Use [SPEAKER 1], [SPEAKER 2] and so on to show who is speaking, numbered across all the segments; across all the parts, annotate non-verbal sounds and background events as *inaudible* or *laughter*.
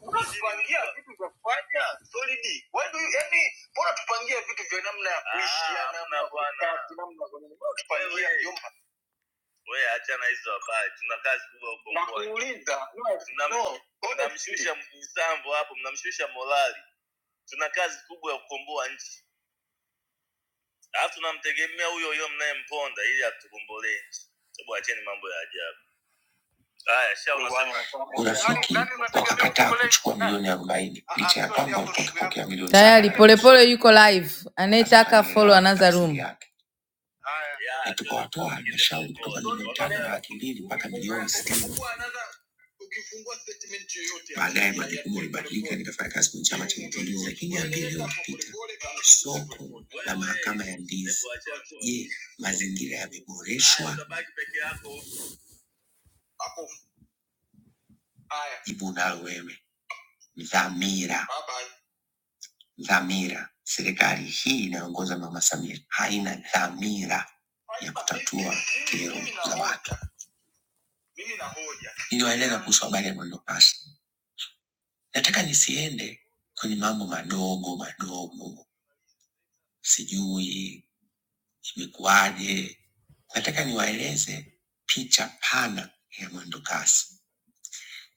[SPEAKER 1] Kuna vitu vya kufanya solid. Why do you yani, mbona tupangie vitu vya namna ya namna gani? Mbona tupangie yumba? Uliza. Urafiki Nani unataka mimi wakakataa nikukolee? kuchukua milioni arobaini Ah, licha ah, ya sio kwamba jambo ndugu utapokea yangu. milioni Tayari sabini tu. polepole yuko live, Sasa anayetaka follow unaelewa anaanza tafsiri room. yake. Haya. Laki mbili mpaka milioni sitini. Ukifungua another ukifungua statement yoyote ya Baadaye ya ya majukumu ya ulibadilika, polepole. nikafanya kazi kwenye chama cha mapinduzi, lakini ambili iliyopita Polepole kama soko polepole. mazingira yameboreshwa jibu na wewe dhamira dhamira serikali hii inayoongozwa na mama samia haina dhamira ya kero za watu niliwaeleza kuhusu habari ya mwendokasi nataka nisiende kwenye mambo madogo madogo sijui imekuwaje nataka niwaeleze picha pana ya mwendokasi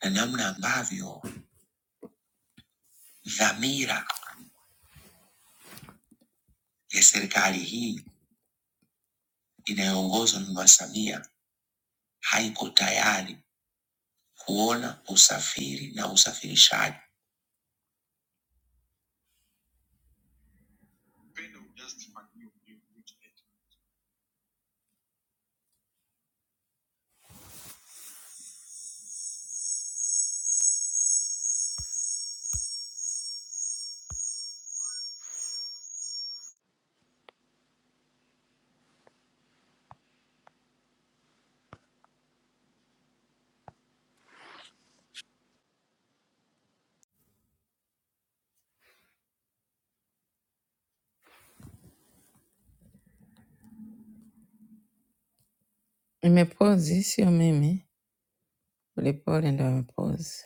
[SPEAKER 1] na namna ambavyo dhamira ya serikali hii inayoongozwa na Mama Samia haiko tayari kuona usafiri na usafirishaji. Nimepozi, sio mimi. Polepole ndo amepozi.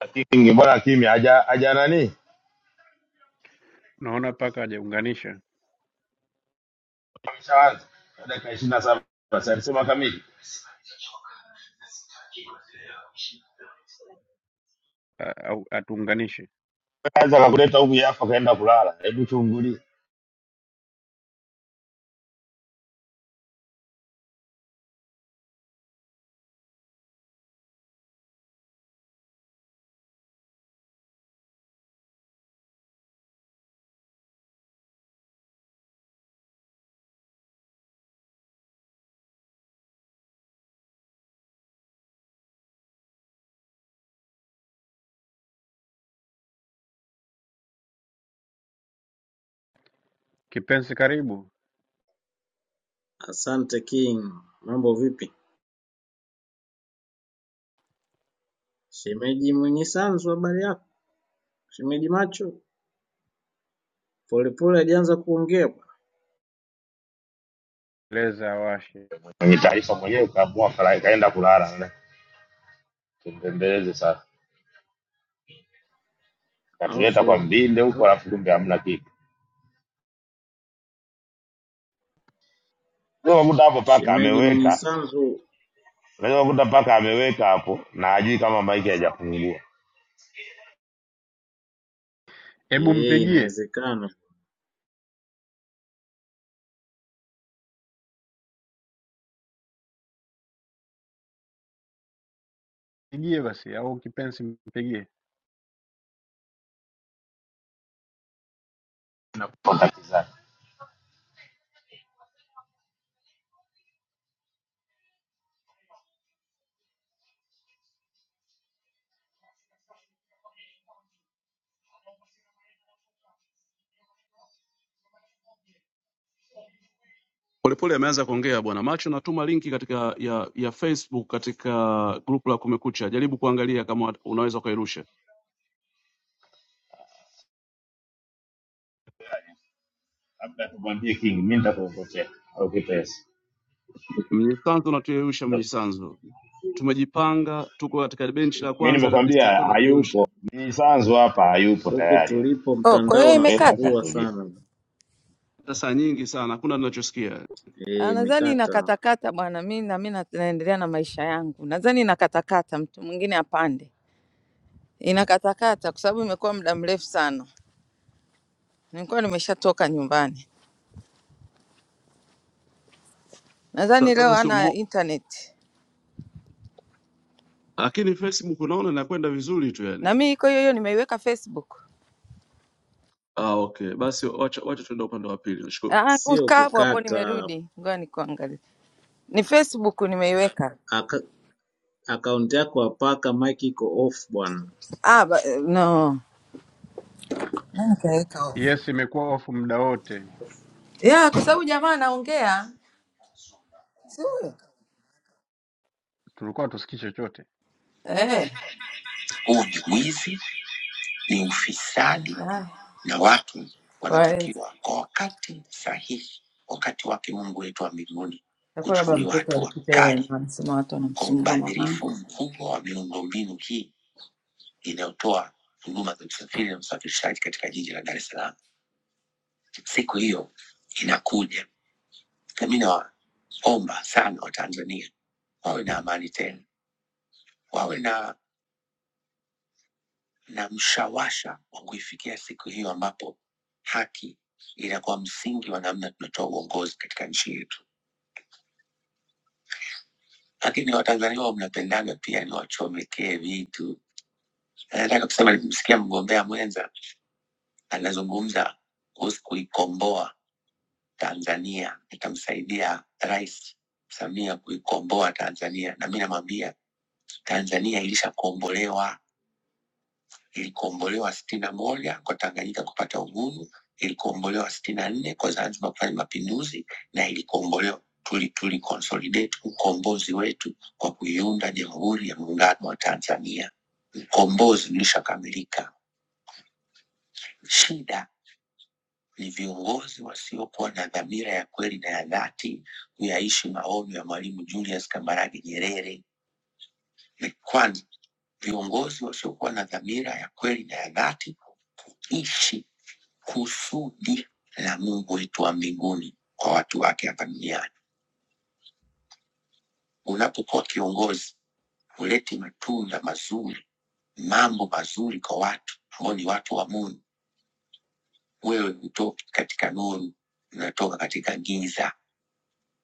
[SPEAKER 2] Lakini ningembona kimya haja haja nani
[SPEAKER 3] Naona paka hajaunganisha
[SPEAKER 2] ameshaanza dakika ishirini na saba basi alisema kamili
[SPEAKER 3] a- au atuunganishe.
[SPEAKER 2] anza kakuleta huku yafa kaenda kulala hebu chungulie
[SPEAKER 3] Kipenzi karibu,
[SPEAKER 4] Asante King, mambo vipi? Shemeji Mwinyi Sanzu, habari yako? Shemeji Macho polepole hajaanza kuongea bwana.
[SPEAKER 3] leza awashe.
[SPEAKER 2] mwenye taarifa mwenyewe kaamua kala- kaenda kulala ne. tumpembeleze sasa katuleta kwa
[SPEAKER 4] alafu
[SPEAKER 2] mbinde huko
[SPEAKER 4] no,
[SPEAKER 2] alafu kumbe hamna kitu unaweza kukuta hapo paka
[SPEAKER 4] shemeji Mwinyi
[SPEAKER 2] ameweka
[SPEAKER 4] Sanzu,
[SPEAKER 2] unaweza kukuta paka ameweka hapo na hajui kama maiki hajafungua
[SPEAKER 3] Hebu
[SPEAKER 4] eh,
[SPEAKER 3] mpigie,
[SPEAKER 4] inawezekana
[SPEAKER 3] pigie basi au kipenzi mpigie.
[SPEAKER 2] nakupa kizani
[SPEAKER 5] Polepole ameanza kuongea bwana Macho, natuma linki katika ya, ya Facebook katika grupu la Kumekucha, jaribu kuangalia kama unaweza ukairusha.
[SPEAKER 2] labda tumwambie king mimi nitakuongozea au kipesa
[SPEAKER 5] Mnyisanzu natuyeusha Mnyisanzu, tumejipanga, tuko katika benchi la
[SPEAKER 2] mimi
[SPEAKER 5] kwanza
[SPEAKER 2] nimekwambia
[SPEAKER 5] kabisa, akiwa
[SPEAKER 2] hayupo
[SPEAKER 5] natuyeusha
[SPEAKER 2] mimi sanzu hapa hayupo
[SPEAKER 4] huku
[SPEAKER 2] tayari
[SPEAKER 4] tulipo
[SPEAKER 1] Oh, kwa
[SPEAKER 4] mtandao
[SPEAKER 1] hiyo
[SPEAKER 2] Taweka
[SPEAKER 1] imekata.
[SPEAKER 4] unasumbua
[SPEAKER 2] katoliki
[SPEAKER 4] sana.
[SPEAKER 5] hata saa nyingi sana, hakuna tunachosikia
[SPEAKER 4] Eh,
[SPEAKER 1] Ah, Nadhani
[SPEAKER 4] imekata,
[SPEAKER 1] inakatakata bwana, mi na mi na- naendelea na maisha yangu. Nadhani inakatakata, mtu mwingine apande. Inakatakata kwa sababu imekuwa muda mrefu sana, nilikuwa nimeshatoka nyumbani. Nadhani
[SPEAKER 5] Sa-
[SPEAKER 1] leo
[SPEAKER 5] sasa. Sio
[SPEAKER 1] ana
[SPEAKER 5] mo-
[SPEAKER 1] internet
[SPEAKER 5] lakini Facebook unaona inakwenda vizuri tu
[SPEAKER 1] na
[SPEAKER 5] yani.
[SPEAKER 1] mi iko hiyo hiyo, nimeiweka Facebook.
[SPEAKER 5] Ah, okay, basi wacha wacha tuende upande wa pili. Nashukuru.
[SPEAKER 1] Ah,
[SPEAKER 4] sio
[SPEAKER 1] ukaa hapo hapo,
[SPEAKER 4] kukata.
[SPEAKER 1] nimerudi. Ngoja nikuangalie, ni Facebook nimeiweka.
[SPEAKER 4] Aka, akaunti yako apaka mic iko off bwana.
[SPEAKER 1] Ah, ba, eh, no Nani kaweka off?
[SPEAKER 3] Yes, imekuwa ofu muda wote,
[SPEAKER 1] ya kwa sababu jamaa anaongea, si huyo
[SPEAKER 3] tulikuwa tusikii chochote.
[SPEAKER 1] eh.
[SPEAKER 6] eh, Huu ni wizi, ni ufisadi,
[SPEAKER 1] Haya,
[SPEAKER 6] na watu
[SPEAKER 1] kwa hiyo
[SPEAKER 6] wanatakiwa kwa wakati sahihi, wakati wake Mungu wetu wa mbinguni,
[SPEAKER 1] itakuwa labda
[SPEAKER 6] kuchukuliwa
[SPEAKER 1] mtoto
[SPEAKER 6] hatua
[SPEAKER 1] alipita ile,
[SPEAKER 6] kali
[SPEAKER 1] anasema watu
[SPEAKER 6] kwa
[SPEAKER 1] wanamsumbua
[SPEAKER 6] ubadhirifu
[SPEAKER 1] mamangu.
[SPEAKER 6] mkubwa wa miundombinu hii inayotoa huduma za usafiri na usafirishaji katika jiji la Dar es Salaam. Siku hiyo inakuja, na mi nawaomba sana Watanzania wawe na amani tena, wawe na na mshawasha wa kuifikia siku hiyo ambapo haki inakuwa msingi wa namna tunatoa uongozi katika nchi yetu. Lakini Watanzania wao mnapendana pia ni wachomekee vitu. Na Nataka kusema nilimsikia mgombea mwenza anazungumza kuhusu kuikomboa Tanzania, nitamsaidia Rais Samia kuikomboa Tanzania, na mi namwambia Tanzania ilishakombolewa ilikombolewa sitini na moja kwa Tanganyika kupata uhuru, ilikombolewa sitini na nne kwa Zanzibar kufanya mapinduzi na ilikombolewa tuli tuli consolidate ukombozi wetu kwa kuiunda Jamhuri ya Muungano wa Tanzania. Ukombozi ulishakamilika. Shida ni viongozi wasiokuwa na dhamira ya kweli na ya dhati kuyaishi maono ya Mwalimu Julius Kambarage Nyerere. Ni kwanza viongozi wasiokuwa na dhamira ya kweli na ya dhati kuishi kusudi la Mungu wetu wa mbinguni kwa watu wake hapa duniani. Unapokuwa kiongozi, huleti matunda mazuri, mambo mazuri kwa watu ambao ni watu wa Mungu. Wewe hutoki katika nuru, unatoka katika giza.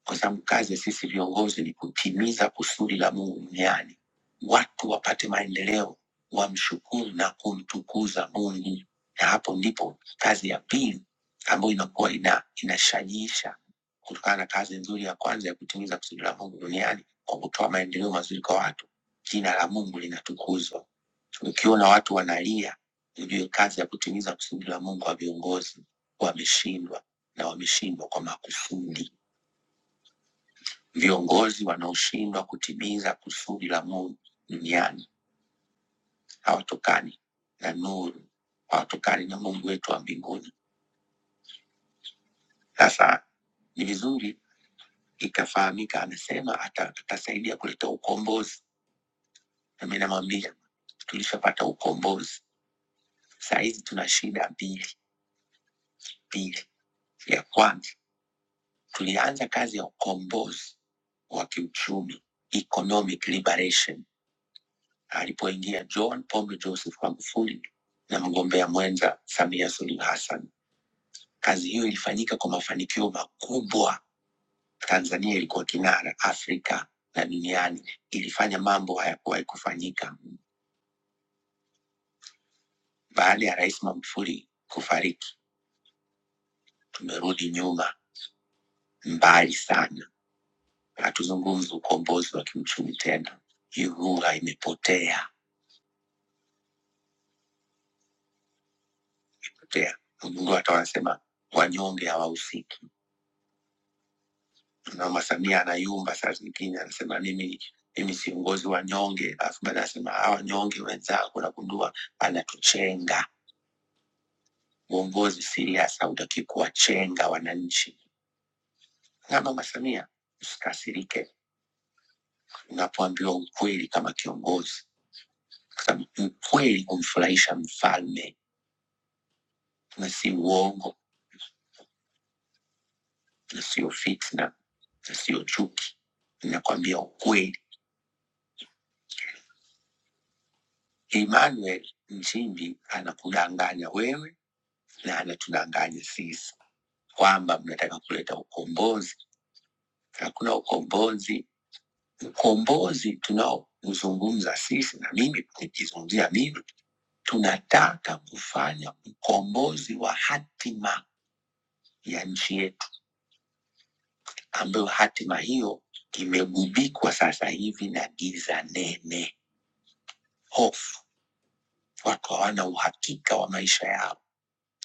[SPEAKER 6] kwa sababu kazi ya sisi viongozi ni kutimiza kusudi la Mungu duniani, watu wapate maendeleo, wamshukuru na kumtukuza Mungu, na hapo ndipo kazi ya pili ambayo inakuwa ina, inashajiisha kutokana na kazi nzuri ya kwanza ya kutimiza kusudi la Mungu duniani kwa kutoa maendeleo mazuri kwa watu, jina la Mungu linatukuzwa. Ukiona watu wanalia, ujue kazi ya kutimiza kusudi la Mungu wa viongozi wameshindwa, na wameshindwa kwa makusudi. Viongozi wanaoshindwa kutimiza kusudi la Mungu duniani hawatokani na nuru, hawatokani na Mungu wetu wa mbinguni. Sasa ni vizuri ikafahamika, amesema ata, atasaidia kuleta ukombozi, na mi namwambia tulishapata ukombozi. Saa hizi tuna shida mbili mbili. Ya kwanza tulianza kazi ya ukombozi wa kiuchumi, economic liberation alipoingia John Pombe Joseph Magufuli na mgombea mwenza Samia Suluhu Hassan. Kazi hiyo ilifanyika kwa mafanikio makubwa. Tanzania ilikuwa kinara Afrika na duniani, ilifanya mambo hayakuwahi kufanyika. Baada ya Rais Magufuli kufariki, tumerudi nyuma mbali sana, hatuzungumzi ukombozi wa kiuchumi tena. Hii lugha imepotea potea. Mgundua hata wanasema wanyonge hawahusiki na mama Samia anayumba saa zingine, anasema mimi mimi si mgozi wa nyonge, alafu baadaye anasema hawa nyonge wenzako, nagundua anatuchenga. Uongozi serious hautaki kuwachenga wananchi. Na mama Samia, usikasirike unapoambiwa ukweli kama kiongozi, kwa sababu ukweli humfurahisha mfalme, na si uongo na sio fitna na sio chuki. Nakwambia ukweli, Emmanuel Nchimbi anakudanganya wewe na anatudanganya sisi kwamba mnataka kuleta ukombozi. Hakuna ukombozi. Ukombozi tunaozungumza sisi, na mimi nikizungumzia mimi, tunataka kufanya ukombozi wa hatima ya nchi yetu, ambayo hatima hiyo imegubikwa sasa hivi na giza nene, hofu. Watu hawana uhakika wa maisha yao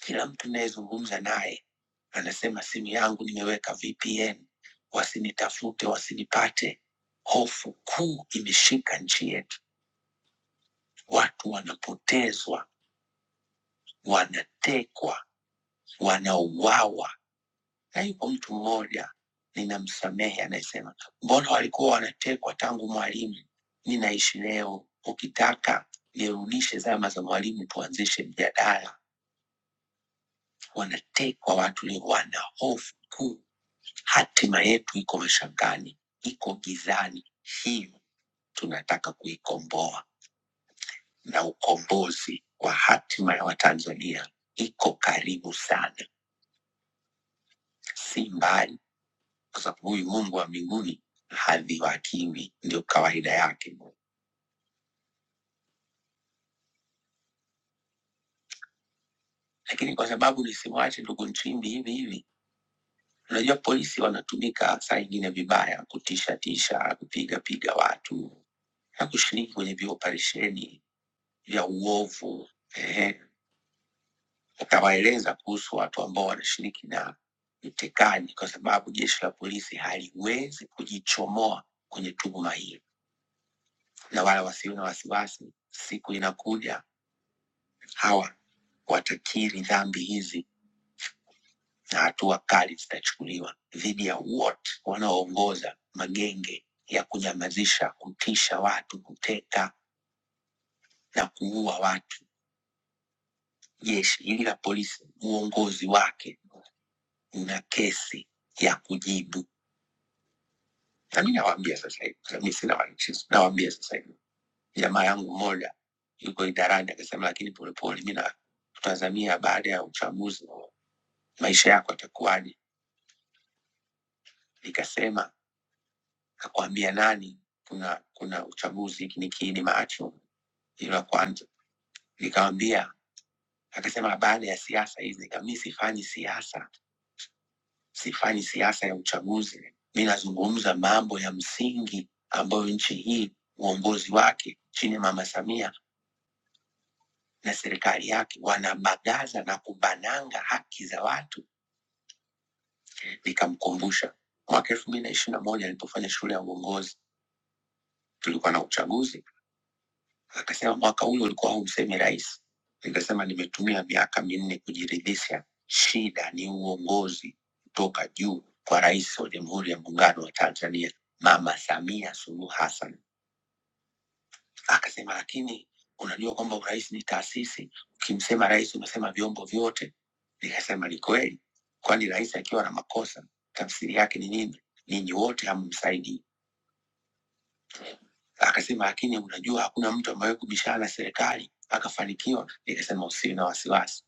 [SPEAKER 6] Kila mtu ninayezungumza naye anasema simu yangu nimeweka VPN, wasinitafute, wasinipate. Hofu kuu imeshika nchi yetu, watu wanapotezwa, wanatekwa, wanauawa. Na yupo mtu mmoja ninamsamehe, anayesema mbona walikuwa wanatekwa tangu Mwalimu? Ninaishi leo, ukitaka nirudishe zama za Mwalimu, tuanzishe mjadala. Wanatekwa watu leo, wana hofu kuu Hatima yetu iko mashakani, iko gizani. Hiyo tunataka kuikomboa, na ukombozi wa hatima ya Watanzania iko karibu sana, si mbali, kwa sababu huyu Mungu wa mbinguni hadhihakiwi, ndio kawaida yake. Lakini kwa sababu nisimwache ndugu Nchimbi hivi hivi, unajua polisi wanatumika saa ingine vibaya, kutisha tisha, kupiga piga watu na kushiriki kwenye vioperesheni vya uovu. Ehe, Akawaeleza kuhusu watu ambao wanashiriki na mtekani, kwa sababu jeshi la polisi haliwezi kujichomoa kwenye tuhuma hii, na wala wasiwe na wasiwasi, siku inakuja hawa watakiri dhambi hizi na hatua kali zitachukuliwa dhidi ya wote wanaoongoza magenge ya kunyamazisha, kutisha watu, kuteka na kuua watu. Jeshi hili la polisi, uongozi wake una kesi ya kujibu. Na mi nawaambia sasa hivi, sasa mi sina wanakristo, nawaambia sasa hivi, jamaa yangu mmoja yuko idarani akasema, lakini Polepole, mi natazamia baada ya uchaguzi maisha yako yatakuwaje? Nikasema nakwambia nani, kuna kuna uchaguzi, hiki ni kiini macho hilo la kwanza. Nikamwambia, akasema baada ya siasa hizi. Nikamwambia mi sifanyi siasa, sifanyi siasa ya uchaguzi. Mi nazungumza mambo ya msingi ambayo nchi hii uongozi wake chini ya Mama Samia na serikali yake wanabagaza na kubananga haki za watu. Nikamkumbusha mwaka elfu mbili na ishirini na moja nilipofanya shule ya uongozi, tulikuwa na uchaguzi. Akasema mwaka ule ulikuwa haumsemi rais. Nikasema nimetumia miaka minne kujiridhisha, shida ni uongozi kutoka juu kwa rais wa Jamhuri ya Muungano wa Tanzania, Mama Samia Suluhu Hassan. Akasema, lakini unajua kwamba urais ni taasisi, ukimsema rais umesema vyombo vyote. Nikasema ni kweli, kwani rais akiwa na makosa tafsiri yake ni nini? Ninyi wote hamumsaidii. Akasema, lakini unajua hakuna mtu amewahi kubishana na serikali akafanikiwa. Nikasema usiwe na wasiwasi.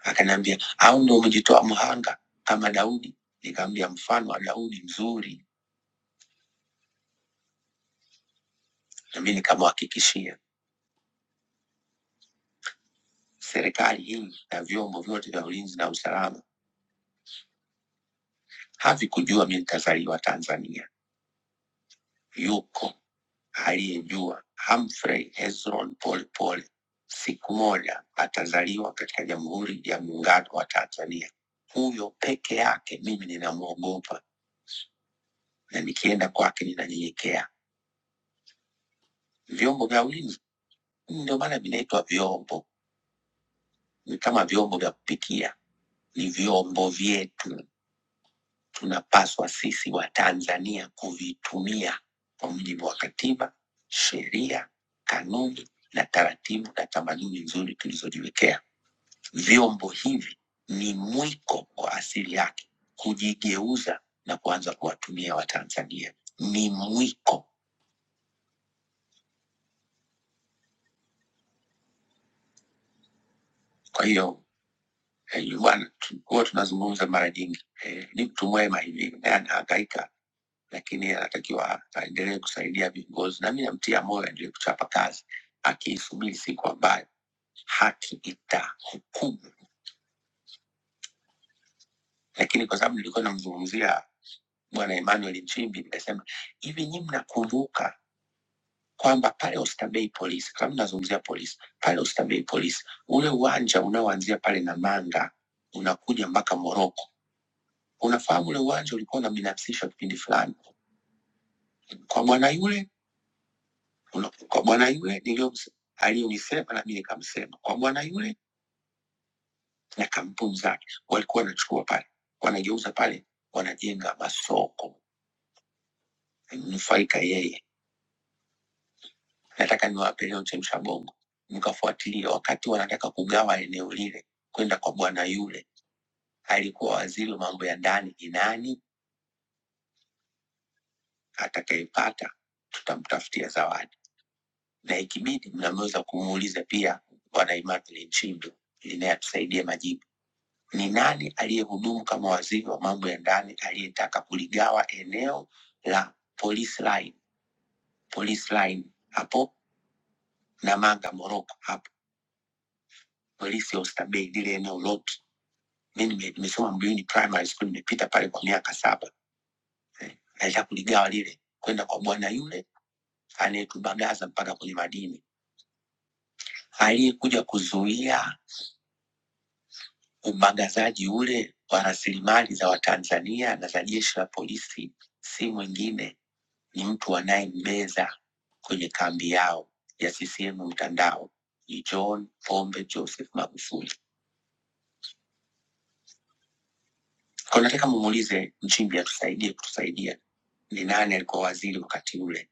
[SPEAKER 6] Akaniambia, au ndo umejitoa mhanga kama Daudi? Nikamwambia mfano wa Daudi mzuri, na mimi nikamhakikishia serikali hii na vyombo vyote vya ulinzi na usalama havikujua mi nitazaliwa Tanzania. Yuko aliyejua Humphrey Hezron Polepole siku moja atazaliwa katika Jamhuri ya Muungano wa Tanzania. Huyo peke yake mimi ninamwogopa na nikienda kwake ninanyenyekea. Vyombo vya ulinzi ndio maana vinaitwa vyombo, ni kama vyombo vya kupikia, ni vyombo vyetu tunapaswa sisi wa Tanzania kuvitumia kwa mujibu wa katiba, sheria, kanuni na taratibu na tamaduni nzuri tulizojiwekea. Vyombo hivi ni mwiko wa asili yake kujigeuza na kuanza kuwatumia Watanzania, ni mwiko. Kwa hiyo eh, bwana, tu- huwa tunazungumza mara nyingi eh, ni mtu mwema hivi, naye anahangaika, lakini anatakiwa aendelee kusaidia viongozi, na mimi namtia moyo aendelee kuchapa kazi, akiisubiri siku ambayo haki itahukumu. Lakini kwa sababu nilikuwa namzungumzia bwana Emmanuel Nchimbi, nikasema hivi, nyinyi mnakumbuka kwamba pale Oysterbay polisi, kama mnazungumzia polisi, pale Oysterbay polisi, ule uwanja unaoanzia pale Namanga unakuja mpaka Moroko Unafahamu ule uwanja ulikuwa unabinafsishwa kipindi fulani, kwa bwana yule una- kwa bwana yule niliyoms- aliyonisema na mimi nikamsema, kwa bwana yule na kampuni zake walikuwa wanachukua pale, wanageuza pale, wanajenga masoko, nufaika yeye. Nataka niwape leo chemsha bongo, mkafuatilia wakati wanataka kugawa eneo lile kwenda kwa bwana yule, alikuwa waziri wa mambo ya ndani, ni nani atakayepata, tutamtafutia zawadi na ikibidi mnaweza kumuuliza pia Bwana Immaculate Nchimbi ili naye atusaidie majibu. Ni nani aliyehudumu kama waziri wa mambo ya ndani aliyetaka kuligawa eneo la police line, police line hapo Namanga Moroko, hapo polisi ya Oysterbay, lile eneo lote. Mi nime- nimesoma Mbuyuni primary school, nimepita pale kwa miaka saba eh, alitaka kuligawa lile kwenda kwa bwana yule anayetubagaza mpaka kwenye madini, aliyekuja kuzuia Umagazaji ule wa rasilimali za Watanzania na za jeshi la polisi si mwingine ni mtu anayembeza kwenye kambi yao ya CCM mtandao ni John Pombe Joseph Magufuli. Kwa nataka mumuulize Nchimbi atusaidie kutusaidia, ni nani alikuwa waziri wakati ule?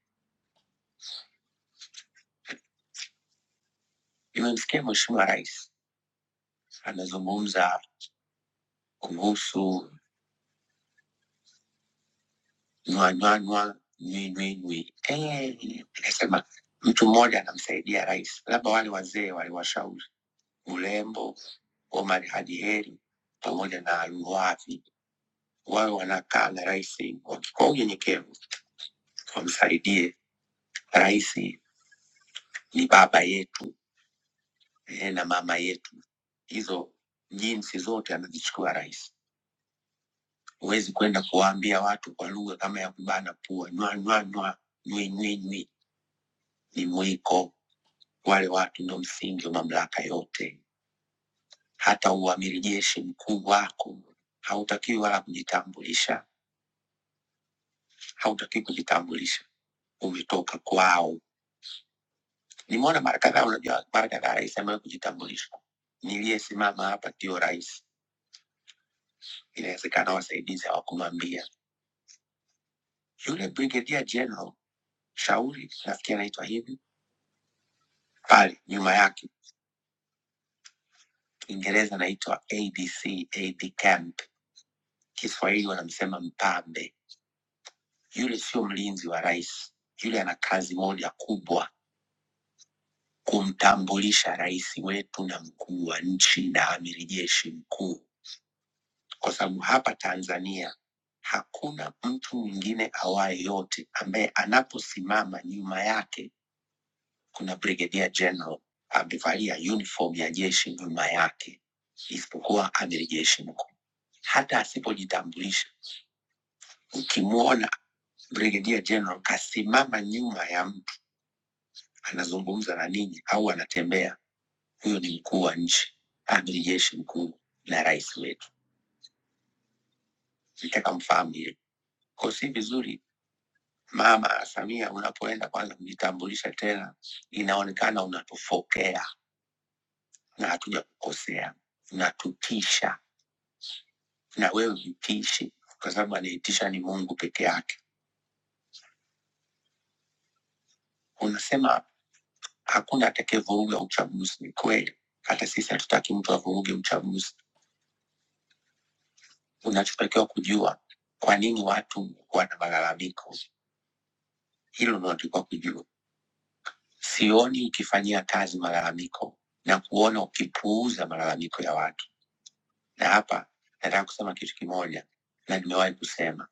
[SPEAKER 6] Nimemsikia Mheshimiwa Rais anazungumza kuhusu nywanywanywa nywinywinywi, Eh, nikasema mtu mmoja anamsaidia rais, labda wale wazee waliwashauri Ulembo, Omar Hadi Heri pamoja na Luwavi wawe wanakaa na rais waki- kwa unyenyekevu, wamsaidie rais. Ni baba yetu eh, na mama yetu, hizo jinsi zote anazichukua rais. Huwezi kwenda kuwaambia watu kwa lugha kama ya kubana pua, nywa nywa nywa, nywi nywi nywi, ni mwiko. Wale watu ndio msingi wa mamlaka yote. Hata uamiri jeshi mkuu wako hautakiwi wala kujitambulisha, hautakiwi kujitambulisha ulitoka kwao. Nimeona mara kadhaa, unajua mara kadhaa rais amewahi kujitambulisha, niliyesimama hapa ndio rais. Inawezekana wasaidizi hawakumwambia yule brigadier general Shauri, nafikiri anaitwa hivi, pale nyuma yake Kiingereza anaitwa ADC, AD camp, Kiswahili wanamsema mpambe. Yule sio mlinzi wa rais, yule ana kazi moja kubwa, kumtambulisha rais wetu na mkuu wa nchi na amiri jeshi mkuu kwa sababu hapa Tanzania hakuna mtu mwingine awaye yote ambaye anaposimama nyuma yake kuna brigadier general amevalia uniform ya jeshi nyuma yake, isipokuwa amiri jeshi mkuu. Hata asipojitambulisha, ukimwona brigadier general kasimama nyuma ya mtu anazungumza na ninyi au anatembea, huyo ni mkuu wa nchi, amiri jeshi mkuu na rais wetu. Nitaka mfahamu hilo, kwa si vizuri Mama Samia, unapoenda kwanza kujitambulisha tena, inaonekana unatufokea na hatuja kukosea, unatutisha na wewe vitishi, kwa sababu anaitisha ni Mungu peke yake. Unasema hakuna atakayevuruga uchaguzi. Ni kweli, hata sisi hatutaki mtu avuruge uchaguzi. Unachotakiwa kujua kwa nini watu wana malalamiko, hilo unatakiwa kujua. Sioni ukifanyia kazi malalamiko na kuona ukipuuza malalamiko ya watu Na hapa nataka kusema kitu kimoja, na nimewahi kusema,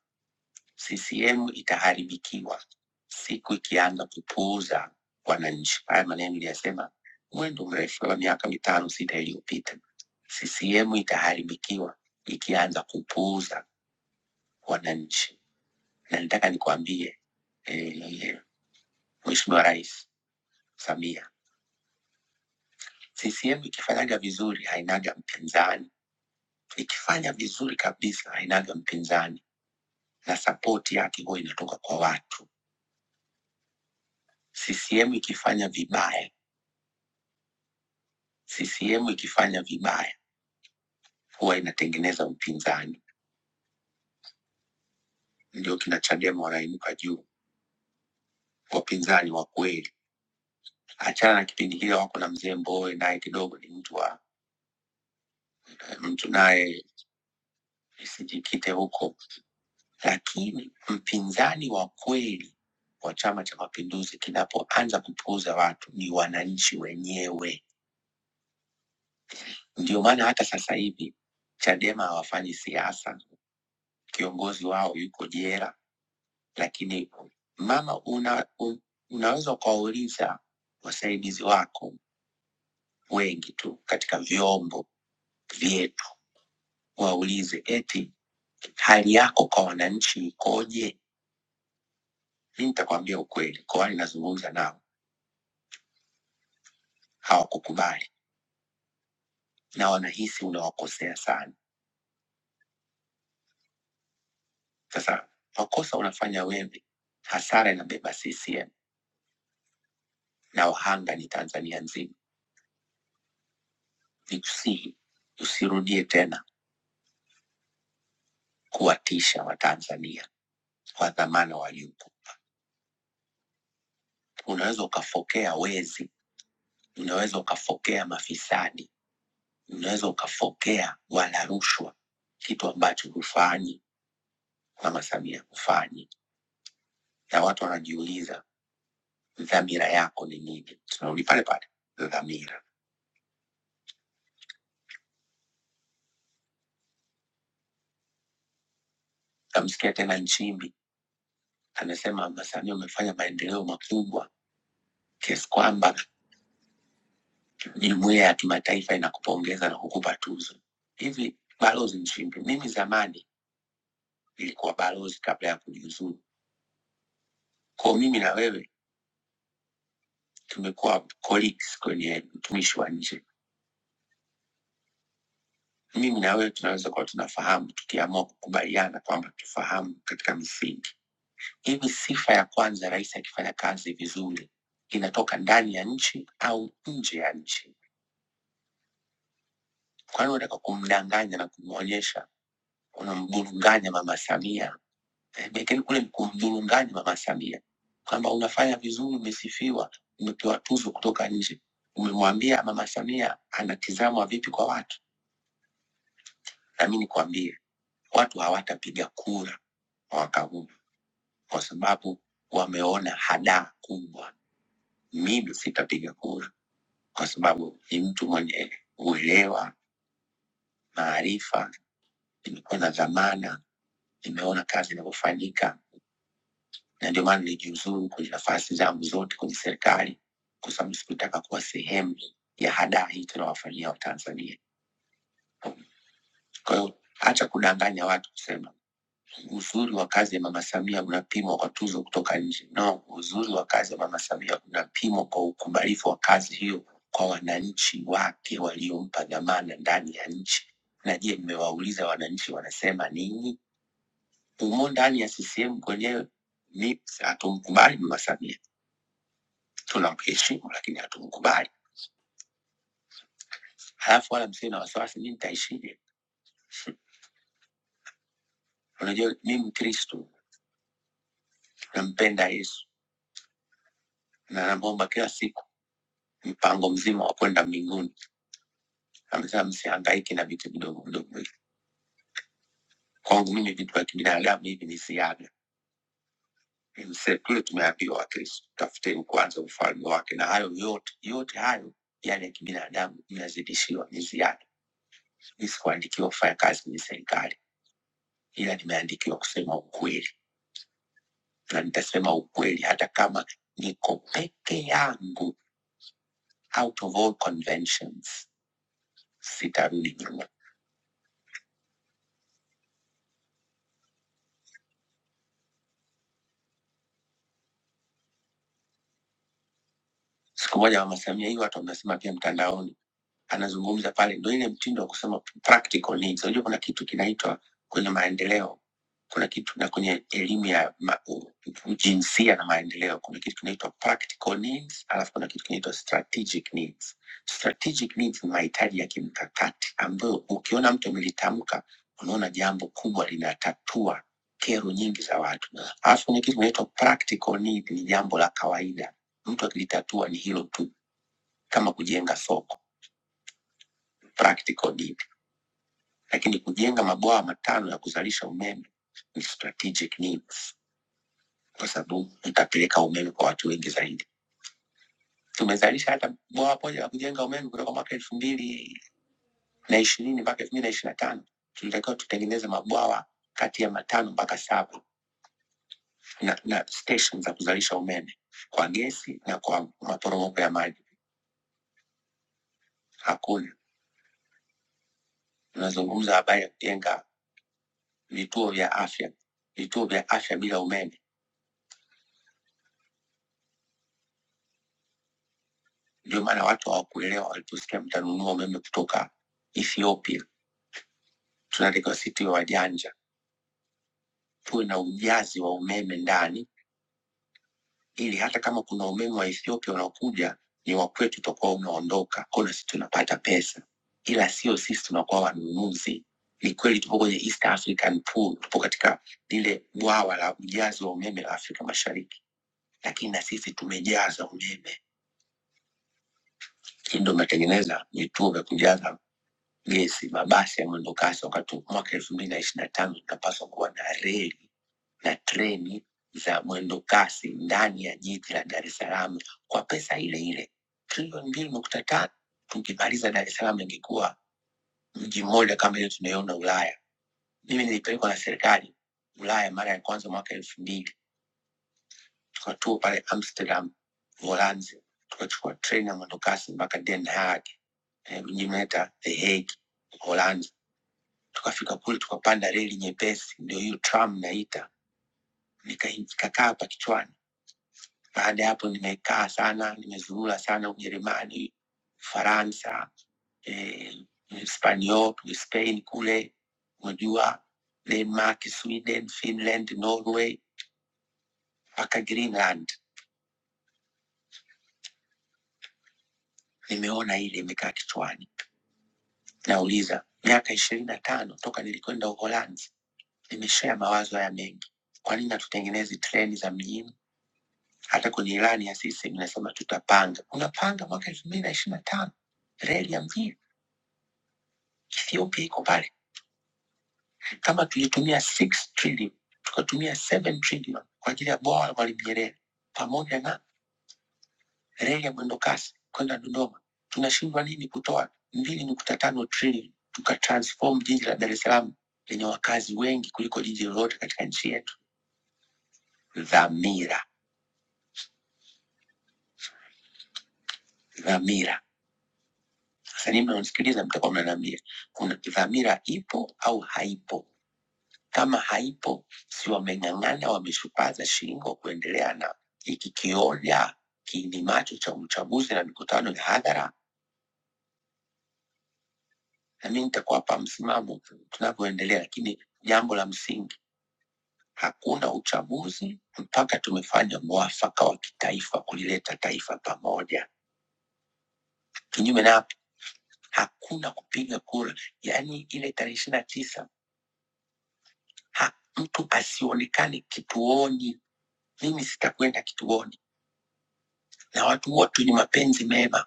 [SPEAKER 6] CCM itaharibikiwa siku ikianza kupuuza wananchi. Haya maneno niliyasema mwendo mrefu wa miaka mitano sita iliyopita. CCM itaharibikiwa ikianza kupuuza wananchi, na nitaka nikwambie eh, Mheshimiwa Rais Samia, CCM ikifanyaga vizuri hainaga mpinzani, ikifanya vizuri kabisa hainaga mpinzani na sapoti yake huwa inatoka kwa watu. CCM ikifanya vibaya, CCM ikifanya vibaya huwa inatengeneza upinzani, ndio kina Chadema wanainuka juu, wapinzani wa kweli. Achana na kipindi kile wako na mzee Mbowe, naye kidogo ni mtu wa eh, mtu naye isijikite huko, lakini mpinzani wa kweli wa Chama cha Mapinduzi kinapoanza kupuuza watu ni wananchi wenyewe. Ndio maana hata sasa hivi Chadema hawafanyi siasa kiongozi wao yuko jela, lakini mama, una, un, unaweza ukawauliza wasaidizi wako wengi tu katika vyombo vyetu, waulize eti hali yako kwa wananchi ikoje? Mi nitakwambia ukweli, kwa wale nazungumza nao hawakukubali na wanahisi unawakosea sana. Sasa makosa unafanya wewe, hasara inabeba CCM na wahanga ni Tanzania nzima. Nikusihi usirudie tena. kuwatisha Watanzania kwa dhamana waliopo. Unaweza ukafokea wezi, unaweza ukafokea mafisadi, unaweza ukafokea wala rushwa, kitu ambacho hufanyi Mama Samia hufanyi, na watu wanajiuliza dhamira yako ni nini? Tunarudi pale pale, dhamira. Namsikia tena Nchimbi anasema Mama Samia umefanya maendeleo makubwa kiasi kwamba jumuiya ya kimataifa inakupongeza na kukupa tuzo. Hivi Balozi Nchimbi, mimi zamani ilikuwa balozi kabla ya kujiuzuru. Kwa mimi na wewe tumekuwa colleagues kwenye utumishi wa nje. Mimi na wewe tunaweza kuwa tunafahamu tukiamua kukubaliana kwamba tufahamu katika misingi. Hivi sifa ya kwanza, rais akifanya kazi vizuri inatoka ndani ya nchi au nje ya nchi? Kwani unataka kumdanganya na kumwonyesha unamburunganya Mama Samia eh, Bekeni kule mkumdhurungani Mama Samia kwamba unafanya vizuri, umesifiwa, umepewa tuzo kutoka nje. Umemwambia Mama Samia anatizamwa vipi kwa watu. Na mimi nikwambie, watu hawatapiga kura mwaka huu kwa sababu wameona hadaa kubwa. Mimi sitapiga kura kwa sababu ni mtu mwenye uelewa, maarifa, nimekuwa na dhamana, nimeona kazi inavyofanyika na ndio maana nilijiuzuru kwenye nafasi zangu zote kwenye serikali, kwa sababu sikutaka kuwa sehemu ya hadaa hii tunawafanyia Watanzania. Kwa hiyo acha kudanganya watu kusema uzuri wa kazi ya Mama Samia unapimwa kwa tuzo kutoka nje. No, uzuri wa kazi ya Mama Samia unapimwa kwa ukubalifu wa kazi hiyo kwa wananchi wake waliompa dhamana ndani ya nchi. Na je, mmewauliza wananchi wanasema nini? Umo ndani ya CCM kwenyewe, mi hatumkubali Mama Samia tunampeshimu lakini hatumkubali. Halafu wala msiwe na wasiwasi, mimi nitaishije. Unajua mi Mkristu, nampenda Yesu na namwomba kila siku mpango mzima wa kwenda mbinguni. Amesema msihangaike na vitu vidogo vidogo hivi. Kwangu mimi vitu vya kibinadamu hivi ni siaga. Ni mse- Tule tumeambiwa Wakristu, tafuteni kwanza ufalme wake, na hayo yote yote hayo yale ya kibinadamu mnazidishiwa, ni ziada. Mi sikuandikiwa kufanya kazi kwenye serikali, ila nimeandikiwa kusema ukweli na nitasema ukweli hata kama niko peke yangu out of all conventions sitarudi nyuma Siku moja Mama Samia, hii watu wanasema pia mtandaoni, anazungumza pale, ndio ile mtindo wa kusema practical needs. Unajua kuna kitu kinaitwa kwenye maendeleo, kuna kitu na kwenye elimu ya ma, u, u- jinsia na maendeleo, kuna kitu kinaitwa practical needs, alafu kuna kitu kinaitwa strategic needs. Strategic needs ni mahitaji ya kimkakati ambayo ukiona mtu amelitamka unaona jambo kubwa linatatua kero nyingi za watu, alafu kuna kitu kinaitwa practical need, ni jambo la kawaida mtu akilitatua ni hilo tu, kama kujenga soko practical need, lakini kujenga mabwawa matano ya kuzalisha umeme ni strategic needs, kwa sababu itapeleka umeme kwa watu wengi zaidi. Tumezalisha hata bwawa moja la kujenga umeme kutoka mwaka elfu mbili na ishirini mpaka elfu mbili na ishiri na tano tulitakiwa tutengeneze mabwawa kati ya matano mpaka saba na, na station za kuzalisha umeme kwa gesi na kwa maporomoko ya maji. Hakuna. Tunazungumza habari ya kujenga vituo vya afya, vituo vya afya bila umeme. Ndio maana watu hawakuelewa waliposikia mtanunua umeme kutoka Ethiopia. Tunatakiwa sisi tuwe wajanja, tuwe na ujazi wa umeme ndani, ili hata kama kuna umeme wa Ethiopia unaokuja ni wa kwetu, utakuwa unaondoka, kwa hiyo na sisi tunapata pesa, ila sio sisi tunakuwa wanunuzi. Ni kweli tupo kwenye East African Pool, tupo katika lile bwawa la ujazi wa umeme la Afrika Mashariki, lakini na sisi tumejaza umeme Hivyo ndo umetengeneza vituo vya kujaza gesi, mabasi ya mwendokasi, wakati mwaka elfu mbili na ishiri na tano tunapaswa kuwa na reli na treni za mwendokasi ndani ya jiji la Dar es Salaam kwa pesa ile ile trilioni mbili nukta tano. Tukimaliza Dar es Salaam ingekuwa mji mmoja kama ile tunayoona Ulaya. Mimi nilipelekwa na serikali Ulaya mara ya kwanza mwaka elfu mbili tukatua pale Amsterdam Uholanzi, tukachukua treni ya mwendokasi mpaka Den Haag, eh, mji mnaita The Hague Uholanzi. Tukafika kule tukapanda reli nyepesi, ndio hiyo tram naita, nika- ikakaa hapa kichwani. Baada ya hapo nimekaa sana, nimezurura sana Ujerumani, Faransa, eh, Hispania, Spain kule, unajua Denmark, Sweden, Finland, Norway mpaka Greenland. Nimeona ile imekaa kichwani Nauliza, miaka ishirini na tano toka nilikwenda Uholanzi, nimeshea mawazo haya mengi. Kwa nini hatutengenezi treni za mjini? Hata kwenye ilani ya CCM inasema tutapanga. Unapanga mwaka elfu mbili na ishirini na tano reli ya mjini? Ethiopia iko pale. Kama tulitumia 6 trillion tukatumia 7 trillion kwa ajili ya bwawa la Mwalimu Nyerere pamoja na reli ya mwendokasi kwenda Dodoma. Tunashindwa nini kutoa mbili nukta tano trilioni tukatransform jiji la Dar es Salaam lenye wakazi wengi kuliko jiji lolote katika nchi yetu? Dhamira, dhamira. Sasa nyinyi mnaonisikiliza, mtakuwa mnaniambia kuna dhamira ipo au haipo? Kama haipo, si wameng'ang'ana, wameshupaza shingo kuendelea na hiki kioja kiinimacho cha uchaguzi na mikutano ya hadhara, na mimi nitakuwapa msimamo tunavyoendelea, lakini jambo la msingi Hakuna uchaguzi mpaka tumefanya mwafaka wa kitaifa kulileta taifa pamoja. Kinyume na hapo, hakuna kupiga kura, yaani ile tarehe ishirini na tisa ha, mtu asionekane kituoni. Mimi sitakwenda kituoni, na watu wote wenye mapenzi mema,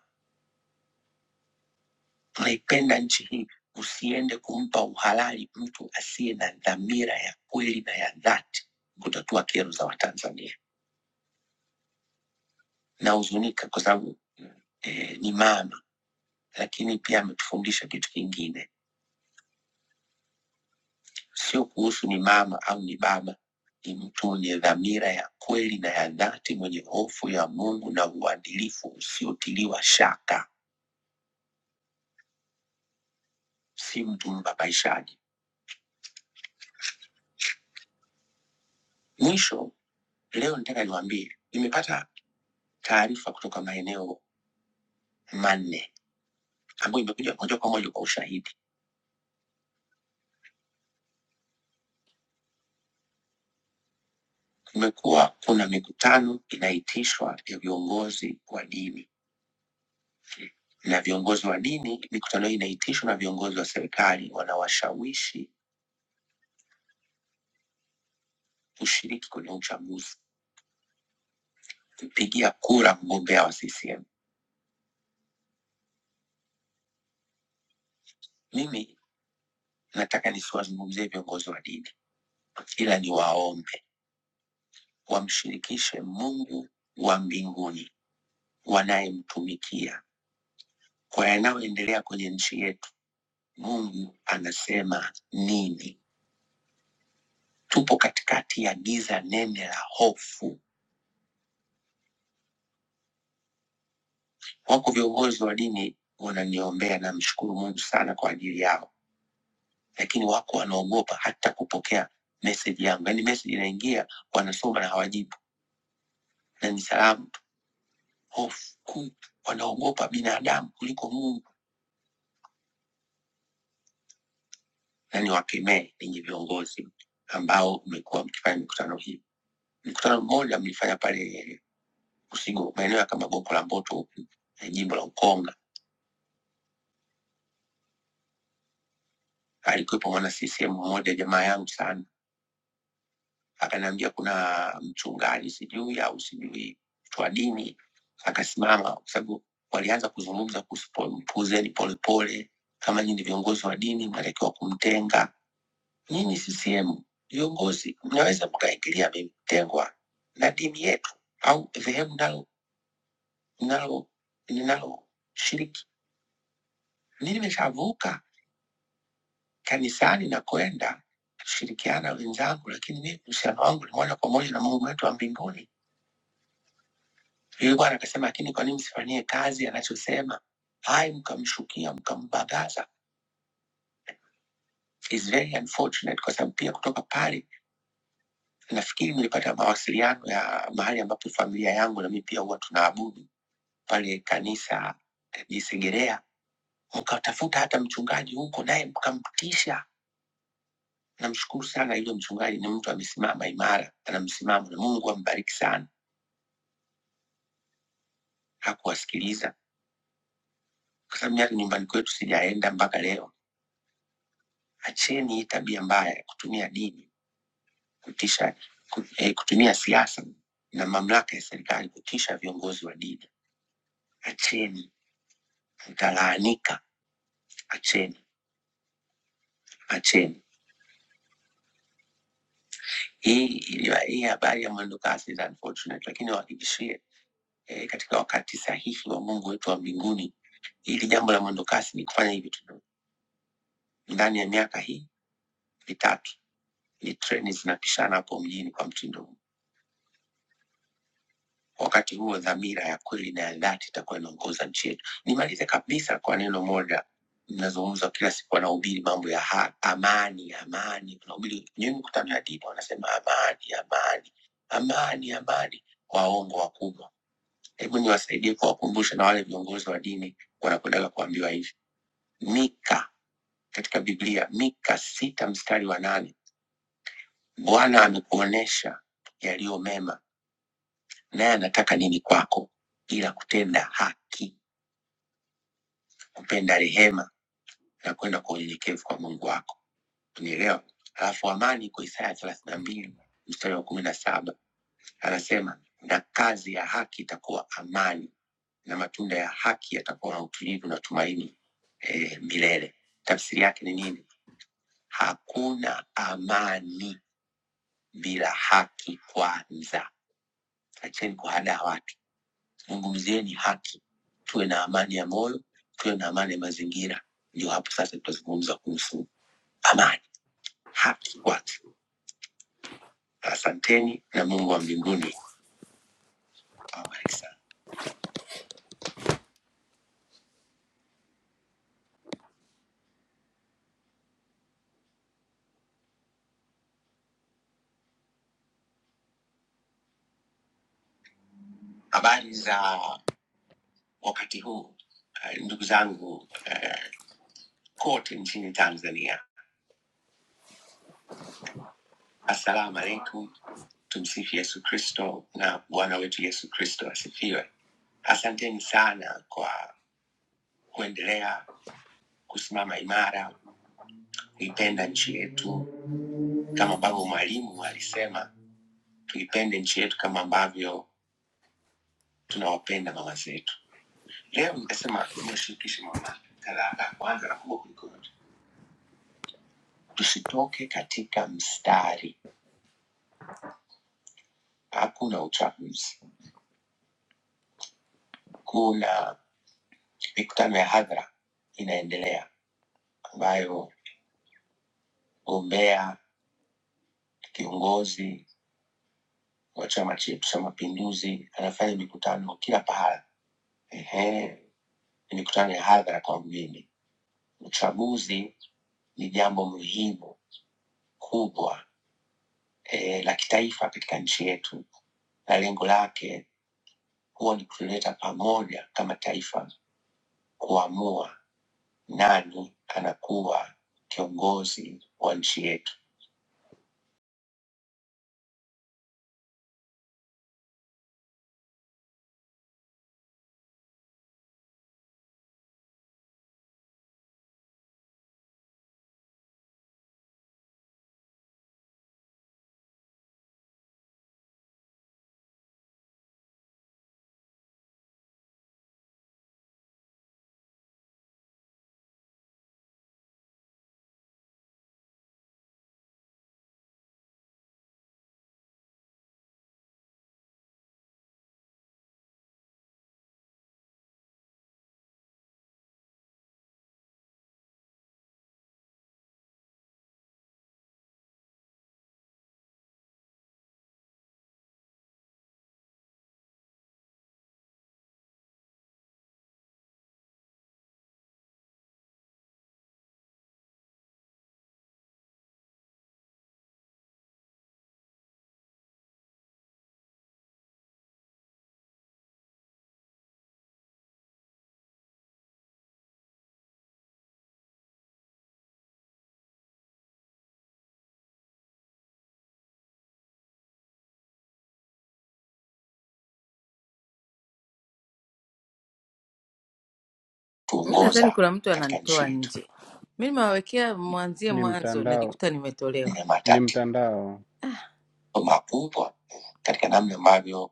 [SPEAKER 6] tunaipenda nchi hii, usiende kumpa uhalali mtu asiye na dhamira ya kweli na ya dhati kutatua kero za Watanzania. Nahuzunika kwa sababu eh, ni mami lakini pia ametufundisha kitu kingine, sio kuhusu ni mama au ni baba, ni mtu mwenye dhamira ya kweli na ya dhati, mwenye hofu ya Mungu na uadilifu usiotiliwa shaka, si mtu mbabaishaji. Mwisho leo nitaka niwaambie, nimepata taarifa kutoka maeneo manne ambayo imekuja moja kwa moja kwa ushahidi. Kumekuwa kuna mikutano inaitishwa ya viongozi wa dini na viongozi wa dini. Mikutano hii inaitishwa na viongozi wa serikali wanaowashawishi kushiriki kwenye uchaguzi, kupigia kura mgombea wa CCM. Mimi nataka nisiwazungumzie viongozi wa dini, ila niwaombe wamshirikishe Mungu wa mbinguni wanayemtumikia kwa yanayoendelea kwenye nchi yetu. Mungu anasema nini? Tupo katikati ya giza nene la hofu. Wako viongozi wa dini wananiombea, namshukuru Mungu sana kwa ajili yao lakini wako wanaogopa hata kupokea meseji yangu. Yaani meseji inaingia, wanasoma na hawajibu, na ni salamu tu. Hofu kuu, wanaogopa binadamu kuliko Mungu, na niwakemee ninyi viongozi ambao mmekuwa mkifanya mikutano hii. Mkutano mmoja mlifanya pale Usigo, maeneo ya Kamagoko la Mboto huku eh, jimbo la Ukonga, alikuwepo mwana CCM mmoja, jamaa yangu sana akaniambia kuna mchungaji sijui au sijui mtu wa dini akasimama, kwa sababu walianza kuzungumza kuhusu Paul- mpuuzeni Polepole, kama nyinyi ni viongozi wa dini mnatakiwa kumtenga. Nyinyi CCM viongozi mnaweza mkaingilia mtengwa na dini yetu au dhehebu nalo nalo ninaloshiriki. Mimi nimeshavuka kanisani na kwenda shirikiana wenzangu, lakini mimi uhusiano wangu ni moja kwa moja na Mungu wetu wa mbinguni Yule bwana akasema, lakini kwa nini msifanyie kazi anachosema? Hai, mkamshukia mkambagaza, is very unfortunate, kwa sababu pia kutoka pale nafikiri nilipata mawasiliano ya mahali ambapo familia yangu na mimi pia huwa tunaabudu pale kanisa eh, Isegerea, mkatafuta hata mchungaji huko naye mkamtisha. Namshukuru sana yule mchungaji, ni mtu amesimama imara, ana msimamo na Mungu ambariki sana. Hakuwasikiliza kwa sababu mimi hata nyumbani kwetu sijaenda mpaka leo. Acheni hii tabia mbaya ya kutumia dini kutisha ku- eh, kutumia siasa na mamlaka ya serikali kutisha viongozi wa dini. Acheni, mtalaanika. Acheni, acheni. Hii iliwa- hii habari ya mwendo kasi is unfortunate, lakini wahakikishie eh, katika wakati sahihi wa Mungu wetu wa mbinguni, hili jambo la mwendo kasi ni kufanya hivi tu ndani ya miaka hii mitatu, ni treni zinapishana hapo mjini kwa mtindo huu. Wakati huo dhamira ya kweli na ya dhati itakuwa inaongoza nchi yetu. Nimalize kabisa kwa neno moja, mnazungumza kila siku, wanahubiri mambo ya ha, amani, amani, wanahubiri kwenye mikutano ya dini, wanasema amani, amani, amani, amani. Waongo wakubwa. Hebu niwasaidie kuwakumbusha na wale viongozi wa dini wanakwendaga kuambiwa hivi. Mika katika Biblia, Mika sita mstari wa nane Bwana amekuonesha yaliyo mema naye anataka nini kwako ila kutenda haki, kupenda rehema na kwenda kwa unyenyekevu kwa Mungu wako. Unielewa? Alafu amani iko Isaya thelathini na mbili mstari wa kumi na saba anasema na kazi ya haki itakuwa amani na matunda ya haki yatakuwa na utulivu na tumaini e, milele. Tafsiri yake ni nini? Hakuna amani bila haki kwanza. Acheni kuhadaa watu zungumzieni haki, tuwe na amani ya moyo, tuwe na amani ya mazingira. Ndio hapo sasa tutazungumza kuhusu amani, haki, watu. Asanteni na Mungu wa mbinguni awabariki sana. Habari za wakati huu eh, ndugu zangu eh, kote nchini Tanzania, assalamu alaikum. Tumsifu Yesu Kristo na Bwana wetu Yesu Kristo asifiwe. Asanteni sana kwa kuendelea kusimama imara, kuipenda nchi yetu kama ambavyo mwalimu alisema tuipende nchi yetu kama ambavyo tunawapenda mama zetu leo nikasema niwashirikishe mama kadhaa la kwanza na kubwa kuliko yote tusitoke katika mstari hakuna uchaguzi kuna mikutano ya hadhara inaendelea ambayo gombea kiongozi wa chama chetu cha mapinduzi anafanya mikutano kila pahala Ehe, ni mikutano ya hadhara kwa mimi uchaguzi ni jambo muhimu kubwa eh, la kitaifa katika nchi yetu, na lengo lake huwa ni kutuleta pamoja kama taifa kuamua nani anakuwa kiongozi wa nchi yetu, mi nadhani tuongoza kuna mtu katika nchi ananitoa yetu. nje mi nimewawekea mwanzie
[SPEAKER 3] Ni
[SPEAKER 6] mwanzo
[SPEAKER 3] mtandao,
[SPEAKER 6] najikuta nimetolewa Ni
[SPEAKER 3] ni
[SPEAKER 6] matatizo
[SPEAKER 3] mtandao.
[SPEAKER 6] makubwa katika namna ambavyo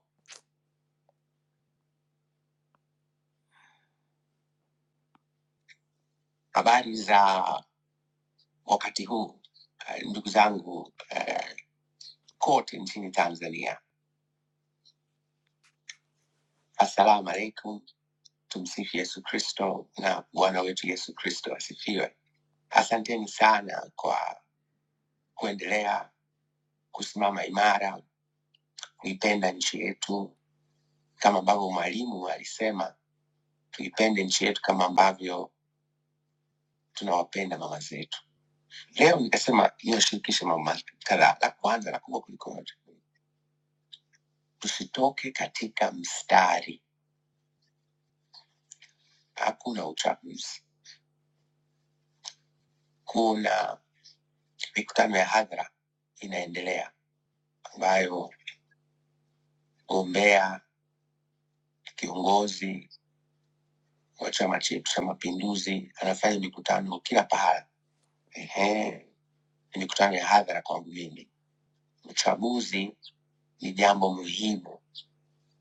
[SPEAKER 6] habari za wakati huu eh, ndugu zangu eh, kote nchini Tanzania. Assalamu alaikum. Tumsifu Yesu Kristo na Bwana wetu Yesu Kristo asifiwe. Asanteni sana kwa kuendelea kusimama imara, kuipenda nchi yetu kama ambavyo mwalimu alisema tuipende nchi yetu kama ambavyo tunawapenda mama zetu. Leo nikasema niwashirikishe mama kadhaa. La kwanza na kubwa kuliko yote, tusitoke katika mstari. Hakuna uchaguzi, kuna mikutano ya hadhara inaendelea ambayo gombea kiongozi wa chama chetu cha Mapinduzi anafanya mikutano kila pahala. Ehe, ni mikutano ya hadhara kwangu mimi. Uchaguzi ni jambo muhimu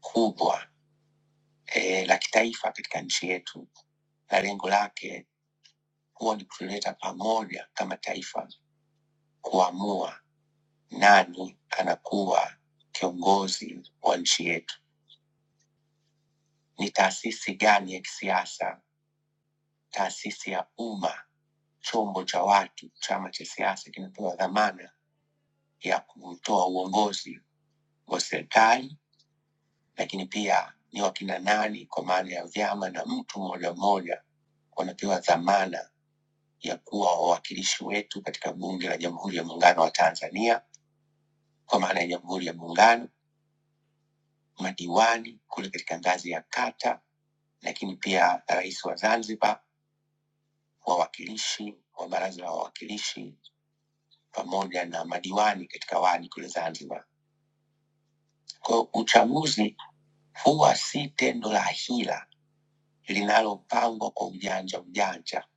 [SPEAKER 6] kubwa eh, la kitaifa katika nchi yetu, na lengo lake huwa ni kutuleta pamoja kama taifa kuamua nani anakuwa kiongozi wa nchi yetu, ni taasisi gani ya kisiasa taasisi ya umma, chombo cha watu, chama cha siasa kinapewa dhamana ya kutoa uongozi wa serikali, lakini pia ni wakina nani, kwa maana ya vyama na mtu mmoja mmoja, wanapewa dhamana ya kuwa wawakilishi wetu katika Bunge la Jamhuri ya Muungano wa Tanzania, kwa maana ya Jamhuri ya Muungano, madiwani kule katika ngazi ya kata, lakini pia rais wa Zanzibar, wawakilishi wa Baraza la Wawakilishi pamoja na madiwani katika wadi kule Zanzibar. Kwa hiyo uchaguzi huwa si tendo la hila linalopangwa kwa ujanja ujanja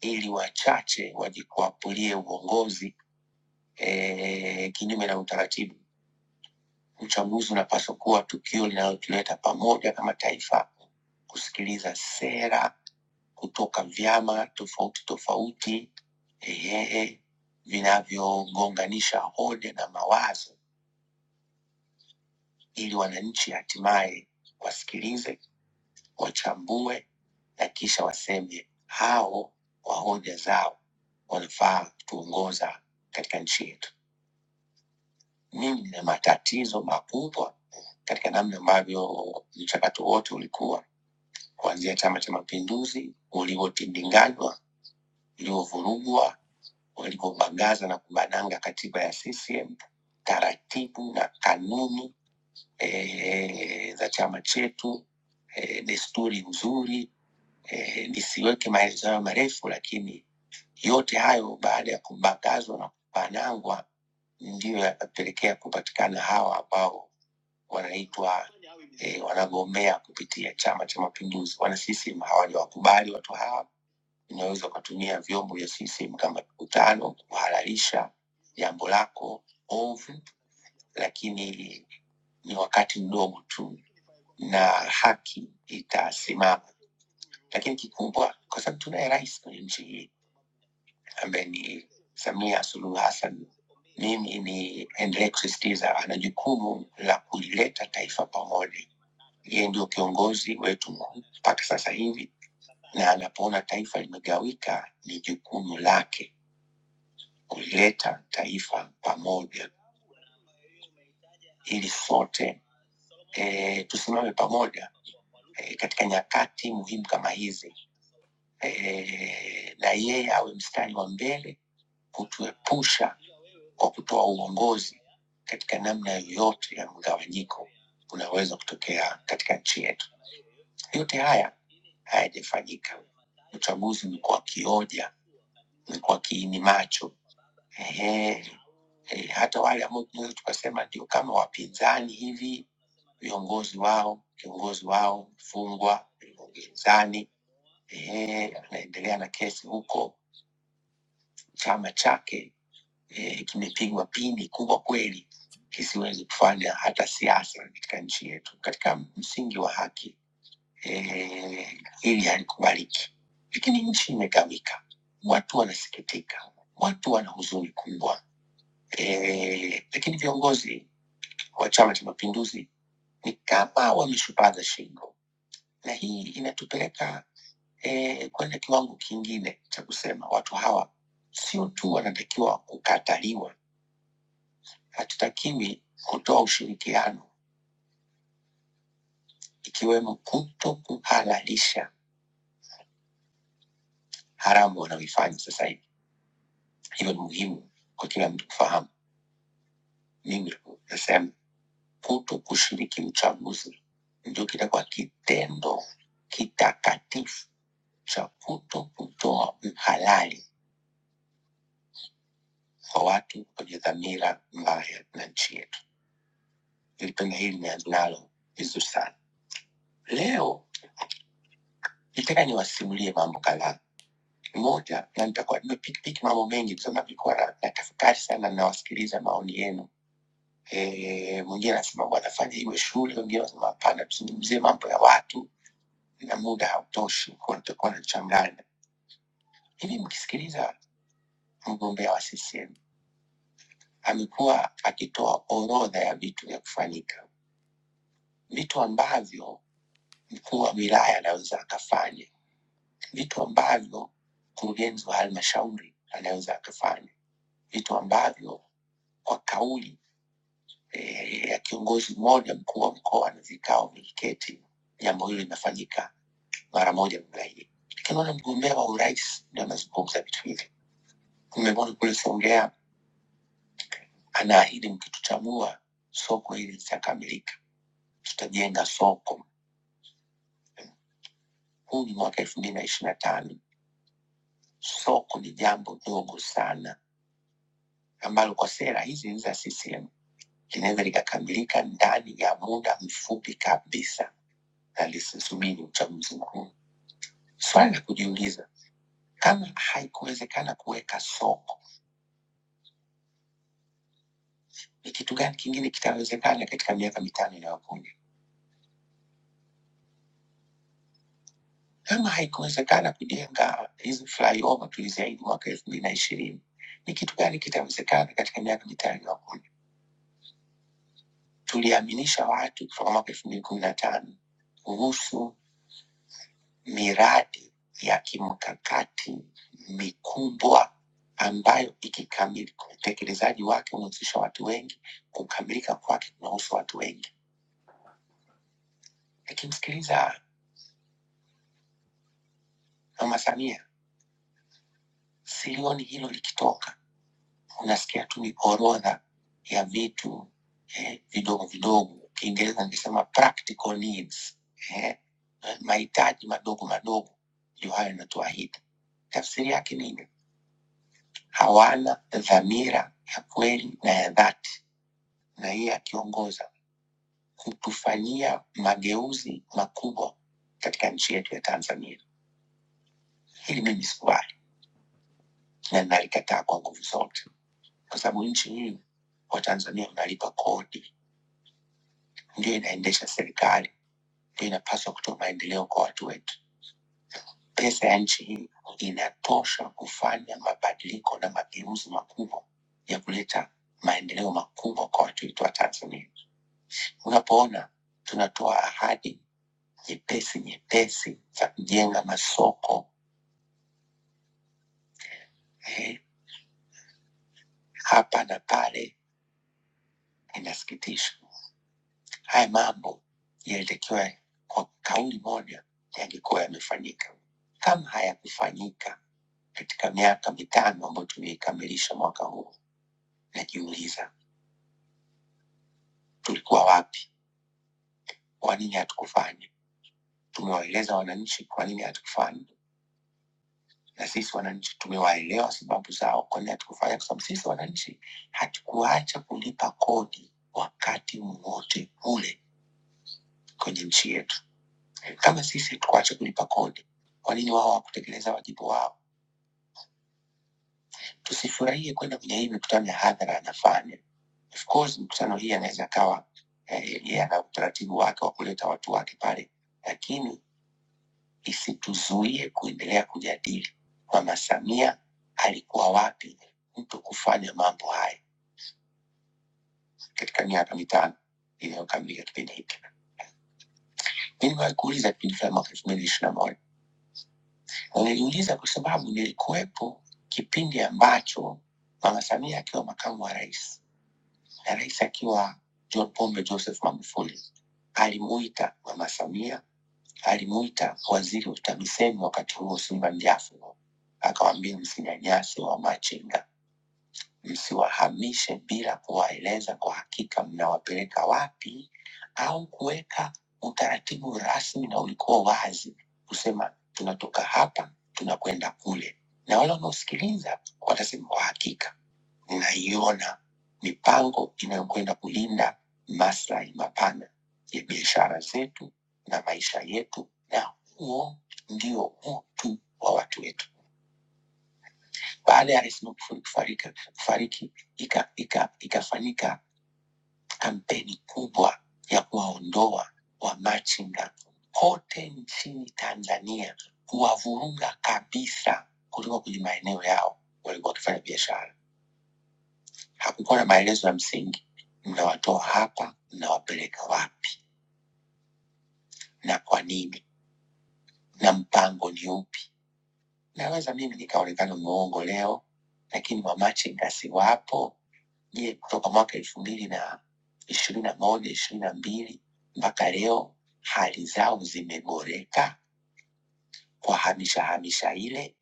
[SPEAKER 6] ili wachache wajikwapulie uongozi eh, kinyume na utaratibu. Uchaguzi unapaswa kuwa tukio linalotuleta pamoja kama taifa, kusikiliza sera kutoka vyama tofauti tofauti ehe, vinavyogonganisha hoja na mawazo ili wananchi hatimaye wasikilize, wachambue na kisha waseme hao kwa hoja zao wanafaa kutuongoza katika nchi yetu. Mimi nina matatizo makubwa katika namna ambavyo mchakato wote ulikuwa kuanzia Chama cha Mapinduzi ulivyotindinganywa, ulivyovurugwa, walivyobagaza na kubananga katiba ya CCM, taratibu na kanuni eh, za chama chetu, eh, desturi nzuri, eh, nisiweke maelezo hayo marefu, lakini yote hayo baada ya kubakazwa na kupanangwa ndiyo yakapelekea kupatikana hawa ambao wanaitwa eh, wanagombea kupitia Chama cha Mapinduzi. Wana CCM hawajawakubali watu hawa. Unaweza ukatumia vyombo vya CCM kama mkutano kuhalalisha jambo lako ovu, lakini ni wakati mdogo tu na haki itasimama. Lakini kikubwa, kwa sababu tunaye rais kwenye nchi hii ambaye ni Samia Suluhu Hassan, mimi niendelee kusisitiza ana jukumu la kulileta taifa pamoja. Yeye ndio kiongozi wetu mkuu mpaka sasa hivi, na anapoona taifa limegawika, ni jukumu lake kulileta taifa pamoja ili sote e, tusimame pamoja e, katika nyakati muhimu kama hizi eh, na yeye awe mstari wa mbele kutuepusha kwa kutoa uongozi katika namna yoyote ya mgawanyiko unaweza kutokea katika nchi yetu. Yote haya hayajafanyika. Uchaguzi umekuwa kioja, umekuwa kiini macho. Ehe, eh, hata wale ambao tunaweza tukasema ndio kama wapinzani hivi, viongozi wao, kiongozi wao mfungwa upinzani, ehe, anaendelea na kesi huko, chama chake e, kimepigwa pini kubwa kweli kisiwezi kufanya hata siasa katika nchi yetu katika msingi wa haki e, hili halikubaliki lakini nchi imegawika watu wanasikitika watu wana huzuni kubwa e, lakini viongozi wa chama cha mapinduzi ni kama wameshupaza shingo na hii inatupeleka e, kwenda kiwango kingine cha kusema watu hawa sio tu wanatakiwa kukataliwa hatutakiwi kutoa ushirikiano ikiwemo kuto kuhalalisha haramu wanaoifanya sasa hivi. Hivyo ni muhimu kwa kila mtu kufahamu. Mimi nasema kuto kushiriki uchaguzi ndio kitakuwa kitendo kitakatifu cha kuto kutoa uhalali kwa watu wenye dhamira mbaya na nchi yetu. Nilipenda hili na nalo vizuri sana. Leo nitaka niwasimulie mambo kadhaa moja, na nitakuwa nimepikipiki mambo mengi kusema nilikuwa na- natafakari sana, nawasikiliza maoni yenu. Eh, mwingine anasema bwana, fanya iwe shule, wengine wanasema hapana, tusizungumzie mambo ya watu na muda hautoshi, kwa tutakuwa nachanganya hivi. Mkisikiliza mgombea wa CCM amekuwa akitoa orodha ya vitu vya kufanyika, vitu ambavyo mkuu wa wilaya anaweza akafanya, vitu ambavyo mkurugenzi wa halmashauri anaweza akafanya, vitu ambavyo kwa kauli eh, ya kiongozi mmoja mkuu wa mkoa na vikao viliketi. Jambo hilo linafanyika mara moja mgaidi, lakini naona mgombea wa urais ndio anazungumza vitu hivi. Nimemwona kule Songea anaahidi mkituchagua soko hili litakamilika, tutajenga soko. Huu ni mwaka elfu mbili na ishiri na tano. Soko ni jambo dogo sana ambalo kwa sera hizi za CCM linaweza likakamilika ndani ya muda mfupi kabisa, na lisisubiri uchaguzi mkuu. Swali la kujiuliza, kama haikuwezekana kuweka soko, ni kitu gani kingine kitawezekana katika miaka mitano inayokuja? Kama haikuwezekana kujenga hizi flyover tuliziahidi mwaka elfu mbili na ishirini, ni kitu gani kitawezekana katika miaka mitano inayokuja? Tuliaminisha watu kutoka mwaka elfu mbili kumi na tano kuhusu miradi ya kimkakati mikubwa ambayo ikikamilika utekelezaji wake umehusisha watu wengi, kukamilika kwake kunahusu watu wengi Nikimsikiliza Mama Samia silioni hilo likitoka, unasikia tu ni orodha ya vitu eh, vidogo vidogo, Kiingereza ningesema practical needs eh, mahitaji madogo madogo ndio hayo yanatuahidi. Tafsiri yake nini? Hawana dhamira ya kweli na ya dhati, na yeye akiongoza kutufanyia mageuzi makubwa katika nchi yetu ya Tanzania. Hili mimi sikubali na nalikataa kwa nguvu zote. kwa sababu nchi hii Watanzania mnalipa kodi, ndio inaendesha serikali, ndio inapaswa kutoa maendeleo kwa watu wetu. Pesa ya nchi hii inatosha kufanya mabadiliko na mageuzi makubwa ya kuleta maendeleo makubwa kwa watu wetu wa Tanzania. Unapoona tunatoa ahadi nyepesi nyepesi za kujenga masoko eh, hapa na pale, inasikitisha. Haya mambo yalitakiwa kwa kauli moja yangekuwa yamefanyika. Kama hayakufanyika katika miaka mitano ambayo tumeikamilisha mwaka huu, najiuliza tulikuwa wapi? Kwa nini hatukufanya? Tumewaeleza wananchi kwa nini hatukufanya, na sisi wananchi tumewaelewa sababu zao kwa nini hatukufanya, kwa sababu sisi wananchi hatukuacha kulipa kodi wakati wowote ule kwenye nchi yetu. Kama sisi tukuache kulipa kodi, kwa nini wao hawakutekeleza wajibu wao? Tusifurahie kwenda kwenye hii mikutano ya hadhara anafanya. Of course mikutano hii anaweza akawa eh, yeye ana utaratibu wake wa kuleta watu wake pale, lakini isituzuie kuendelea kujadili Mama Samia alikuwa wapi mtu kufanya mambo haya katika miaka mitano iliyokamilika kipindi hiki. Mimi nimewahi kuuliza kipindi cha mwaka elfu mbili ishirini na moja Nilijiuliza kwa sababu nilikuwepo kipindi ambacho Mama Samia akiwa makamu wa rais na rais akiwa John Pombe Joseph Magufuli alimuita Mama Samia, alimuita waziri wa TAMISEMI wakati huo Simba Njafu, akawaambia msinyanyase wamachinga msiwahamishe bila kuwaeleza kwa hakika mnawapeleka wapi au kuweka utaratibu rasmi na ulikuwa wazi kusema tunatoka hapa tunakwenda kule, na wale wanaosikiliza watasema kwa hakika ninaiona mipango inayokwenda kulinda maslahi mapana ya biashara zetu na maisha yetu, na huo ndio utu wa watu wetu. Baada ya Rais Magufuli kufariki, kufariki ika, ika, ikafanyika kampeni kubwa ya kuwaondoa wamachinga kote nchini Tanzania, kuwavurunga kabisa kutoka kwenye maeneo yao walikuwa wakifanya biashara. Hakukuwa na maelezo ya msingi, mnawatoa hapa, mnawapeleka wapi na kwa nini, na mpango ni huu. Naweza mimi nikaonekana muongo leo, lakini mamachinga siwapo. Je, kutoka mwaka elfu mbili na ishirini na moja ishirini na mbili mpaka leo hali zao zimeboreka kwa hamisha hamisha ile?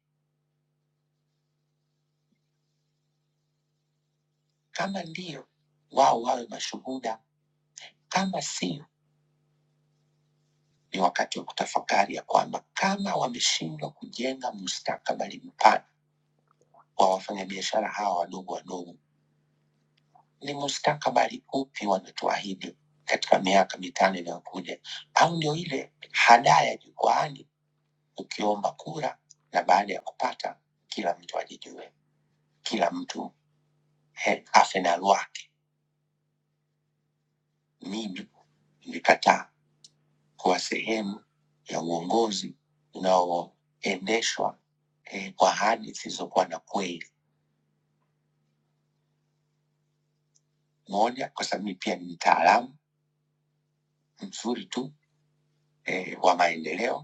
[SPEAKER 6] Kama ndiyo, wao wawe mashuhuda. Kama sio, ni wakati wa kutafakari ya kwamba kama wameshindwa kujenga mustakabali mpana wa wafanyabiashara hawa wadogo wadogo Ni mustakabali upi wanatuahidi katika miaka mitano inayokuja, au ndio ile hadaa ya jukwaani, ukiomba kura na baada ya kupata kila mtu ajijue, kila mtu he- afe na lwake. Mimi nilikataa kuwa sehemu ya uongozi unaoendeshwa eh, kwa ahadi zisizokuwa na kweli. Moja, kwa sababu mimi pia ni mtaalamu mzuri tu eh, wa maendeleo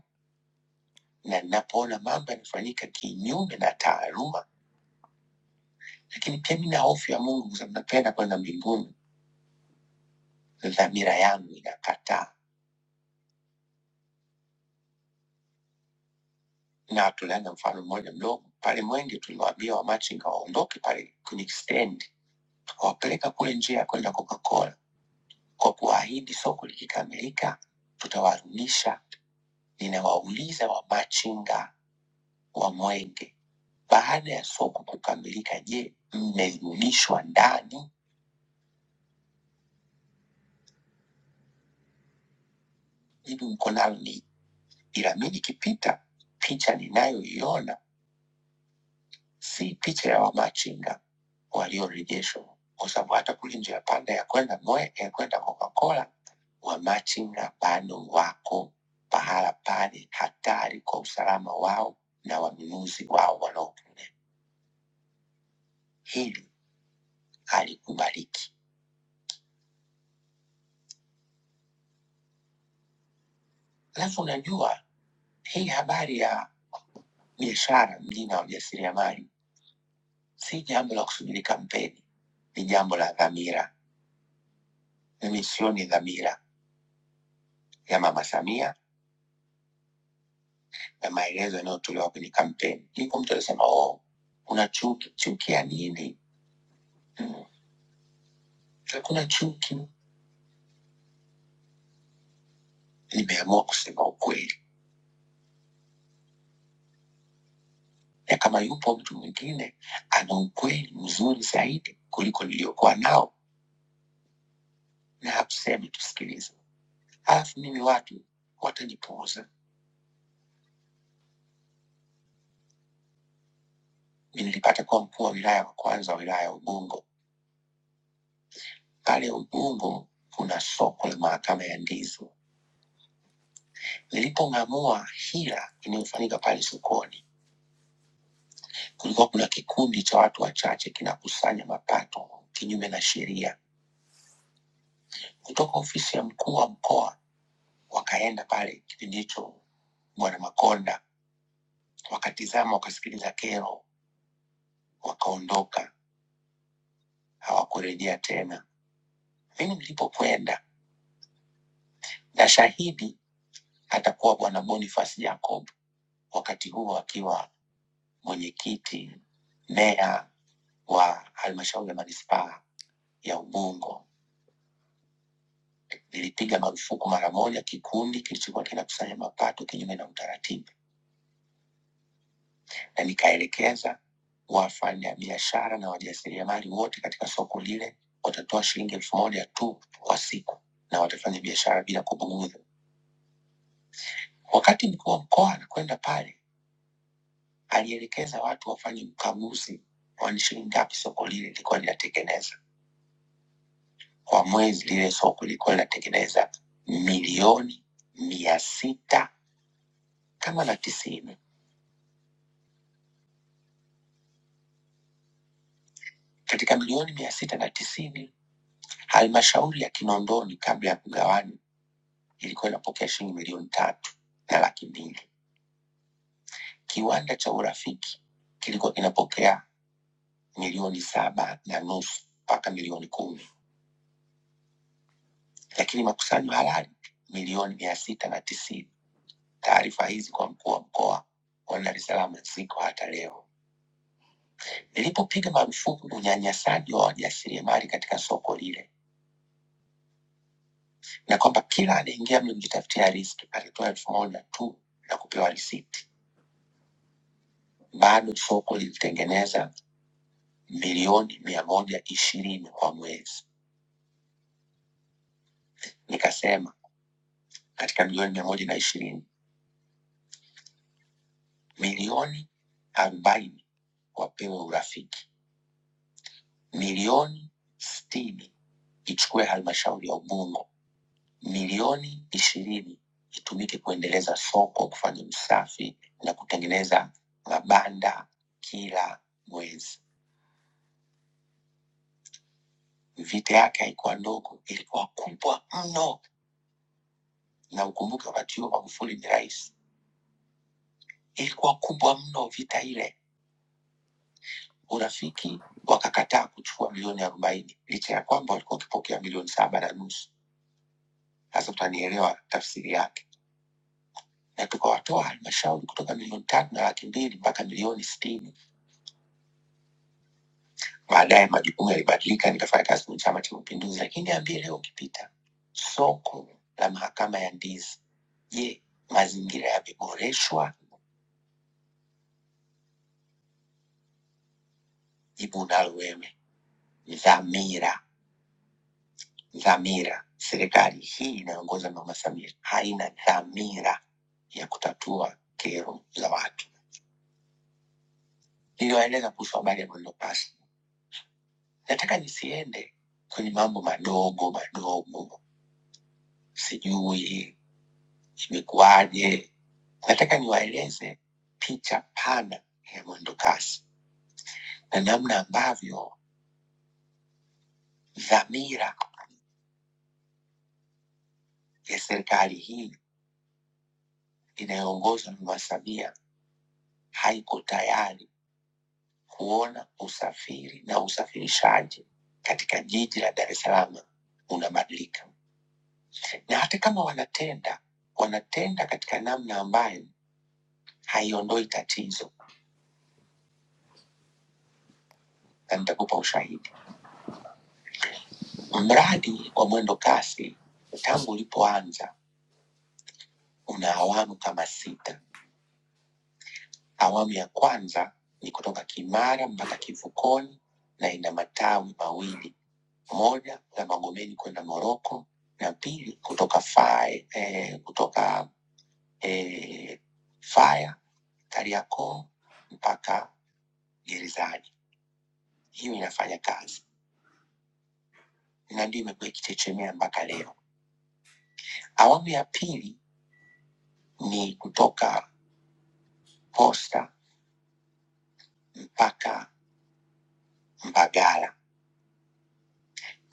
[SPEAKER 6] na ninapoona mambo yanafanyika kinyume na taaluma, lakini pia nina hofu ya Mungu kwa sababu napenda kwenda mbinguni. Dhamira yangu inakataa, na tuliana mfano mmoja mdogo pale Mwenge, tuliwaambia wamachinga waondoke pale kwenye stendi, tukawapeleka kule njia ya kwenda Coca-Cola kwa kuwaahidi soko likikamilika tutawarudisha. Ninawauliza wamachinga wa Mwenge, baada ya soko kukamilika, je, mmerudishwa ndani? Jibu uko Narni. Piramidi ikipita, picha ninayoiona si picha ya wamachinga waliorejeshwa, kwa sababu hata kule njia panda ya kwenda Noe ya kwenda Coca-Cola, wamachinga bado wako pahala pale, hatari kwa usalama wao na wanunuzi wao wanaopo. Hili halikubaliki. Alafu unajua hii habari ya biashara mjini na wajasiriamali si jambo la kusubiri kampeni, ni jambo la dhamira na misioni dhamira ya Mama Samia na maelezo yanayotolewa kwenye kampeni. Yuko mtu alisema oh, kuna chuki. Chuki ya nini? Mm, Hakuna chuki, nimeamua kusema ukweli, na kama yupo mtu mwingine ana ukweli mzuri zaidi kuliko niliokuwa nao, na hatuseme, tusikilize. Alafu mimi watu watajipuuza. Mi nilipata kuwa mkuu wa wilaya wa kwanza wa wilaya ya Ubungo Pale Ubungo kuna soko la mahakama ya ndizi. Nilipong'amua hila inayofanyika pale sokoni, kulikuwa kuna kikundi cha watu wachache kinakusanya mapato kinyume na sheria kutoka ofisi ya mkuu wa mkoa. Wakaenda pale kipindi hicho, Bwana Makonda, wakatizama, wakasikiliza kero, wakaondoka, hawakurejea tena. Mimi nilipokwenda na shahidi atakuwa Bwana Boniface Jacob, wakati huo akiwa mwenyekiti, meya wa halmashauri ya manispaa ya Ubungo nilipiga marufuku mara moja kikundi kilichokuwa kinakusanya mapato kinyume na utaratibu, na nikaelekeza wafanyabiashara na wajasiriamali wote katika soko lile watatoa shilingi elfu moja tu kwa siku na watafanya biashara bila kubugudhi. Wakati mkuu wa mkoa anakwenda pale, alielekeza watu wafanye ukaguzi, kwani shilingi ngapi soko lile lilikuwa linatengeneza Kwa mwezi lile soko lilikuwa linatengeneza milioni mia sita kama na tisini. Katika milioni mia sita na tisini, halmashauri ya Kinondoni kabla ya kugawani ilikuwa inapokea shilingi milioni tatu na laki mbili. Kiwanda cha Urafiki kilikuwa kinapokea milioni saba na nusu mpaka milioni kumi, lakini makusanyo halali milioni mia sita na tisini. Taarifa hizi kwa mkuu wa mkoa wa Dar es Salaam ziko hata leo. lilipopiga marufuku unyanyasaji wa wajasiriamali katika soko lile, na kwamba kila anaingia mlimjitafutia riski alitoa elfu moja tu na kupewa risiti. Bado soko lilitengeneza milioni mia moja ishirini kwa mwezi. Nikasema katika milioni mia moja na ishirini milioni arobaini wapewe urafiki, milioni sitini ichukue halmashauri ya Ubungo milioni ishirini itumike kuendeleza soko, kufanya usafi na kutengeneza mabanda kila mwezi. Vita yake haikuwa ndogo, ilikuwa kubwa mno, na ukumbuke wakati huo Magufuli ni rais, ilikuwa kubwa mno vita ile. Urafiki wakakataa kuchukua milioni arobaini licha ya kwamba walikuwa wakipokea milioni saba na nusu. Sasa utanielewa tafsiri yake, na tukawatoa halmashauri kutoka milioni tatu na laki mbili mpaka milioni sitini Baadaye majukumu yalibadilika, nikafanya kazi kwenye Chama cha Mapinduzi. Lakini niambie leo, ukipita soko la mahakama ya ndizi, je, mazingira yameboreshwa? Jibu unalo wewe. Dhamira, dhamira. Serikali hii inayoongoza Mama Samia haina dhamira ya kutatua kero za watu. Niliwaeleza kuhusu habari ya mwendo kasi. Nataka nisiende kwenye mambo madogo madogo, sijui imekuwaje. Nataka niwaeleze picha pana ya mwendokasi na namna ambavyo dhamira ya serikali hii inayoongozwa na Mama Samia haiko tayari kuona usafiri na usafirishaji katika jiji la Dar es Salaam unabadilika, na hata kama wanatenda, wanatenda katika namna ambayo haiondoi tatizo, na nitakupa ushahidi. Mradi wa mwendo kasi tangu ulipoanza una awamu kama sita. Awamu ya kwanza ni kutoka Kimara mpaka Kivukoni na ina matawi mawili, moja la Magomeni kwenda Moroko na pili kutoka Fae, eh, kutoka eh, Faya Kariakoo mpaka gerezani. Hiyo inafanya kazi na ndio imekuwa ikichechemea mpaka leo. Awamu ya pili ni kutoka Posta mpaka Mbagala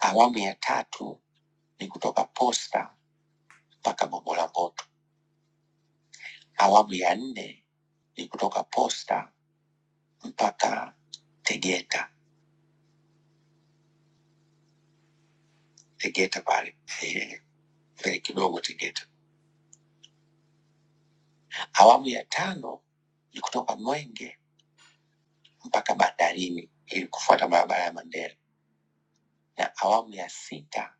[SPEAKER 6] Awamu ya tatu ni kutoka Posta mpaka Bombo la Mboto. Awamu ya nne ni kutoka Posta mpaka Tegeta, Tegeta pale eh, mbele kidogo Tegeta. Awamu ya tano ni kutoka Mwenge mpaka bandarini ili kufuata barabara ya Mandela, na awamu ya sita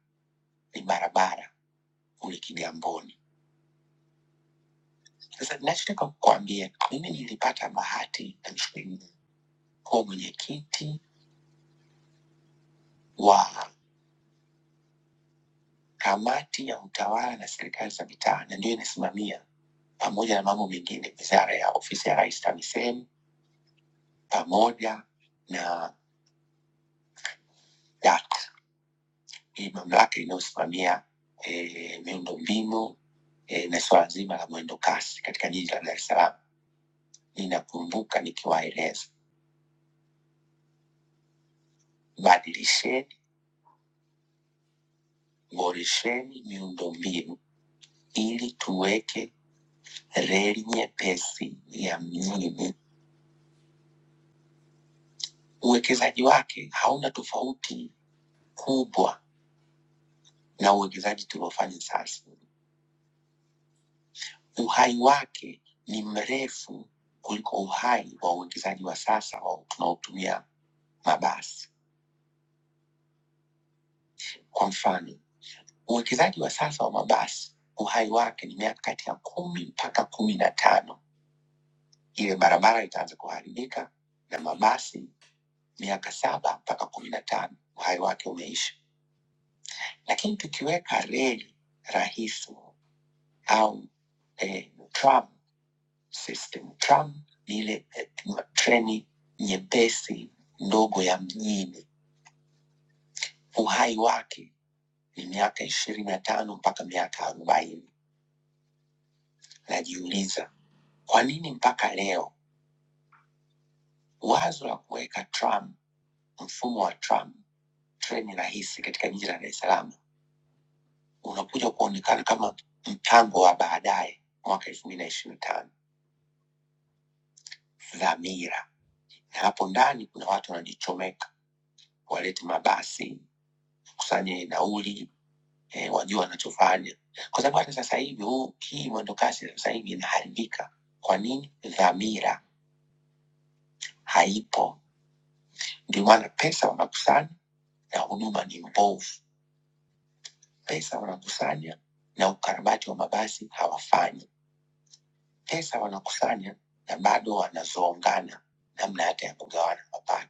[SPEAKER 6] ni barabara kule Kigamboni. Sasa ninachotaka kukuambia, mimi nilipata bahati, namshukuru Mungu, kuwa mwenyekiti wa kamati ya utawala na serikali za mitaa, na ndiyo inasimamia pamoja na mambo mengine, wizara ya ofisi ya rais TAMISEMI pamoja na DART, hii mamlaka inayosimamia e, miundombinu e, na suala zima la mwendo kasi katika jiji la Dar es Salaam. Ninakumbuka nikiwaeleza, badilisheni, boresheni miundombinu ili tuweke reli nyepesi ya mjini. Uwekezaji wake hauna tofauti kubwa na uwekezaji tuliofanya sasa, uhai wake ni mrefu kuliko uhai wa uwekezaji wa sasa wa tunaotumia mabasi. Kwa mfano, uwekezaji wa sasa wa mabasi uhai wake ni miaka kati ya kumi mpaka kumi na tano. Ile barabara itaanza kuharibika, na mabasi miaka saba mpaka kumi na tano uhai wake umeisha. Lakini tukiweka reli rahisi au eh, tram System tram ni ile eh, ma- treni nyepesi ndogo ya mjini. Uhai wake ni miaka ishirini na tano mpaka miaka arobaini. Najiuliza kwa nini mpaka leo wazo la kuweka tram, mfumo wa tram treni rahisi katika jiji la Dar es Salaam unakuja kuonekana kama mpango wa baadaye mwaka elfu mbili na ishirini na tano. Dhamira Hapo ndani kuna watu wanajichomeka, walete mabasi, kusanye nauli eh, wajue wanachofanya, kwa sababu hata sasa hivi huu hii mwendokasi sasa hivi inaharibika. Kwa nini? Dhamira haipo. Ndio maana pesa wanakusanya na huduma ni mbovu. Pesa wanakusanya na ukarabati wa mabasi hawafanyi. Pesa wanakusanya na bado wanazongana namna hata ya kugawana mapato.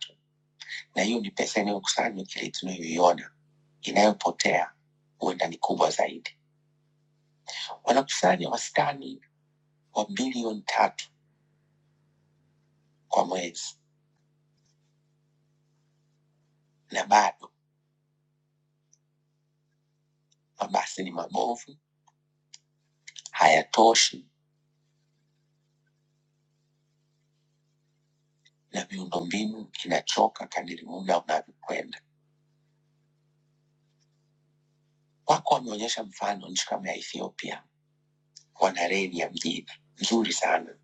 [SPEAKER 6] na hiyo ni pesa inayokusanywa, kile tunayoiona inayopotea huenda ni kubwa zaidi. Wanakusanya wastani wa bilioni tatu kwa mwezi, na bado mabasi ni mabovu, hayatoshi na miundombinu inachoka kadiri muda unavyokwenda. Wako wameonyesha mfano nchi kama ya Ethiopia, wana reli ya mjini nzuri sana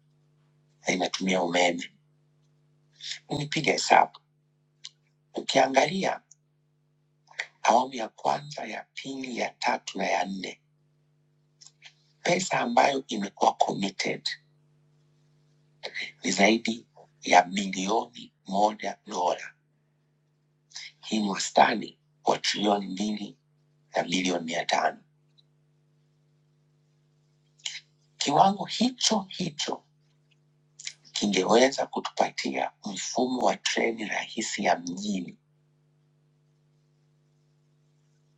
[SPEAKER 6] na inatumia umeme. Nipiga hesabu, ukiangalia awamu ya kwanza, ya pili, ya tatu na ya nne Pesa ambayo imekuwa committed ni zaidi ya bilioni moja dola. Hii ni wastani wa trilioni mbili na bilioni mia tano. Kiwango hicho hicho kingeweza kutupatia mfumo wa treni rahisi ya mjini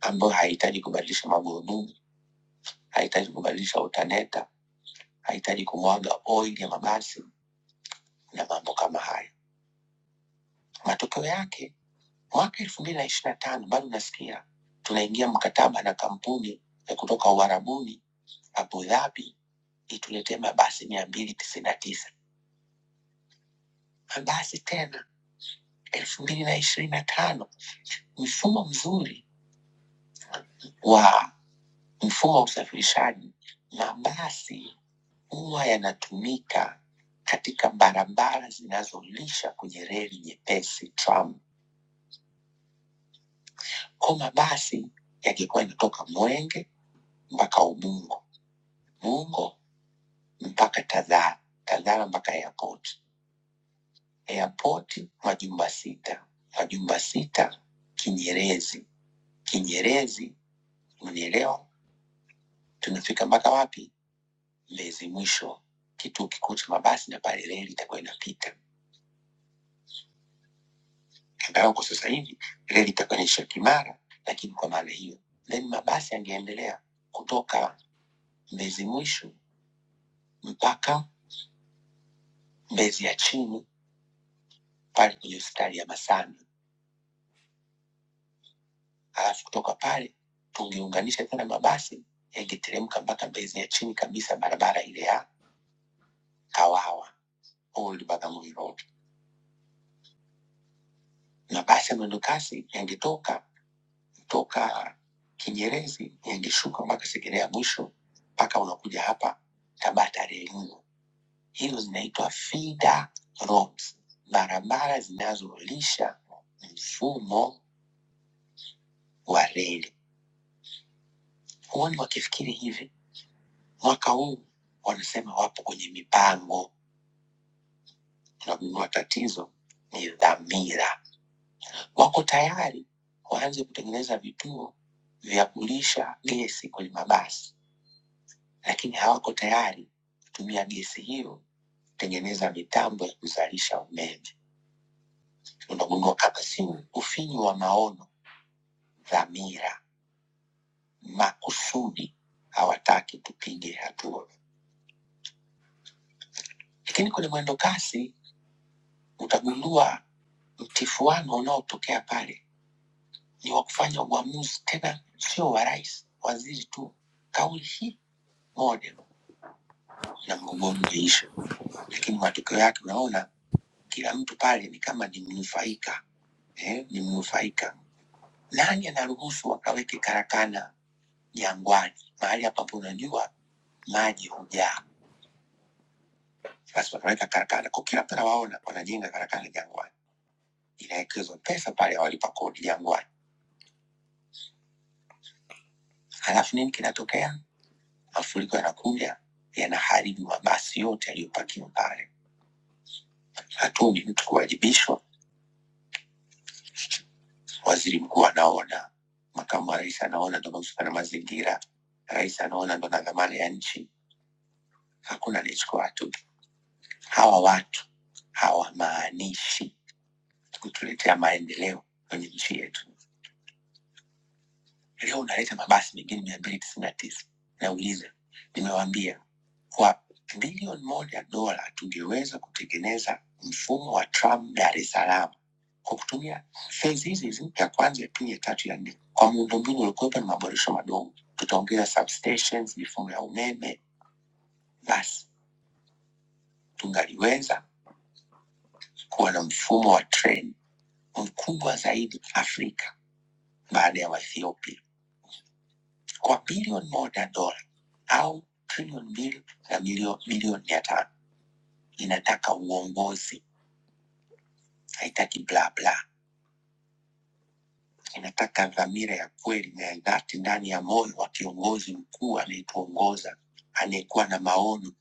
[SPEAKER 6] ambayo haihitaji kubadilisha magurudumu, haihitaji kubadilisha utaneta, haihitaji kumwaga oil ya mabasi na mambo kama haya. Matokeo yake Mwaka elfu mbili na ishirini na tano bado nasikia tunaingia mkataba na kampuni ya kutoka Uarabuni Abu Dhabi ituletee mabasi mia mbili tisini na tisa mabasi tena elfu mbili na ishirini na tano Mfumo mzuri wa mfumo wa usafirishaji, mabasi huwa yanatumika katika barabara zinazolisha kwenye reli nyepesi tram. Kwa mabasi yakikuwa yanatoka Mwenge mpaka Ubungo, Ubungo mpaka Tazara, Tazara mpaka airport, airport majumba sita, majumba sita Kinyerezi, Kinyerezi unielewa, tunafika mpaka wapi? Mbezi mwisho, kituo kikuu cha mabasi, na pale reli itakuwa inapita, angalau kwa sasa hivi reli itakuwa inaisha Kimara, lakini kwa maana hiyo then mabasi yangeendelea kutoka Mbezi mwisho mpaka Mbezi ya chini pale kwenye hospitali ya Masana alafu kutoka pale tungeunganisha tena mabasi yangeteremka mpaka bezi ya chini kabisa barabara ile ya Kawawa Old Bagamoyo Road. Mabasi ya mwendo kasi yangetoka kutoka Kinyerezi yangeshuka mpaka Segerea mwisho mpaka unakuja hapa Tabata Reli. Hizo zinaitwa feeder roads, barabara zinazolisha mfumo wa reli. Huoni wakifikiri hivi, mwaka huu wanasema wapo kwenye mipango Tunagundua tatizo ni dhamira. Wako tayari waanze kutengeneza vituo vya kulisha gesi kwenye mabasi, lakini hawako tayari kutumia gesi hiyo kutengeneza mitambo ya kuzalisha umeme. Tunagundua kama si ufinyu wa maono, dhamira, makusudi, hawataki tupige hatua. Lakini kwenye mwendo kasi utagundua mtifuano unaotokea pale ni wa kufanya uamuzi, tena sio wa rais, waziri tu. Kauli hii moja na mgogoro umeisha, lakini matokeo yake unaona kila mtu pale ni kama ni mnufaika eh, ni mnufaika. Nani anaruhusu wakaweke karakana Jangwani, mahali ambapo unajua maji hujaa? Basi wakaweka karakana kwa kila mtu anawaona, wanajenga karakana Jangwani, inawekezwa pesa pale, walipa kodi Jangwani, halafu nini kinatokea? Mafuriko yanakuja yanaharibu mabasi yote yaliyopakiwa pale hatuoni mtu kuwajibishwa. Waziri mkuu anaona, makamu wa rais anaona, ndo mahusika na mazingira, rais anaona, ndo na dhamana ya nchi. Hakuna anayechukua hatua. Hawa watu hawamaanishi kutuletea maendeleo kwenye nchi yetu. leo unaleta mabasi mengine mia mbili tisini na tisa nauliza nimewaambia kwa bilioni moja dola tungeweza kutengeneza mfumo wa tram dar es salaam kwa kutumia fezi hizi hizi ya kwanza ya pili ya tatu ya nne kwa miundombinu uliokuwepo na maboresho madogo tutaongeza substations mifumo ya umeme basi tungaliweza kuwa na mfumo wa treni mkubwa zaidi afrika baada ya waethiopia kwa bilioni moja dola au trilioni mbili na milio- milioni mia tano. Inataka uongozi, haitaki bla bla, inataka dhamira ya kweli na ya dhati ndani ya moyo wa kiongozi mkuu anayetuongoza anayekuwa na maono.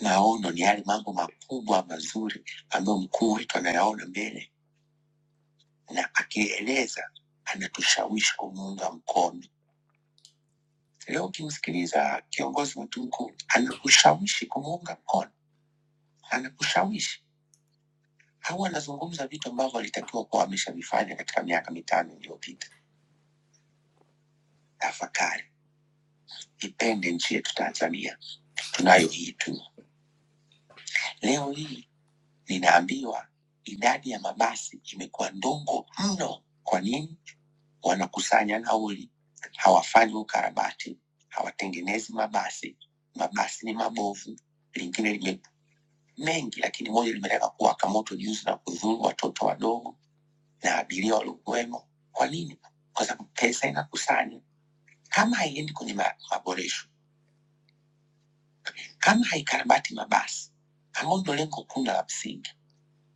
[SPEAKER 6] Maono ni yale mambo makubwa mazuri ambayo mkuu wetu anayaona mbele na akieleza anatushawishi kumuunga mkono. Leo ukimsikiliza kiongozi wetu mkuu, anakushawishi kumuunga mkono, anakushawishi au anazungumza vitu ambavyo alitakiwa kuwa ameshavifanya katika miaka mitano iliyopita. Tafakari, ipende nchi yetu Tanzania tunayo hii tu. Leo hii ninaambiwa idadi ya mabasi imekuwa ndogo mno. Kwa nini? Wanakusanya nauli, hawafanyi ukarabati, hawatengenezi mabasi. Mabasi ni mabovu, lingine lime mengi, lakini moja limetaka kuwaka moto juzi na kudhuru watoto wadogo. na abiria waliokuwemo. Kwa nini? Kwa sababu pesa inakusanywa, kama haiendi kwenye ma- maboresho, kama haikarabati mabasi, ambao ndio lengo kuu na la msingi,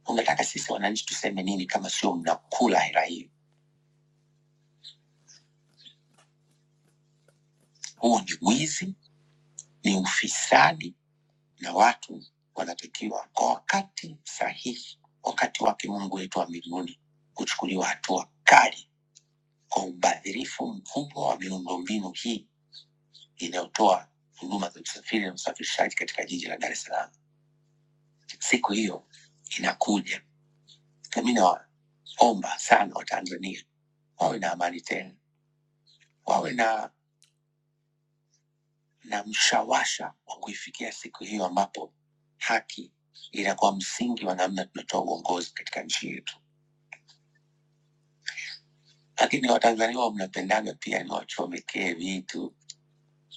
[SPEAKER 6] unataka sisi wananchi tuseme nini kama sio mnakula hela hiyo? Huo ni wizi, ni ufisadi, na watu wanatakiwa kwa wakati sahihi, wakati wake Mungu wetu wa mbinguni, kuchukuliwa hatua kali kwa ubadhirifu mkubwa wa miundombinu hii inayotoa huduma za usafiri na usafirishaji katika jiji la Dar es Salaam. Siku hiyo inakuja, na mi nawaomba sana Watanzania wawe na amani tena, wawe na, na mshawasha wa kuifikia siku hiyo ambapo haki inakuwa msingi wa namna tunatoa uongozi katika nchi yetu. Lakini Watanzania huwa mnapendaga pia ni wachomekee vitu.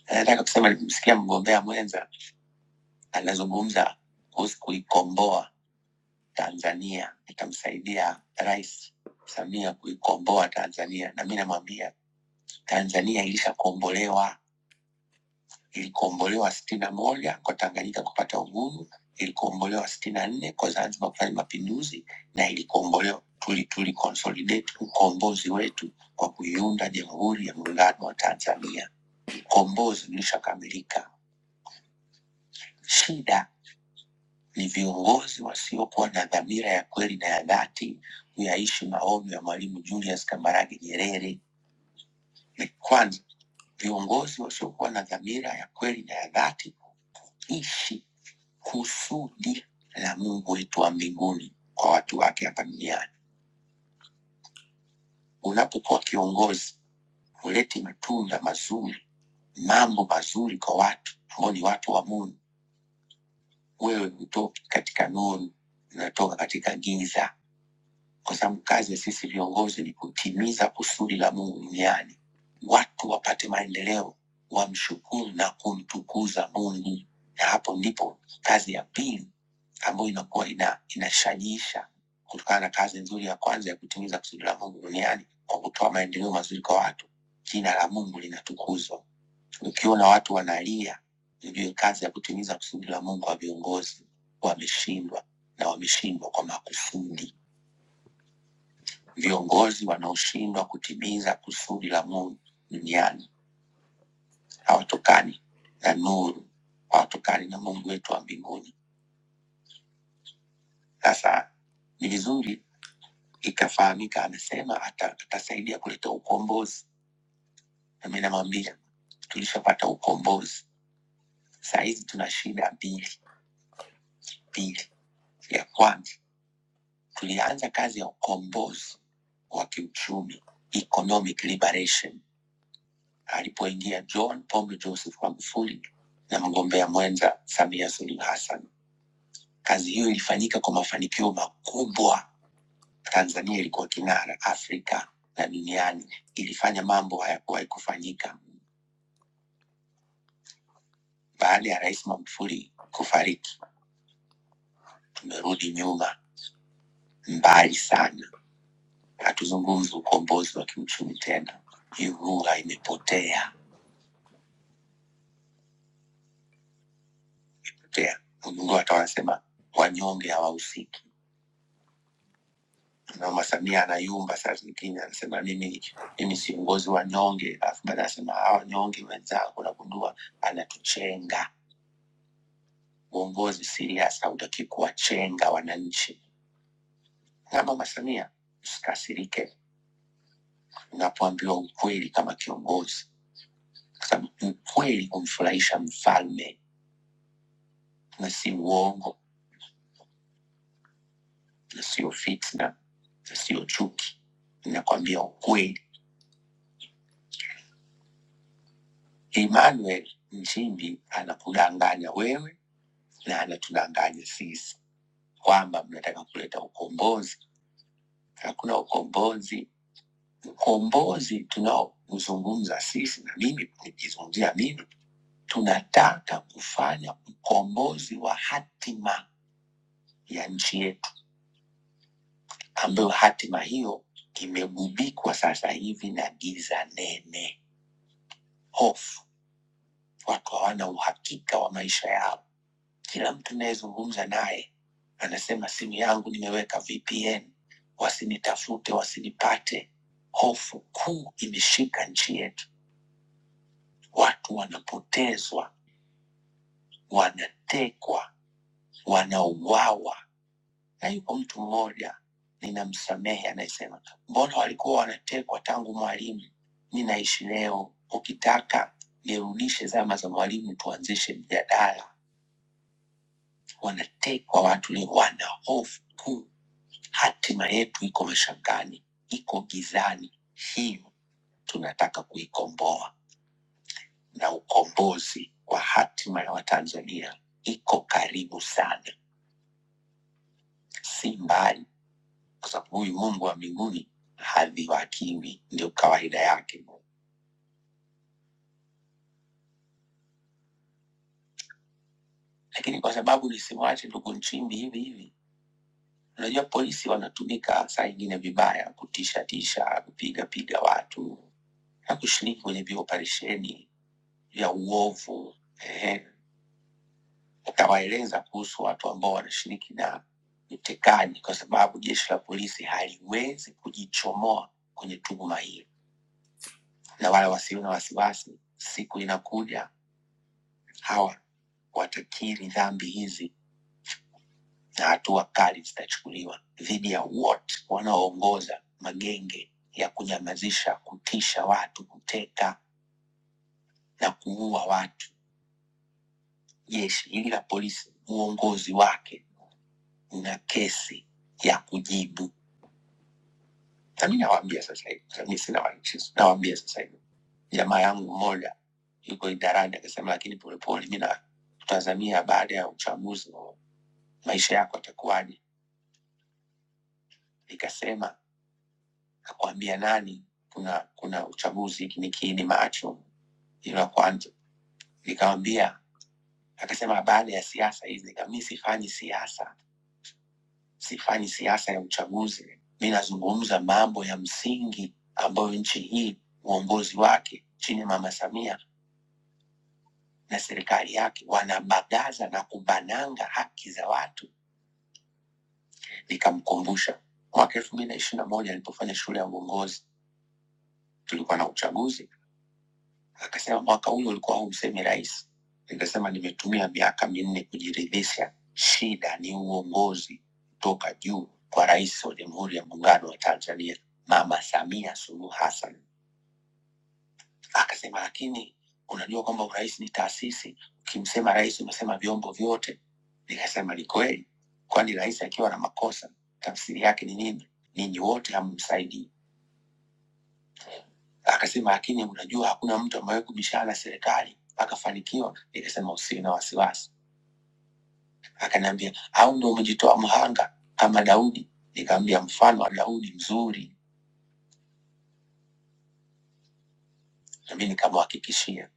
[SPEAKER 6] Na Nataka kusema, nilimsikia mgombea mwenza anazungumza kuhusu kuikomboa Tanzania, nitamsaidia Rais Samia kuikomboa Tanzania. Na mi namwambia Tanzania ilishakombolewa, ilikombolewa sitini na moja kwa Tanganyika kupata uhuru, ilikombolewa sitini na nne kwa Zanzibar kufanya mapinduzi, na ilikombolewa tuli tuli consolidate ukombozi wetu kwa kuiunda Jamhuri ya Muungano wa Tanzania. Ukombozi ulishakamilika. Shida Ni viongozi wasiokuwa na dhamira ya kweli na ya dhati kuyaishi maono ya Mwalimu Julius Kambarage Nyerere. Ni kwanza, viongozi wasiokuwa na dhamira ya kweli na ya dhati kuishi kusudi la Mungu wetu wa mbinguni kwa watu wake hapa duniani. Unapokuwa kiongozi, huleti matunda mazuri mambo mazuri kwa watu ambao ni watu wa Mungu. Wewe hutoki katika nuru, unatoka katika giza. kwa sababu kazi ya sisi viongozi ni kutimiza kusudi la Mungu duniani, watu wapate maendeleo, wamshukuru na kumtukuza Mungu. Na hapo ndipo kazi ya pili ambayo inakuwa ina, inashajisha kutokana na kazi nzuri ya kwanza ya kutimiza kusudi la Mungu duniani kwa kutoa maendeleo mazuri kwa watu, jina la Mungu linatukuzwa. Ukiona watu wanalia, ujue kazi ya kutimiza kusudi la Mungu wa viongozi wameshindwa, na wameshindwa kwa makusudi. Viongozi wanaoshindwa kutimiza kusudi la Mungu duniani hawatokani na nuru, hawatokani na Mungu wetu wa mbinguni. Sasa ni vizuri ikafahamika, amesema ata, atasaidia kuleta ukombozi, nami namwambia tulishapata ukombozi. Saa hizi tuna shida mbili mbili. Ya kwanza tulianza kazi ya ukombozi wa kiuchumi, economic liberation alipoingia John Pombe Joseph Magufuli na mgombea mwenza Samia Suluhu Hassan. Kazi hiyo ilifanyika kwa mafanikio makubwa. Tanzania ilikuwa kinara Afrika na duniani, ilifanya mambo hayakuwahi kufanyika. Baada ya Rais Magufuli kufariki, tumerudi nyuma mbali sana. Hatuzungumzi ukombozi wa kiuchumi tena, hii lugha imepotea. Potea. Unajua, hata wanasema wanyonge hawahusiki. Mama Samia anayumba saa zingine, anasema mimi mimi si mgozi wa nyonge, alafu baadaye anasema hawa nyonge wenzangu, nagundua anatuchenga. Uongozi serious hautaki kuwachenga wananchi. Na Mama Samia, usikasirike unapoambiwa ukweli kama kiongozi, kwa sababu ukweli humfurahisha mfalme, na si uongo na sio fitna na sio chuki. Nakwambia ukweli, Emmanuel Nchimbi anakudanganya wewe na anatudanganya sisi kwamba mnataka kuleta ukombozi. Hakuna ukombozi. Ukombozi tunaozungumza sisi na mimi, nikizungumzia mimi, tunataka kufanya ukombozi wa hatima ya nchi yetu, ambayo hatima hiyo imegubikwa sasa hivi na giza nene, hofu. Watu hawana uhakika wa maisha yao. Kila mtu nayezungumza naye anasema simu yangu nimeweka VPN, wasinitafute, wasinipate. Hofu kuu imeshika nchi yetu, watu wanapotezwa, wanatekwa, wanauawa. Na yupo mtu mmoja ninamsamehe, anayesema mbona walikuwa wanatekwa tangu Mwalimu, mi naishi leo. Ukitaka nirudishe zama za Mwalimu, tuanzishe mjadala wanatekwa, watu ni wana hofu kuu. Hatima yetu iko mashakani, iko gizani. Hiyo tunataka kuikomboa, na ukombozi wa hatima ya Watanzania iko karibu sana, si mbali, kwa sababu huyu Mungu wa mbinguni hadhiwakiwi, ndio kawaida yake. Lakini kwa sababu nisimwache ndugu Nchimbi hivi hivi, unajua polisi wanatumika saa ingine vibaya, kutisha tisha, kupiga piga watu hakushiriki kwenye vioparesheni vya uovu eh, akawaeleza kuhusu watu ambao wanashiriki na utekani, kwa sababu jeshi la polisi haliwezi kujichomoa kwenye tuhuma hii, na wala wasiwe na wasiwasi, siku inakuja hawa watakiri dhambi hizi na hatua kali zitachukuliwa dhidi ya wote wanaoongoza magenge ya kunyamazisha, kutisha watu, kuteka na kuua watu. jeshi hili la polisi, uongozi wake na kesi ya kujibu. Na mi nawaambia sasa hivi, sasa mi sina wanchizi, nawaambia sasa hivi, jamaa yangu mmoja yuko idarani akasema, lakini polepole, mi natazamia baada ya uchaguzi maisha yako yatakuwaje? Nikasema nakwambia nani, kuna kuna uchaguzi, hiki ni kiini macho ila kwanza. Nikamwambia, akasema baada ya siasa hizi, nikamimi sifanyi siasa sifanyi siasa ya uchaguzi. Mi nazungumza mambo ya msingi ambayo nchi hii uongozi wake chini ya Mama Samia na serikali yake wanabagaza na kubananga haki za watu. Nikamkumbusha mwaka elfu mbili na ishiri na moja nilipofanya shule ya uongozi, tulikuwa na uchaguzi Akasema mwaka huu ulikuwa humsemi rais. Nikasema nimetumia miaka minne kujiridhisha, shida ni uongozi toka juu kwa rais wa Jamhuri ya Muungano wa Tanzania, Mama Samia Suluhu Hassan. Akasema lakini unajua kwamba urais ni taasisi, ukimsema rais umesema vyombo vyote. Nikasema ni kweli, kwani rais akiwa na makosa tafsiri yake ni nini? Ninyi wote hamsaidii Akasema lakini unajua hakuna mtu ambaye kubishana na serikali akafanikiwa. Nikasema usiwe na wasiwasi. Akaniambia au ndo umejitoa mhanga kama Daudi? Nikamwambia mfano wa Daudi mzuri, nami nikamhakikishia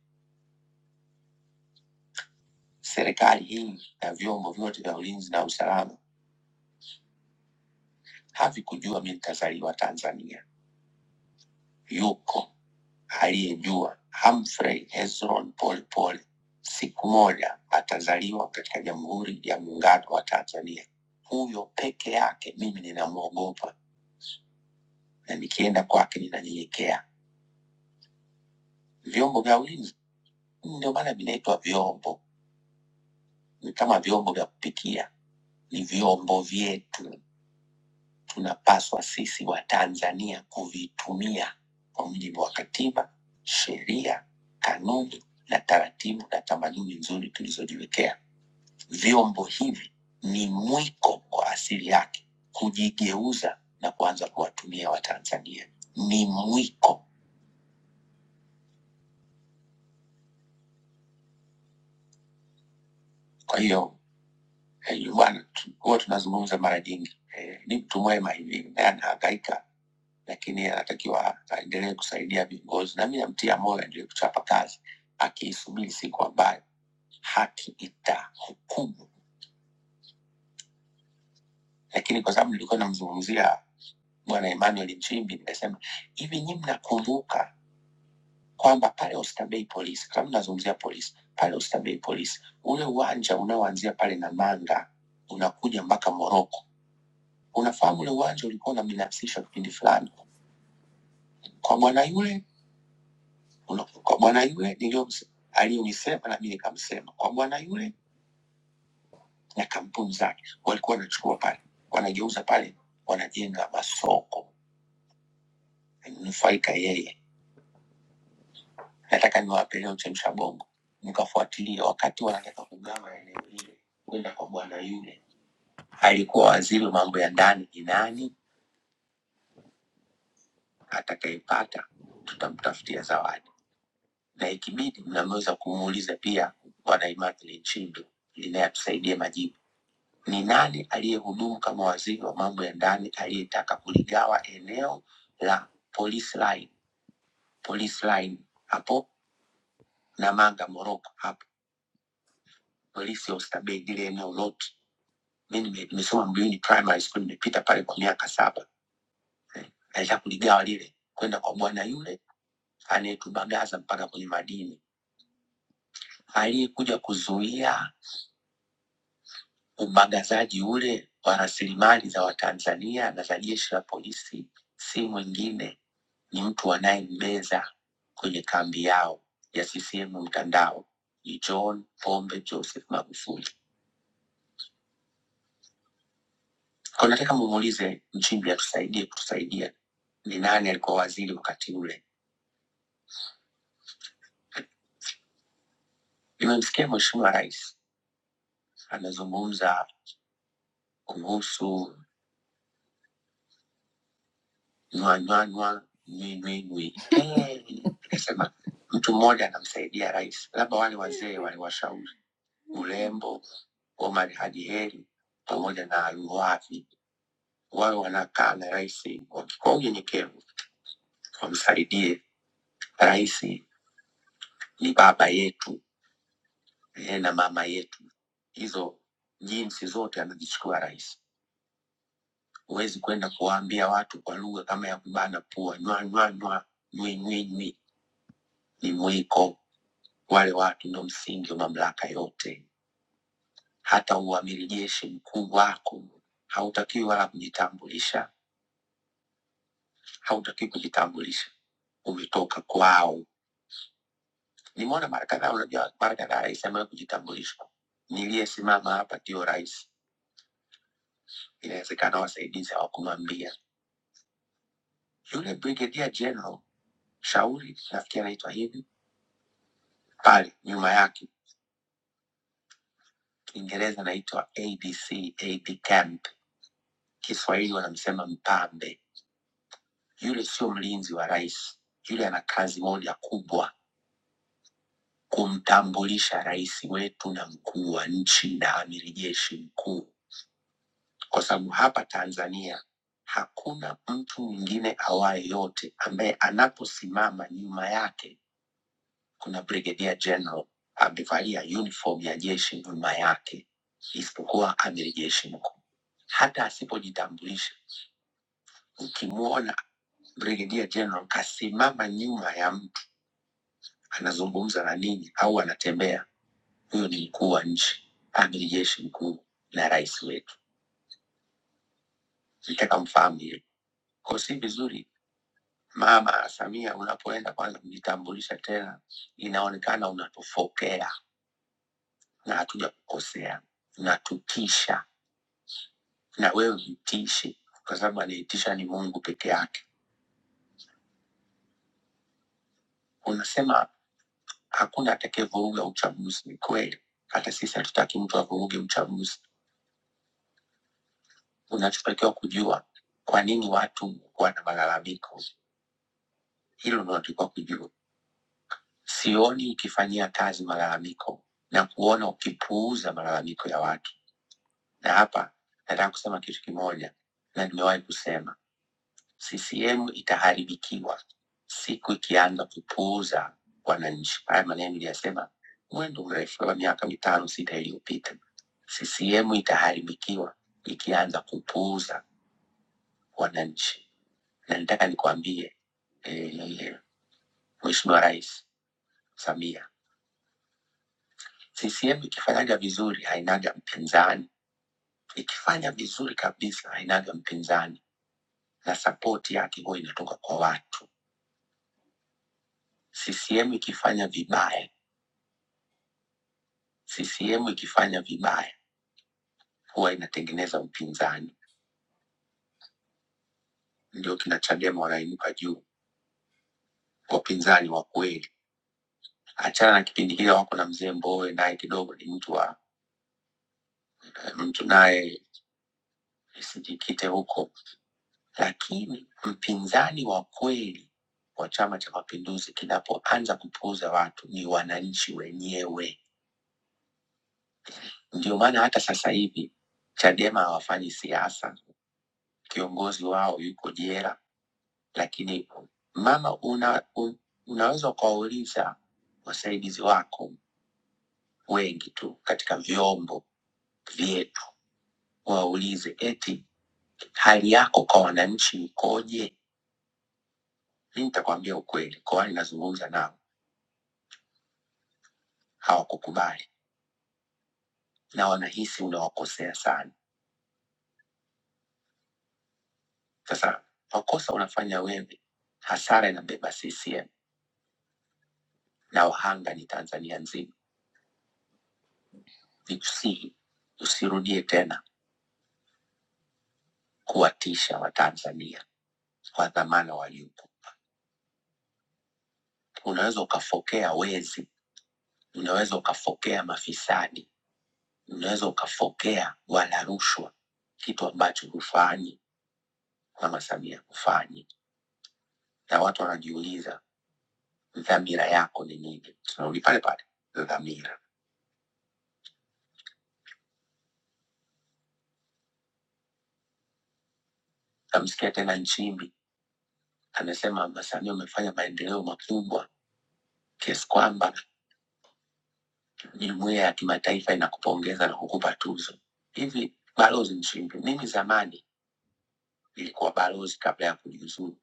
[SPEAKER 6] serikali hii na vyombo vyote vya ulinzi na usalama havikujua mi nitazaliwa Tanzania yuko aliyejua Humphrey Hezron Pol Pol siku moja atazaliwa katika Jamhuri ya Muungano wa Tanzania. Huyo peke yake mimi ninamwogopa na nikienda kwake ninanyenyekea. Vyombo vya ulinzi, ndio maana vinaitwa vyombo, ni kama vyombo vya kupikia, ni vyombo vyetu. tunapaswa sisi wa Tanzania kuvitumia kwa mujibu wa katiba, sheria, kanuni na taratibu na tamaduni nzuri tulizojiwekea. Vyombo hivi ni mwiko kwa asili yake kujigeuza na kuanza kuwatumia Watanzania, ni mwiko. Kwa hiyo Eh, Yohana tu- huwa tunazungumza mara nyingi eh, ni mtu mwema hivi naye anahangaika, lakini anatakiwa aendelee kusaidia viongozi, na mi namtia moyo aendelee kuchapa kazi, akiisubiri siku ambayo haki itahukumu. Lakini kwa sababu nilikuwa namzungumzia bwana Emmanuel Nchimbi, nimesema hivi, nyi mnakumbuka kwamba pale Oysterbay polisi, kama mnazungumzia polisi, pale Oysterbay polisi, ule uwanja unaoanzia pale Namanga unakuja mpaka Moroko Unafahamu ule uwanja ulikuwa unambinafsisha kipindi fulani, kwa bwana yule una- kwa bwana yule niliyomse- aliyonisema nami nikamsema, kwa bwana yule na kampuni zake. Walikuwa wanachukua pale, wanageuza pale, wanajenga masoko, nufaika yeye. Nataka niwape leo chemsha bongo, nikafuatilia wakati wanataka kugawa eneo hili kwenda kwa bwana yule, alikuwa waziri wa mambo ya ndani. Ni nani atakayepata, tutamtafutia zawadi. na ikibidi mnaweza kumuuliza pia bwana Immaculate Nchimbi ili naye atusaidie majibu. Ni nani aliyehudumu kama waziri wa mambo ya ndani aliyetaka kuligawa eneo la police line, police line hapo Namanga Moroko, hapo polisi ya Oysterbay, ile eneo lote. Mi nime- nimesoma Mbuyuni primary school, nimepita pale kwa miaka saba eh. Alitaka kuligawa lile kwenda kwa bwana yule anayetubagaza mpaka kwenye madini, aliyekuja kuzuia Ubagazaji ule wa rasilimali za Watanzania na za jeshi la polisi si mwingine ni mtu anayembeza kwenye kambi yao ya CCM mtandao ni John Pombe Joseph Magufuli. Kwa nataka mumuulize Nchimbi atusaidie kutusaidia ni nani alikuwa waziri wakati ule. Nimemsikia Mheshimiwa Rais anazungumza kuhusu nywa nywa nywa nywi nywi nywi. Eh, Nikasema mtu mmoja anamsaidia rais, labda wale wazee waliwashauri Bulembo, Omar Haji Heri pamoja na Luwavi, wawe wanakaa na rais waki- kwa unyenyekevu, wamsaidie rais. Ni baba yetu eh, na mama yetu, hizo jinsi zote anazichukua rais. Huwezi kwenda kuwaambia watu kwa lugha kama ya kubana pua, nywa nywa nywa, nywi nywi nywi, ni mwiko Wale watu ndo msingi wa mamlaka yote. Hata uamiri jeshi mkuu wako hautakiwi wala kujitambulisha, hautakiwi kujitambulisha, umetoka kwao. Nimeona mara kadhaa, unajua mara kadhaa rais amewahi kujitambulisha. Niliyesimama hapa ndio rais, inawezekana wasaidizi hawakumwambia yule brigadier general Shauri, nafikiri anaitwa hivi, pale nyuma yake Kiingereza anaitwa ADC, AD camp, Kiswahili wanamsema mpambe Yule sio mlinzi wa rais, yule ana kazi moja kubwa, kumtambulisha rais wetu na mkuu wa nchi na amiri jeshi mkuu, kwa sababu hapa Tanzania hakuna mtu mwingine awaye yote ambaye anaposimama nyuma yake kuna brigadier general amevalia uniform ya jeshi nyuma yake, isipokuwa amiri jeshi mkuu. Hata asipojitambulisha, ukimwona brigadier general kasimama nyuma ya mtu anazungumza na nini au anatembea. Huyo ni mkuu wa nchi, amiri jeshi mkuu na rais wetu, nitaka mfahamu hiyo. Kwa si vizuri Mama Samia, unapoenda kwanza kujitambulisha tena, inaonekana unatufokea na hatuja kukosea, unatutisha na wewe utishi, kwa sababu anaitisha ni Mungu peke yake. Unasema hakuna atakayevuruga uchaguzi. Ni kweli, hata sisi hatutaki mtu avuruge uchaguzi unachotakiwa kujua kwa nini watu wana malalamiko. Hilo ndio unatakiwa kujua. Sioni ukifanyia kazi malalamiko na kuona ukipuuza malalamiko ya watu. Na hapa nataka kusema kitu kimoja, na nimewahi kusema, CCM itaharibikiwa siku ikianza kupuuza wananchi. Haya maneno niliyasema mwendo mrefu wa miaka mitano sita iliyopita. CCM itaharibikiwa ikianza kupuuza wananchi. na nitaka nikwambie eh, Mheshimiwa Rais Samia, CCM ikifanyaga vizuri hainaga mpinzani, ikifanya vizuri kabisa hainaga mpinzani, na sapoti yake huwa inatoka kwa watu. CCM ikifanya vibaya, CCM ikifanya vibaya huwa inatengeneza mpinzani, ndio kina Chadema wanainuka juu, wapinzani wa kweli. Achana na kipindi kile wako na mzee Mbowe, naye kidogo ni mtu wa eh, mtu naye isijikite huko Lakini mpinzani wa kweli wa Chama cha Mapinduzi kinapoanza kupuuza watu ni wananchi wenyewe. Ndio maana hata sasa hivi Chadema hawafanyi siasa, kiongozi wao yuko jela. Lakini mama, una, un, unaweza ukawauliza wasaidizi wako wengi tu katika vyombo vyetu, waulize eti hali yako kwa wananchi ikoje? Mi nitakwambia ukweli, kwa wale nazungumza nao hawakukubali na wanahisi unawakosea sana. Sasa makosa unafanya wewe, hasara inabeba CCM na wahanga ni Tanzania nzima. Nikusihi usirudie tena kuwatisha Watanzania kwa dhamana waliopo. Unaweza ukafokea wezi, unaweza ukafokea mafisadi, unaweza ukafokea wala rushwa, kitu ambacho hufanyi. Mama Samia hufanyi, na watu wanajiuliza dhamira yako ni nini? Tunarudi pale pale dhamira. Namsikia tena Nchimbi anasema Samia umefanya maendeleo makubwa kiasi kwamba jumuiya ya kimataifa inakupongeza na kukupa tuzo. Hivi balozi Nchimbi, mimi zamani nilikuwa balozi kabla ya kujiuzuru,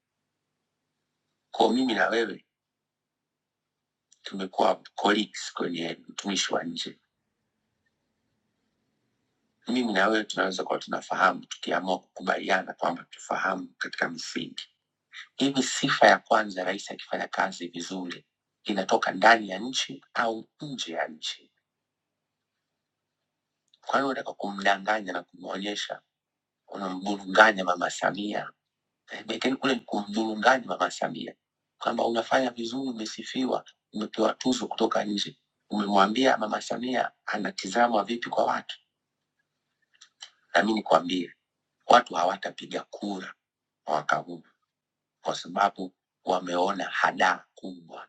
[SPEAKER 6] kwa mimi na wewe tumekuwa colleagues kwenye utumishi wa nje. Mimi na wewe tunaweza kuwa tunafahamu tukiamua kukubaliana kwamba tufahamu katika misingi. Hivi sifa ya kwanza, rais akifanya kazi vizuri, inatoka ndani ya nchi au nje ya nchi? Kwa hiyo unataka kumdanganya na kumwonyesha unamdurunganya Mama Samia. Eh, Bekeni kule ni kumdurunganya Mama Samia kwamba unafanya vizuri, umesifiwa, umepewa tuzo kutoka nje. Umemwambia Mama Samia anatizamwa vipi kwa watu. Na mimi nikwambie, watu hawatapiga kura mwaka huu kwa sababu wameona hadaa kubwa.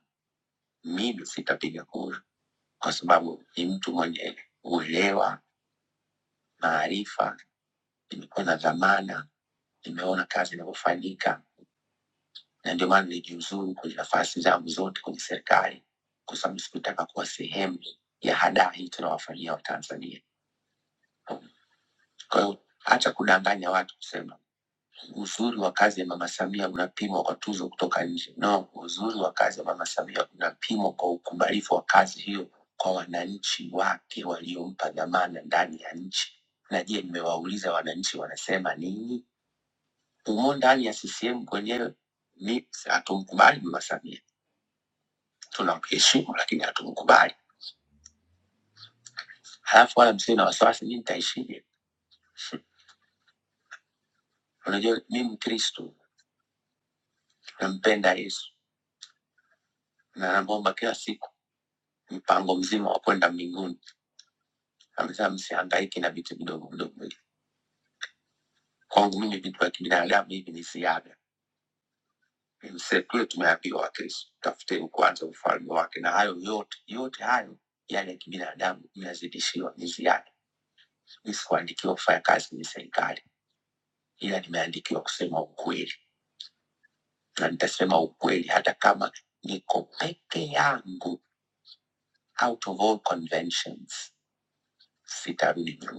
[SPEAKER 6] Mimi sitapiga kura kwa sababu ni mtu mwenye uelewa, maarifa Nilikuwa na dhamana, nimeona kazi inavyofanyika, na ndio maana nilijiuzuru kwenye nafasi zangu zote kwenye serikali, kwa sababu sikutaka kuwa sehemu ya hadaa hii tunawafanyia Watanzania. Kwa hiyo hata kudanganya watu kusema uzuri wa kazi ya Mama Samia unapimwa kwa tuzo kutoka nje. No, uzuri wa kazi ya Mama Samia unapimwa kwa ukubalifu wa kazi hiyo kwa wananchi wake waliompa dhamana ndani ya nchi. Na je, nimewauliza wananchi wanasema nini? Humo ndani ya CCM kwenyewe ni hatumkubali Mama Samia, tunamheshimu lakini hatumkubali. Halafu wala msiwe na wasiwasi, mimi nitaishije? Unajua mi Mkristo, nampenda Yesu na namwomba kila siku mpango mzima wa kwenda mbinguni. Amesema msihangaiki na vitu vidogo vidogo hivi. Kwangu mimi vitu vya kibinadamu hivi ni ziada. Msetule tumeambiwa Wakristo, tafuteni kwanza ufalme wake, na hayo yote yote hayo yale ya kibinadamu mnazidishiwa, ni ziada. Mimi sikuandikiwa kufanya kazi kwenye serikali ila nimeandikiwa kusema ukweli, na nitasema ukweli hata kama niko peke yangu, out of all conventions, sitarudi nyuma.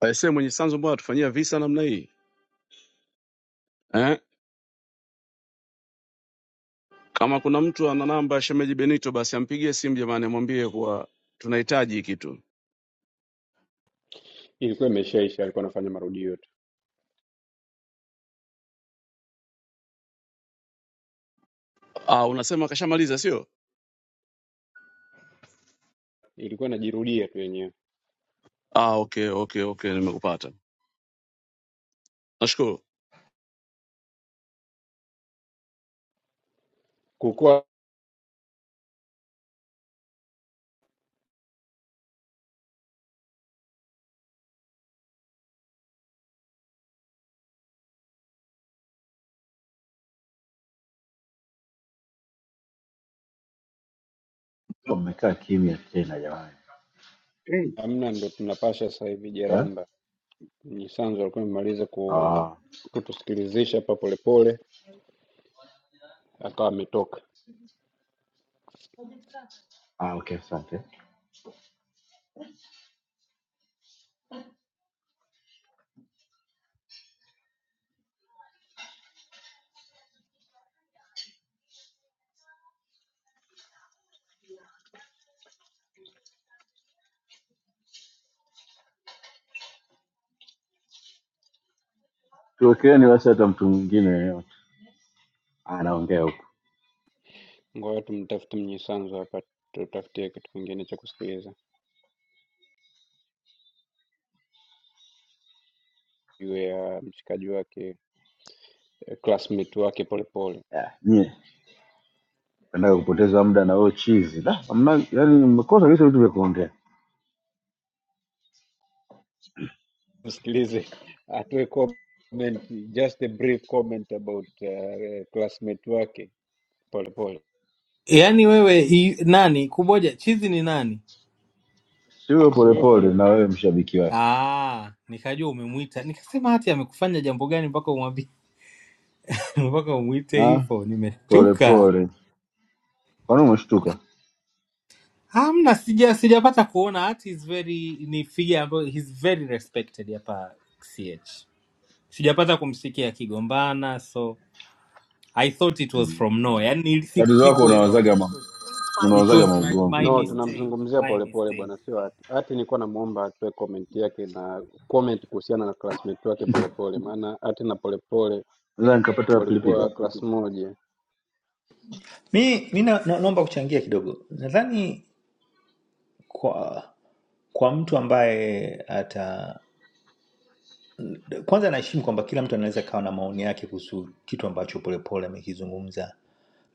[SPEAKER 5] Aisee, Mwenye Sanzu, mbona atufanyia visa namna hii eh? Kama kuna mtu ana namba ya shemeji Benito, basi ampigie simu jamani, amwambie kuwa tunahitaji hiki kitu.
[SPEAKER 3] Ilikuwa imeshaisha, alikuwa anafanya marudio tu,
[SPEAKER 5] Ah, unasema kashamaliza sio?
[SPEAKER 3] ilikuwa inajirudia tu yenyewe.
[SPEAKER 5] Ah, okay okay okay, nimekupata. Nashukuru.
[SPEAKER 3] Kukua
[SPEAKER 7] Kwa Mmekaa kimya tena jamani
[SPEAKER 8] hey,
[SPEAKER 3] hamna, ndo tunapasha sasa hivi
[SPEAKER 7] eh?
[SPEAKER 3] jeramba. Nyisanzo alikuwa amemaliza ku-
[SPEAKER 7] ah,
[SPEAKER 3] kutusikilizisha hapa polepole, akawa ametoka.
[SPEAKER 7] ah, okay, asante. Tuwekeeni basi hata mtu mwingine yeyote anaongea huko
[SPEAKER 3] Ngoja tumtafute Mnyisanzu hapa, tutafutie kitu kingine cha kusikiliza juu ya mshikaji wake eh, classmate wake Polepole.
[SPEAKER 7] yeah. Nyie endaga kupoteza muda na wewe chizi da, hamna, yani mmekosa vitu vitu vya kuongea.
[SPEAKER 3] Msikilize atoe comment, just a brief comment about uh, classmate wake Polepole,
[SPEAKER 9] Yaani wewe i, nani kuboja chizi ni nani?
[SPEAKER 7] Siwe
[SPEAKER 3] sio
[SPEAKER 7] polepole
[SPEAKER 3] pole
[SPEAKER 7] na wewe mshabiki wake
[SPEAKER 9] Ah, nikajua umemwita, nikasema hati amekufanya jambo gani mpaka umwambie *laughs* mpaka umwite
[SPEAKER 7] Ah,
[SPEAKER 9] hivyo, nimeshtuka.
[SPEAKER 7] polepole, kwani umeshtuka?
[SPEAKER 9] Hamna, sija sijapata kuona hati is very ni figure ambayo he's very respected hapa CH. Sijapata kumsikia akigombana so I thought it was
[SPEAKER 7] Mm.
[SPEAKER 9] from nowhere. Yaani nili- siku-
[SPEAKER 7] Tatizo lako
[SPEAKER 9] sikuelewa.
[SPEAKER 7] unawazaga ma,
[SPEAKER 9] It was
[SPEAKER 7] unawazaga
[SPEAKER 9] my,
[SPEAKER 7] maugomvi
[SPEAKER 9] my
[SPEAKER 7] tu.
[SPEAKER 3] No,
[SPEAKER 9] mistake,
[SPEAKER 3] tunamzungumzia
[SPEAKER 9] my
[SPEAKER 3] Polepole
[SPEAKER 9] mistake.
[SPEAKER 3] bwana, sio hati. Hati nilikuwa namuomba atoe comment yake na comment kuhusiana na classmate wake Polepole, maana hati na Polepole
[SPEAKER 7] Sasa nikapata pilipili
[SPEAKER 3] walikuwa class moja.
[SPEAKER 10] Mi, mi na, na, naomba kuchangia kidogo. Nadhani kwa kwa mtu ambaye ata kwanza anaheshimu kwamba kila mtu anaweza kawa na maoni yake kuhusu kitu ambacho Polepole amekizungumza,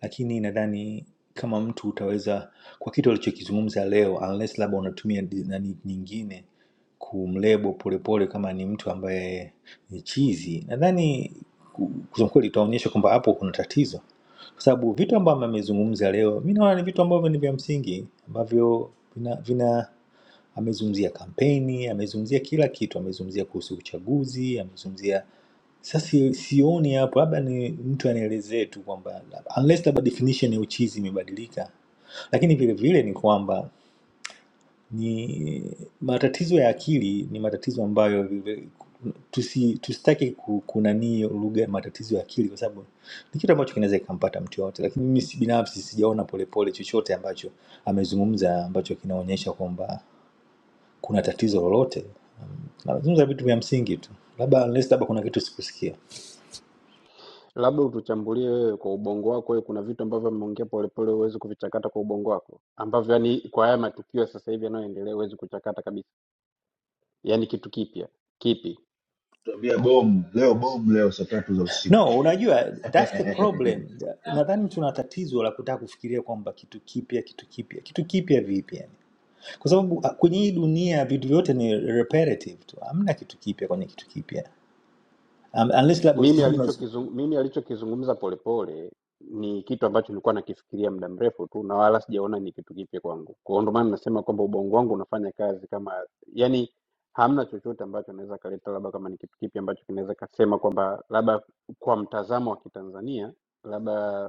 [SPEAKER 10] lakini nadhani kama mtu utaweza kwa kitu alichokizungumza leo, unless labda unatumia di- nani nyingine kumlebo Polepole kama ni mtu ambaye ni chizi, nadhani ku- kusema kweli utaonyesha kwamba hapo kuna tatizo kwa sababu vitu ambavyo amezungumza leo mi naona ni vitu ambavyo ni vya msingi ambavyo vina, vina amezungumzia kampeni amezungumzia kila kitu amezungumzia kuhusu uchaguzi amezungumzia sasa si- sioni hapo labda ni mtu anielezee tu kwamba unless labda definition ya uchizi imebadilika lakini vile vile ni kwamba ni matatizo ya akili ni matatizo ambayo vile- tusi tusitaki ku- kunanii lugha ya matatizo ya akili, kwa sababu ni kitu ambacho kinaweza kikampata mtu yoyote, lakini mimi si binafsi sijaona Polepole chochote ambacho amezungumza ambacho kinaonyesha kwamba kuna tatizo lolote. Mm, Anazungumza vitu vya msingi tu, labda unless labda kuna kitu sikusikia.
[SPEAKER 3] Labda utuchambulie wewe kwa ubongo wako wewe, kuna vitu ambavyo ameongea Polepole huwezi kuvichakata kwa ubongo wako, ambavyo yani kwa haya matukio sasa hivi yanayoendelea huwezi kuchakata kabisa. Yani kitu kipya kipi?
[SPEAKER 7] tuambia bomu leo, bomu leo saa tatu za usiku.
[SPEAKER 10] No, unajua that's the
[SPEAKER 7] *laughs*
[SPEAKER 10] problem. Nadhani tuna tatizo la kutaka kufikiria kwamba kitu kipya, kitu kipya, kitu kipya vipi? yani? kwa sababu ah, kwenye hii dunia vitu vyote ni repetitive tu, hamna kitu kipya kwenye kitu kipya um, unless labda
[SPEAKER 3] Mimi
[SPEAKER 10] usijui unaz-
[SPEAKER 3] alichokizungumza mimi alichokizungumza Polepole ni kitu ambacho nilikuwa nakifikiria muda mrefu tu na wala sijaona ni kitu kipya kwangu. Kwa hiyo ndio maana nasema kwamba ubongo wangu unafanya kazi kama yani hamna chochote ambacho naweza kaleta, labda kama ni kitu kipya ambacho kinaweza kasema kwamba labda kwa mtazamo wa Kitanzania labda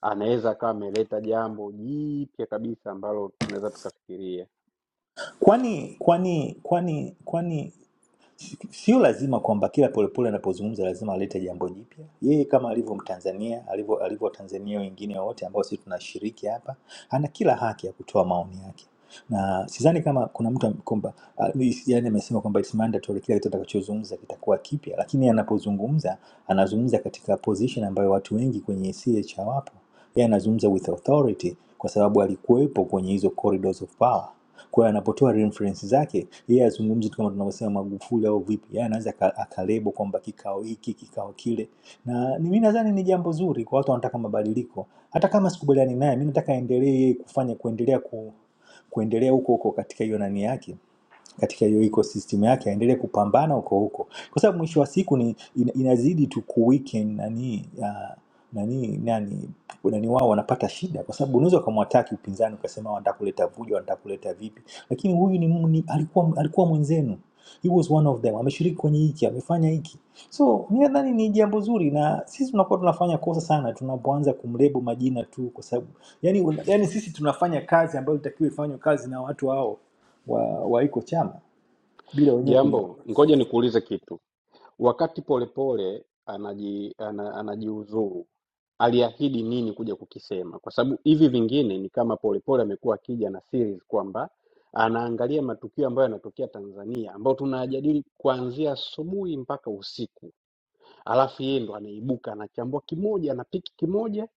[SPEAKER 3] anaweza akawa ameleta jambo jipya kabisa ambalo tunaweza tukafikiria
[SPEAKER 10] kwani kwani kwani kwani sio lazima kwamba kila Polepole anapozungumza lazima alete jambo jipya. Yeye kama alivyo Mtanzania, alivyo alivyo Watanzania wengine wote ambao sisi tunashiriki hapa, ana kila haki ya kutoa maoni yake, na sidhani kama kuna mtu am- kwamba ah, yaani amesema kwamba it's mandatory kila kitu atakachozungumza kitakuwa kipya, lakini anapozungumza anazungumza katika position ambayo watu wengi kwenye CH hawapo. Yeye anazungumza with authority kwa sababu alikuwepo kwenye hizo corridors of power kwa hiyo anapotoa reference zake, yeye azungumzi tu kama tunavyosema Magufuli au vipi, yeye anaweza aka- akalebo kwamba kikao hiki, kikao kile, na ni- mimi nadhani ni jambo zuri kwa watu wanataka mabadiliko. Hata kama sikubaliani naye, mimi nataka aendelee yeye kufanya kuendelea ku, kuendelea huko huko katika hiyo nani yake katika hiyo ecosystem yake aendelee kupambana huko huko, kwa sababu mwisho wa siku ni ina- inazidi tu kuweaken nani ah, nani nani nani wao wanapata shida, kwa sababu unaweza ukamwataki upinzani ukasema wanataka kuleta vujo, wanataka kuleta vipi, lakini huyu ni, ni alikuwa alikuwa mwenzenu he was one of them, ameshiriki kwenye hiki, amefanya hiki. So mi nadhani ni jambo zuri, na sisi tunakuwa tunafanya kosa sana tunapoanza kumlebo majina tu, kwa sababu yani, yani sisi tunafanya kazi ambayo itakiwa ifanywe kazi na watu hao wa, wa iko chama bila wenyewe kujua.
[SPEAKER 3] Jambo, ngoja nikuulize kitu. Wakati Polepole anaji, ana, anajiuzuru aliahidi nini kuja kukisema? Kwa sababu hivi vingine ni kama Polepole amekuwa akija na series kwamba anaangalia matukio ambayo yanatokea Tanzania ambayo tunayajadili kuanzia asubuhi mpaka usiku, alafu yeye ndo anaibuka anachambua kimoja, anapiki kimoja,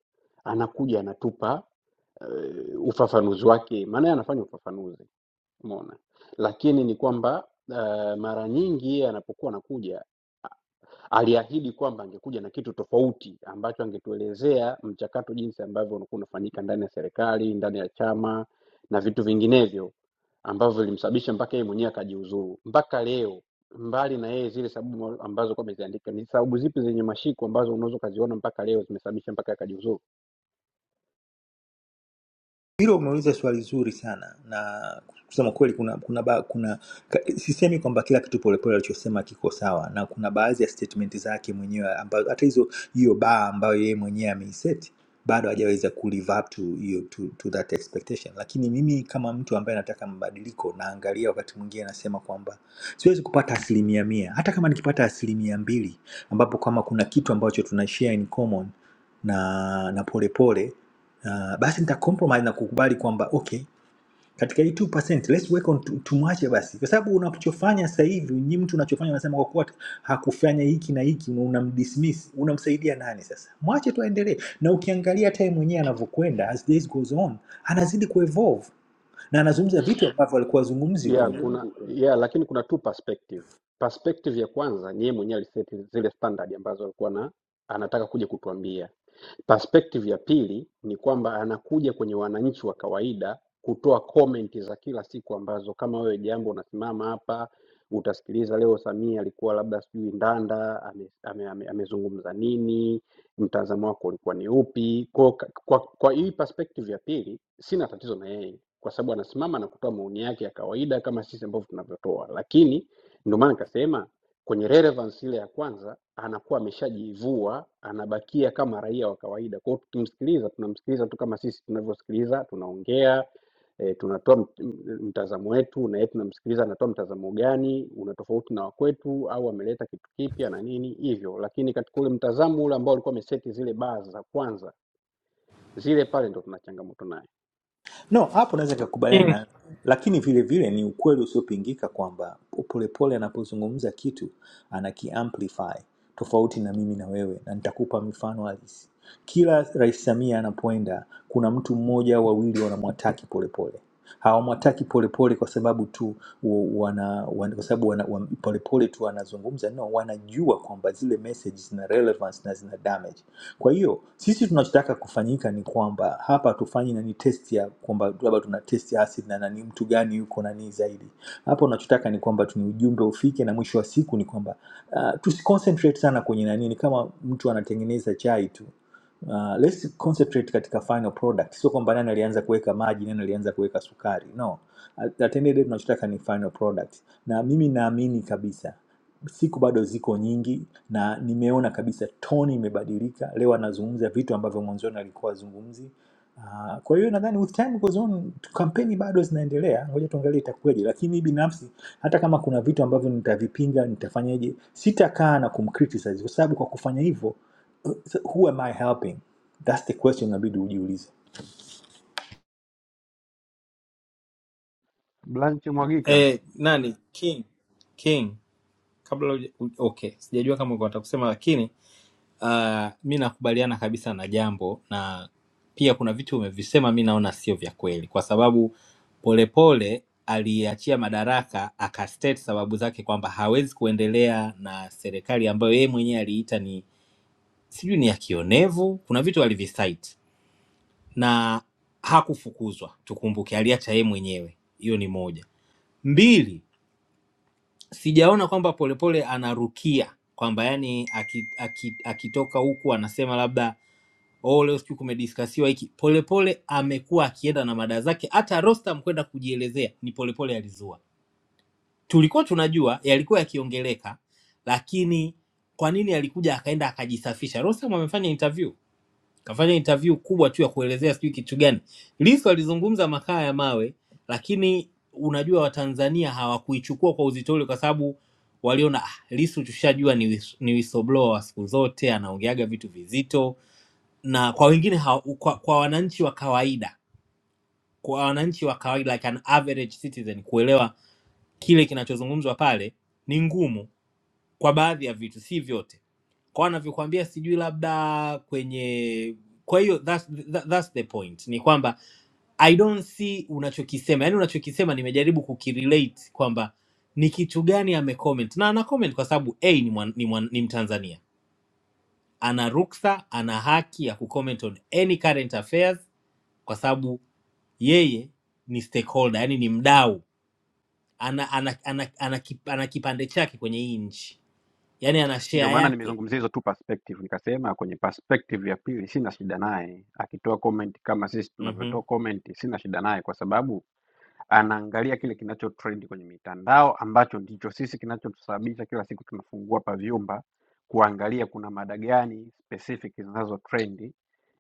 [SPEAKER 3] anakuja anatupa uh, ufafanuzi wake, maana yeye anafanya ufafanuzi. Umeona? lakini ni kwamba uh, mara nyingi yeye anapokuwa anakuja aliahidi kwamba angekuja na kitu tofauti ambacho angetuelezea mchakato jinsi ambavyo unakuwa unafanyika ndani ya serikali, ndani ya chama na vitu vinginevyo ambavyo vilimsababisha mpaka yeye mwenyewe akajiuzuru. Mpaka leo, mbali na yeye zile sababu ambazo kwa ameziandika, ni sababu zipi zenye mashiko ambazo unaweza ukaziona mpaka leo zimesababisha mpaka akajiuzuru?
[SPEAKER 10] Hilo umeuliza swali zuri sana na kusema kweli kuna kuna, ba, kuna ka, sisemi kwamba kila kitu Polepole alichosema kiko sawa, na kuna baadhi ya statement zake mwenyewe ambazo hata hizo hiyo baa ambayo yeye mwenyewe ameiseti bado hajaweza ku live up to hiyo to, to that expectation. Lakini mimi kama mtu ambaye nataka mabadiliko, naangalia wakati mwingine nasema kwamba siwezi kupata asilimia mia, hata kama nikipata asilimia mbili, ambapo kama kuna kitu ambacho tuna share in common na na polepole uh, basi nita compromise na kukubali kwamba okay katika hii 2% let's work on tu- tumwache basi kwa sababu unachofanya sasa hivi nyi mtu unachofanya unasema kwa kuwa hakufanya hiki na hiki una- unamdismiss unamsaidia nani sasa mwache tu aendelee na ukiangalia time mwenyewe anavyokwenda as days goes on anazidi kuevolve na anazungumza vitu ambavyo alikuwa azungumzi
[SPEAKER 3] yeah,
[SPEAKER 10] huko
[SPEAKER 3] kuna Tunazungumza ukweli. yeah, lakini kuna two perspective. Perspective ya kwanza ni yeye mwenyewe aliset zile standard ambazo alikuwa na anataka kuja kutuambia Perspective ya pili ni kwamba anakuja kwenye wananchi wa kawaida kutoa comment za kila siku ambazo kama wewe jambo unasimama hapa utasikiliza leo Samia alikuwa labda sijui Ndanda amezungumza ame, ame, ame amezungumza nini, mtazamo wako ulikuwa ni upi? Kwa, kwa, kwa hii perspective ya pili sina tatizo na yeye kwa sababu anasimama na kutoa maoni yake ya kawaida kama sisi ambavyo tunavyotoa, lakini ndio maana nikasema kwenye relevance ile ya kwanza anakuwa ameshajivua anabakia kama raia wa kawaida kwao tukimsikiliza tunamsikiliza tu kama sisi tunavyosikiliza tunaongea e, tunatoa mt- m- mtazamo wetu na yeye tunamsikiliza anatoa mtazamo gani una tofauti na wakwetu au ameleta kitu kipya na nini hivyo lakini katika ule mtazamo ule ambao alikuwa ameseti zile baa za kwanza zile pale ndo tuna changamoto naye
[SPEAKER 10] No, hapo naweza
[SPEAKER 9] King,
[SPEAKER 10] nikakubaliana na lakini vile vile ni ukweli usiopingika kwamba Polepole anapozungumza kitu anakiamplify tofauti na mimi na wewe, na nitakupa mifano halisi. Kila Rais Samia anapoenda, kuna mtu mmoja au wawili wanamwataki Polepole. Hawamwataki Polepole kwa sababu tu wa- wana, wana, kwa sababu wana, wan- Polepole tu anazungumza no, wanajua kwamba zile messages zina relevance na zina damage. Kwa hiyo sisi tunachotaka kufanyika ni kwamba hapa tufanyi nani test ya kwamba labda tuna test ya acid na nani mtu gani yuko nani zaidi. Hapa unachotaka ni kwamba tuni ujumbe ufike, na mwisho wa siku ni kwamba uh, tusiconcentrate sana kwenye nani, ni kama mtu anatengeneza chai tu Uh, let's concentrate katika final product. Sio kwamba nani alianza kuweka maji, nani alianza kuweka sukari. No. At at the end of the day tunachotaka ni final product. Na mimi naamini kabisa siku bado ziko nyingi na nimeona kabisa toni imebadilika. Leo anazungumza vitu ambavyo mwanzoni alikuwa azungumzi. Uh, kwa hiyo nadhani with time goes on kampeni bado zinaendelea, ngoja tuangalie itakuwaje, lakini binafsi hata kama kuna vitu ambavyo nitavipinga, nitafanyaje, sitakaa na kumcriticize kwa sababu kwa kufanya hivyo So, who am I helping? That's the question inabidi ujiulize.
[SPEAKER 3] Blanche Mwagika.
[SPEAKER 9] eh, nani? King. King. kabla uja, u- okay sijajua kama uko nataka kusema lakini uh, mi nakubaliana kabisa na jambo na pia kuna vitu umevisema mi naona sio vya kweli kwa sababu polepole aliachia madaraka akastate sababu zake kwamba hawezi kuendelea na serikali ambayo yeye mwenyewe aliita ni sijui ni ya kionevu kuna vitu alivisite na hakufukuzwa tukumbuke aliacha yeye mwenyewe hiyo ni moja mbili sijaona kwamba polepole anarukia kwamba yani aki- aki- akitoka huku anasema labda oh, leo sijui kumediskasiwa hiki. Polepole amekuwa akienda na mada zake, hata Rostam kwenda kujielezea ni polepole alizua. Tulikuwa tunajua yalikuwa yakiongeleka, lakini kwa nini alikuja akaenda akajisafisha? Rostam amefanya interview kafanya interview kubwa tu ya kuelezea sijui kitu gani. Lissu alizungumza makaa ya mawe, lakini unajua Watanzania hawakuichukua kwa uzito ule, kwa sababu waliona ah, Lissu tushajua ni, whis- ni whistleblower wa siku zote, anaongeaga vitu vizito, na kwa wengine hawa- kwa, kwa wananchi wa kawaida kwa wananchi wa kawaida like an average citizen kuelewa kile kinachozungumzwa pale ni ngumu kwa baadhi ya vitu, si vyote, kwa anavyokuambia sijui labda kwenye. Kwa hiyo that's, that, that's the point ni kwamba I don't see unachokisema, yaani unachokisema nimejaribu kukirelate kwamba ni kitu gani amecomment, na ana comment kwa sababu a ni, mwan, ni, mwan, ni Mtanzania, ana ruksa, ana haki ya kucomment on any current affairs kwa sababu yeye ni stakeholder, yaani ni mdau, ana, ana, ana, ana, ana, kip- ana kipande chake kwenye hii nchi, yaani ana
[SPEAKER 3] Ndio
[SPEAKER 9] share
[SPEAKER 3] maana
[SPEAKER 9] yake.
[SPEAKER 3] nimezungumzia hizo tu perspective, nikasema kwenye perspective ya pili sina shida naye akitoa comment kama sisi
[SPEAKER 9] Mhm.
[SPEAKER 3] tunavyotoa comment, sina shida naye kwa sababu anaangalia kile kinacho trend kwenye mitandao ambacho ndicho sisi kinachotusababisha kila siku tunafungua pa vyumba kuangalia kuna mada gani specific zinazo trend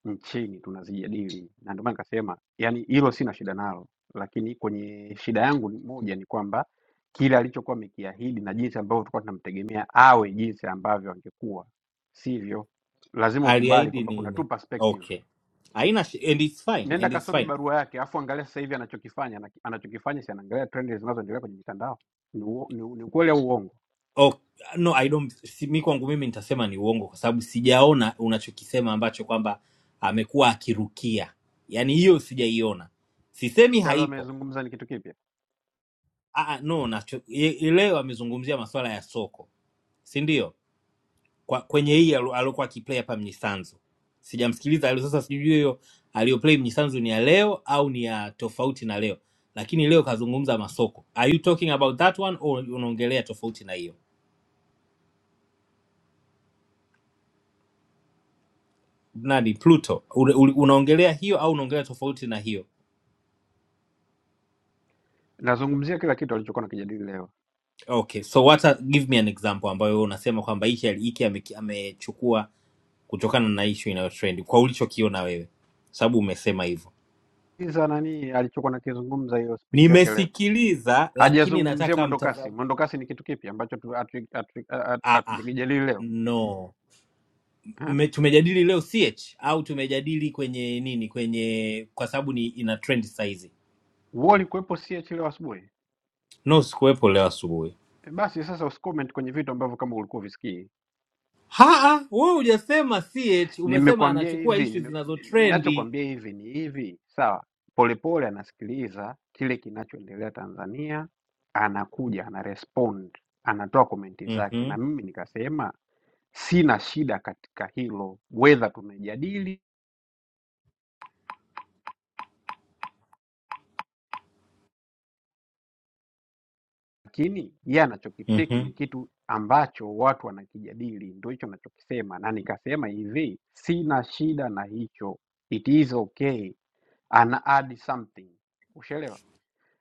[SPEAKER 3] nchini tunazijadili, na ndio maana nikasema, yani hilo sina shida nalo, lakini kwenye shida yangu ni moja ni kwamba kile alichokuwa amekiahidi na jinsi ambavyo tulikuwa tunamtegemea awe jinsi ambavyo angekuwa sivyo lazima ukubali
[SPEAKER 9] aliahidi
[SPEAKER 3] kwamba kuna two
[SPEAKER 9] nini
[SPEAKER 3] perspective
[SPEAKER 9] okay haina shi- and it's fine
[SPEAKER 3] nenda
[SPEAKER 9] and it's
[SPEAKER 3] kasome
[SPEAKER 9] fine
[SPEAKER 3] barua yake afu angalia sasa hivi anachokifanya na- anachokifanya si anaangalia trend zinazoendelea kwenye mitandao ni, uo- ni, ni ukweli au uongo
[SPEAKER 9] oh, no i don't si, mi kwangu mimi nitasema ni uongo kwa sababu sijaona unachokisema ambacho kwamba amekuwa akirukia yaani hiyo sijaiona sisemi
[SPEAKER 3] Cha leo
[SPEAKER 9] haipo
[SPEAKER 3] amezungumza ni kitu kipya
[SPEAKER 9] ah, ah, no nacho, ye- leo amezungumzia masuala ya soko si ndio kwa, kwenye hii alo- alokuwa akiplay hapa Mnyisanzu. Sijamsikiliza leo, sasa sijui hiyo aliyoplay Mnyisanzu ni ya leo au ni ya tofauti na leo, lakini leo kazungumza masoko. Are you talking about that one or unaongelea tofauti na hiyo? Nani Pluto, Ule- ule- unaongelea hiyo au unaongelea tofauti na hiyo?
[SPEAKER 3] nazungumzia kila kitu alichokuwa nakijadili leo
[SPEAKER 9] Okay, so what are, give me an example ambayo wewe unasema kwamba hiki ali- hiki ameki- amechukua kutokana na issue inayotrend kwa ulichokiona wewe, sababu umesema hivyo.
[SPEAKER 3] Sikiza nani alichokuwa nakizungumza hiyo speech yake leo
[SPEAKER 9] Nimesikiliza, lakini
[SPEAKER 3] hajazungumzia
[SPEAKER 9] nataka
[SPEAKER 3] mwendokasi
[SPEAKER 9] mtazamo
[SPEAKER 3] mwendokasi ni kitu kipi ambacho tu- hatu- hatu- hatu-
[SPEAKER 9] ah, ah,
[SPEAKER 3] hatujakijadili leo
[SPEAKER 9] no
[SPEAKER 3] eh?
[SPEAKER 9] Me, tumejadili leo ch au tumejadili kwenye nini kwenye kwa sababu ni ina trend saizi
[SPEAKER 3] Wewe ulikuwepo CH leo asubuhi
[SPEAKER 9] no sikuwepo leo asubuhi
[SPEAKER 3] Eh, Basi sasa usicomment kwenye vitu ambavyo kama ulikuwa uvisikii.
[SPEAKER 9] haa we hujasema ch umesema
[SPEAKER 3] Nimekwambia
[SPEAKER 9] anachukua
[SPEAKER 3] hivi,
[SPEAKER 9] ishu
[SPEAKER 3] nime-
[SPEAKER 9] zinazotrendi
[SPEAKER 3] ninachokwambia hivi ni hivi, sawa? Polepole anasikiliza kile kinachoendelea Tanzania, anakuja anarespond, anatoa komenti zake, na
[SPEAKER 9] mm-hmm.
[SPEAKER 3] mimi nikasema sina shida katika hilo, wedha tumejadili, lakini yeye anachokipiki ni
[SPEAKER 9] mm-hmm.
[SPEAKER 3] kitu ambacho watu wanakijadili, ndio hicho anachokisema, na nikasema hivi, sina shida na hicho, it is okay ana add something, ushaelewa.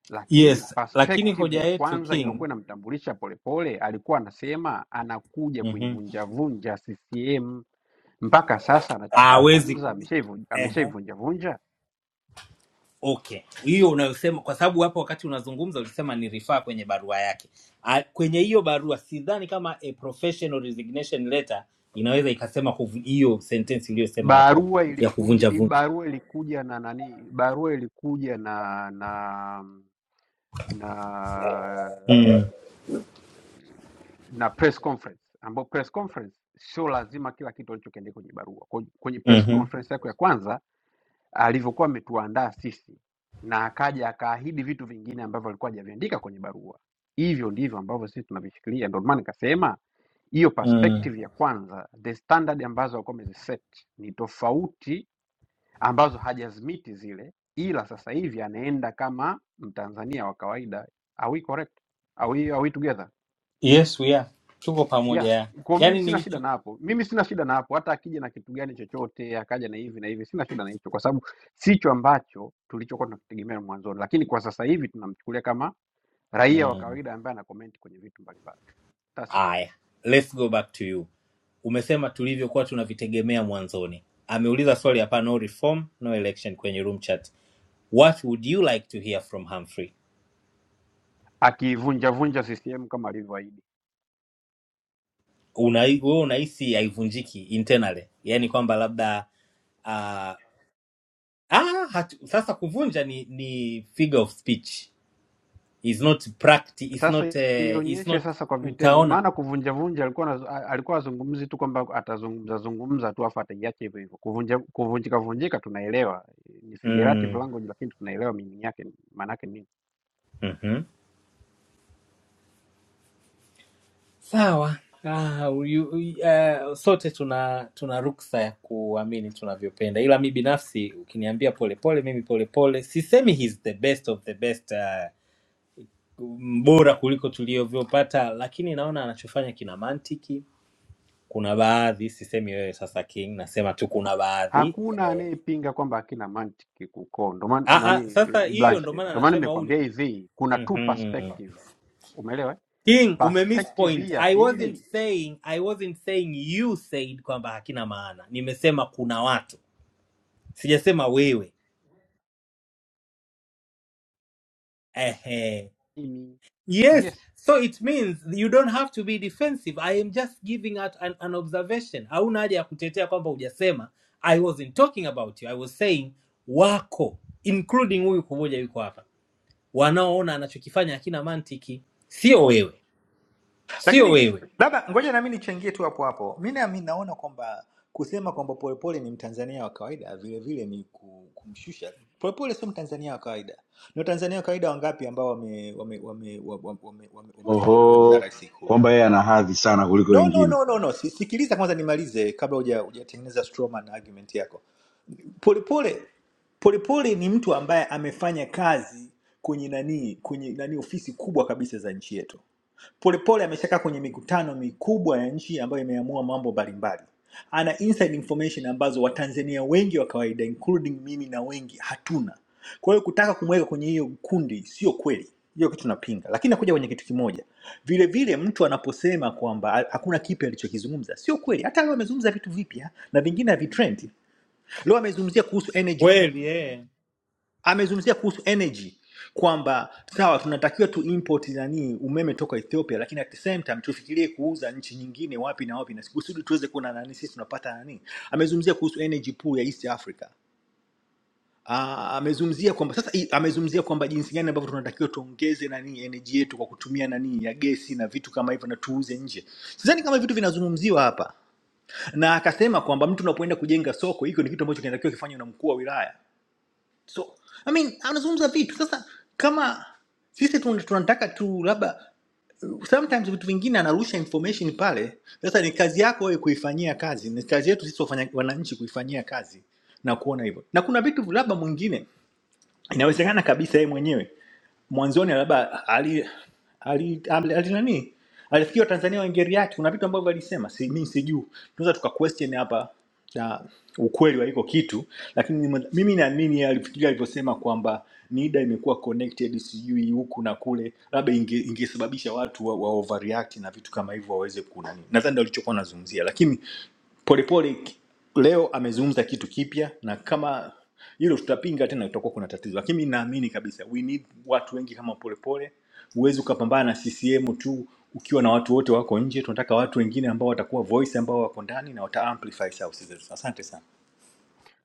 [SPEAKER 3] Lakini
[SPEAKER 9] yes lakini
[SPEAKER 3] perspective
[SPEAKER 9] hoja
[SPEAKER 3] ya
[SPEAKER 9] yetu
[SPEAKER 3] kwanza
[SPEAKER 9] king
[SPEAKER 3] iliyokuwa inamtambulisha Polepole, alikuwa anasema anakuja
[SPEAKER 9] mm-hmm.
[SPEAKER 3] kuivunjavunja CCM. Mpaka sasa
[SPEAKER 9] awezi
[SPEAKER 3] anachokizungumza ameshaivunja- ameshaivunjavunja.
[SPEAKER 9] Okay, hiyo unayosema, kwa sababu hapo wakati unazungumza ulisema ni rifaa kwenye barua yake. A, kwenye hiyo barua sidhani kama a professional resignation letter inaweza ikasema kuvu- hiyo sentensi uliyosema hapo
[SPEAKER 3] Barua
[SPEAKER 9] ya
[SPEAKER 3] ilikuja,
[SPEAKER 9] kuvunja
[SPEAKER 3] i-
[SPEAKER 9] vunja.
[SPEAKER 3] barua ilikuja na nani? Barua ilikuja na na na
[SPEAKER 9] mm.
[SPEAKER 3] na press conference, ambapo press conference sio lazima kila kitu alichokiandika kwenye barua. Kwenye kwenye press
[SPEAKER 9] mm-hmm.
[SPEAKER 3] conference yako ya kwanza alivyokuwa ametuandaa sisi, na akaja akaahidi vitu vingine ambavyo alikuwa hajaviandika kwenye barua. Hivyo ndivyo ambavyo sisi tunavishikilia. Ndio maana nikasema hiyo
[SPEAKER 9] mm.
[SPEAKER 3] perspective ya kwanza, the standard ambazo alikuwa ameziset ni tofauti, ambazo hajazimiti zile, ila sasa hivi anaenda kama Mtanzania wa kawaida. Are we correct? Are we, are we together?
[SPEAKER 9] Yes, we are tuko
[SPEAKER 3] yeah
[SPEAKER 9] pamoja ya.
[SPEAKER 3] kwa mimi
[SPEAKER 9] Yani
[SPEAKER 3] sina shida
[SPEAKER 9] nilicho
[SPEAKER 3] na hapo mimi sina shida na hapo hata akija na kitu gani chochote akaja na hivi na hivi sina shida na hicho kwa sababu sicho ambacho tulichokuwa tunakitegemea mwanzoni lakini kwa sasa hivi tunamchukulia kama raia wa
[SPEAKER 9] mm.
[SPEAKER 3] kawaida ambaye ana comment kwenye vitu mbalimbali That's it.
[SPEAKER 9] Aya, let's go back to you. Umesema tulivyokuwa tunavitegemea mwanzoni. Ameuliza swali hapa, no reform no election kwenye room chat. What would you like to hear from Humphrey?
[SPEAKER 3] akivunjavunja ccm kama alivyoahidi
[SPEAKER 9] una wewe unahisi haivunjiki internally yani kwamba labda uh, ah, hatu, sasa kuvunja ni ni figure of speech is not practice is
[SPEAKER 3] sasa
[SPEAKER 9] not uh, is
[SPEAKER 3] ionyeshe
[SPEAKER 9] not
[SPEAKER 3] sasa kwa vitendo
[SPEAKER 9] utaona
[SPEAKER 3] maana kuvunjavunja alikuwa anazo- a- alikuwa azungumzi tu kwamba atazungumza zungumza tu afu ataiacha hivyo hivyo kuvunja kuvunjika vunjika tunaelewa ni figurative
[SPEAKER 9] mm.
[SPEAKER 3] language lakini tunaelewa meaning yake maana yake ni
[SPEAKER 9] mm-hmm. sawa ah, you, uh, sote tuna tuna ruksa ya kuamini tunavyopenda ila mi binafsi ukiniambia polepole mimi polepole sisemi he's the best of the best uh, bora kuliko tulivyopata lakini naona anachofanya kina mantiki kuna baadhi sisemi wewe sasa king nasema tu kuna baadhi
[SPEAKER 3] Hakuna anayepinga kwamba hakina mantiki kuko ndo maana
[SPEAKER 9] ah,
[SPEAKER 3] nani
[SPEAKER 9] ah, sasa
[SPEAKER 3] eh,
[SPEAKER 9] hiyo ndo
[SPEAKER 3] Blanche,
[SPEAKER 9] maana
[SPEAKER 3] ndo maana
[SPEAKER 9] nasema huu ni
[SPEAKER 3] nimekwambia hivi, kuna two
[SPEAKER 9] mm-hmm.
[SPEAKER 3] perspective, umeelewa? eh?
[SPEAKER 9] king umemiss
[SPEAKER 3] Perspective hii
[SPEAKER 9] point
[SPEAKER 3] ya
[SPEAKER 9] i wasn't
[SPEAKER 3] pili
[SPEAKER 9] saying i wasn't saying you said kwamba hakina maana nimesema kuna watu sijasema wewe Ehe.
[SPEAKER 3] ni
[SPEAKER 9] yes
[SPEAKER 3] yes.
[SPEAKER 9] so it means you don't have to be defensive i am just giving out an, an observation hauna haja ya kutetea kwamba hujasema i wasn't talking about you i was saying wako including huyu kumoja yuko hapa wanaoona anachokifanya hakina mantiki. Sio wewe, sio
[SPEAKER 10] lakini
[SPEAKER 9] wewe
[SPEAKER 10] labda ngoja nami nichangie tu hapo hapo mi nami naona kwamba kusema kwamba polepole ni mtanzania wa kawaida vilevile ni ku- kumshusha polepole sio mtanzania wa kawaida ni watanzania wa kawaida wangapi ambao wame- wame- wame- wa- wa- wame- wame- wamefanya kazi na
[SPEAKER 7] Oho,
[SPEAKER 10] rais ikulu
[SPEAKER 7] kwamba yeye ana hadhi sana kuliko
[SPEAKER 10] no no
[SPEAKER 7] wengine.
[SPEAKER 10] no no no Si- sikiliza kwanza nimalize kabla huja- hujatengeneza strawman argument yako Polepole Polepole ni mtu ambaye amefanya kazi kwenye nani kwenye nani ofisi kubwa kabisa za nchi yetu. Polepole ameshakaa kwenye mikutano mikubwa ya nchi ambayo imeamua mambo mbalimbali. Ana inside information ambazo Watanzania wengi wa kawaida including mimi na wengi hatuna. Kwa hiyo kutaka kumweka kwenye hiyo kundi sio kweli, hiyo kitu napinga. Lakini nakuja kwenye kitu kimoja, vile vile mtu anaposema kwamba ha- hakuna kipi alichokizungumza sio kweli. Hata leo amezungumza vitu vipya na vingine havitrendi leo amezungumzia kuhusu energy pu-
[SPEAKER 9] Kweli eh.
[SPEAKER 10] amezungumzia kuhusu energy kwamba sawa tunatakiwa tu import nani umeme toka Ethiopia lakini at the same time tufikirie kuuza nchi nyingine wapi na wapi na kusudi tuweze kuwa na nani sisi tunapata nani amezungumzia kuhusu energy pool ya East Africa Ah, amezungumzia kwamba sasa i- amezungumzia kwamba jinsi gani ambavyo tunatakiwa tuongeze nani energy yetu kwa kutumia nani ya gesi na vitu kama hivyo na tuuze nje sidhani kama vitu vinazungumziwa hapa na akasema kwamba mtu unapoenda kujenga soko hiko ni kitu ambacho kinatakiwa kifanywa na mkuu wa wilaya so i mean anazungumza vitu sasa kama sisi tun- tunataka tu labda sometimes vitu vingine anarusha information pale sasa ni kazi yako wewe kuifanyia kazi ni kazi yetu sisi wafanya wananchi kuifanyia kazi na kuona hivyo na kuna vitu labda mwingine inawezekana kabisa yeye mwenyewe mwanzoni labda ali, ali, ali, ali nani alifikiri watanzania wa ngeri yake kuna vitu ambavyo alisema si, mi sijuu tunaweza tuka question hapa na ukweli wa hiko kitu lakini mimi mimi naamini yeye alifikiria alivyosema kwamba nida imekuwa connected sijui huku na kule labda inge- ingesababisha watu wa, wa overreact na vitu kama hivyo waweze kunani nadhani ndio alichokuwa anazungumzia lakini polepole ki- leo amezungumza kitu kipya na kama hilo tutapinga tena, itakuwa kuna tatizo, lakini mimi naamini kabisa we need watu wengi kama Polepole. Huwezi ukapambana na CCM tu ukiwa na watu wote wako nje. Tunataka watu wengine ambao watakuwa voice, ambao wako ndani na wata amplify sauti zetu. Asante sana.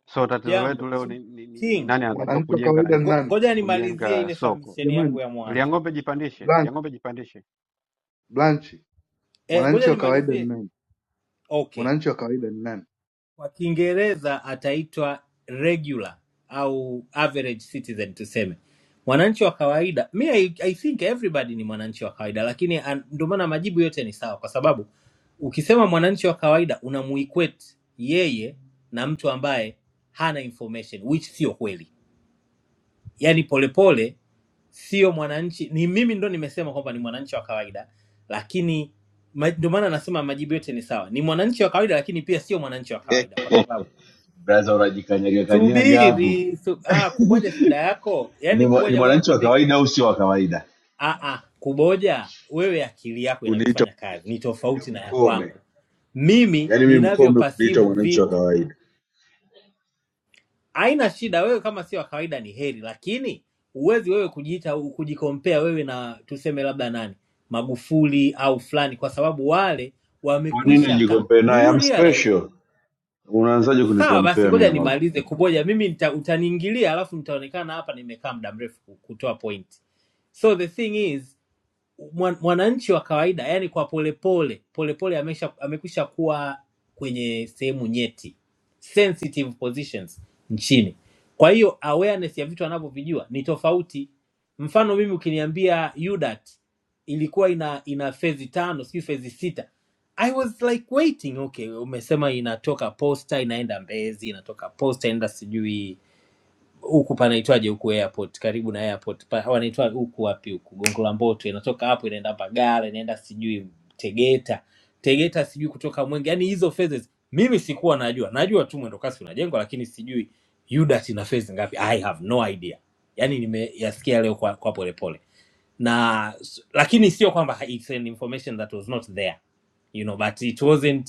[SPEAKER 3] So tatizo letu
[SPEAKER 9] Jambo
[SPEAKER 3] leo
[SPEAKER 9] Sub-
[SPEAKER 3] ni, ni, ni, ni
[SPEAKER 9] King,
[SPEAKER 3] nani anatakiwa
[SPEAKER 8] mwananchi wa
[SPEAKER 3] kujenga
[SPEAKER 8] kawaida
[SPEAKER 3] nani,
[SPEAKER 8] ni
[SPEAKER 9] ngo-
[SPEAKER 8] nani
[SPEAKER 9] ngoja nimalizie
[SPEAKER 3] kujenga
[SPEAKER 9] ile
[SPEAKER 3] soko?
[SPEAKER 9] submission yangu
[SPEAKER 8] jamani?
[SPEAKER 9] ya mwanzo
[SPEAKER 3] Liang'ombe jipandishe,
[SPEAKER 8] Blank,
[SPEAKER 3] Liang'ombe jipandishe.
[SPEAKER 8] Blanchi,
[SPEAKER 9] eh, ngoja
[SPEAKER 8] mwananchi wa kawaida ni
[SPEAKER 9] nimalizie.
[SPEAKER 8] nani?
[SPEAKER 9] Okay,
[SPEAKER 8] Mwananchi wa kawaida ni nani?
[SPEAKER 9] Kwa Kiingereza ataitwa regular au average citizen tuseme, mwananchi wa kawaida. Mi I, I think everybody ni mwananchi wa kawaida, lakini an- ndio maana majibu yote ni sawa, kwa sababu ukisema mwananchi wa kawaida unamuequate yeye na mtu ambaye hana information, which sio kweli. Yaani polepole sio mwananchi, ni mimi ndo nimesema kwamba ni mwananchi wa kawaida, lakini ma- ndio maana nasema majibu yote ni sawa, ni mwananchi wa kawaida, lakini pia sio mwananchi wa kawaida kwa sababu
[SPEAKER 7] braza unajikanyaga kanyaga hapo
[SPEAKER 9] Subiri su, ah, kuboja shida yako.
[SPEAKER 7] ni,
[SPEAKER 9] Yaani
[SPEAKER 7] mwa- ni
[SPEAKER 9] kuboja, ngoja
[SPEAKER 7] mwananchi wa
[SPEAKER 9] nikwambie kitu.
[SPEAKER 7] kawaida au sio wa kawaida
[SPEAKER 9] Ah, ah, kuboja wewe akili yako
[SPEAKER 7] kuniita
[SPEAKER 9] inavyofanya kazi ni tofauti na ya
[SPEAKER 7] mkome
[SPEAKER 9] kwangu. Mimi
[SPEAKER 7] yaani mi mkome kuniita
[SPEAKER 9] ninavyopasivu
[SPEAKER 7] mwananchi wa
[SPEAKER 9] vitu
[SPEAKER 7] kawaida
[SPEAKER 9] haina shida. Wewe kama sio wa kawaida ni heri, lakini huwezi wewe kujiita kujikompea wewe na tuseme labda nani Magufuli au fulani, kwa sababu wale
[SPEAKER 7] kwa nini
[SPEAKER 9] wamekwisha ka.
[SPEAKER 7] nijikompee
[SPEAKER 9] Do
[SPEAKER 7] naye
[SPEAKER 9] you
[SPEAKER 7] I'm
[SPEAKER 9] realize
[SPEAKER 7] special unaanzaje
[SPEAKER 9] Sawa basi,
[SPEAKER 7] kunikompea mi
[SPEAKER 9] ngoja
[SPEAKER 7] na mabu
[SPEAKER 9] nimalize kuboja. Mimi nita, utaniingilia alafu nitaonekana hapa nimekaa muda mrefu ku- kutoa point. So the thing is mwan- mwananchi wa kawaida yani kwa polepole polepole amesha amekwisha kuwa kwenye sehemu nyeti sensitive positions nchini kwa hiyo awareness ya vitu anavyovijua ni tofauti mfano mimi ukiniambia UDAT ilikuwa ina ina fezi tano sijui fezi sita i was like waiting okay umesema inatoka posta inaenda mbezi inatoka posta inaenda sijui huku panaitwaje huku airport karibu na airport pa, wanaitwa huku wapi huku gongo la mboto inatoka hapo inaenda mbagala inaenda sijui tegeta tegeta sijui kutoka mwenge yani hizo phases mimi sikuwa najua najua tu mwendo kasi unajengwa lakini sijui yudat ina phases ngapi i have no idea yani nimeyasikia leo kwa, kwa polepole na lakini sio kwamba it's an information that was not there you know but it wasn't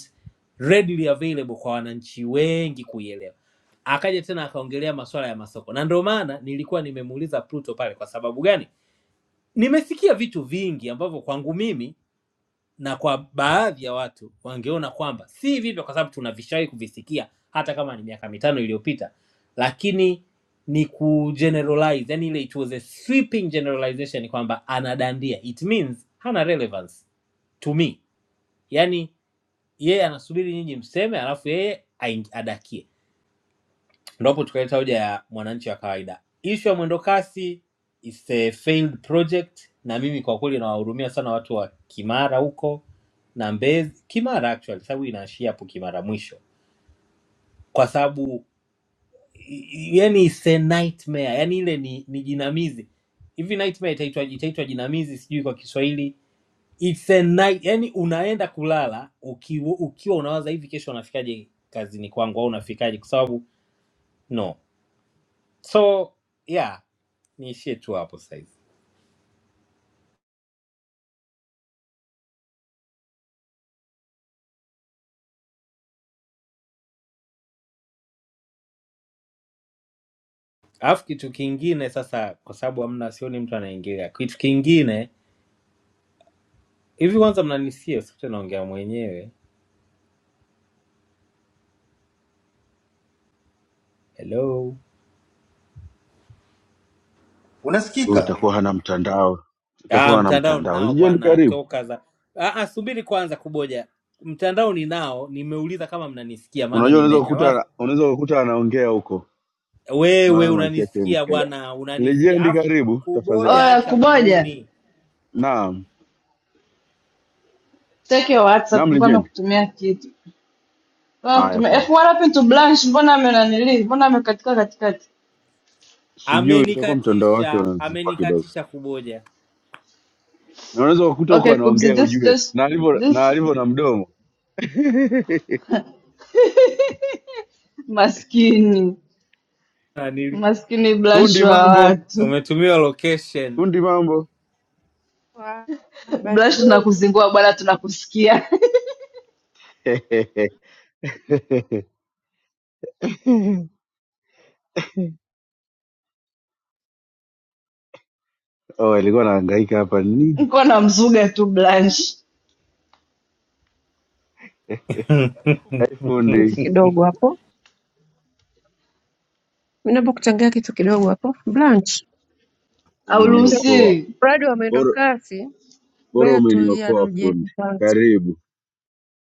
[SPEAKER 9] readily available kwa wananchi wengi kuielewa akaja tena akaongelea masuala ya masoko na ndio maana nilikuwa nimemuuliza pluto pale kwa sababu gani nimesikia vitu vingi ambavyo kwangu mimi na kwa baadhi ya watu wangeona kwamba si vipya kwa sababu tunavishawahi kuvisikia hata kama ni miaka mitano iliyopita, lakini ni kugeneralize, yani ile it was a sweeping generalization kwamba anadandia, it means hana relevance to me, yani yeye anasubiri nyinyi mseme, alafu yeye aing- adakie ndipo tukaleta hoja ya mwananchi wa kawaida. Ishu ya mwendokasi is a failed project, na mimi kwa kweli nawahurumia sana watu wa Kimara huko na Mbezi, Kimara actually, sababu inaishia hapo Kimara mwisho, kwa sababu i- yani it's a nightmare, yani ile ni, ni jinamizi hivi. Nightmare itaitwa itaitwa jinamizi, sijui kwa Kiswahili it's a night, yani unaenda kulala ukiwa, ukiwa unawaza hivi, kesho unafikaje kazini kwangu au unafikaje, kwa sababu no so yeah niishie tu hapo saizi alafu kitu kingine sasa kwa sababu amna sioni mtu anaingilia kitu kingine hivi kwanza mnanisia sikuta naongea mwenyewe hello
[SPEAKER 7] Wewe
[SPEAKER 10] unasikika
[SPEAKER 7] utakuwa hana mtandao
[SPEAKER 9] ah,
[SPEAKER 7] utakuwa hana
[SPEAKER 9] mtandao
[SPEAKER 7] mtandao
[SPEAKER 9] ninao
[SPEAKER 7] lijeni
[SPEAKER 9] bwana
[SPEAKER 7] karibu
[SPEAKER 9] toka za ah, ah, subiri kwanza kuboja mtandao ninao nimeuliza kama mnanisikia maana
[SPEAKER 7] unajua unaweza
[SPEAKER 9] nimenyamaza
[SPEAKER 7] kukuta unaweza kukuta anaongea huko
[SPEAKER 9] wewe
[SPEAKER 7] maana maiki yake
[SPEAKER 9] unanisikia
[SPEAKER 7] imeendelea
[SPEAKER 9] bwana unanisikia
[SPEAKER 7] lijendi
[SPEAKER 9] alafu
[SPEAKER 7] karibu tafadhali
[SPEAKER 9] kuboja
[SPEAKER 11] Oya
[SPEAKER 9] acha
[SPEAKER 11] kuboja,
[SPEAKER 9] uhuni
[SPEAKER 7] naam
[SPEAKER 11] take your WhatsApp,
[SPEAKER 7] naam
[SPEAKER 11] mbona
[SPEAKER 7] lijendi
[SPEAKER 11] amekutumia kitu? Mbona
[SPEAKER 7] haya
[SPEAKER 11] amekutumia F
[SPEAKER 7] poa
[SPEAKER 11] what happened to Blanche? Mbona amenanili? Mbona amekatika katikati?
[SPEAKER 7] sijui itakuwa mtandao wake
[SPEAKER 9] amenikatisha
[SPEAKER 7] unazikua kidogo
[SPEAKER 9] amenikatisha kuboja
[SPEAKER 7] na unaweza kukuta huko
[SPEAKER 11] Okay, Kubzi,
[SPEAKER 7] anaongea
[SPEAKER 11] just
[SPEAKER 7] ujue,
[SPEAKER 11] just
[SPEAKER 7] na alivyo na
[SPEAKER 11] just
[SPEAKER 7] alivyo na mdomo. *laughs*
[SPEAKER 11] *laughs* maskini
[SPEAKER 9] Ah, nili-
[SPEAKER 11] maskini Blanche
[SPEAKER 7] Fundi
[SPEAKER 11] wa
[SPEAKER 7] mambo,
[SPEAKER 11] watu.
[SPEAKER 9] umetumiwa location
[SPEAKER 7] fundi mambo.
[SPEAKER 12] Kwa bahati
[SPEAKER 11] Blanche,
[SPEAKER 12] nzuri
[SPEAKER 11] tunakuzingua bwana, tunakusikia.
[SPEAKER 7] *laughs* Oh, alikuwa anahangaika hapa
[SPEAKER 11] *laughs*
[SPEAKER 7] nini?
[SPEAKER 11] Niko na mzuga tu Blanche,
[SPEAKER 9] *laughs*
[SPEAKER 7] Hai
[SPEAKER 12] kitu
[SPEAKER 7] fundi,
[SPEAKER 12] kidogo hapo, ninapokuchangia kitu kidogo hapo. Blanche,
[SPEAKER 7] umeniokoa
[SPEAKER 11] hauruhusiwi.
[SPEAKER 12] mradi wa mwendo
[SPEAKER 7] bora,
[SPEAKER 12] kasi,
[SPEAKER 7] bora
[SPEAKER 12] wewe tulia
[SPEAKER 7] umeniokoa
[SPEAKER 12] Rujeni
[SPEAKER 7] fundi,
[SPEAKER 12] kwanza,
[SPEAKER 7] karibu.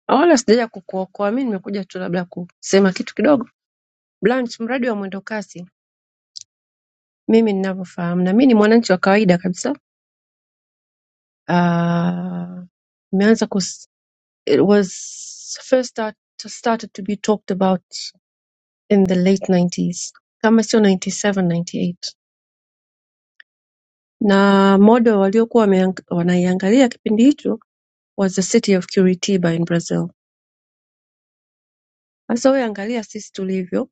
[SPEAKER 12] Na wala sijaja kukuokoa mi, nimekuja tu labda kusema kitu kidogo. Blanche, mradi wa mwendo kasi, mimi ninavyofahamu, na mi ni mwananchi wa kawaida kabisa, Ah, imeanza kus it was first start, started to be talked about in the late 90s kama sio 97 98 na modo waliokuwa wameang- wanaiangalia kipindi hicho was the city of Curitiba in Brazil. Sasa wewe angalia sisi tulivyo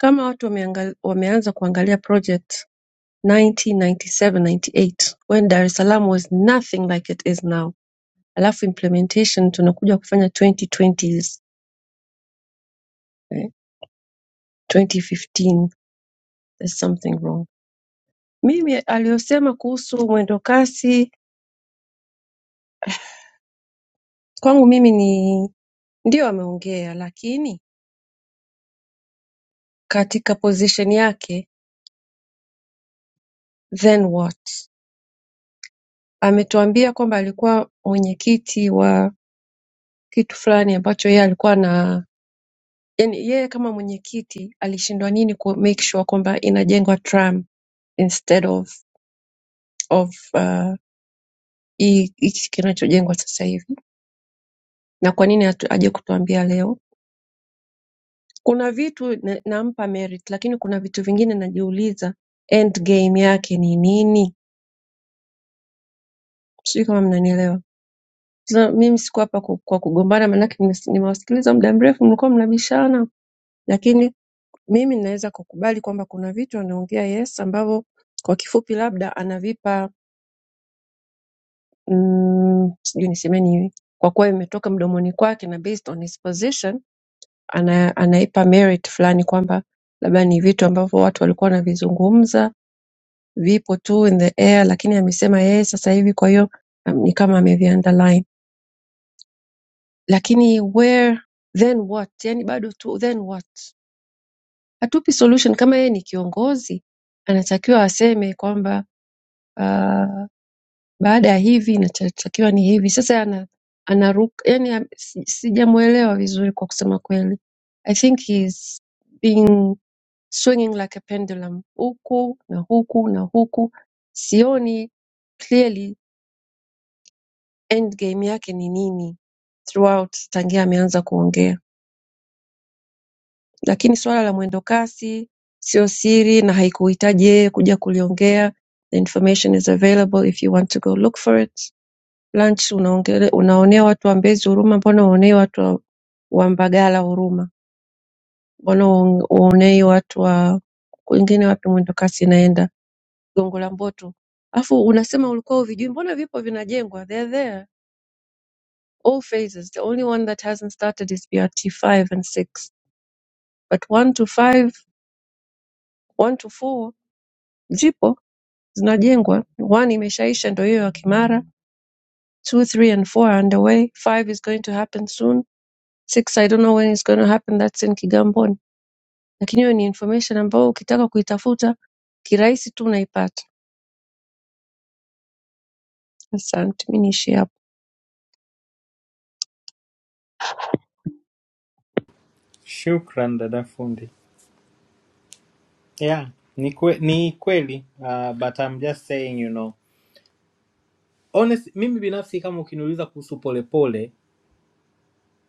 [SPEAKER 12] kama watu wameangal, wameanza kuangalia project 1997-98 when Dar es Salaam was nothing like it is now, alafu implementation tunakuja kufanya 2020s, eh, 2015 there's something wrong. Mimi aliyosema kuhusu mwendo kasi kwangu mimi ni ndio ameongea, lakini katika position yake then what ametuambia kwamba alikuwa mwenyekiti wa kitu fulani ambacho yeye alikuwa na yani yeye kama mwenyekiti alishindwa nini ku make sure kwamba inajengwa tram instead of of uh, hii hiki kinachojengwa sasa hivi na kwa nini hatu- haja kutuambia leo kuna vitu na- nampa merit lakini kuna vitu vingine najiuliza end game yake ni nini sijui kama mnanielewa So, mimi siko hapa ku- kwa kugombana manake nimes- nimewasikiliza muda mrefu mlikuwa mnabishana Lakini mimi ninaweza kukubali kwamba kuna vitu anaongea Yesu ambavyo kwa kifupi labda anavipa mm, sijui niseme nini, kwa kuwa imetoka mdomoni kwake na based on his position ana, anaipa merit fulani kwamba labda ni vitu ambavyo watu walikuwa wanavizungumza vipo tu in the air, lakini amesema yeye sasa hivi, kwa hiyo um, ni kama ameviunderline. Lakini where then what, yani bado tu then what, hatupi solution. Kama yeye ni kiongozi anatakiwa aseme kwamba ah, baada ya hivi inachotakiwa ni hivi. Sasa ana, anaruka yani, am- si- sijamuelewa vizuri kwa kusema kweli. I think he's being swinging like a pendulum, huku na huku na huku, sioni clearly end game yake ni nini throughout tangia ameanza kuongea, lakini swala la mwendo kasi sio siri na haikuhitaji yeye kuja kuliongea. The information is available if you want to go look for it. Lanch unaonea watu wa Mbezi huruma mbona huonei watu wa wa Mbagala huruma mbona huonei watu wa kwingine wapi mwendokasi inaenda Gongo la Mboto alafu unasema ulikuwa uvijui mbona vipo vinajengwa they are there all phases the only one that hasn't started is BRT 5 and 6 but 1 to 5 1 to 4 zipo zinajengwa one imeshaisha ndio hiyo ya Kimara 2 3 and 4 are underway 5 is going to happen soon six i don't know when it's going to happen that's in kigamboni lakini hiyo ni information ambayo ukitaka kuitafuta kirahisi tu unaipata asante mi niishie hapo
[SPEAKER 9] Shukran dada fundi. Yeah, ni kwe, ni kweli uh, but I'm just saying you know. Honest, mimi binafsi kama ukiniuliza kuhusu Polepole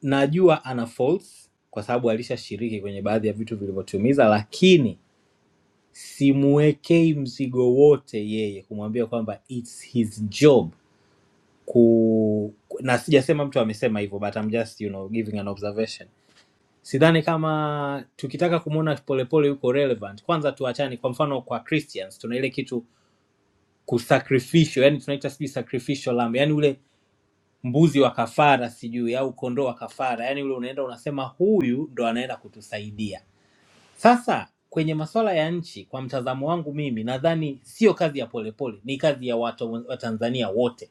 [SPEAKER 9] najua ana faults kwa sababu alishashiriki kwenye baadhi ya vitu vilivyotumiza, lakini simuwekei mzigo wote yeye kumwambia kwamba it's his job ku ku- na sijasema mtu amesema hivyo but I'm just you know giving an observation sidhani kama tukitaka kumwona polepole yuko relevant kwanza tuachane kwa mfano kwa christians tuna ile kitu kusacrificial yani tunaita sijui sacrificial lamb yani ule mbuzi wa kafara sijui au kondoo wa kafara yani ule unaenda unasema huyu ndo anaenda kutusaidia sasa kwenye masuala ya nchi kwa mtazamo wangu mimi nadhani sio kazi ya polepole ni kazi ya watu wa tanzania wote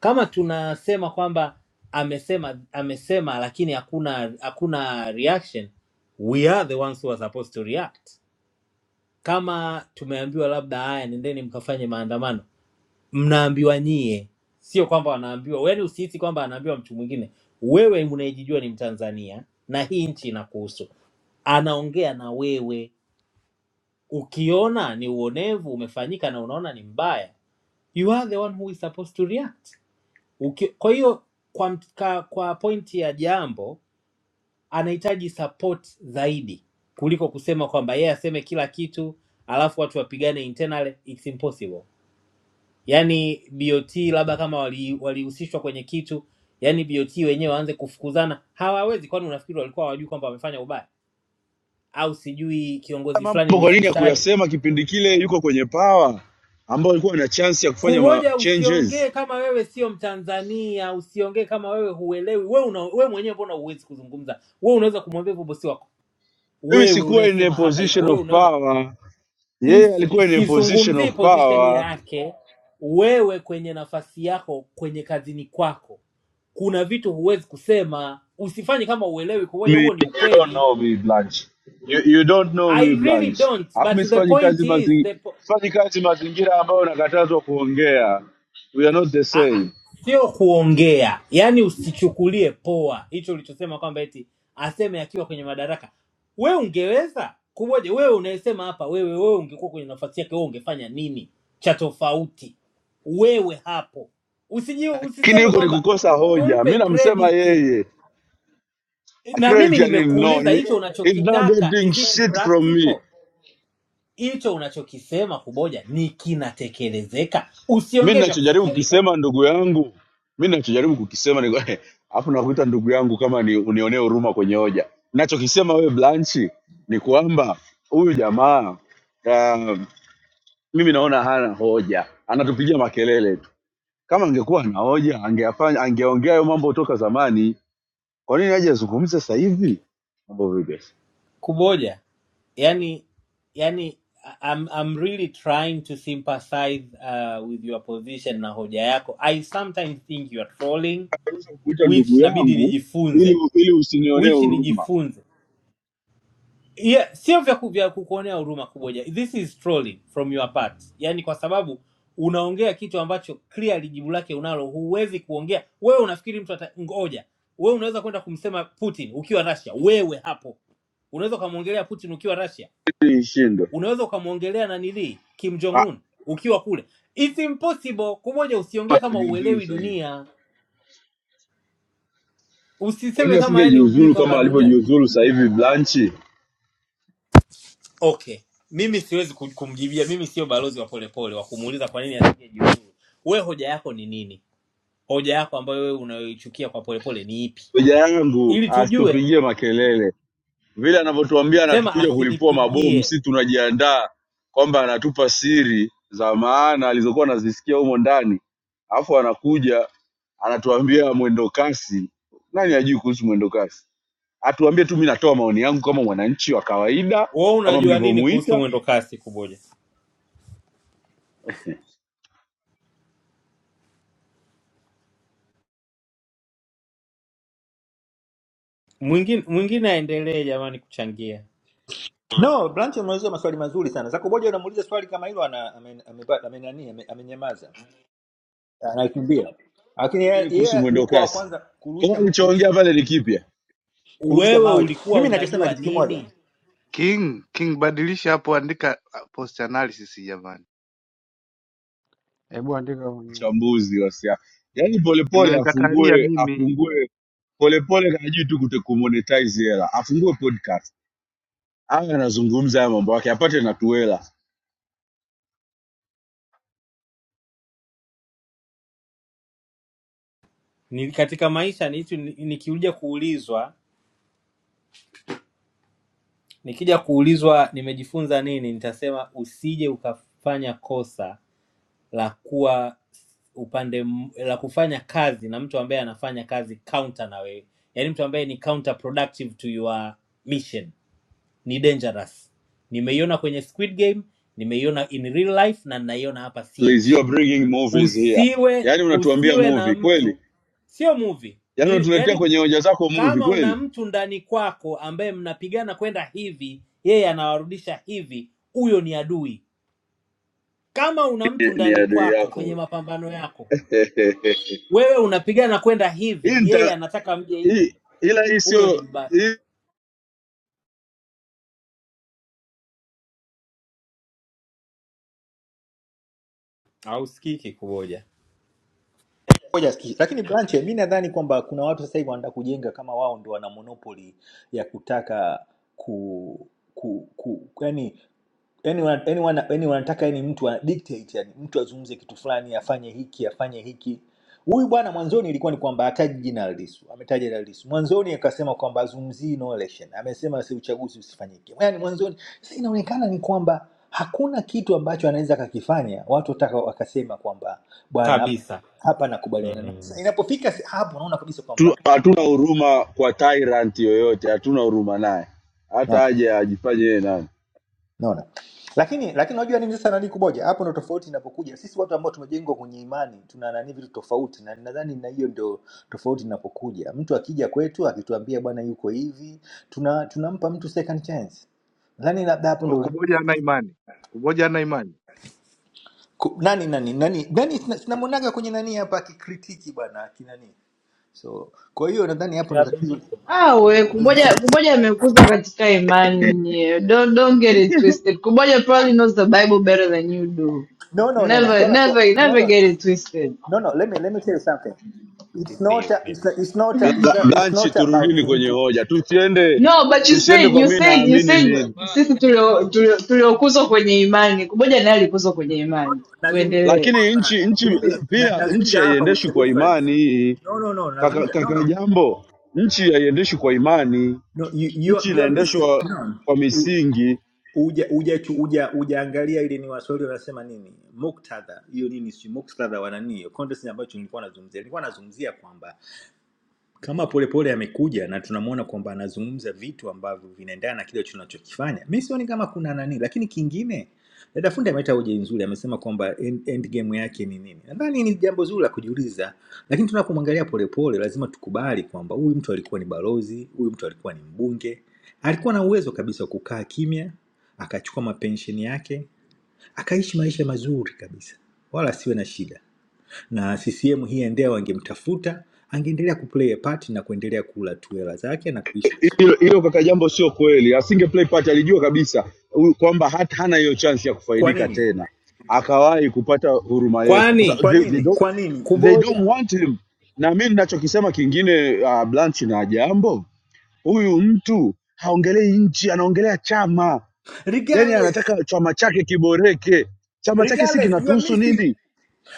[SPEAKER 9] kama tunasema kwamba amesema amesema, lakini hakuna hakuna reaction, we are the ones who are supposed to react. Kama tumeambiwa labda, haya, nendeni mkafanye maandamano, mnaambiwa nyie, sio kwamba wanaambiwa. Yaani usihisi kwamba anaambiwa mtu mwingine. Wewe unayejijua ni Mtanzania na hii nchi inakuhusu, anaongea na wewe. Ukiona ni uonevu umefanyika na unaona ni mbaya, you are the one who is supposed to react Uki, kwa hiyo kwa, mt- ka, kwa pointi ya jambo anahitaji support zaidi kuliko kusema kwamba yeye aseme kila kitu alafu watu wapigane internal, it's impossible. Yaani BOT labda kama walihusishwa wali walihusishwa kwenye kitu, yaani BOT wenyewe waanze kufukuzana, hawawezi. Kwani unafikiri walikuwa hawajui kwamba wamefanya ubaya, au sijui
[SPEAKER 7] Haya
[SPEAKER 9] kiongozi fulani
[SPEAKER 7] Mambo
[SPEAKER 9] ni
[SPEAKER 7] kwa nini
[SPEAKER 9] fisadi?
[SPEAKER 7] hakuyasema kipindi kile yuko kwenye power, ambao alikuwa na chance ya kufanya ma
[SPEAKER 9] Kumoja, usiongee
[SPEAKER 7] changes?
[SPEAKER 9] kama wewe sio Mtanzania, usiongee kama wewe huelewi. Wewe una, wewe mwenyewe mbona huwezi kuzungumza? Wewe unaweza kumwambia hivyo bosi wako,
[SPEAKER 7] Mimi
[SPEAKER 9] wewe
[SPEAKER 7] sikuwa in a
[SPEAKER 9] unayesema hapa hivyo,
[SPEAKER 7] position
[SPEAKER 9] wewe
[SPEAKER 7] of
[SPEAKER 9] unaweza
[SPEAKER 7] power, yeye
[SPEAKER 9] Is-
[SPEAKER 7] alikuwa in a position
[SPEAKER 9] sizungumzii
[SPEAKER 7] of
[SPEAKER 9] position
[SPEAKER 7] power.
[SPEAKER 9] yake. Wewe kwenye nafasi yako, kwenye kazini kwako, kuna vitu huwezi kusema. Usifanye kama uelewi. Kumoja,
[SPEAKER 7] me.
[SPEAKER 9] huo ni
[SPEAKER 7] You don't
[SPEAKER 9] ukweli.
[SPEAKER 7] know me, Blanche. You, you don't know me,
[SPEAKER 9] I really
[SPEAKER 7] Blanche.
[SPEAKER 9] don't
[SPEAKER 7] Alafu
[SPEAKER 9] but
[SPEAKER 7] mi
[SPEAKER 9] the
[SPEAKER 7] sifanyi
[SPEAKER 9] point
[SPEAKER 7] kazi
[SPEAKER 9] is
[SPEAKER 7] mazi
[SPEAKER 9] the, po-
[SPEAKER 7] sifanyi kazi mazingira ambayo nakatazwa kuongea. We are not the
[SPEAKER 9] Ah, ah,
[SPEAKER 7] same.
[SPEAKER 9] sio kuongea, yaani usichukulie poa hicho ulichosema kwamba eti aseme akiwa kwenye madaraka. We ungeweza kuboje? Wewe unayesema hapa, wewe wewe ungekuwa kwenye nafasi yake, wewe ungefanya nini cha tofauti? Wewe hapo usiji,
[SPEAKER 7] Kini
[SPEAKER 9] usiseme
[SPEAKER 7] yuko ni
[SPEAKER 9] kwamba
[SPEAKER 7] kukosa hoja.
[SPEAKER 9] tumpe
[SPEAKER 7] Mi namsema
[SPEAKER 9] credit.
[SPEAKER 7] yeye.
[SPEAKER 9] Na
[SPEAKER 7] Credit
[SPEAKER 9] mimi
[SPEAKER 7] ya nini? No,
[SPEAKER 9] nimekuuliza
[SPEAKER 7] he,
[SPEAKER 9] hicho
[SPEAKER 7] he's not
[SPEAKER 9] unachokitaka,
[SPEAKER 7] getting
[SPEAKER 9] is it
[SPEAKER 7] shit from me.
[SPEAKER 9] practical? Hicho unachokisema kuboja ni kinatekelezeka?
[SPEAKER 7] Mi
[SPEAKER 9] Usiongee vya
[SPEAKER 7] nachojaribu
[SPEAKER 9] kufikirika.
[SPEAKER 7] kukisema ndugu yangu, mi nachojaribu kukisema ni kwa- *laughs* alafu nakuita ndugu yangu kama ni unionee huruma kwenye hoja. Nachokisema wewe Blanchi ni kwamba huyu jamaa um, mimi naona hana hoja, anatupigia makelele tu. Kama angekuwa na hoja angeyafanya, angeongea hayo mambo toka zamani. Kwa nini aje azungumze sasa hivi mambo vipi?
[SPEAKER 9] kumoja yani yani I'm, I'm really trying to sympathize uh, with your position na hoja yako i sometimes think you are trolling
[SPEAKER 7] Naweza kukuita
[SPEAKER 9] which
[SPEAKER 7] ndugu
[SPEAKER 9] inabidi
[SPEAKER 7] yangu ili
[SPEAKER 9] nijifunze
[SPEAKER 7] ili usinionee
[SPEAKER 9] which
[SPEAKER 7] huruma.
[SPEAKER 9] nijifunze yeah, sio vya ku- vya kukuonea huruma kumoja this is trolling from your part yani kwa sababu unaongea kitu ambacho clearly jibu lake unalo huwezi kuongea wewe unafikiri mtu ata ngoja wewe unaweza kwenda kumsema putin ukiwa russia wewe hapo unaweza ukamwongelea putin ukiwa russia
[SPEAKER 7] Hii Shindo
[SPEAKER 9] unaweza ukamwongelea nanilii Kim Jong
[SPEAKER 7] Ah,
[SPEAKER 9] Un ukiwa kule. It's impossible. Kumoja, usiongee kama
[SPEAKER 7] ajiuzuru
[SPEAKER 9] uelewi
[SPEAKER 7] sasa hivi.
[SPEAKER 9] dunia,
[SPEAKER 7] Kwa
[SPEAKER 9] usiseme
[SPEAKER 7] nini
[SPEAKER 9] kama yani hujui
[SPEAKER 7] asingejiuzuru
[SPEAKER 9] kwamba
[SPEAKER 7] kama
[SPEAKER 9] dunia.
[SPEAKER 7] alivyojiuzuru sasa hivi Blanchi?
[SPEAKER 9] Okay, mimi siwezi ku- kumjibia, mimi sio balozi wa polepole wa kumuuliza kwa nini anaingia juu. Wewe hoja yako ni nini? Hoja yako ambayo wewe unayoichukia kwa polepole ni ipi,
[SPEAKER 7] Hoja yangu
[SPEAKER 9] ili tujue.
[SPEAKER 7] asitupigie makelele. vile anavyotuambia
[SPEAKER 9] Sema
[SPEAKER 7] anatukuja kulipua mabomu,
[SPEAKER 9] asinipigie.
[SPEAKER 7] si tunajiandaa kwamba anatupa siri za maana alizokuwa anazisikia humo ndani, alafu anakuja anatuambia mwendo kasi. Nani ajui kuhusu mwendo kasi? Atuambie tu, mi natoa maoni yangu kama mwananchi wa kawaida,
[SPEAKER 9] Wewe
[SPEAKER 7] kama
[SPEAKER 9] unajua nini kuhusu
[SPEAKER 7] mlivyomuita
[SPEAKER 9] mwendo kasi? Kumoja, mwingine mwingine aendelee jamani kuchangia.
[SPEAKER 10] No, Blanche ameuliza maswali mazuri sana. Zako Boja unamuuliza swali kama hilo ana- amenani ame- ameba- ame- nani, ame- amenyamaza. Anakimbia. Lakini yeye
[SPEAKER 7] eh, kuhusu
[SPEAKER 10] yeye
[SPEAKER 7] mwendo
[SPEAKER 10] yuko wa
[SPEAKER 7] kasi.
[SPEAKER 10] kwanza
[SPEAKER 7] Kama
[SPEAKER 10] kurusha kurusha
[SPEAKER 7] alichoongea pale ni kipya,
[SPEAKER 10] kurusha
[SPEAKER 9] Wewe
[SPEAKER 10] mawe tu.
[SPEAKER 9] ulikuwa
[SPEAKER 10] Mimi ninachosema
[SPEAKER 9] unajua
[SPEAKER 10] kitu
[SPEAKER 9] nini
[SPEAKER 10] kimoja.
[SPEAKER 8] King, King, badilisha hapo, andika uh, post analysis jamani,
[SPEAKER 3] Hebu andika mwenyewe,
[SPEAKER 7] uchambuzi wa siasa. Yaani polepole
[SPEAKER 8] inanikatalia
[SPEAKER 7] afungue
[SPEAKER 8] mimi
[SPEAKER 7] afungue polepole, hajui tu kumonetize hela, afungue podcast awe anazungumza haya mambo yake apate natuela
[SPEAKER 9] ni katika maisha ni hitu- ni- nikikuja kuulizwa nikija kuulizwa nimejifunza nini nitasema usije ukafanya kosa la kuwa upande m- la kufanya kazi na mtu ambaye anafanya kazi counter na wewe yaani mtu ambaye ni counter productive to your mission ni dangerous nimeiona kwenye squid game nimeiona in real life na ninaiona hapa
[SPEAKER 7] please you
[SPEAKER 9] ch
[SPEAKER 7] are bringing movies here
[SPEAKER 9] usiwe
[SPEAKER 7] yaani unatuambia
[SPEAKER 9] usiwe na
[SPEAKER 7] movie kweli
[SPEAKER 9] mtu sio movie
[SPEAKER 7] yaani
[SPEAKER 9] ni
[SPEAKER 7] unatuletea
[SPEAKER 9] yani
[SPEAKER 7] kwenye hoja zako movie
[SPEAKER 9] Kama una
[SPEAKER 7] kweli
[SPEAKER 9] mtu ndani kwako ambaye mnapigana kwenda hivi, yeye anawarudisha hivi, huyo ni adui. Kama una
[SPEAKER 7] ni,
[SPEAKER 9] mtu
[SPEAKER 7] ni
[SPEAKER 9] ndani
[SPEAKER 7] adui
[SPEAKER 9] kwako kwenye
[SPEAKER 7] yako
[SPEAKER 9] mapambano yako,
[SPEAKER 7] *laughs*
[SPEAKER 9] wewe unapigana kwenda
[SPEAKER 7] hii
[SPEAKER 9] hivi, yeye
[SPEAKER 7] nita-
[SPEAKER 9] anataka mje hivi,
[SPEAKER 7] hii- ila hii
[SPEAKER 9] huyo ni
[SPEAKER 7] sio
[SPEAKER 9] mbaya
[SPEAKER 7] hii
[SPEAKER 9] hausikiki kuboja
[SPEAKER 10] Ngoja sikie. Lakini Branche, mi nadhani kwamba kuna watu sasa hivi wanataka kujenga kama wao ndo wana monopoli ya kutaka ku, ku, ku yani yani wana- yani wana- yani wanataka yani mtu ana dictate yani mtu azungumze kitu fulani afanye hiki afanye hiki huyu bwana mwanzoni ilikuwa ni kwamba hataji jina la Lissu ametaja jina la Lissu mwanzoni akasema kwamba azungumzii no election amesema si uchaguzi usifanyike yani mwanzoni sasa inaonekana ni kwamba hakuna kitu ambacho anaweza akakifanya watu wataka wakasema kwamba bwana hapa
[SPEAKER 9] kabisa.
[SPEAKER 10] hapa nakubaliana naye
[SPEAKER 9] mm.
[SPEAKER 10] sasa inapofika se- hapo unaona kabisa kwamba
[SPEAKER 7] tu- hatuna huruma kwa tyrant yoyote hatuna huruma naye
[SPEAKER 10] "Ah,
[SPEAKER 7] hata aje ajifanye yeye nani
[SPEAKER 10] naona lakini lakini unajua nini sasa nani kuboja hapo ndo tofauti inapokuja sisi watu ambao tumejengwa kwenye imani tuna nani vitu tofauti na nadhani na hiyo ndio tofauti inapokuja mtu akija kwetu akituambia bwana yuko hivi tuna tunampa mtu second chance nadhani labda hapo
[SPEAKER 8] kwa
[SPEAKER 10] ndo
[SPEAKER 8] kuboja ana imani kuboja ana imani
[SPEAKER 10] ku- nani nani nani nani sina- sinamwonaga kwenye nani hapa akikritiki bwana akinani so kwa hiyo nadhani hapo ndo tatizo
[SPEAKER 9] Inabidi.
[SPEAKER 11] Awe,
[SPEAKER 10] li-
[SPEAKER 11] Kuboja
[SPEAKER 10] li-
[SPEAKER 11] Kuboja amekuzwa katika imani. Don't, don't get it twisted. Kuboja probably knows the Bible better than you do.
[SPEAKER 10] no no no no
[SPEAKER 11] Never,
[SPEAKER 10] swala sio
[SPEAKER 11] never,
[SPEAKER 10] no
[SPEAKER 11] never
[SPEAKER 10] no
[SPEAKER 11] get it twisted.
[SPEAKER 10] No, no. Let me let me tell you something. It's
[SPEAKER 9] simpe
[SPEAKER 10] not.
[SPEAKER 9] hiyo
[SPEAKER 10] A, it's,
[SPEAKER 9] credit
[SPEAKER 10] not- it's not. A,
[SPEAKER 7] Bla-
[SPEAKER 10] it's not.
[SPEAKER 7] bla-
[SPEAKER 10] It's
[SPEAKER 7] blanchi
[SPEAKER 10] not about
[SPEAKER 7] turudini kwenye
[SPEAKER 10] mtu.
[SPEAKER 7] hoja tusiende
[SPEAKER 11] No, but you said,
[SPEAKER 7] tusiende kwa
[SPEAKER 11] you
[SPEAKER 7] mi
[SPEAKER 11] said, you
[SPEAKER 7] naamini
[SPEAKER 11] said
[SPEAKER 7] nini
[SPEAKER 11] sisi tulio- tulio- tuliokuzwa kwenye imani. Kuboja naye alikuzwa kwenye imani.
[SPEAKER 10] Nazungumzia ni
[SPEAKER 11] Tuendelee.
[SPEAKER 7] lakini
[SPEAKER 10] kwamba
[SPEAKER 7] nchi nchi
[SPEAKER 10] mimi na-
[SPEAKER 7] pia nchi
[SPEAKER 10] nazungumza hapa with
[SPEAKER 7] haiendeshwi
[SPEAKER 10] a
[SPEAKER 7] kwa
[SPEAKER 10] difference.
[SPEAKER 7] imani hii.
[SPEAKER 10] No, no, no.
[SPEAKER 7] kaka,
[SPEAKER 10] Nazungumza. No,
[SPEAKER 7] kaka
[SPEAKER 10] no.
[SPEAKER 7] Jambo, nchi haiendeshwi kwa imani,
[SPEAKER 10] No, you, you,
[SPEAKER 7] nchi
[SPEAKER 10] are- you are missing.
[SPEAKER 7] inaendeshwa
[SPEAKER 10] No.
[SPEAKER 7] kwa
[SPEAKER 10] U-
[SPEAKER 7] misingi.
[SPEAKER 10] Uja uja chu- uja ujaangalia ile ni waswahili wanasema nini muktadha hiyo nini si muktadha wa nani hiyo context ambayo nilikuwa nazungumzia nilikuwa nazungumzia kwamba kama Polepole amekuja na tunamwona kwamba anazungumza vitu ambavyo vinaendana na kile tunachokifanya, mi sioni kama kuna nani. Lakini kingine, dada fundi ameleta hoja nzuri, amesema kwamba end, end game yake ni nini. Nadhani ni jambo zuri la kujiuliza, lakini tunapomwangalia Polepole lazima tukubali kwamba huyu mtu alikuwa ni balozi, huyu mtu alikuwa ni mbunge, alikuwa na uwezo kabisa wa kukaa kimya, akachukua mapensheni yake, akaishi maisha mazuri kabisa, wala asiwe na shida na CCM hii endeavor wangemtafuta angeendelea kuplay a part na kuendelea kula tu hela zake na kuishi. vizuri.
[SPEAKER 7] Hilo hilo kaka Jambo sio kweli, asinge play part, alijua kabisa huyu kwamba hata hana hiyo chance ya
[SPEAKER 10] Kwa
[SPEAKER 7] kufaidika
[SPEAKER 10] nini?
[SPEAKER 7] tena, akawahi kupata huruma yetu kwa
[SPEAKER 9] Kwani
[SPEAKER 7] sababu
[SPEAKER 10] Kwa
[SPEAKER 7] they, they
[SPEAKER 10] nini?
[SPEAKER 7] don't,
[SPEAKER 10] Kwa nini?
[SPEAKER 7] they don't
[SPEAKER 9] kuboja?
[SPEAKER 7] want him. Na mimi ninachokisema kingine, uh, Blanche na Jambo, huyu mtu haongelei nchi, anaongelea chama, yaani
[SPEAKER 10] Regardless,
[SPEAKER 7] anataka chama chake kiboreke. Chama chake si
[SPEAKER 10] regardless you are
[SPEAKER 7] kinatuhusu
[SPEAKER 10] missing.
[SPEAKER 7] nini?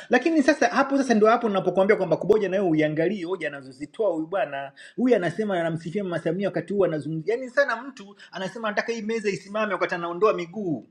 [SPEAKER 10] Lakini sasa hapo sasa ndio hapo ninapokuambia kwamba kuboja na wewe uiangalie hoja anazozitoa huyu bwana. Huyu anasema anamsifia Mama Samia wakati huu anazungumzia. Yaani sana mtu anasema anataka hii meza isimame wakati anaondoa miguu.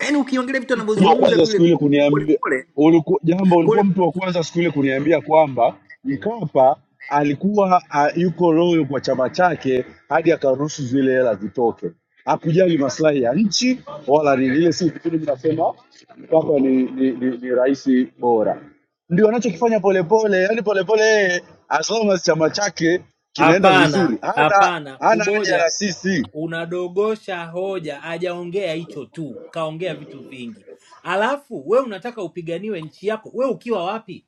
[SPEAKER 10] Yaani ukiongelea vitu
[SPEAKER 7] mtu wa
[SPEAKER 10] anavyozungumza
[SPEAKER 7] kwanza siku
[SPEAKER 10] vile
[SPEAKER 7] ile
[SPEAKER 10] polepole
[SPEAKER 7] kuniambia
[SPEAKER 10] pole,
[SPEAKER 7] uliku, jambo ulikuwa
[SPEAKER 10] pole
[SPEAKER 7] mtu wa kwanza siku ile kuniambia kwamba Mkapa alikuwa a, yuko loyo kwa chama chake hadi akaruhusu zile hela zitoke, hakujali maslahi ya nchi wala nini. Ile siku tu mnasema Mkapa ni, ni, ni, ni rais bora, ndio anachokifanya Polepole. Yani Polepole yeye as long as chama chake kinaenda
[SPEAKER 9] Hapana,
[SPEAKER 7] vizuri, hana
[SPEAKER 9] hapana.
[SPEAKER 7] hana haja
[SPEAKER 9] Kuboja
[SPEAKER 7] na sisi,
[SPEAKER 9] unadogosha hoja, hajaongea hicho tu, kaongea vitu vingi. Alafu we unataka upiganiwe nchi yako, we ukiwa wapi?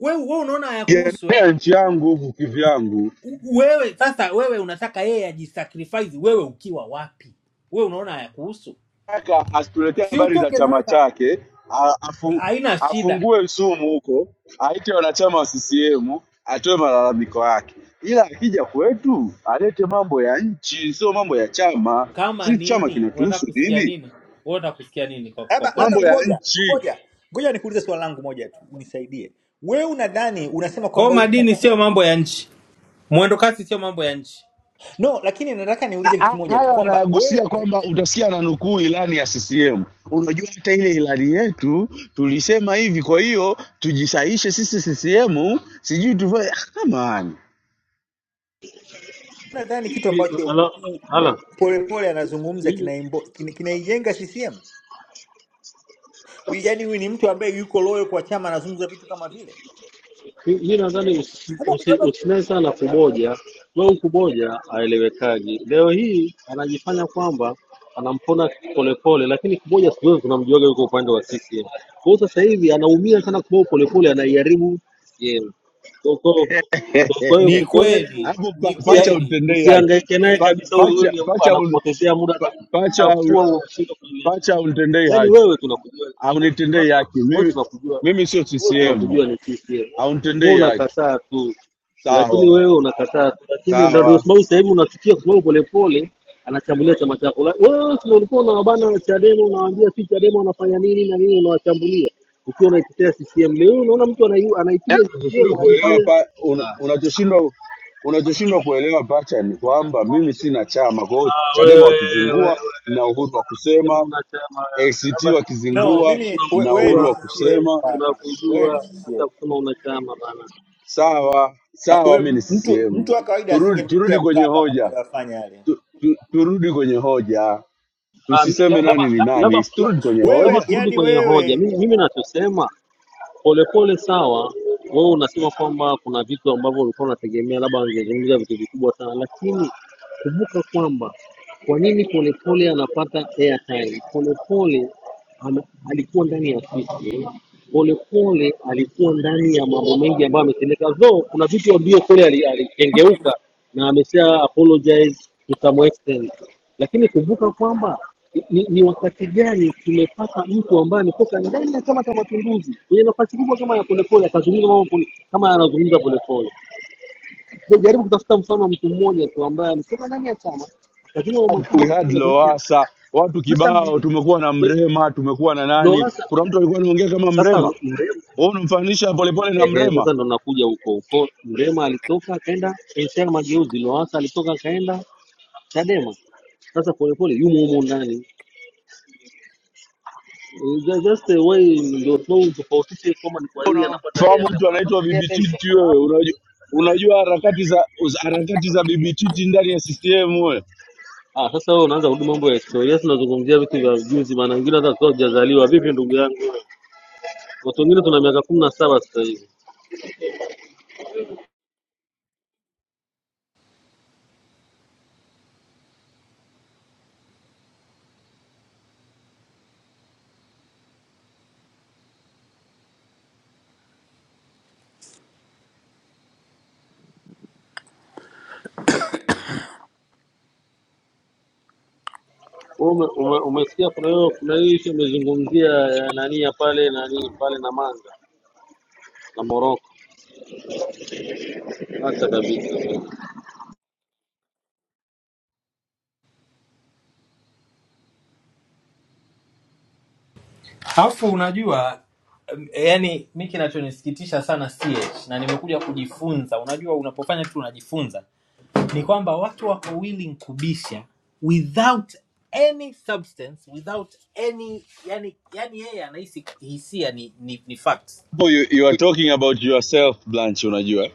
[SPEAKER 9] We, we unaona hayakuhusu eh?
[SPEAKER 7] pigania nchi yangu huku kivyangu
[SPEAKER 9] U- Wewe sasa, wewe unataka yeye ajisacrifice, wewe ukiwa wapi? We unaona hayakuhusu,
[SPEAKER 7] Kaka asituletee
[SPEAKER 9] si
[SPEAKER 7] habari za
[SPEAKER 9] utoke na wewe
[SPEAKER 7] chama
[SPEAKER 9] ka-
[SPEAKER 7] chake, a- afu-
[SPEAKER 9] haina shida.
[SPEAKER 7] afungue Msumu huko, aite wanachama wa CCM, atoe malalamiko yake, ila akija kwetu alete mambo ya nchi, sio mambo ya chama.
[SPEAKER 9] Kama
[SPEAKER 7] Si chama
[SPEAKER 9] nini unataka
[SPEAKER 7] kinatuhusu
[SPEAKER 9] kusikia
[SPEAKER 7] nini?
[SPEAKER 9] nini? Wewe unataka kusikia nini kwa, kwa
[SPEAKER 10] Labda
[SPEAKER 9] pole
[SPEAKER 10] labda
[SPEAKER 7] Mambo
[SPEAKER 9] pole?
[SPEAKER 7] ya
[SPEAKER 10] kuboja
[SPEAKER 7] nchi
[SPEAKER 10] kuboja, ngoja nikuulize swali langu moja tu, unisaidie. Wewe unadhani unasema
[SPEAKER 9] Kwa hiyo
[SPEAKER 10] kwamba u...
[SPEAKER 9] madini sio mambo ya nchi, mwendo kasi sio mambo ya nchi.
[SPEAKER 10] no, lakini nataka niulize
[SPEAKER 7] Na-
[SPEAKER 10] kitu
[SPEAKER 7] a-
[SPEAKER 10] kimoja tu
[SPEAKER 7] haya
[SPEAKER 10] kwamba
[SPEAKER 7] anayagusia
[SPEAKER 10] wewe
[SPEAKER 7] kwamba utasikia na nukuu ilani ya CCM. Unajua hata ile ilani yetu tulisema hivi, kwa hiyo tujisaishe sisi CCM, sijui tufanye. *laughs* Come on.
[SPEAKER 10] unadhani kitu
[SPEAKER 13] Mi-
[SPEAKER 10] ambacho
[SPEAKER 13] ala-
[SPEAKER 10] u-
[SPEAKER 13] ala,
[SPEAKER 10] Polepole anazungumza
[SPEAKER 13] mimi
[SPEAKER 10] kinaijenga kina kinaijenga CCM? Yaani huyu ni mtu ambaye yuko loyo kwa chama, anazungumza vitu kama vile
[SPEAKER 13] mi nadhani usi-
[SPEAKER 10] Labda-
[SPEAKER 13] usi-
[SPEAKER 10] labda-
[SPEAKER 13] usinae sana kuboja. Wewe kuboja aelewekaji. Leo hii anajifanya kwamba anampona polepole, lakini kuboja siku zote tunamjuaga yuko upande wa CCM. Kwa hiyo sasa hivi anaumia sana kwa sababu polepole, anaiharibu CCM. Kwa kwa- kwa- kwa
[SPEAKER 7] *laughs*
[SPEAKER 13] hiyo
[SPEAKER 9] Ni
[SPEAKER 13] kwa hiyo yaani
[SPEAKER 9] kweli,
[SPEAKER 13] usi-
[SPEAKER 7] hapo pa,
[SPEAKER 9] ni
[SPEAKER 7] pacha
[SPEAKER 13] usia-
[SPEAKER 9] kweli,
[SPEAKER 7] utendei haki
[SPEAKER 13] usihangaike naye
[SPEAKER 9] kweli
[SPEAKER 7] pa,
[SPEAKER 13] kabisa,
[SPEAKER 9] kabisa.
[SPEAKER 13] wewe wewe
[SPEAKER 7] pacha
[SPEAKER 13] ni-
[SPEAKER 7] pacha un-
[SPEAKER 13] anakupotezea muda,
[SPEAKER 7] pa, pacha un-
[SPEAKER 13] atachafua huo mshindo.
[SPEAKER 7] pacha unitendei
[SPEAKER 13] Yaani
[SPEAKER 7] haki
[SPEAKER 13] wewe tunakujua wewe wewe
[SPEAKER 7] aunitendei
[SPEAKER 13] tuna-
[SPEAKER 7] haki
[SPEAKER 13] wewe
[SPEAKER 7] mimi
[SPEAKER 13] tunakujua
[SPEAKER 7] mimi sio
[SPEAKER 13] wewe
[SPEAKER 7] CCM
[SPEAKER 13] tunakujua ni CCM. Wewe
[SPEAKER 7] aunitendei haki
[SPEAKER 13] unakataa tu. Lakini
[SPEAKER 7] sawa
[SPEAKER 13] wewe unakataa tu. Lakini ndio ndio
[SPEAKER 7] sawa
[SPEAKER 13] sababu sasa hivi unafikia kwa sababu polepole anachambulia chama chako. La- Wewe si ulikuwa unawabana Chadema unawaambia si Chadema wanafanya nini na nini unawachambulia. Ukiwa unaitetea CCM leo unaona mtu anai- anaipiga
[SPEAKER 7] Yaani
[SPEAKER 13] CCM
[SPEAKER 7] unachoshindwa kuelewa
[SPEAKER 13] anajifanya
[SPEAKER 7] pa, un, unachoshindwa unachoshindwa kuelewa pacha ni kwamba mimi sina chama kwa hiyo
[SPEAKER 13] Ah, wewe
[SPEAKER 7] Chadema
[SPEAKER 13] wewe wewe,
[SPEAKER 7] wakizingua na uhuru wa
[SPEAKER 13] unasema
[SPEAKER 7] kusema
[SPEAKER 13] una chama
[SPEAKER 7] ACT
[SPEAKER 13] labda
[SPEAKER 10] no,
[SPEAKER 13] labda
[SPEAKER 7] wakizingua
[SPEAKER 13] sisi
[SPEAKER 10] mimi we-
[SPEAKER 7] na
[SPEAKER 10] wewe
[SPEAKER 7] uhuru
[SPEAKER 10] ni
[SPEAKER 7] wa
[SPEAKER 13] tunakujua wewe
[SPEAKER 10] CCM
[SPEAKER 7] kusema
[SPEAKER 10] bwana, wewe ni
[SPEAKER 13] tunakujua hata
[SPEAKER 10] CCM.
[SPEAKER 13] kusema una chama bana.
[SPEAKER 7] sawa
[SPEAKER 10] Ah,
[SPEAKER 7] sawa
[SPEAKER 10] wewe
[SPEAKER 7] mimi ni
[SPEAKER 10] m- mtu
[SPEAKER 7] CCM
[SPEAKER 10] mtu wa kawaida
[SPEAKER 7] turudi turudi
[SPEAKER 10] asingemtetea
[SPEAKER 7] kwenye
[SPEAKER 10] Mkapa mambo
[SPEAKER 7] hoja
[SPEAKER 10] aliyofanya yale.
[SPEAKER 7] tu, tu, turudi kwenye hoja,
[SPEAKER 13] Ah, mi- la-
[SPEAKER 7] tusiseme nani
[SPEAKER 13] Labda
[SPEAKER 7] ni
[SPEAKER 13] la- labda
[SPEAKER 7] nani, turudi kwenye
[SPEAKER 13] labda
[SPEAKER 10] Wewe
[SPEAKER 7] hoja.
[SPEAKER 13] turudi
[SPEAKER 10] yani
[SPEAKER 13] kwenye hoja.
[SPEAKER 10] wewe
[SPEAKER 13] Mimi mimi nachosema polepole, sawa. Wewe unasema kwamba kuna vitu ambavyo ulikuwa unategemea labda angezungumza vitu vikubwa sana, lakini kumbuka kwamba kwa nini polepole anapata airtime? Polepole ana- alikuwa ndani ya ofisi Polepole alikuwa ndani ya mambo mengi ambayo ametendeka, though kuna vitu ambavyo kule ali- alikengeuka na amesha apologize to some extent, lakini kumbuka kwamba ni, ni wakati gani tumepata mtu ambaye ametoka ndani ya Chama cha Mapinduzi kwenye nafasi kubwa kama ya Polepole akazungumza mambo pole, kama anazungumza Polepole. So, jaribu kutafuta mfano wa mtu mmoja tu ambaye ametoka ndani ya chama akazungumza mambo makubwa
[SPEAKER 7] We
[SPEAKER 13] kama
[SPEAKER 7] had
[SPEAKER 13] anazungumza
[SPEAKER 7] Lowassa, watu
[SPEAKER 13] sasa.
[SPEAKER 7] kibao, tumekuwa na
[SPEAKER 13] Ndo-
[SPEAKER 7] Mrema, tumekuwa na nani.
[SPEAKER 13] Lowassa
[SPEAKER 7] Kuna mtu alikuwa anaongea kama
[SPEAKER 13] sasa
[SPEAKER 7] Mrema, wewe unamfananisha Polepole na
[SPEAKER 13] Ehe,
[SPEAKER 7] Mrema.
[SPEAKER 13] sasa ndo nakuja huko huko. Mrema alitoka akaenda NCCR Mageuzi, Lowassa alitoka akaenda Chadema. Sasa polepole yumo humo ndani. Eh, tha- That's the way ndio flow tofautishe kwamba ni kwa nini anapata
[SPEAKER 7] Unamfahamu
[SPEAKER 13] airtime.
[SPEAKER 7] mtu anaitwa
[SPEAKER 13] Anapata airtime kwa
[SPEAKER 7] Bibititi wewe?
[SPEAKER 13] sababu
[SPEAKER 7] Unajua, unajua harakati za za- harakati za Bibititi ndani ya CCM wewe.
[SPEAKER 13] Ah, sasa wewe unaanza kurudi mambo ya historia, Yes, tunazungumzia vitu vya juzi, maana wengine hata tukawa hujazaliwa. Vipi ndugu yangu? Watu wengine tuna miaka kumi na saba sasa hivi. Wewe ume- ume- Umesikia kuna hiyo kuna hiyo issue imezungumzia ya nani ya pale nani pale na manga na Morocco. Acha kabisa.
[SPEAKER 9] Alafu unajua em, yani mi kinachonisikitisha sana CH na nimekuja kujifunza, unajua unapofanya kitu unajifunza, ni kwamba watu wako willing kubisha without any substance, without any yani, yani yeye anahisi hisia ni, ni, ni facts
[SPEAKER 7] Hapo You, you are talking about yourself Blanche, unajua,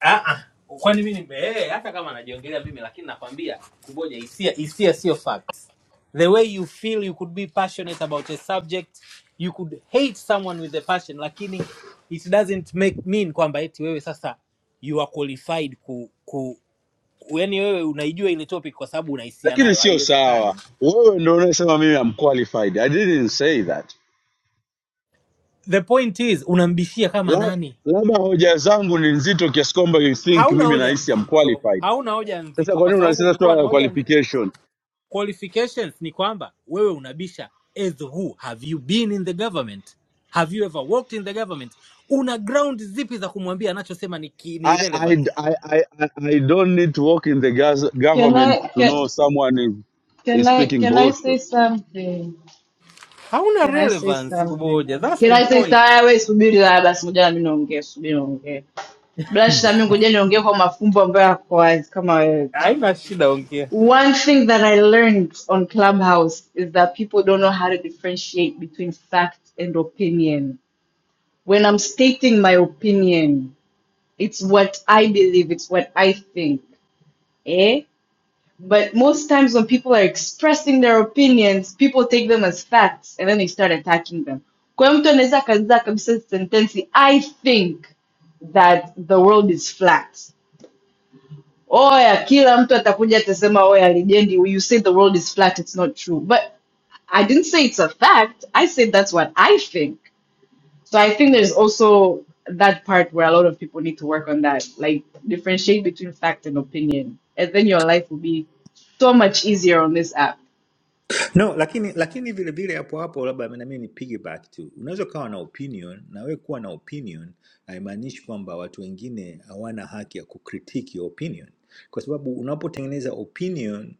[SPEAKER 9] Ah, ah. Kwani mimi nime eh, hata kama najiongelea mimi lakini nakwambia kuboja hisia hisia sio facts. The way you feel you could be passionate about a subject, you could hate someone with a passion lakini it doesn't make mean kwamba eti wewe sasa you are qualified ku, ku ku- yaani wewe unaijua ile topic kwa sababu unahisia
[SPEAKER 7] lakini
[SPEAKER 9] nayo,
[SPEAKER 7] sio
[SPEAKER 9] haiwezekani.
[SPEAKER 7] sawa. Wewe ndio unayesema mimi am qualified. I didn't say that.
[SPEAKER 9] The point is unambishia kama
[SPEAKER 7] La-
[SPEAKER 9] nani?
[SPEAKER 7] labda hoja zangu ni nzito kiasi kwamba you think
[SPEAKER 9] Hauna
[SPEAKER 7] mimi
[SPEAKER 9] hoja
[SPEAKER 7] nahisi am
[SPEAKER 9] nzito,
[SPEAKER 7] qualified.
[SPEAKER 9] hauna hoja
[SPEAKER 7] Sasa
[SPEAKER 9] nzito
[SPEAKER 7] kwa
[SPEAKER 9] kwa
[SPEAKER 7] nini
[SPEAKER 9] sababu
[SPEAKER 7] unalisema
[SPEAKER 9] ungekuwa
[SPEAKER 7] swala
[SPEAKER 9] na
[SPEAKER 7] la
[SPEAKER 9] hoja
[SPEAKER 7] qualification?
[SPEAKER 9] qualifications ni kwamba wewe unabisha as who have you been in the government have you ever worked in the government una ground zipi za kumwambia anachosema ni, ki- ni
[SPEAKER 7] I, I,
[SPEAKER 9] relevant
[SPEAKER 7] I, I, I I don't need to work in the gaz-
[SPEAKER 11] Can I,
[SPEAKER 7] government to
[SPEAKER 11] can,
[SPEAKER 7] know someone is,
[SPEAKER 11] can
[SPEAKER 7] is
[SPEAKER 11] I,
[SPEAKER 7] speaking
[SPEAKER 11] can I
[SPEAKER 7] bullshit.
[SPEAKER 11] say something?
[SPEAKER 9] hauna
[SPEAKER 11] Can I say
[SPEAKER 9] relevance
[SPEAKER 11] something?
[SPEAKER 9] kuboja thats
[SPEAKER 11] Can
[SPEAKER 9] the
[SPEAKER 11] I say
[SPEAKER 9] point
[SPEAKER 11] something? Wewe subiri la basi, ngoja na mimi naongea, subiri naongea. bila shida mi ngoja niongee kwa mafumbo ambayo yako wazi kama wewe tu.
[SPEAKER 9] haina shida ongea
[SPEAKER 11] One thing that I learned on Clubhouse is that people don't know how to differentiate between fact and opinion. When I'm stating my opinion, it's what I believe, it's what I think, eh? But most times when people are expressing their opinions, people take them as facts and then they start attacking them. Kwa hiyo mtu anaweza akaanza kabisa sentensi I think that the world is flat. oya kila mtu atakuja atasema oya legendi you say the world is flat it's not true but I didn't say it's a fact. I said that's what I think. So I think there's also that part where a lot of people need to work on that, like differentiate between fact and opinion, and then your life will be so much easier on this app.
[SPEAKER 10] no lakini lakini vile vile hapo hapo labda nami ni piggyback tu unaweza ukawa na opinion na wewe kuwa na opinion haimaanishi kwamba watu wengine hawana haki ya kukritik your opinion kwa sababu unapotengeneza opinion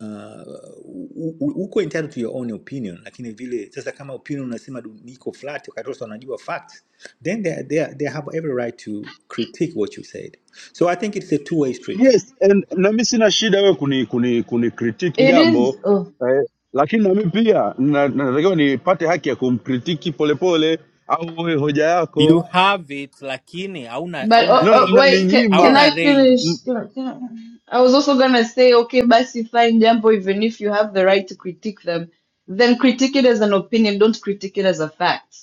[SPEAKER 10] uh, u- u- uko entitled to your own opinion lakini vile sasa kama opinion unasema du- niko flat wakati wote wanajua facts then they, they, they have every right to critique what you said so i think it's a two way street
[SPEAKER 7] Yes, and na mimi sina shida wewe kuni, kuni, kuni critique
[SPEAKER 11] It
[SPEAKER 7] jambo
[SPEAKER 11] is. Ugh.
[SPEAKER 7] eh, lakini na mimi pia na- natakiwa nipate haki ya kumkritiki polepole au wewe hoja yako.
[SPEAKER 9] you have it lakini hauna
[SPEAKER 11] But
[SPEAKER 9] hauna
[SPEAKER 11] oh,
[SPEAKER 7] Naona
[SPEAKER 11] oh
[SPEAKER 9] range
[SPEAKER 11] wait, can, can
[SPEAKER 7] mnaninyima
[SPEAKER 9] hauna
[SPEAKER 11] I
[SPEAKER 9] range
[SPEAKER 11] finish? Can- can- I was also gonna say, okay, basi fine, jambo, even if you have the right to critique them, then critique it as an opinion, don't critique it as a fact.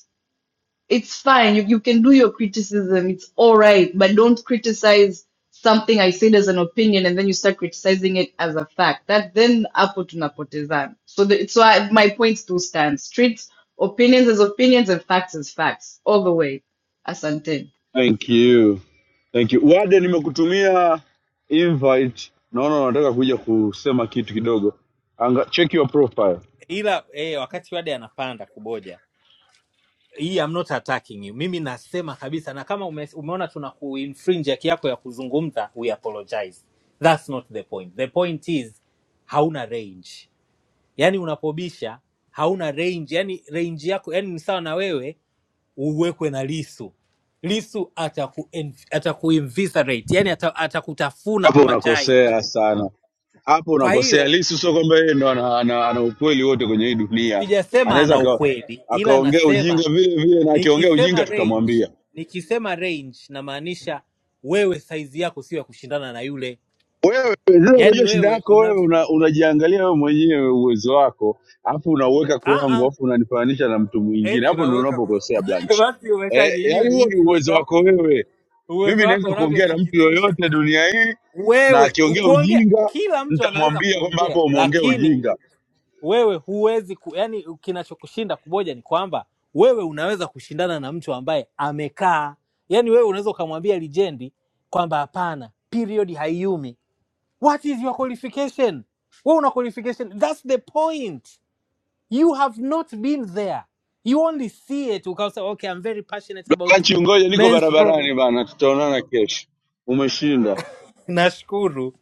[SPEAKER 11] It's fine, you, you can do your criticism, it's all right, but don't criticize something I said as an opinion and then you start criticizing it as a fact. That then hapo tunapotezana. So the, so I, my point still stands. Treat opinions as opinions and facts as facts all the way. Asante.
[SPEAKER 7] Thank you. Thank you. Wade nimekutumia invite. Naona unataka kuja kusema kitu kidogo. Anga, check your profile.
[SPEAKER 9] ila eh, wakati wade anapanda kuboja hii I'm not attacking you. Mimi nasema kabisa na kama ume, umeona tuna kuinfringe haki yako ya kuzungumza, we apologize. That's not the point. The point is hauna range. Yaani unapobisha hauna range. Yaani range yako yani ni sawa na wewe uwekwe na Lisu. Lisu ataku atakuinviscerate. Yaani ata- atakutafuna
[SPEAKER 7] Hapo
[SPEAKER 9] kama chai.
[SPEAKER 7] unakosea sana. Hapo
[SPEAKER 9] Kwa
[SPEAKER 7] unakosea.
[SPEAKER 9] hiyo
[SPEAKER 7] Lissu sio kwamba yeye ndo ana, ana, ana ukweli wote kwenye hii dunia.
[SPEAKER 9] sijasema
[SPEAKER 7] Anaweza
[SPEAKER 9] ana
[SPEAKER 7] aka-
[SPEAKER 9] ukweli ila
[SPEAKER 7] akaongea ujinga
[SPEAKER 9] nasema
[SPEAKER 7] vile vile na akiongea
[SPEAKER 9] Nikisema
[SPEAKER 7] ujinga
[SPEAKER 9] range,
[SPEAKER 7] tutamwambia.
[SPEAKER 9] nikisema range namaanisha wewe saizi yako sio ya kushindana na yule,
[SPEAKER 7] Wewe sasa,
[SPEAKER 9] yaani
[SPEAKER 7] unajua shida
[SPEAKER 9] wewe
[SPEAKER 7] yako wewe,
[SPEAKER 9] unavyo
[SPEAKER 7] una- unajiangalia wewe mwenyewe uwezo wako, alafu unauweka
[SPEAKER 9] ah
[SPEAKER 7] kwangu,
[SPEAKER 9] ah,
[SPEAKER 7] alafu unanifananisha na mtu mwingine.
[SPEAKER 9] eti
[SPEAKER 7] Hapo ndio
[SPEAKER 9] unaweka
[SPEAKER 7] unapokosea
[SPEAKER 9] *laughs*
[SPEAKER 7] Blanche.
[SPEAKER 9] basi,
[SPEAKER 7] Eh,
[SPEAKER 9] umeshajijua
[SPEAKER 7] yaani huo ni
[SPEAKER 9] jinsi uwezo
[SPEAKER 7] uwezo
[SPEAKER 9] wako
[SPEAKER 7] wako
[SPEAKER 9] ulivyo-
[SPEAKER 7] wewe.
[SPEAKER 9] uwezo
[SPEAKER 7] Mimi
[SPEAKER 9] wako
[SPEAKER 7] naweza kuongea na mtu
[SPEAKER 9] unavyosikitisha.
[SPEAKER 7] yoyote dunia hii, na
[SPEAKER 9] Wewe
[SPEAKER 7] akiongea
[SPEAKER 9] kuongea,
[SPEAKER 7] ujinga
[SPEAKER 9] kila mtu anaweza
[SPEAKER 7] nitamwambia kwamba
[SPEAKER 9] kuongea,
[SPEAKER 7] hapo umeongea
[SPEAKER 9] lakini
[SPEAKER 7] ujinga.
[SPEAKER 9] wewe huwezi ku, yani kinachokushinda kuboja ni kwamba wewe unaweza kushindana na mtu ambaye amekaa, yaani wewe unaweza ukamwambia lijendi kwamba hapana, period haiumi What is your qualification? Wewe una qualification. That's the point. You have not been there. You only see it because okay, I'm very passionate about
[SPEAKER 7] Blanche, ngoja niko
[SPEAKER 9] menstrual.
[SPEAKER 7] barabarani bana, tutaonana kesho. Umeshinda.
[SPEAKER 9] Nashukuru.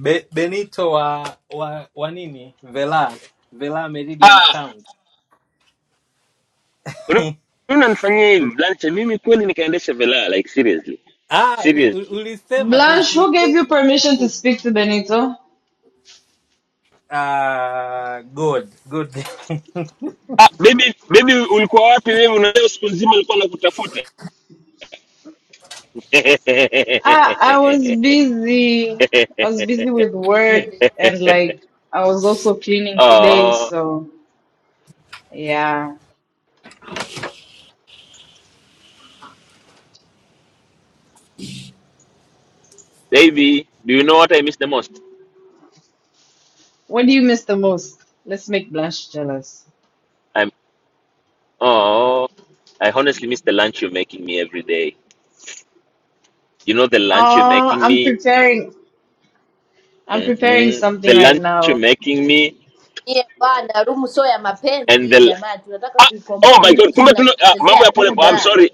[SPEAKER 9] Be, Benito wa, wa wa nini? Vela. Vela Meridian
[SPEAKER 14] ah
[SPEAKER 9] Sound.
[SPEAKER 14] una- unanifanyia
[SPEAKER 9] U-
[SPEAKER 14] hivi blanche mimi kweli nikaendesha velaa like seriously
[SPEAKER 9] Ah, u-
[SPEAKER 14] seriously
[SPEAKER 9] ulisema
[SPEAKER 11] Blanche, who gave you
[SPEAKER 9] tusiiteze kwa
[SPEAKER 11] permission to
[SPEAKER 9] kifupi.
[SPEAKER 11] speak to Benito?
[SPEAKER 9] Ah, good. Good. *laughs*
[SPEAKER 14] ah, baby baby ulikuwa wapi wewe unajua siku nzima alikuwa nakutafuta *laughs*
[SPEAKER 11] I I was busy. I was busy with work and like I was also cleaning today,
[SPEAKER 14] oh
[SPEAKER 11] so yeah.
[SPEAKER 14] baby do you know what i miss the most
[SPEAKER 11] What do you miss the most? Let's make Blanche jealous.
[SPEAKER 14] i'm oh i honestly miss the lunch you're making me every day you know the lunch you're
[SPEAKER 11] Oh,
[SPEAKER 14] making
[SPEAKER 11] I'm
[SPEAKER 14] me
[SPEAKER 11] preparing. I'm preparing
[SPEAKER 14] hmm
[SPEAKER 11] something
[SPEAKER 14] the
[SPEAKER 11] right
[SPEAKER 14] lunch
[SPEAKER 11] now.
[SPEAKER 14] you're making me
[SPEAKER 15] nyie bwana, rumu sio ya
[SPEAKER 14] and the
[SPEAKER 15] mapenzi
[SPEAKER 14] l-
[SPEAKER 15] jamani, tunataka
[SPEAKER 14] ah,
[SPEAKER 15] tuikomboe
[SPEAKER 14] oh my god
[SPEAKER 15] nchi,
[SPEAKER 14] kumbe tuna ah, mambo
[SPEAKER 15] mnatupotezea
[SPEAKER 14] ya pole I'm
[SPEAKER 15] muda.
[SPEAKER 14] sorry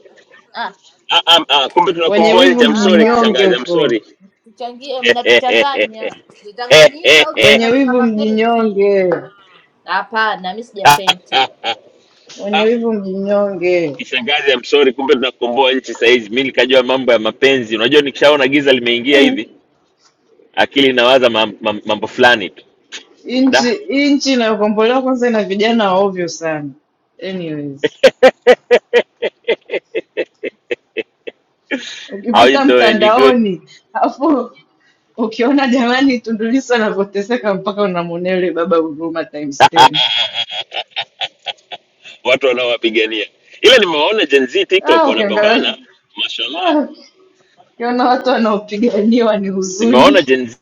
[SPEAKER 15] Ah,
[SPEAKER 14] Ah, ah, ah, kumbe
[SPEAKER 11] Wenye
[SPEAKER 14] tunakomboa
[SPEAKER 11] wivu
[SPEAKER 14] cha
[SPEAKER 15] ah,
[SPEAKER 14] msori
[SPEAKER 11] mjinyonge
[SPEAKER 14] kishangazi
[SPEAKER 15] bwana
[SPEAKER 14] I'm
[SPEAKER 11] huko.
[SPEAKER 14] sorry.
[SPEAKER 15] tuchangie, mnatuchanganya. Zitanganyika au
[SPEAKER 11] Wenye
[SPEAKER 15] zitanganyika
[SPEAKER 11] wivu
[SPEAKER 15] mapenzi?
[SPEAKER 11] mjinyonge.
[SPEAKER 15] Hapana, mi sijapenta,
[SPEAKER 11] Wenye
[SPEAKER 14] *laughs*
[SPEAKER 11] wivu mjinyonge.
[SPEAKER 14] kishangazi msori kumbe tunakomboa nchi sahizi mi nikajua mambo ya mapenzi unajua nikishaona giza limeingia hivi akili inawaza mam, mam, mambo fulani tu
[SPEAKER 11] Inchi
[SPEAKER 14] da
[SPEAKER 11] inchi inayokombolewa kwanza ina vijana ovyo sana. Anyways.
[SPEAKER 14] how you
[SPEAKER 11] ukipita
[SPEAKER 14] doing you good
[SPEAKER 11] mtandaoni alafu ukiona jamani Tundu Lissu anavyoteseka mpaka unamwonea yule baba huruma times 10.
[SPEAKER 14] watu wanaowapigania ila nimewaona Gen Z tiktok
[SPEAKER 11] Ah, ukiangalia
[SPEAKER 14] wanapambana mashallah
[SPEAKER 11] ah, ukiona watu wanaopiganiwa ni
[SPEAKER 14] nimewaona
[SPEAKER 11] huzuni.
[SPEAKER 14] Gen Z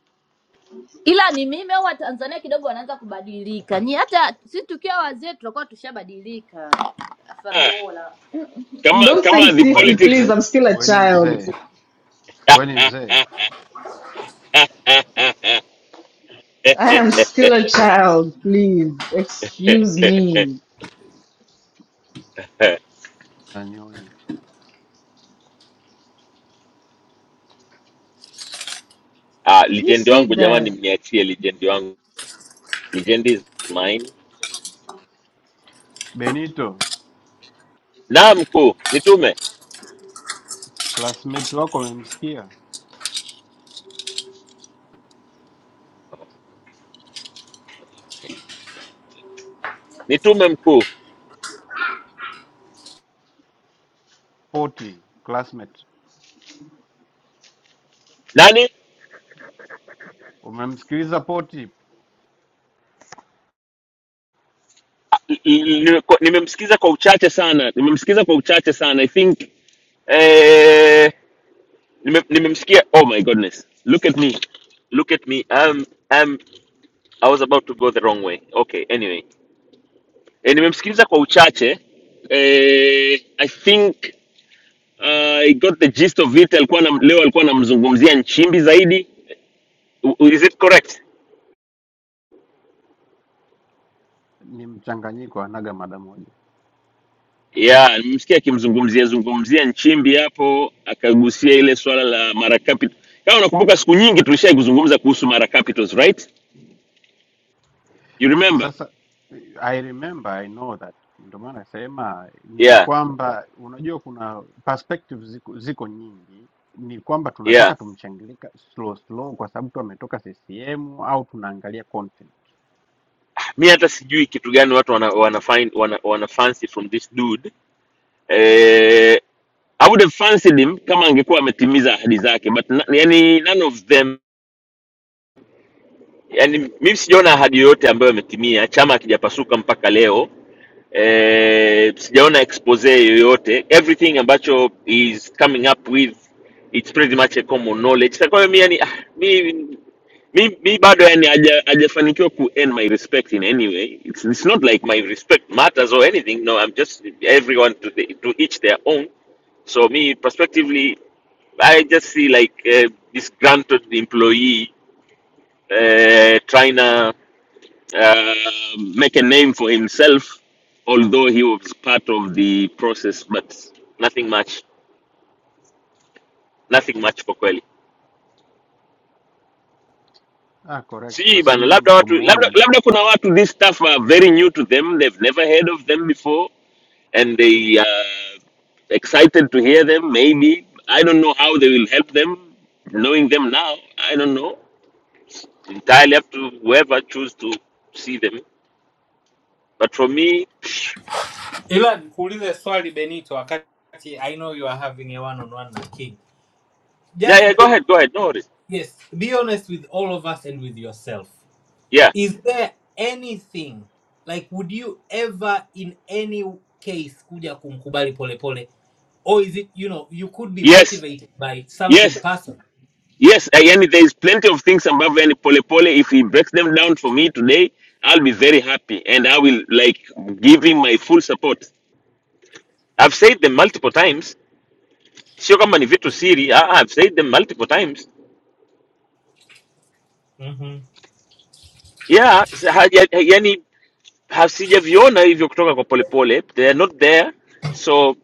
[SPEAKER 15] ila ni mimi au Watanzania kidogo wanaanza kubadilika. Ni hata sisi tukiwa wazee tutakuwa tushabadilika.
[SPEAKER 14] Ah,
[SPEAKER 15] Fabiola
[SPEAKER 14] kama
[SPEAKER 11] Don't say
[SPEAKER 14] kama the
[SPEAKER 3] we
[SPEAKER 11] sissy,
[SPEAKER 3] ni
[SPEAKER 11] please,
[SPEAKER 3] mzee,
[SPEAKER 14] politics
[SPEAKER 11] I'm still a
[SPEAKER 3] we ni
[SPEAKER 11] child.
[SPEAKER 3] mzee, we ni mzee.
[SPEAKER 11] I am still a child, please. Excuse me.
[SPEAKER 14] eh,
[SPEAKER 3] Nanyonye
[SPEAKER 14] ah,
[SPEAKER 11] Who
[SPEAKER 14] lijendi
[SPEAKER 11] said
[SPEAKER 14] wangu jamani
[SPEAKER 11] that.
[SPEAKER 14] mniachie lijendi wangu Legendi is mine.
[SPEAKER 3] Benito,
[SPEAKER 14] Na mkuu, nitume
[SPEAKER 3] classmate wako amemsikia
[SPEAKER 14] nitume mkuu.
[SPEAKER 3] poti classmate
[SPEAKER 14] Nani
[SPEAKER 3] Umemsikiliza Poti,
[SPEAKER 14] Nime- nimemsikiza kwa uchache sana, nimemsikiza kwa uchache sana. I think eh, nime- nimemsikia. Oh my goodness, look at me, look at me. Um, um, I was about to go the wrong way. Okay, anyway, eh, nimemsikiliza kwa uchache eh, I think uh, I got the gist of it. Alikuwa na, leo alikuwa anamzungumzia Nchimbi zaidi. Is it correct?
[SPEAKER 3] ni mchanganyiko, anaga mada moja.
[SPEAKER 14] ya nimemsikia akimzungumzia zungumzia Nchimbi hapo, akagusia ile swala la Mara Capital. Kama unakumbuka siku nyingi tulishai kuzungumza kuhusu Mara Capitals, right? You remember?
[SPEAKER 3] Sasa I remember, I know that, ndio maana nasema ni
[SPEAKER 14] yeah
[SPEAKER 3] kwamba unajua kuna perspectives ziko, ziko nyingi. Ni kwamba tunataka
[SPEAKER 14] yeah
[SPEAKER 3] tumshangilie ka- slow slow kwa sababu tu ametoka CCM au tunaangalia content?
[SPEAKER 14] mi hata sijui kitu gani watu wana, wana, find, wana, wana fancy from this dude eh, I would have fancied him kama angekuwa ametimiza ahadi zake but na, yani none of them yani mimi sijaona ahadi yoyote ambayo ametimia chama hakijapasuka mpaka leo eh, sijaona expose yoyote everything ambacho is coming up with it's pretty much a common knowledge Sasa kwa hiyo mi yani ah, mi mi, mi bado yani haja- hajafanikiwa ku earn my respect in any way it's, it's not like my respect matters or anything no i'm just everyone to, the, to each their own so me prospectively i just see like uh, this granted employee uh, trying to uh, make a name for himself, although he was part of the process, but nothing much, nothing much kwa kweli.
[SPEAKER 3] Ah, correct, kwa
[SPEAKER 14] Sijui
[SPEAKER 3] sababu
[SPEAKER 14] bana,
[SPEAKER 3] mimi
[SPEAKER 14] labda watu labda,
[SPEAKER 3] ninavyomuona ni
[SPEAKER 14] labda kuna watu this stuff are very new to them, they've never heard of them before and they are excited to hear them maybe. I don't know how they will help them knowing them now. I don't know. Entirely up to whoever choose to see them. But for me, *sniffs*
[SPEAKER 9] Ila nikuulize swali Benito wakati I know you are having a one on one na King.
[SPEAKER 14] yeah,
[SPEAKER 9] Just
[SPEAKER 14] yeah, go ahead, go ahead, no worries.
[SPEAKER 9] Yes, be honest with all of us and with yourself.
[SPEAKER 14] Yeah.
[SPEAKER 9] Is there anything like would you ever in any case kuja kumkubali polepole pole, or is it you know you could be
[SPEAKER 14] Yes.
[SPEAKER 9] motivated by something
[SPEAKER 14] Yes.
[SPEAKER 9] personal?
[SPEAKER 14] Yes, Ayani, there is plenty of things above any pole pole. If he breaks them down for me today, I'll be very happy and I will like give him my full support. I've said them multiple times. Sio kama ni vitu siri. ah, ah, I've said them multiple times.
[SPEAKER 9] hmm
[SPEAKER 14] Yeah, s- haja- yani ha- sijaviona hivyo kutoka kwa polepole. They are not there. So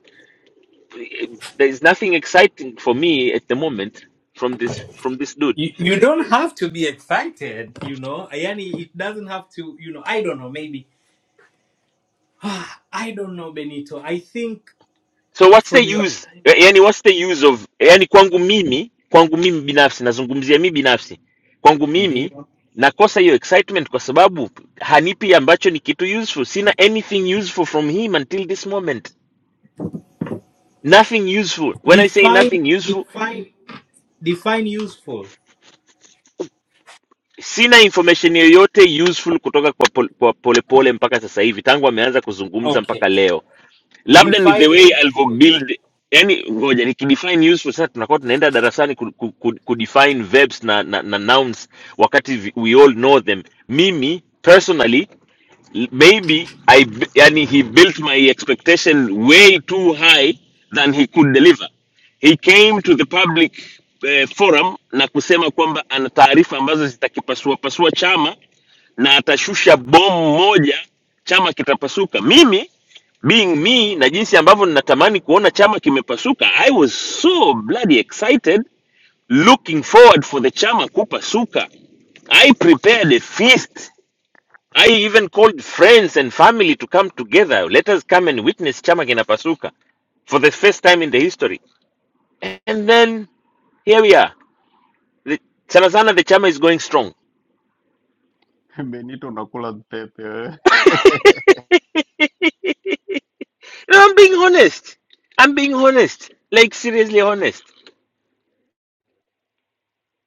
[SPEAKER 14] eh, there is nothing exciting for me at the moment from this from this dude.
[SPEAKER 9] You, you don't have to be excited, you know. Yani, it doesn't have to, you know. I don't know. Maybe *sighs* Ah, I don't know, Benito. I think
[SPEAKER 14] so what's the
[SPEAKER 9] from your
[SPEAKER 14] use Ya- yani what's the use of yani kwangu mimi kwangu mimi binafsi nazungumzia mimi binafsi kwangu mimi
[SPEAKER 9] Ndiyo.
[SPEAKER 14] nakosa hiyo excitement kwa sababu hanipi ambacho ni kitu useful sina anything useful from him until this moment nothing useful when i say
[SPEAKER 9] define
[SPEAKER 14] nothing useful
[SPEAKER 9] define define useful.
[SPEAKER 14] sina information yoyote useful kutoka kwa pol- kwa polepole mpaka sasa hivi tangu ameanza kuzungumza
[SPEAKER 9] Okay.
[SPEAKER 14] mpaka leo labda ni the
[SPEAKER 9] Define
[SPEAKER 14] way
[SPEAKER 9] useful.
[SPEAKER 14] alivyobuild yani ngoja nikidefine useful sasa tunakuwa tunaenda darasani ku, ku, ku, kudefine verbs na, na, na nouns wakati vi- we all know them mimi personally l- maybe I, b- yani he built my expectation way too high than he could deliver he came to the public eh, forum na kusema kwamba ana taarifa ambazo zitakipasua pasua chama na atashusha bomu moja, chama kitapasuka. Mimi being me na jinsi ambavyo ninatamani kuona chama kimepasuka, I was so bloody excited looking forward for the chama kupasuka. I prepared a feast. I even called friends and family to come together. Let us come and witness chama kinapasuka for the first time in the history. And then here we are. The, sana sana the chama is going strong.
[SPEAKER 3] *laughs* Benito unakula pepe wewe. *laughs*
[SPEAKER 14] No, I'm being honest. I'm being honest. Like seriously honest.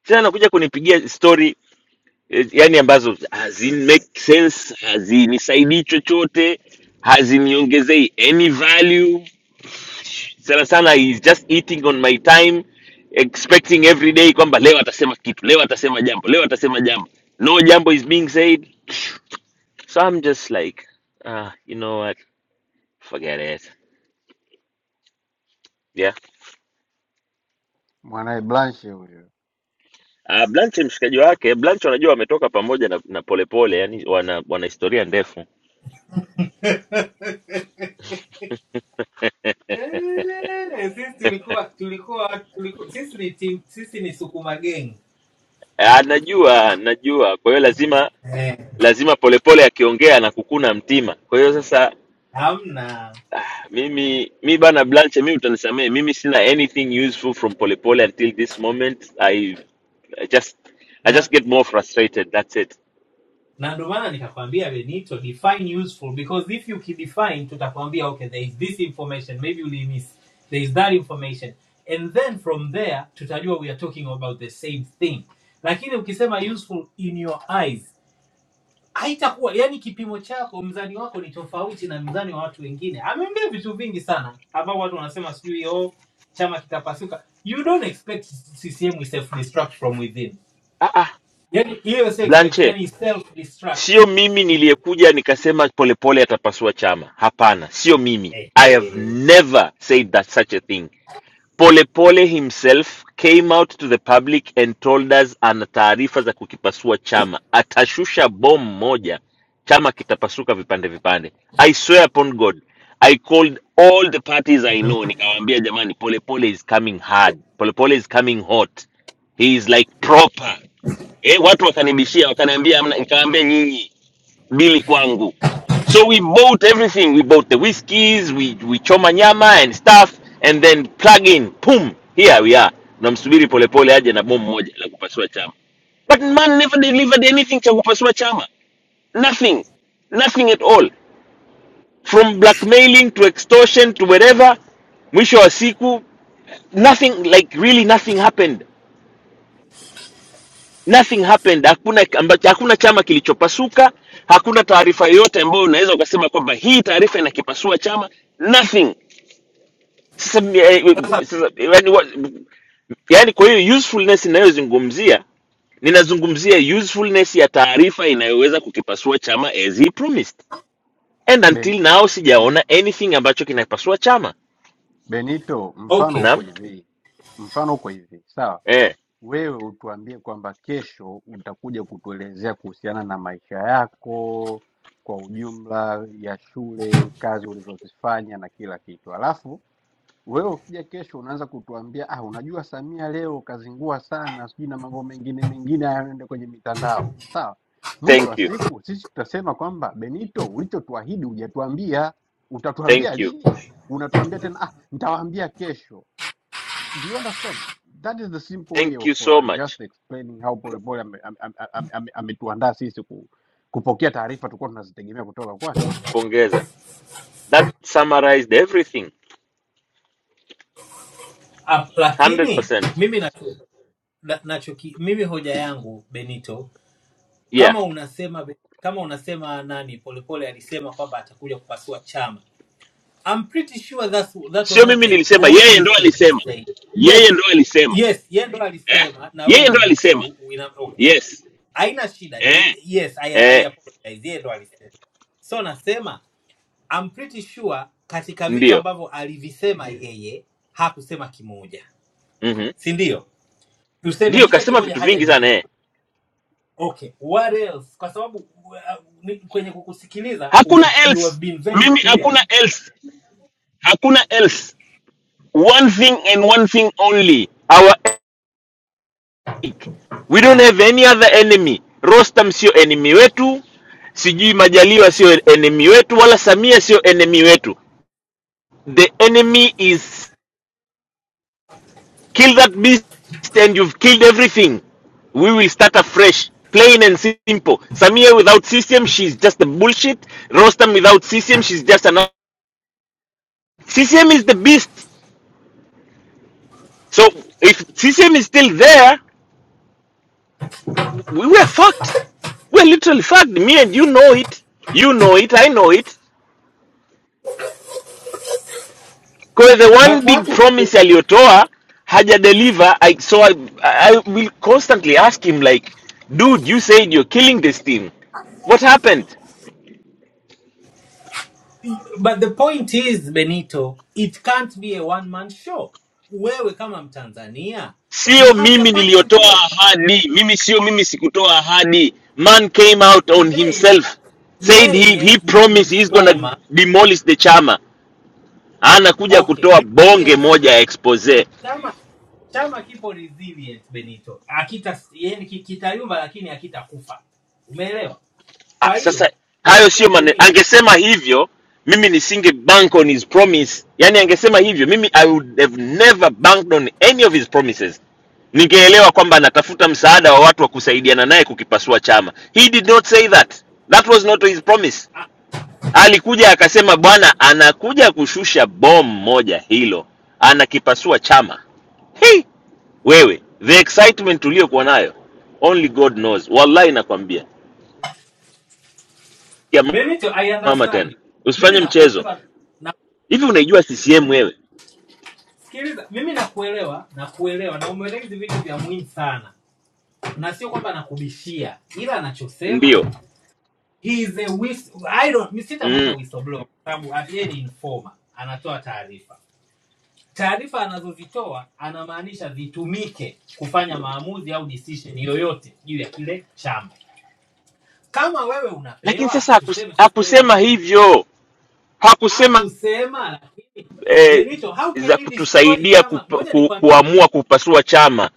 [SPEAKER 14] Tena nakuja kunipigia story eh, yani ambazo hazini make sense, hazinisaidii chochote, haziniongezei any value. Sana sana is just eating on my time expecting every day kwamba leo atasema kitu, leo atasema jambo, leo atasema jambo. No jambo is being said. So I'm just like, ah, you know what? Forget it. Yeah.
[SPEAKER 3] mwanaye Blanche huyo
[SPEAKER 14] Uh, Blanche mshikaji wake Blanche, wanajua wametoka pamoja na, na Polepole, yani wana, wana historia ndefu.
[SPEAKER 9] Eh, Sisi tulikuwa tulikuwa tulikuwa sisi ni team, sisi ni sukuma geng.
[SPEAKER 14] Ah, najua najua, kwa hiyo lazima
[SPEAKER 9] Eh,
[SPEAKER 14] lazima Polepole akiongea na kukuna mtima. Kwa hiyo sasa
[SPEAKER 9] hamna
[SPEAKER 14] mimi mi bana Blanche, mimi utanisamehe, mimi sina anything useful from Polepole until this moment. I, I just I just
[SPEAKER 9] na
[SPEAKER 14] get more frustrated, that's it.
[SPEAKER 9] na ndio maana nikakwambia Benito define useful because if you kidefine tutakwambia okay there is this information maybe you miss there is that information and then from there tutajua we are talking about the same thing. Lakini ukisema useful in your eyes haitakuwa yani, kipimo chako mzani wako ni tofauti na mzani wa watu wengine. Ameongea vitu vingi sana ambao watu wanasema sijui oh, chama kitapasuka. You don't expect CCM is self destruct from within,
[SPEAKER 14] Ah, ah,
[SPEAKER 9] yani hiyo si expect,
[SPEAKER 14] Blanche,
[SPEAKER 9] yani self destruct
[SPEAKER 14] sio mimi niliyekuja nikasema Polepole atapasua chama. Hapana, sio mimi. I have
[SPEAKER 9] Eh,
[SPEAKER 14] never said that such a thing. Pole Pole himself came out to the public and told us ana taarifa za kukipasua chama, atashusha bomu moja, chama kitapasuka vipande vipande. I swear upon God, I called all the parties I know, nikawaambia jamani, Pole Pole is coming hard, Pole Pole is coming hot, he is like proper. Eh, watu wakanibishia, wakaniambia, hamna- nikawaambia nyinyi really kwangu. So we bought everything. We bought the whiskeys, we we choma nyama and stuff, and then plug in, boom, here we are. Namsubiri polepole aje na bomu moja la kupasua chama. But man never delivered anything cha kupasua chama. Nothing. Nothing at all. From blackmailing to extortion to whatever, mwisho wa siku, nothing, like really nothing happened. nothing happened hakuna ambacho hakuna chama kilichopasuka hakuna taarifa yoyote ambayo unaweza ukasema kwamba hii taarifa inakipasua chama nothing sasa, m- eh, sasa yani, wa- yani kwa hiyo usefulness inayozungumzia ninazungumzia usefulness ya taarifa inayoweza kukipasua chama as he promised and
[SPEAKER 3] Ben,
[SPEAKER 14] until now
[SPEAKER 3] Be,
[SPEAKER 14] sijaona anything ambacho kinapasua chama
[SPEAKER 3] Benito, mfano
[SPEAKER 9] Okay.
[SPEAKER 3] uko
[SPEAKER 14] naam
[SPEAKER 3] hivi, mfano uko hivi sawa
[SPEAKER 14] eh,
[SPEAKER 3] wewe utuambie kwamba kesho utakuja kutuelezea kuhusiana na maisha yako kwa ujumla ya shule, kazi ulizozifanya na kila kitu. Alafu wewe ukija kesho unaanza kutuambia ah, unajua Samia leo kazingua sana, sijui na mambo mengine mengine yanayoenda kwenye mitandao. Sawa, mwisho wa
[SPEAKER 14] thank you
[SPEAKER 3] siku sisi tutasema kwamba Benito, ulichotuahidi hujatuambia. Utatuambia
[SPEAKER 14] thank you
[SPEAKER 3] lini? Unatuambia tena ah, nitawaambia kesho. Do you understand? That is the simple way
[SPEAKER 14] thank
[SPEAKER 3] of
[SPEAKER 14] you so
[SPEAKER 3] uh,
[SPEAKER 14] much
[SPEAKER 3] just explaining how polepole ametuandaa ame, ame, ame, ame ametuandaa sisi ku, kupokea taarifa tulikuwa tunazitegemea kutoka kwake.
[SPEAKER 14] pongeza that summarized everything
[SPEAKER 9] Uh, lakini
[SPEAKER 14] 100%
[SPEAKER 9] mimi nacho, na, nachoki, mimi hoja yangu Benito,
[SPEAKER 14] yeah
[SPEAKER 9] kama unasema kama unasema nani Polepole alisema kwamba atakuja kupasua chama, I'm pretty sure that's that was
[SPEAKER 14] sio
[SPEAKER 9] not
[SPEAKER 14] mimi
[SPEAKER 9] the
[SPEAKER 14] nilisema yeye
[SPEAKER 9] only
[SPEAKER 14] ndo
[SPEAKER 9] thing he
[SPEAKER 14] alisema
[SPEAKER 9] said.
[SPEAKER 14] yeye
[SPEAKER 9] Yes,
[SPEAKER 14] ndo alisema
[SPEAKER 9] yes, yeye ndo
[SPEAKER 14] eh?
[SPEAKER 9] alisema na wewe
[SPEAKER 14] yeye ndo alisema
[SPEAKER 9] umenukuu. ina- Okay,
[SPEAKER 14] yes
[SPEAKER 9] haina shida. Y-
[SPEAKER 14] eh?
[SPEAKER 9] Yes, I, I
[SPEAKER 14] Eh,
[SPEAKER 9] apologize. Yeye ndo alisema. So nasema I'm pretty sure katika vitu
[SPEAKER 14] ndio
[SPEAKER 9] ambavyo alivisema yeye hakusema kimoja,
[SPEAKER 14] mm
[SPEAKER 9] si ndio? Tuseme
[SPEAKER 14] ndio
[SPEAKER 9] hicho
[SPEAKER 14] kasema
[SPEAKER 9] kimoja
[SPEAKER 14] vitu
[SPEAKER 9] haja
[SPEAKER 14] vingi sana eh.
[SPEAKER 9] deliver. Okay, what else? Kwa sababu uh, ni- kwenye kukusikiliza ume,
[SPEAKER 14] hakuna
[SPEAKER 9] you have
[SPEAKER 14] else
[SPEAKER 9] been very
[SPEAKER 14] mimi
[SPEAKER 9] clear,
[SPEAKER 14] hakuna else hakuna else one thing and one thing only our enemy. we don't have any other enemy rostam sio enemy wetu sijui majaliwa sio enemy wetu wala samia sio enemy wetu the enemy is Kill that beast and you've killed everything. We will start afresh. Plain and simple. Samia without CCM, she's just a bullshit. Rostam without CCM, she's just another. CCM is the beast. So if CCM is still there, we were fucked. We're literally fucked. Me and you know it. You know it. I know it. Because the
[SPEAKER 9] but
[SPEAKER 14] one big
[SPEAKER 9] watu
[SPEAKER 14] promise aliyotoa haja deliver. I so I I will constantly ask him like, dude, you said you're killing this team. What happened?
[SPEAKER 9] but the point is benito it can't be a one man show wewe kama mtanzania you
[SPEAKER 14] sio
[SPEAKER 9] have your
[SPEAKER 14] mimi
[SPEAKER 9] part to
[SPEAKER 14] niliyotoa
[SPEAKER 9] play
[SPEAKER 14] ahadi mimi sio mimi sikutoa ahadi man came out on
[SPEAKER 9] yeye
[SPEAKER 14] himself said he,
[SPEAKER 9] yeye
[SPEAKER 14] he
[SPEAKER 9] ni
[SPEAKER 14] promised he's gonna
[SPEAKER 9] informer
[SPEAKER 14] demolish the chama anakuja
[SPEAKER 9] okay
[SPEAKER 14] kutoa bonge
[SPEAKER 9] resilience
[SPEAKER 14] moja ya expose
[SPEAKER 9] chama chama kipo resilient benito akita yeye ki- kitayumba lakini akitakufa umeelewa kwa
[SPEAKER 14] ah, sasa
[SPEAKER 9] hiyo point
[SPEAKER 14] hayo sio
[SPEAKER 9] hapo
[SPEAKER 14] maneno
[SPEAKER 9] ni
[SPEAKER 14] angesema hivyo mimi nisinge bank on his promise yani angesema hivyo mimi i would have never banked on any of his promises ningeelewa kwamba anatafuta msaada wa watu wa kusaidiana naye kukipasua chama he did not say that that was not his promise Alikuja akasema bwana anakuja kushusha bomu moja hilo, anakipasua chama. Hey, wewe the excitement uliyokuwa nayo only God knows. Wallahi nakwambia. Ya
[SPEAKER 9] benito i
[SPEAKER 14] mama
[SPEAKER 9] understand
[SPEAKER 14] tena.
[SPEAKER 9] you. mimi
[SPEAKER 14] Usifanye mchezo.
[SPEAKER 9] nakuelewa
[SPEAKER 14] Hivi unaijua CCM wewe?
[SPEAKER 9] nasikiliza mimi nakuelewa nakuelewa na umeeleza hizi vitu vya muhimu sana na sio kwamba nakubishia, ila anachosema
[SPEAKER 14] Ndio.
[SPEAKER 9] he is a whist I don't, mi sitamwita
[SPEAKER 14] Mm.
[SPEAKER 9] whistleblower kwa sababu at the end ni informer, anatoa taarifa. Taarifa anazozitoa anamaanisha zitumike kufanya maamuzi au decision yoyote juu ya kile chama. Kama wewe
[SPEAKER 14] Lakini
[SPEAKER 9] unapewa,
[SPEAKER 14] sasa hakus,
[SPEAKER 9] tuseme sasa wewe
[SPEAKER 14] hakusema
[SPEAKER 9] Benito
[SPEAKER 14] hivyo. Hakusema
[SPEAKER 9] akusema, lakini
[SPEAKER 14] eh,
[SPEAKER 9] Benito, how can
[SPEAKER 14] za
[SPEAKER 9] you destroy
[SPEAKER 14] kutusaidia
[SPEAKER 9] chama?
[SPEAKER 14] kupa,
[SPEAKER 9] Ngoja
[SPEAKER 14] ku,
[SPEAKER 9] nikwambie.
[SPEAKER 14] kuamua kupasua chama.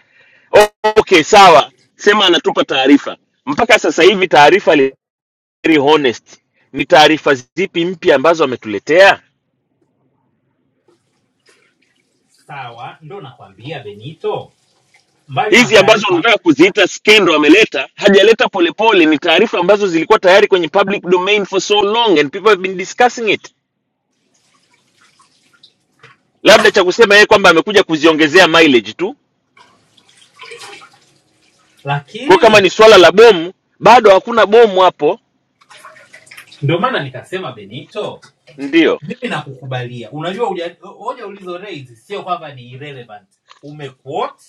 [SPEAKER 14] Okay, sawa. Sema anatupa taarifa. Mpaka sasa hivi taarifa very honest, ni taarifa zipi mpya ambazo ametuletea?
[SPEAKER 9] Sawa, ndo nakwambia Benito, mbali na
[SPEAKER 14] Hizi ambazo
[SPEAKER 9] taarifa,
[SPEAKER 14] unataka kuziita skendo ameleta, hajaleta polepole, ni taarifa ambazo zilikuwa tayari kwenye public domain for so long and people have been discussing it. Labda cha kusema yeye kwamba amekuja kuziongezea mileage tu. Kwa
[SPEAKER 9] lakini
[SPEAKER 14] kama ni swala la bomu, bado hakuna bomu hapo.
[SPEAKER 9] Ndio maana nikasema Benito,
[SPEAKER 14] Ndio,
[SPEAKER 9] mimi nakukubalia. Unajua hoja hoja ulizo raise sio kwamba ni irrelevant. Umequote,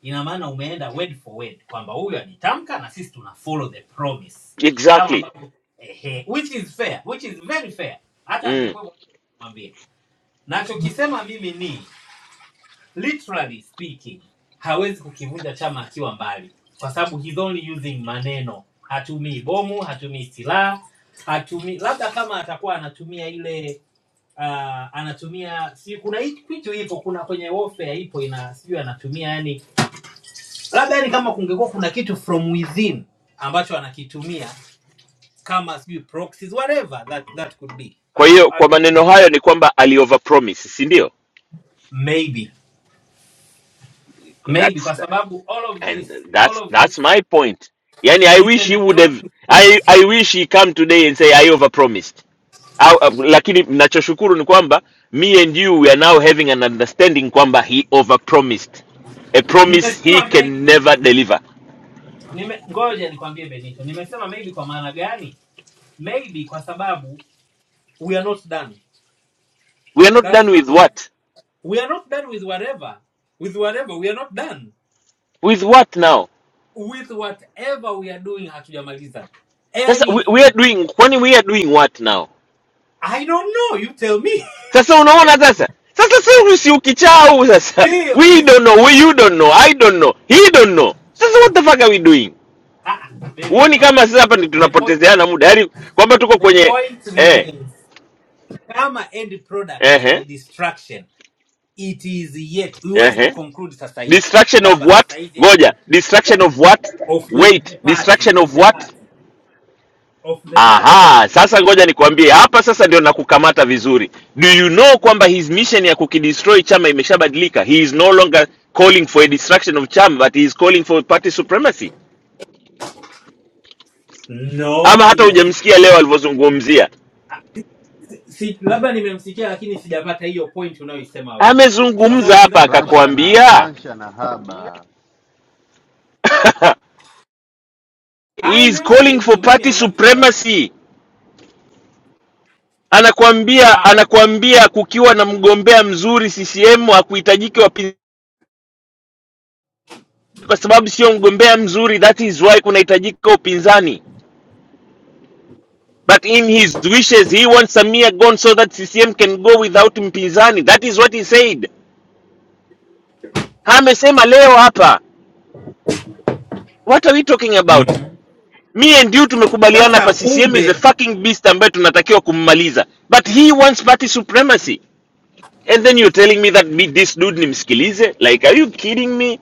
[SPEAKER 9] ina maana umeenda word for word kwamba huyu alitamka na sisi tuna follow the promise, kama
[SPEAKER 14] exactly.
[SPEAKER 9] ambavyo ehe, which is fair, which is very fair. Hata
[SPEAKER 14] Mm.
[SPEAKER 9] angekuwa mwambie nachokisema mimi ni literally speaking hawezi kukivunja chama akiwa mbali kwa sababu he's only using maneno hatumii bomu hatumii silaha hatumii labda kama atakuwa anatumia ile uh, anatumia si kuna hii kitu ipo kuna kwenye warfare ipo ina sijui anatumia yani labda yani kama kungekuwa kuna kitu from within ambacho anakitumia kama sijui proxies whatever that, that could be
[SPEAKER 14] Kwa hiyo kwa
[SPEAKER 9] Ataku-
[SPEAKER 14] maneno hayo ni kwamba ali overpromise, si ndio?
[SPEAKER 9] maybe maybe kwa
[SPEAKER 14] That's.
[SPEAKER 9] sababu all of
[SPEAKER 14] and
[SPEAKER 9] this all
[SPEAKER 14] that's
[SPEAKER 9] of this
[SPEAKER 14] that's my point yani i wish he would
[SPEAKER 9] Isendekelo
[SPEAKER 14] have
[SPEAKER 9] nzuri.
[SPEAKER 14] i i wish he come today and say i overpromised au, au- lakini nachoshukuru ni kwamba me and you we are now having an understanding kwamba he overpromised a promise he
[SPEAKER 9] Nimesema
[SPEAKER 14] can never
[SPEAKER 9] maybe.
[SPEAKER 14] deliver
[SPEAKER 9] Nime, ngoja nikwambie Benito. Nimesema maybe kwa maana gani? Maybe kwa sababu we are not done.
[SPEAKER 14] we are not
[SPEAKER 9] That's
[SPEAKER 14] done with
[SPEAKER 9] our,
[SPEAKER 14] what
[SPEAKER 9] we are not done with whatever. With whatever we are not done.
[SPEAKER 14] with what now
[SPEAKER 9] With whatever we are doing hatujamaliza.
[SPEAKER 14] sasa we, we are
[SPEAKER 9] Anything.
[SPEAKER 14] doing kwani we are doing what now
[SPEAKER 9] I don't know, you tell me.
[SPEAKER 14] sasa unaona sasa sasa si si ukichau
[SPEAKER 9] *laughs*
[SPEAKER 14] sasa
[SPEAKER 9] Ndio,
[SPEAKER 14] we don't know we,
[SPEAKER 9] nisikilize.
[SPEAKER 14] you don't know i don't know he don't know sasa what the fuck are we doing
[SPEAKER 9] Ah, ah,
[SPEAKER 14] huoni
[SPEAKER 9] Benito.
[SPEAKER 14] kama sasa hapa ndi
[SPEAKER 9] The point
[SPEAKER 14] tunapotezeana muda yaani kwamba tuko
[SPEAKER 9] the
[SPEAKER 14] kwenye
[SPEAKER 9] point
[SPEAKER 14] eh,
[SPEAKER 9] remains. Kama end product
[SPEAKER 14] eh,
[SPEAKER 9] ni distraction. it is yet huwezi
[SPEAKER 14] eh,
[SPEAKER 9] kuconclude sasa hivi
[SPEAKER 14] distraction of
[SPEAKER 9] kwamba sasa
[SPEAKER 14] what
[SPEAKER 9] hivi eti
[SPEAKER 14] ngoja distraction of what
[SPEAKER 9] of the, the
[SPEAKER 14] wait
[SPEAKER 9] party
[SPEAKER 14] distraction
[SPEAKER 9] of
[SPEAKER 14] of
[SPEAKER 9] the
[SPEAKER 14] what
[SPEAKER 9] party of the party
[SPEAKER 14] aha sasa ngoja nikwambie hapa sasa ndio nakukamata vizuri do you know kwamba his mission ya kukidestroy chama imeshabadilika he is no longer calling for a destruction of chama but he is calling for party supremacy
[SPEAKER 9] no
[SPEAKER 14] ama hata hujamsikia
[SPEAKER 9] sijasikia
[SPEAKER 14] leo alivyozungumzia
[SPEAKER 9] si, labda nimemsikia lakini sijapata hiyo point unayoisema wewe kwa sababu
[SPEAKER 14] amezungumza hapa
[SPEAKER 9] sidhani
[SPEAKER 3] Blanche na
[SPEAKER 14] akakwambia
[SPEAKER 3] Blanche na haba
[SPEAKER 14] *laughs*
[SPEAKER 9] Ah,
[SPEAKER 14] he is
[SPEAKER 9] endelea
[SPEAKER 14] calling for
[SPEAKER 9] benito mimi
[SPEAKER 14] party
[SPEAKER 9] i want to understand
[SPEAKER 14] supremacy. Anakuambia
[SPEAKER 9] how
[SPEAKER 14] anakuambia kukiwa na mgombea mzuri CCM hakuhitajiki wapinzani kwa sababu sio mgombea mzuri, that is why kunahitajika upinzani. But in his wishes he wants Samia gone so that CCM can go without mpinzani. That is what he said. Amesema leo hapa. What are we talking about? Me and you tumekubaliana
[SPEAKER 9] sasa
[SPEAKER 14] hapa CCM is a
[SPEAKER 9] kumbe
[SPEAKER 14] fucking beast ambaye tunatakiwa kummaliza. But he wants party supremacy. and then you're telling me that mi, this dude nimsikilize like are you kidding me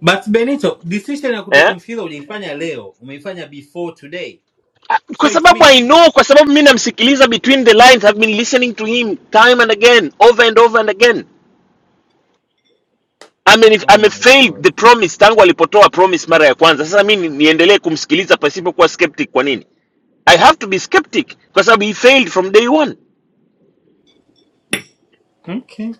[SPEAKER 9] but benito decision ya
[SPEAKER 14] eh?
[SPEAKER 9] kutokumsikiza uliifanya leo umeifanya before today
[SPEAKER 14] kwa
[SPEAKER 9] so it
[SPEAKER 14] sababu i
[SPEAKER 9] means
[SPEAKER 14] know kwa sababu mi namsikiliza between the lines i've been listening to him time and again over and over and again I I'm mean, if
[SPEAKER 9] oh
[SPEAKER 14] ame-
[SPEAKER 9] my
[SPEAKER 14] failed
[SPEAKER 9] god
[SPEAKER 14] the promise tangu alipotoa promise mara ya kwanza sasa mi ni- niendelee kumsikiliza pasipokuwa skeptic kwa nini i have to be skeptic kwa sababu he failed from day one.
[SPEAKER 9] Okay.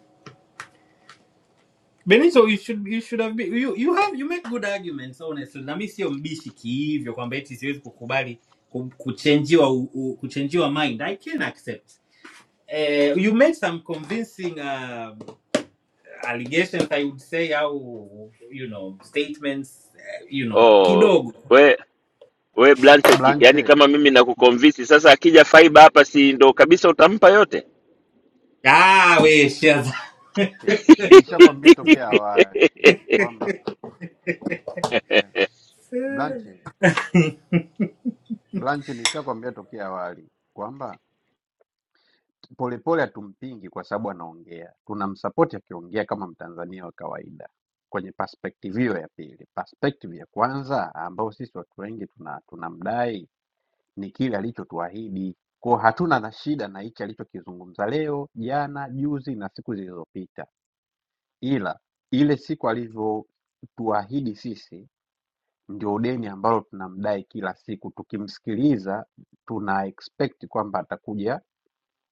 [SPEAKER 9] benito you should, you should have been, you, you have you make good arguments honestly na mi sio mbishi kihivyo kwamba eti siwezi kukubali ku- kuchenjiwa u- u- kuchenjiwa mind i can accept Eh, you made some convincing uh, allegations i would say au you know statements eh, you know
[SPEAKER 14] Oh,
[SPEAKER 9] kidogo
[SPEAKER 14] we we blanche uki, yani
[SPEAKER 3] Blanche,
[SPEAKER 14] kama mimi nakuconvince sasa akija fiber hapa si ndo kabisa utampa yote
[SPEAKER 9] ah, we shaza *laughs*
[SPEAKER 3] che,
[SPEAKER 9] Tuna-
[SPEAKER 3] nilishakwambia tokea awali kwamba yeah. Blanche, Blanche nilishakwambia tokea awali kwamba Polepole hatumpingi kwa sababu anaongea, tunamsapoti akiongea kama Mtanzania wa kawaida kwenye perspective hiyo ya pili. Perspective ya kwanza ambayo sisi watu wengi tuna tunamdai ni kile alichotuahidi, kwa hatuna na shida na hichi alichokizungumza leo, jana, juzi na siku zilizopita, ila ile siku alivyotuahidi sisi ndio deni ambalo tunamdai kila siku. Tukimsikiliza tuna expect kwamba atakuja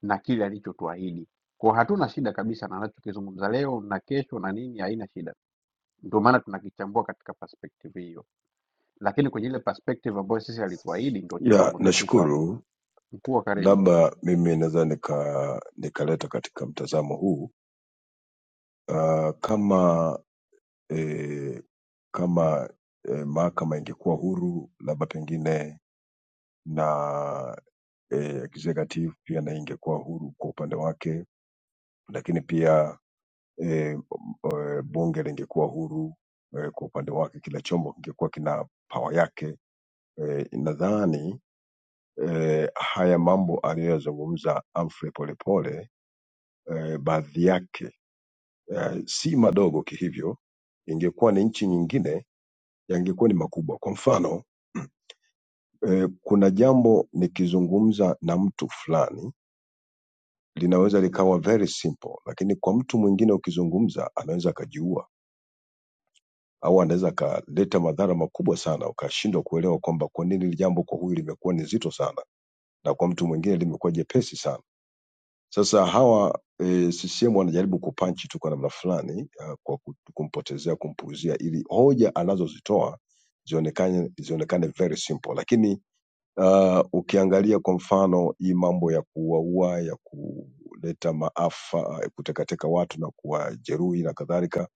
[SPEAKER 3] na kile alichotuahidi. Kwa hiyo hatuna shida kabisa na anachokizungumza leo na kesho na nini, haina shida. Ndio maana tunakichambua katika perspective hiyo, lakini kwenye ile perspective ambayo sisi alituahidi, ndio
[SPEAKER 16] Ya,
[SPEAKER 3] changamoto yetu iko hapo.
[SPEAKER 16] nashukuru.
[SPEAKER 3] Mkuu wa karibu,
[SPEAKER 16] Labda mimi naweza nika nikaleta katika mtazamo huu uh, kama eh, kama eh, mahakama ingekuwa huru labda pengine na eh, executive pia na ingekuwa huru kwa upande wake, lakini pia eh, eh, bunge lingekuwa huru eh, kwa upande wake, kila chombo kingekuwa kina pawa yake eh, nadhani eh, haya mambo aliyoyazungumza Humphrey Polepole eh, baadhi yake eh, si madogo kihivyo, ingekuwa ni nchi nyingine yangekuwa ni makubwa. Kwa mfano *clears throat* eh, kuna jambo nikizungumza na mtu fulani linaweza likawa very simple, lakini kwa mtu mwingine ukizungumza anaweza akajiua au anaweza akaleta madhara makubwa sana, ukashindwa kuelewa kwamba kwa nini hili jambo kwa huyu limekuwa ni zito sana na kwa mtu mwingine limekuwa jepesi sana. Sasa hawa e, CCM wanajaribu kupanchi tu kwa namna fulani ah, kwa ku- kumpotezea kumpuuzia, ili hoja anazozitoa zionekane zionekane very simple, lakini uh, ukiangalia kwa mfano hii mambo ya kuwaua ya kuleta maafa ya kutekateka watu na kuwajeruhi na kadhalika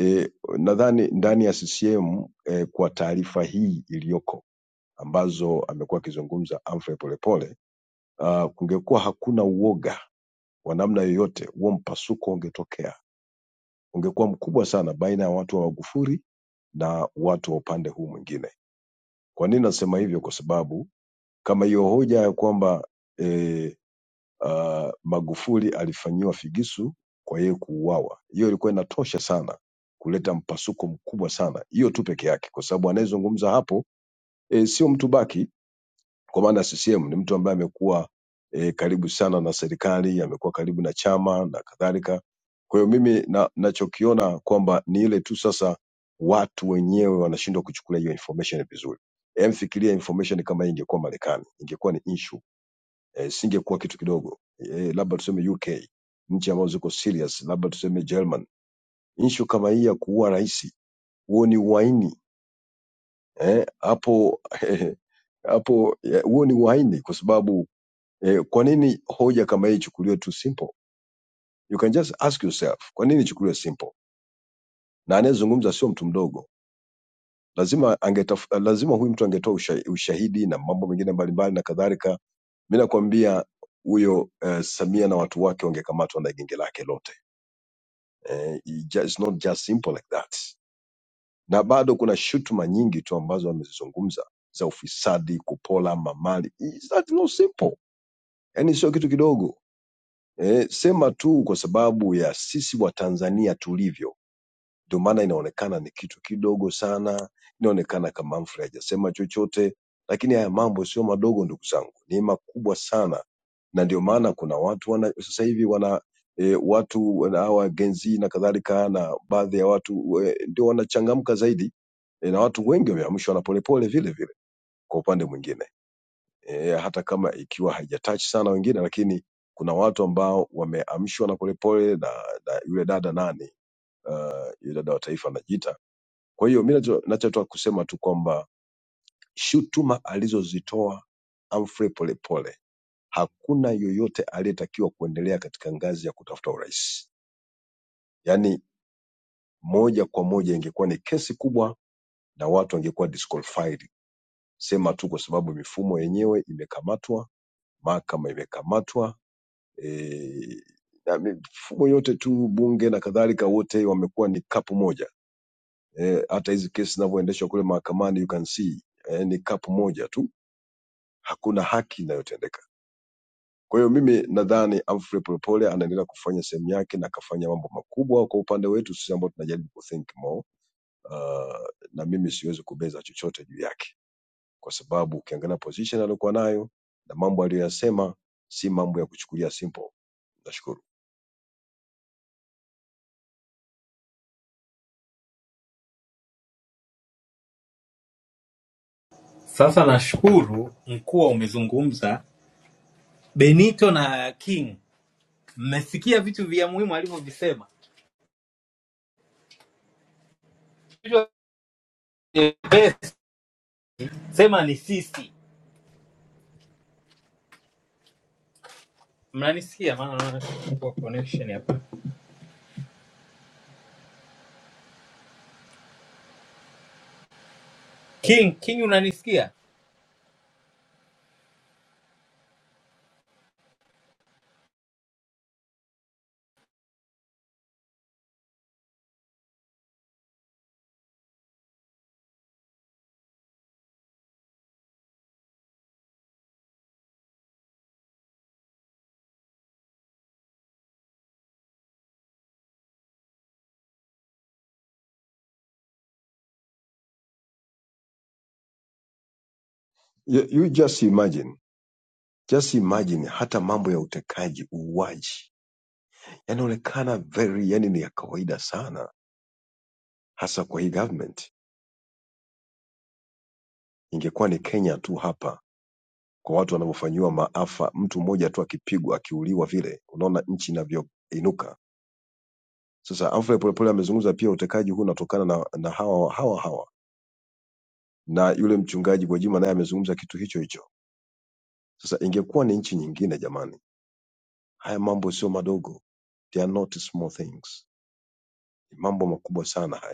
[SPEAKER 16] e, nadhani ndani ya CCM e, kwa taarifa hii iliyoko ambazo amekuwa akizungumza Humphrey Polepole uh, kungekuwa hakuna uoga wa namna yoyote, huo mpasuko ungetokea ungekuwa mkubwa sana baina ya watu wa Magufuli na watu wa upande huu mwingine. Kwa nini nasema hivyo? Kwa sababu kama hiyo hoja ya kwamba eh, ah, Magufuli alifanyiwa figisu kwa yeye kuuawa, hiyo ilikuwa inatosha sana kuleta mpasuko mkubwa sana, hiyo tu peke yake, kwa sababu anayezungumza hapo e, sio mtu baki kwa maana CCM ni mtu ambaye amekuwa e, karibu sana na serikali, amekuwa karibu na chama na kadhalika. Kwa hiyo mimi na, nachokiona kwamba ni ile tu sasa watu wenyewe wanashindwa kuchukulia hiyo information vizuri. Em, fikiria information kama hii ingekuwa Marekani, ingekuwa ni issue e, singekuwa kitu kidogo e, labda tuseme UK, nchi ambazo ziko serious, labda tuseme German. Issue kama hii ya kuua rais, huo ni uhaini eh, hapo *laughs* hapo eh, huo ni uhaini kwa sababu Eh, kwa nini hoja kama hii ichukuliwe tu simple? You can just ask yourself, kwa nini ichukuliwe simple? Na anayezungumza sio mtu mdogo, lazima angetaf, lazima huyu mtu angetoa usha, ushahidi na mambo mengine mbalimbali na kadhalika. Mi nakwambia huyo eh, Samia na watu wake wangekamatwa na genge lake lote. Eh, it ju- it's not just simple like that. Na bado kuna shutuma nyingi tu ambazo amezizungumza za ufisadi, kupola mamali. It's not no simple, yani sio kitu kidogo Eh, sema tu kwa sababu ya sisi Watanzania tulivyo, ndio maana inaonekana ni kitu kidogo sana, inaonekana kama Humphrey hajasema chochote, lakini haya mambo sio madogo ndugu zangu, ni makubwa sana, na ndio maana kuna watu wana, sasa hivi wana E, watu wana- hawa Gen Z na kadhalika na baadhi ya watu e, ndio wanachangamka zaidi e, na watu wengi wameamshwa na polepole vile vile kwa upande mwingine eh, hata kama ikiwa haijatouch sana wengine, lakini kuna watu ambao wameamshwa na polepole na, na yule dada nani, yule dada wa taifa anajiita. Kwa hiyo mi nacho- nachotaka kusema tu kwamba shutuma alizozitoa Humphrey Polepole, hakuna yoyote aliyetakiwa kuendelea katika ngazi ya kutafuta urais. Yaani moja kwa moja ingekuwa ni kesi kubwa na watu wangekuwa disqualified, sema tu kwa sababu mifumo yenyewe imekamatwa, mahakama imekamatwa, eh, na mifumo yote tu bunge na kadhalika wote wamekuwa ni kapu moja eh, hata hizi kesi zinavyoendeshwa kule mahakamani you can see eh, ni kapu moja tu hakuna haki inayotendeka kwa hiyo mimi nadhani Humphrey Polepole anaendelea kufanya sehemu yake na akafanya mambo makubwa kwa upande wetu sisi ambao tunajaribu kuthink more uh, na mimi siwezi kubeza chochote juu yake kwa sababu ukiangalia position aliyokuwa nayo na mambo aliyoyasema si mambo ya kuchukulia simple nashukuru
[SPEAKER 9] sasa nashukuru mkuwa umezungumza benito na king mmesikia vitu vya muhimu alivyovisema sema ni sisi mnanisikia maana naona niko connection hapa king king unanisikia
[SPEAKER 16] you, you just imagine just imagine hata mambo ya utekaji uuaji yanaonekana very yani ni ya kawaida sana hasa kwa hii government ingekuwa ni kenya tu hapa kwa watu wanavyofanyiwa maafa mtu mmoja tu akipigwa akiuliwa vile unaona nchi inavyoinuka sasa Humphrey polepole amezungumza pia utekaji huu unatokana na, na hawa hawa hawa na yule mchungaji Gwajima naye amezungumza kitu hicho hicho sasa ingekuwa ni nchi nyingine jamani haya mambo sio madogo they are not small things ni mambo makubwa sana haya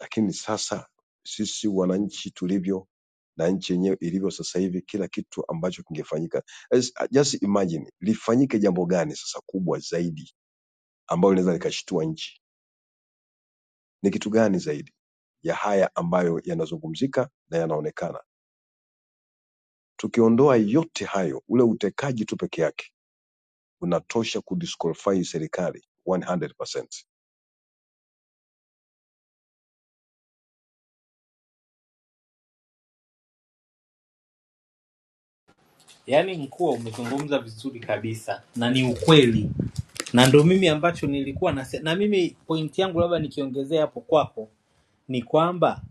[SPEAKER 16] Lakini sasa sisi wananchi tulivyo na nchi yenyewe ilivyo sasa hivi, kila kitu ambacho kingefanyika, As- just imagine lifanyike jambo gani sasa kubwa zaidi ambalo linaweza likashtua nchi? Ni kitu gani zaidi ya haya ambayo yanazungumzika na yanaonekana? Tukiondoa yote hayo, ule utekaji tu peke yake unatosha kudisqualify serikali 100%.
[SPEAKER 9] yaani mkuu umezungumza vizuri kabisa na ni ukweli na ndo mimi ambacho nilikuwa na na mimi pointi yangu labda nikiongezea hapo kwako ni kwamba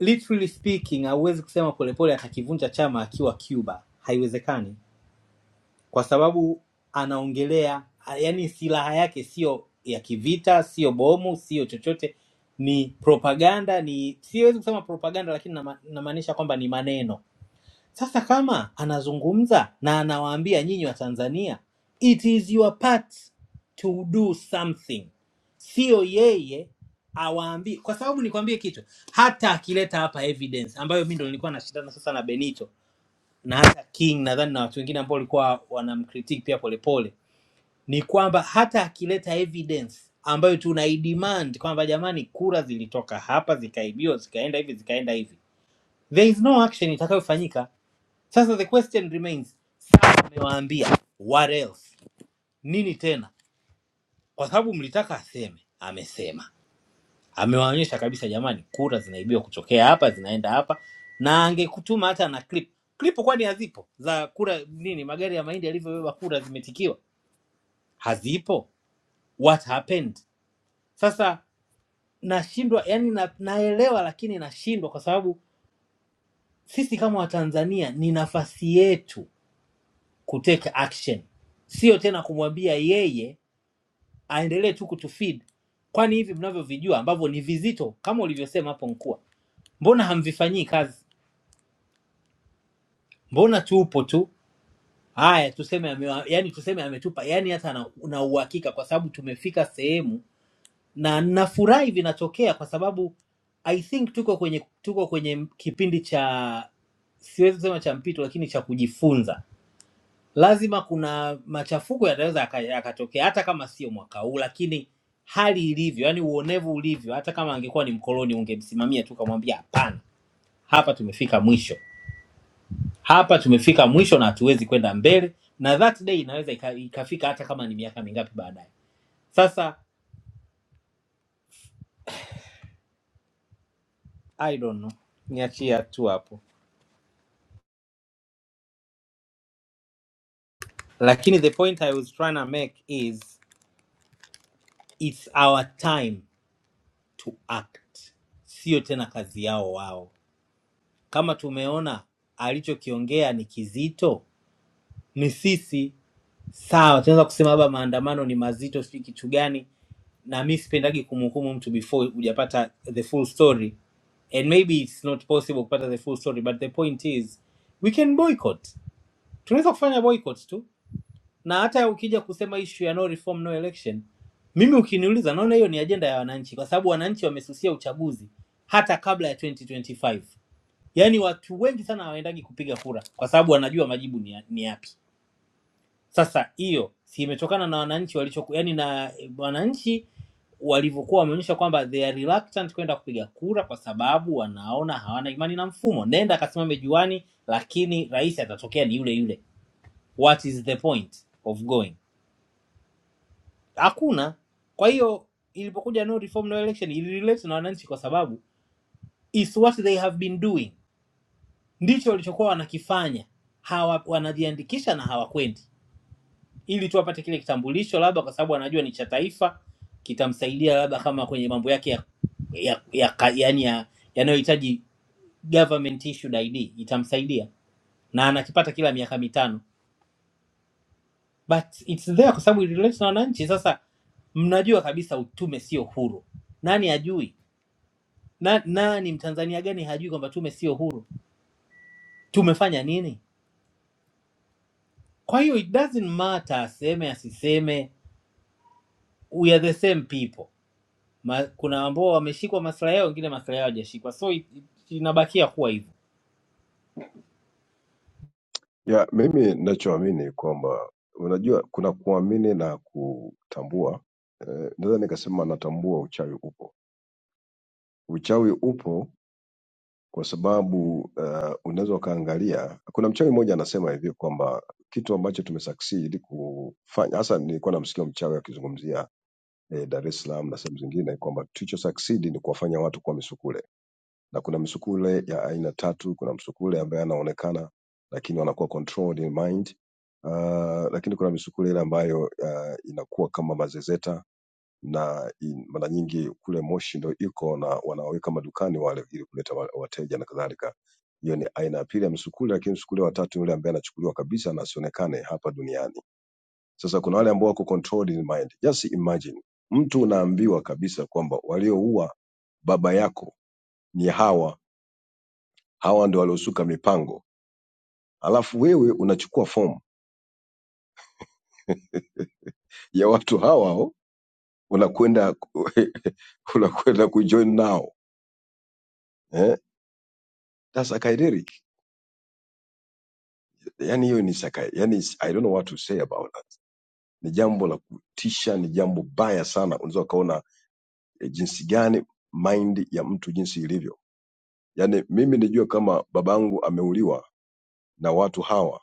[SPEAKER 9] literally speaking hauwezi kusema polepole atakivunja chama akiwa cuba haiwezekani kwa sababu anaongelea yani silaha yake sio ya kivita sio bomu sio chochote ni propaganda ni siwezi kusema propaganda lakini nama- namaanisha kwamba ni maneno sasa kama anazungumza na anawaambia nyinyi wa tanzania it is your part to do something sio yeye awaambie kwa sababu nikwambie kitu hata akileta hapa evidence ambayo mi ndo nilikuwa nashindana sasa na benito na hata King nadhani na watu wengine ambao walikuwa wanamkritik pia Polepole ni kwamba hata akileta evidence ambayo tunaidemand kwamba jamani, kura zilitoka hapa zikaibiwa zikaenda hivi zikaenda hivi, there is no action itakayofanyika. Sasa the question remains, sasa amewaambia what else, nini tena? Kwa sababu mlitaka aseme, amesema amewaonyesha kabisa jamani kura zinaibiwa kutokea hapa zinaenda hapa na angekutuma hata na clip clip kwani hazipo za kura nini magari ya mahindi yalivyobeba kura zimetikiwa hazipo what happened sasa nashindwa yani na, naelewa lakini nashindwa kwa sababu sisi kama watanzania ni nafasi yetu kuteka action sio tena kumwambia yeye aendelee tu kutufeed kwani hivi mnavyovijua ambavyo ni vizito kama ulivyosema hapo nkua mbona hamvifanyii kazi mbona tupo tu haya tuseme amewa, yani tuseme ametupa yani hata na, na uhakika kwa sababu tumefika sehemu na nafurahi vinatokea kwa sababu i think tuko kwenye tuko kwenye kipindi cha siwezi kusema cha mpito lakini cha kujifunza lazima kuna machafuko yataweza yaka- yakatokea hata kama sio mwaka huu lakini hali ilivyo yani uonevu ulivyo hata kama angekuwa ni mkoloni ungemsimamia tu ukamwambia hapana hapa tumefika mwisho hapa tumefika mwisho na hatuwezi kwenda mbele na that day inaweza ika, ikafika hata kama ni miaka mingapi baadaye sasa i don't know niachie tu hapo lakini the point i was trying to make is it's our time to act sio tena kazi yao wao kama tumeona alichokiongea ni kizito ni sisi sawa, tunaweza kusema labda maandamano ni mazito, sijui kitu gani, na mi sipendagi kumhukumu mtu before hujapata the full story and maybe it's not possible kupata the full story but the point is we can boycott tunaweza kufanya boycott tu na hata ukija kusema issue ya no reform no election mimi ukiniuliza naona hiyo ni ajenda ya wananchi kwa sababu wananchi wamesusia uchaguzi hata kabla ya 2025 yaani watu wengi sana hawaendagi kupiga kura kwa sababu wanajua majibu ni, ya- ni yapi sasa hiyo si imetokana na wananchi walicho yani, na e, wananchi walivyokuwa wameonyesha kwamba they are reluctant kwenda kupiga kura kwa sababu wanaona hawana imani na mfumo. Nenda akasimame juani, lakini rais atatokea ni yule yule, what is the point of going? Hakuna. Kwa hiyo ilipokuja no reform no election ilirelate na wananchi kwa sababu is what they have been doing, ndicho walichokuwa wanakifanya. Hawa wanajiandikisha na hawakwendi ili tu apate kile kitambulisho, labda kwa sababu anajua ni cha taifa, kitamsaidia labda kama kwenye mambo yake ya, ya, ya, ka- yani ya, yanayohitaji government issued ID itamsaidia, na anakipata kila miaka mitano, but it's there kwa sababu ililete na wananchi. Sasa mnajua kabisa tume sio huru, nani hajui na, nani mtanzania gani hajui kwamba tume sio huru? Tumefanya nini? Kwa hiyo it doesn't matter aseme asiseme, we are the same people Ma, kuna ambao wameshikwa maslahi yao, wengine maslahi yao hajashikwa, so it- it- inabakia kuwa hivyo.
[SPEAKER 16] Ya, mimi ninachoamini kwamba unajua kuna kuamini na kutambua. Eh, naweza nikasema natambua uchawi upo. Uchawi upo kwa sababu eh, unaweza ukaangalia. Kuna mchawi mmoja anasema hivi kwamba kitu ambacho tumesucceed kufanya, hasa nilikuwa namsikia mchawi akizungumzia eh, Dar es Salaam na sehemu zingine, kwamba tulicho succeed ni kuwafanya watu kuwa misukule na kuna misukule ya aina tatu. Kuna msukule ambaye anaonekana lakini wanakuwa controlled in mind uh, lakini kuna misukule ile ambayo uh, inakuwa kama mazezeta na in- mara nyingi kule Moshi ndo iko na wanaweka madukani wale ili kuleta wa- wateja na kadhalika. Hiyo ni aina ya pili ya misukule, lakini msukule wa tatu ni yule ambaye anachukuliwa kabisa na asionekane hapa duniani. Sasa kuna wale ambao wako controlled in mind. Just imagine mtu unaambiwa kabisa kwamba walioua baba yako ni hawa hawa ndo waliosuka mipango alafu wewe unachukua fomu ya watu hao hao unakwenda *laughs* ku- unakwenda kujoin nao eh? That's psychedelic. Yani hiyo ni psychi- yani is- I don't know what to say about that. Ni jambo la kutisha, ni jambo baya sana. Unaweza ukaona eh, jinsi gani mind ya mtu jinsi ilivyo. Yani mimi nijue kama babangu ameuliwa na watu hawa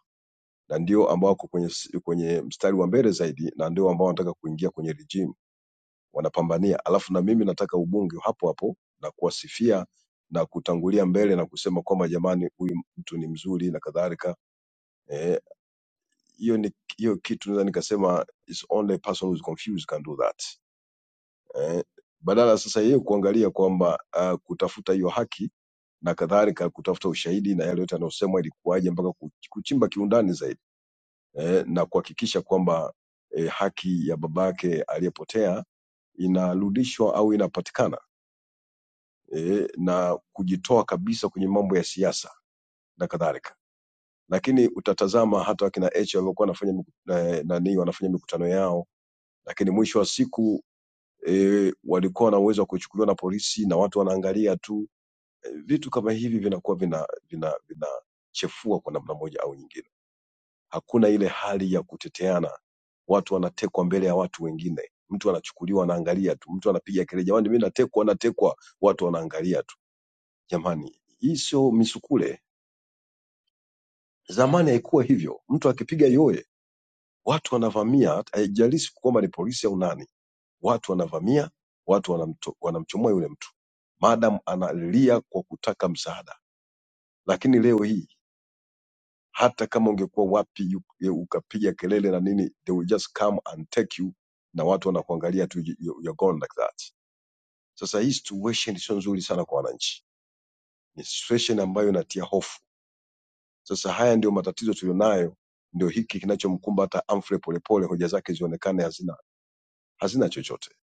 [SPEAKER 16] na ndio ambao wako kwenye, s- kwenye mstari wa mbele zaidi na ndio ambao wanataka kuingia kwenye regime wanapambania alafu na mimi nataka ubunge hapo hapo na kuwasifia na kutangulia mbele na kusema kwamba jamani huyu mtu ni mzuri na kadhalika Eh, hiyo ni hiyo kitu naweza nikasema is only person who is confused can do that eh, badala sasa yeye kuangalia kwamba uh, kutafuta hiyo haki na kadhalika kutafuta ushahidi na yale yote yanayosemwa ilikuwaje mpaka kuch- kuchimba kiundani zaidi eh, na kuhakikisha kwamba eh, haki ya babake aliyepotea inarudishwa au inapatikana eh, na kujitoa kabisa kwenye mambo ya siasa na kadhalika lakini utatazama hata wakina h waliokuwa wanafanya miku- eh, nani wanafanya mikutano yao lakini mwisho wa siku e, walikuwa na uwezo wa kuchukuliwa na polisi na watu wanaangalia tu e, vitu kama hivi vinakuwa vina vina vinachefua kwa namna moja au nyingine hakuna ile hali ya kuteteana watu wanatekwa mbele ya watu wengine mtu anachukuliwa anaangalia tu mtu anapiga kelele jamani mimi natekwa natekwa watu wanaangalia tu Jamani, hii sio misukule. Zamani haikuwa hivyo, mtu akipiga yoye watu wanavamia, haijalishi kwamba ni polisi au nani, watu wanavamia, watu wanamto, wanamchomoa yule mtu madam analia kwa kutaka msaada. Lakini leo hii hata kama ungekuwa wapi u- ukapiga kelele na nini, they will just come and take you, na watu wanakuangalia tu, you- you- you're gone like that. Sasa hii situation sio nzuri sana kwa wananchi, ni situation ambayo inatia hofu Sasa haya ndio matatizo tulionayo, ndio hiki kinachomkumba hata Humphrey Polepole, hoja zake zionekane hazina hazina chochote,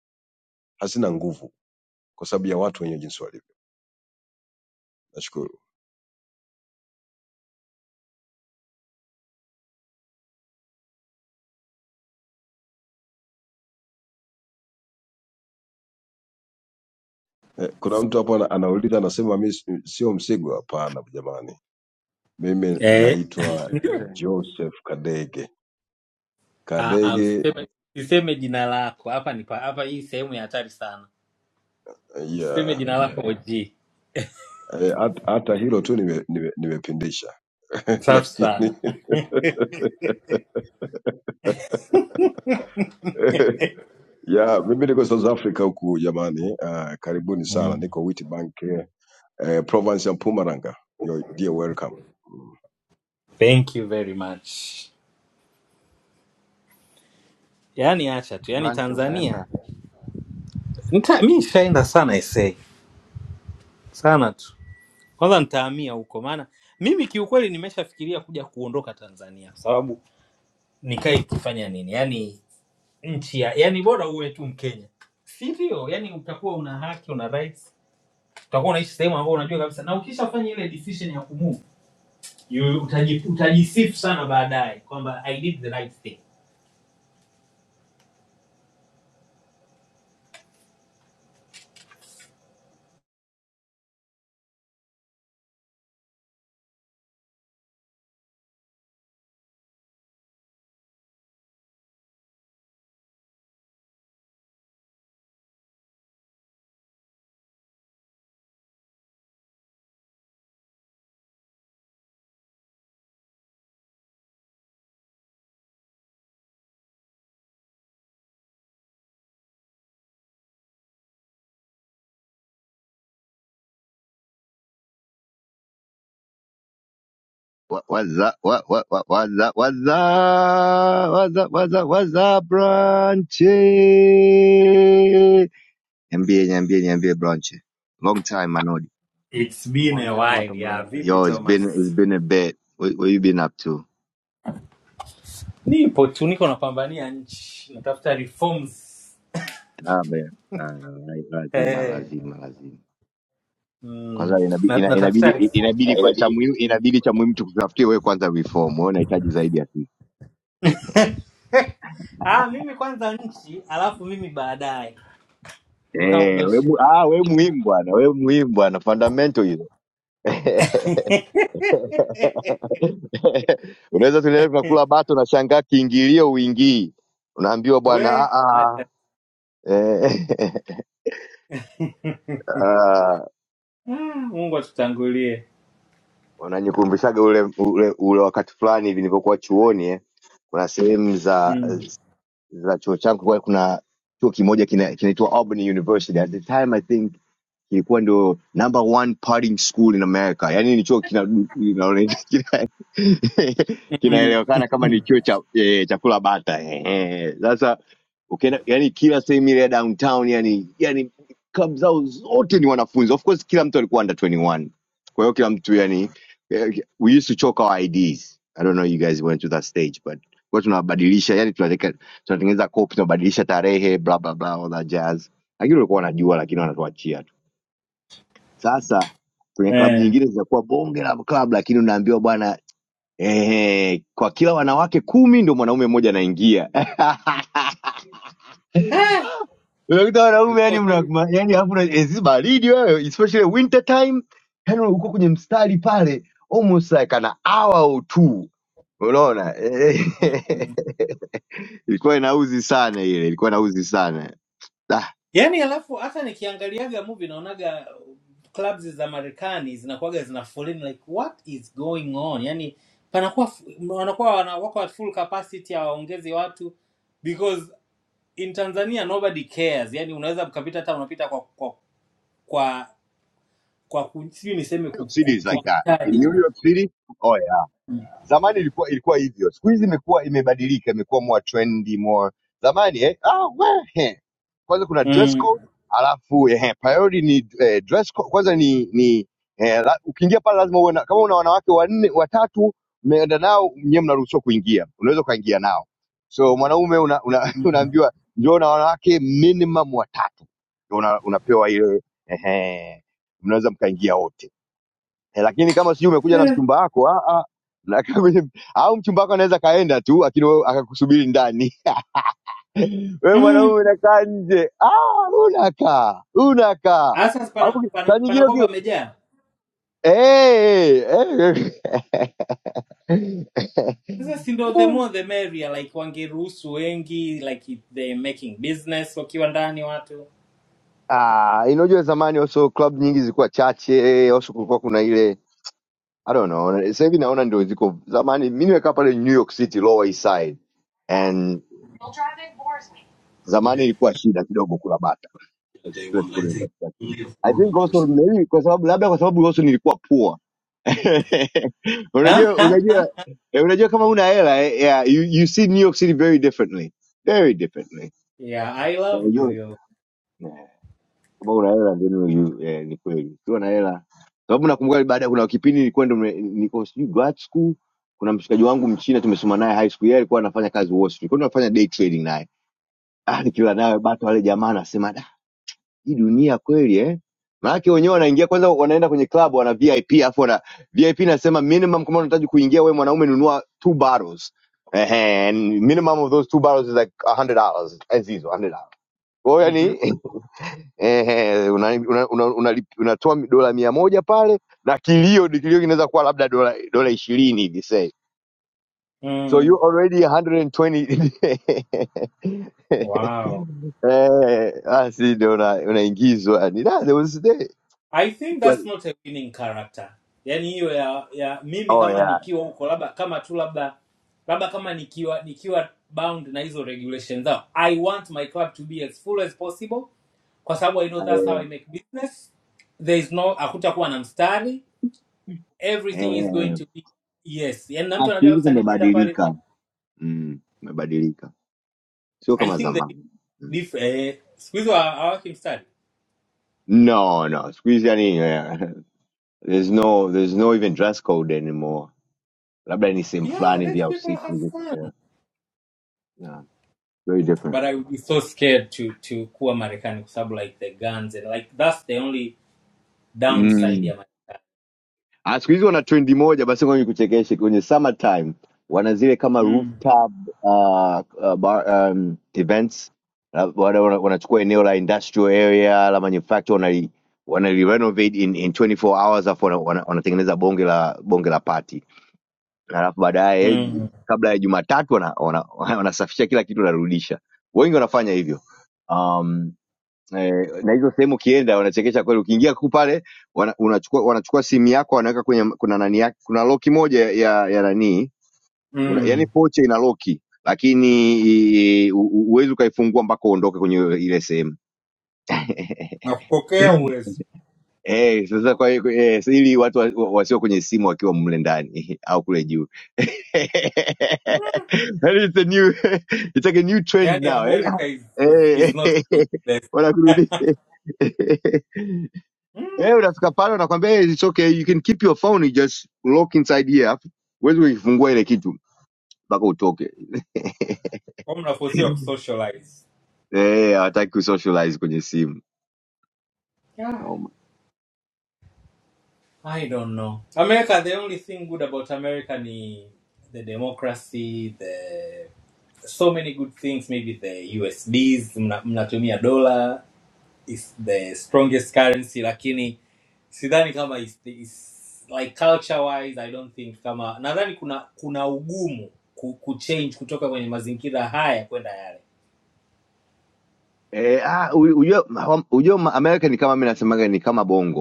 [SPEAKER 16] hazina nguvu kwa sababu ya watu wenye jinsi walivyo. Nashukuru. Eh, kuna mtu hapo ana- anauliza anasema, mi si- sio Msigwa. Hapana jamani, mimi
[SPEAKER 9] eh,
[SPEAKER 16] naitwa
[SPEAKER 9] ndio.
[SPEAKER 3] jitetee.
[SPEAKER 16] Joseph Kadege
[SPEAKER 9] Ah, ah, usi-
[SPEAKER 16] Kadege.
[SPEAKER 9] Usiseme jina lako hapa, ni pa- hapa, hii sehemu ya hatari sana. Usiseme
[SPEAKER 16] Yeah,
[SPEAKER 9] jina lako OG,
[SPEAKER 16] Eh, hat- hata hilo tu nime- nime- nimepindisha *laughs*
[SPEAKER 9] safi sana.
[SPEAKER 16] lakini *laughs* ya mimi niko South Africa huku jamani. Uh, karibuni sana,
[SPEAKER 9] Mm.
[SPEAKER 16] niko Witbank uh, Province and Pumaranga. You're dear welcome.
[SPEAKER 9] Thank you very much. Yaani acha tu, yaani
[SPEAKER 3] Blanche,
[SPEAKER 9] Tanzania
[SPEAKER 3] utaenda
[SPEAKER 9] nita, mi nishaenda sana SA sana tu, kwanza nitahamia huko, maana mimi kiukweli nimeshafikiria kuja kuondoka Tanzania kwa sababu nikae ikifanya nini, yaani nchi ya yani bora uwe tu mkenya si ndio yani utakuwa una haki una rights utakuwa unaishi sehemu ambayo unajua kabisa na ukishafanya ile decision ya kumove you- utaji- utajisifu sana baadaye kwamba i did the right thing
[SPEAKER 17] What what's up? What what what what's up? What's up? What's up? What's up? What's up, Branchy? Niambie, niambie, niambie, Branchy. Long time, Manodi.
[SPEAKER 9] It's been a
[SPEAKER 3] mwagie moto
[SPEAKER 9] while. Yeah,
[SPEAKER 3] Blanche.
[SPEAKER 9] vipi
[SPEAKER 17] Yo, it's been it's
[SPEAKER 9] Thomas?
[SPEAKER 17] been a bit. What, what you been up to?
[SPEAKER 9] nipo tu niko napambania nchi natafuta reforms
[SPEAKER 17] Ah, man. Ah, lazima,
[SPEAKER 9] Eh,
[SPEAKER 17] lazima, lazima. Kwanza
[SPEAKER 9] mm.
[SPEAKER 17] inabidi
[SPEAKER 9] na,
[SPEAKER 17] ina- inabidi
[SPEAKER 9] natafuta reform
[SPEAKER 17] inabidi kwa cha muhimu inabidi cha muhimu tukutafutie wewe kwanza reform. Wewe unahitaji zaidi ya sisi.
[SPEAKER 9] ah mimi kwanza nchi alafu mimi baadaye ndo kama- ndo *laughs*
[SPEAKER 17] Eh, wewe
[SPEAKER 9] shi-
[SPEAKER 17] mu- ah, wewe muhimu bwana. Wewe muhimu bwana. Fundamental hizo. *laughs* *laughs* unaweza tuendelee tunakula bato na shangaa kiingilio uingii unaambiwa bwana
[SPEAKER 9] We,
[SPEAKER 17] "Ah, ah, eh, *laughs* ah."
[SPEAKER 9] Ah, Mungu atutangulie.
[SPEAKER 17] wananikumbushaga ule, ule ule wakati fulani hivi nilipokuwa chuoni eh, kuna sehemu za
[SPEAKER 9] Mm.
[SPEAKER 17] za chuo changu kulikuwa kuna chuo kimoja kina- kinaitwa Auburn University at the time I think kilikuwa ndio number one partying school in america yaani ni chuo kina, kina, kina, *laughs*
[SPEAKER 9] Mm.
[SPEAKER 17] kinaelewekana kama ni
[SPEAKER 9] *laughs*
[SPEAKER 17] chuo cha, eh, cha kula bata eh, eh. sasa ukienda yani kila sehemu ile ya downtown yani yani club zao zote ni wanafunzi of course kila mtu alikuwa under 21 kwa hiyo kila mtu yani eh, we used to choke our ids i don't know you guys went to that stage but kwa tunabadilisha yani tunateka- tunatengeneza copy tunabadilisha tarehe bla bla bla all that jazz lakini walikuwa wanajua lakini wanatuachia sasa kwenye klabu
[SPEAKER 9] Eh.
[SPEAKER 17] nyingine zinakuwa bonge la klabu, lakini unaambiwa bwana eh, kwa kila wanawake kumi ndio mwanaume mmoja anaingia. *laughs*
[SPEAKER 9] Eh,
[SPEAKER 17] Unakuta wanaume
[SPEAKER 9] ilikuwa
[SPEAKER 17] yani mna
[SPEAKER 9] hotel.
[SPEAKER 17] yani hapo na
[SPEAKER 9] Mm.
[SPEAKER 17] ezi baridi wewe especially winter time, yani uko kwenye mstari pale almost like an hour or two. Unaona?
[SPEAKER 9] Mm.
[SPEAKER 17] *laughs* Ilikuwa inauzi sana ile, ilikuwa inauzi sana. Ah,
[SPEAKER 9] Yaani alafu hata nikiangaliaga movie naonaga uh, clubs za Marekani zinakuwaga zina foleni like what is going on? Yaani panakuwa fu- wanakuwa wana- wako at full capacity hawaongezi watu because in Tanzania nobody cares. Yaani unaweza ukapita hata unapita kwa kwa kwa kwa ku- sijui niseme
[SPEAKER 17] New
[SPEAKER 9] ku-
[SPEAKER 17] York
[SPEAKER 9] ku-
[SPEAKER 17] City is like that. In
[SPEAKER 9] kupitaje.
[SPEAKER 17] New York City, oh yeah. zamani ilikuwa ilikuwa hivyo siku hizi imekuwa imebadilika imekuwa more trendy more zamani eh? ah, we, eh. kwanza kuna dress
[SPEAKER 9] Mm.
[SPEAKER 17] code alafu eh, priority ni eh, dress code, kwanza ni ni eh, la, ukiingia pale lazima uwe na, kama una wanawake wanne watatu mmeenda nao nyewe mnaruhusiwa kuingia unaweza ukaingia nao so mwanaume una, una, *laughs*
[SPEAKER 9] Mm.
[SPEAKER 17] unaambiwa njoo na wanawake minimum watatu Ndio una, unapewa ile ehe mnaweza mkaingia wote Eh, lakini kama sijui umekuja na mchumba wako ah, ah, na kama- *laughs* au mchumba wako anaweza kaenda tu lakini wewe akakusubiri ndani *laughs* wewe
[SPEAKER 9] Eh.
[SPEAKER 17] mwanaume unakaa nje ah, unakaa unakaa
[SPEAKER 9] Sasa pana,
[SPEAKER 17] Alafu ki-
[SPEAKER 9] pana,
[SPEAKER 17] saa nyingine
[SPEAKER 9] panakuwa
[SPEAKER 17] uki-
[SPEAKER 9] pamejaa.
[SPEAKER 17] eh, eh, eh.
[SPEAKER 9] Sasa si ndo the
[SPEAKER 17] *laughs*
[SPEAKER 9] more the merrier, like wangeruhusu wengi, like if they making business wakiwa ndani watu.
[SPEAKER 17] Ah, inajua zamani also club nyingi zilikuwa chache also kulikuwa kuna ile I don't know. Sasa hivi naona ndio ziko zamani. Mimi nimekaa pale New York City Lower East Side and zamani
[SPEAKER 9] Okay.
[SPEAKER 17] ilikuwa shida kidogo kula bata.
[SPEAKER 9] Day
[SPEAKER 17] express
[SPEAKER 9] one, I
[SPEAKER 17] kule
[SPEAKER 9] think
[SPEAKER 17] katikati.
[SPEAKER 9] only a
[SPEAKER 17] I
[SPEAKER 9] horrible
[SPEAKER 17] think also
[SPEAKER 9] person.
[SPEAKER 17] maybe kwa sababu labda kwa sababu also nilikuwa poor. *laughs* unajua unajua eh, unajua kama una hela eh, yeah, you, you see New York City very differently. Very differently.
[SPEAKER 9] *laughs* yeah, I love New
[SPEAKER 17] Unajua
[SPEAKER 9] York.
[SPEAKER 17] eh, kama una hela ndio ni you- eh, ni kweli. Ukiwa na hela sababu nakumbuka baada kuna kipindi nilikuwa ndo nime- niko sijui grad school kuna mshikaji wangu mchina tumesoma naye high school yeye alikuwa anafanya kazi Wall Street. Kwa hiyo nafanya day trading naye. Ah, nikila naye bato wale jamaa anasema hii dunia kweli eh maanake wenyewe wanaingia kwanza wanaenda kwenye club wana vip alafu wana vip nasema minimum kama unahitaji kuingia we mwanaume nunua two bottles Ehe, and minimum of those two bottles is like a hundred dollars as hizo hundred dollars kwa hiyo
[SPEAKER 9] Mhm.
[SPEAKER 17] yani *laughs* ehe, una- una- una- una- unatoa dola mia moja pale na kilio kilio kinaweza kuwa labda dola dola ishirini hivi say so you
[SPEAKER 9] mm.
[SPEAKER 17] already 120
[SPEAKER 9] Wow.
[SPEAKER 17] *laughs* eh, basi ndio una- unaingizwa ni da, there was a day.
[SPEAKER 9] I think that's not a winning character. Yaani hiyo ya, ya mimi
[SPEAKER 17] Oh
[SPEAKER 9] kama
[SPEAKER 17] yeah.
[SPEAKER 9] nikiwa huko labda kama tu labda labda kama nikiwa nikiwa bound na hizo regulations zao. I want my club to be as full as possible kwa sababu I know that's how I
[SPEAKER 17] Eh,
[SPEAKER 9] make business. There is no hakutakuwa na mstari.
[SPEAKER 17] eh,
[SPEAKER 9] Everything is going
[SPEAKER 17] eh.
[SPEAKER 9] to be yes. Yaani na
[SPEAKER 17] Ah,
[SPEAKER 9] mtu
[SPEAKER 17] siku
[SPEAKER 9] anajua
[SPEAKER 17] hizi
[SPEAKER 9] kabisa nikienda pale
[SPEAKER 17] kumebadilika, Mm, kumebadilika, sio
[SPEAKER 9] I
[SPEAKER 17] kama
[SPEAKER 9] think the
[SPEAKER 17] zamani. Mm.
[SPEAKER 9] dif eh siku hizo hawaki mstari.
[SPEAKER 17] No, no, siku hizi yani eh, *laughs* there's no there's no even dress code anymore, labda ni sehemu
[SPEAKER 9] Yeah,
[SPEAKER 17] fulani
[SPEAKER 9] let
[SPEAKER 17] vya
[SPEAKER 9] people
[SPEAKER 17] usiku.
[SPEAKER 9] have
[SPEAKER 17] hivi,
[SPEAKER 9] fun.
[SPEAKER 17] Yeah. Yeah. Very different.
[SPEAKER 9] but I would be so scared to to kuwa Marekani kwa sababu like the guns and like that's the only downside
[SPEAKER 17] Mm.
[SPEAKER 9] ya Marekani.
[SPEAKER 17] Ah, siku hizi wana trendi moja basi, ngoja nikuchekeshe. Kwenye summertime wana zile kama
[SPEAKER 9] Mm.
[SPEAKER 17] rooftop uh, uh, bar, um, events Na wana- wana- wanachukua eneo la industrial area la manufacture wanali wanali renovate in, in 24 hours afu wana- wana- wanatengeneza bonge la bonge la party, alafu baadaye
[SPEAKER 9] Mm.
[SPEAKER 17] kabla ya Jumatatu wanasafisha wana, wana *laughs* wanasafisha kila kitu, wanarudisha. Wengi wanafanya hivyo um, eh, na hizo sehemu ukienda wanachekesha kweli ukiingia tu pale wana, unachukua wanachukua simu yako wanaweka kwenye kuna nani yake kuna loki moja ya ya nani una, yani
[SPEAKER 9] Mm.
[SPEAKER 17] pocha ina loki lakini i- u- u- huwezi ukaifungua mpaka uondoke kwenye ile sehemu *laughs*
[SPEAKER 9] Na kupokea uwezo
[SPEAKER 17] Eh, sasa kwa hiyo eh, si ili watu wa- wa- wasio kwenye simu wakiwa mle ndani *laughs* au kule juu. *laughs*
[SPEAKER 9] Mm.
[SPEAKER 17] Yaani it's a new *laughs* it's like a new trend
[SPEAKER 9] yani
[SPEAKER 17] now. Yaani, ah,
[SPEAKER 9] America is, is, is
[SPEAKER 17] Eh,
[SPEAKER 9] not even
[SPEAKER 17] *laughs*
[SPEAKER 9] the best. *laughs*
[SPEAKER 17] wanakurudi. *laughs*
[SPEAKER 9] mm.
[SPEAKER 17] Eh, unafika pale unakwambia hey, it's okay you can keep your phone you just lock inside here. Alafu Huwezi kuifungua ile kitu mpaka utoke. *laughs*
[SPEAKER 9] Kwa mnaforsiwa kusocialize.
[SPEAKER 17] Eh, hawataki kusocialize kwenye simu.
[SPEAKER 9] Yeah.
[SPEAKER 17] Naoma.
[SPEAKER 9] I don't know. America the only thing good about America ni the democracy, the so many good things maybe the USDs mna- mnatumia dola is the strongest currency lakini sidhani kama is, is, like culture wise i don't think kama nadhani kuna kuna ugumu ku, kuchange kutoka kwenye mazingira haya kwenda yale
[SPEAKER 17] Eh, ah, u- ujua, hawam- ujua ma- America ni kama mimi nasemaga ni kama bongo.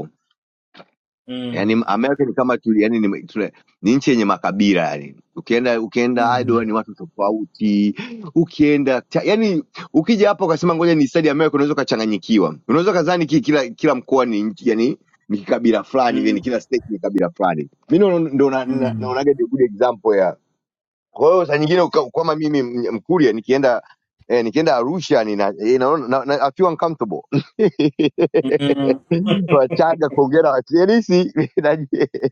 [SPEAKER 9] mm.
[SPEAKER 17] yani Amerika ni kama tuli, yani ni, tule, ni nchi yenye makabila yani. Ukienda ukienda
[SPEAKER 9] Mm.
[SPEAKER 17] Idaho ni watu tofauti, ukienda cha, yani ukija hapa ukasema ngoja ni study America, unaweza ukachanganyikiwa, unaweza ukadhani ki- kila kila mkoa ni nchi- yani ni kikabila fulani hivi,
[SPEAKER 9] Mm.
[SPEAKER 17] ni kila state ni kabila fulani. Mimi ndo ndo ndo na- na-
[SPEAKER 9] Mm.
[SPEAKER 17] naonaga the good example ya kwa hiyo saa nyingine uka- kama mimi m- Mkuria nikienda eh, nikienda Arusha nina eh, naona na, na, I feel uncomfortable
[SPEAKER 9] Mm.
[SPEAKER 17] *laughs* Wachaga kuongea na Wachilisi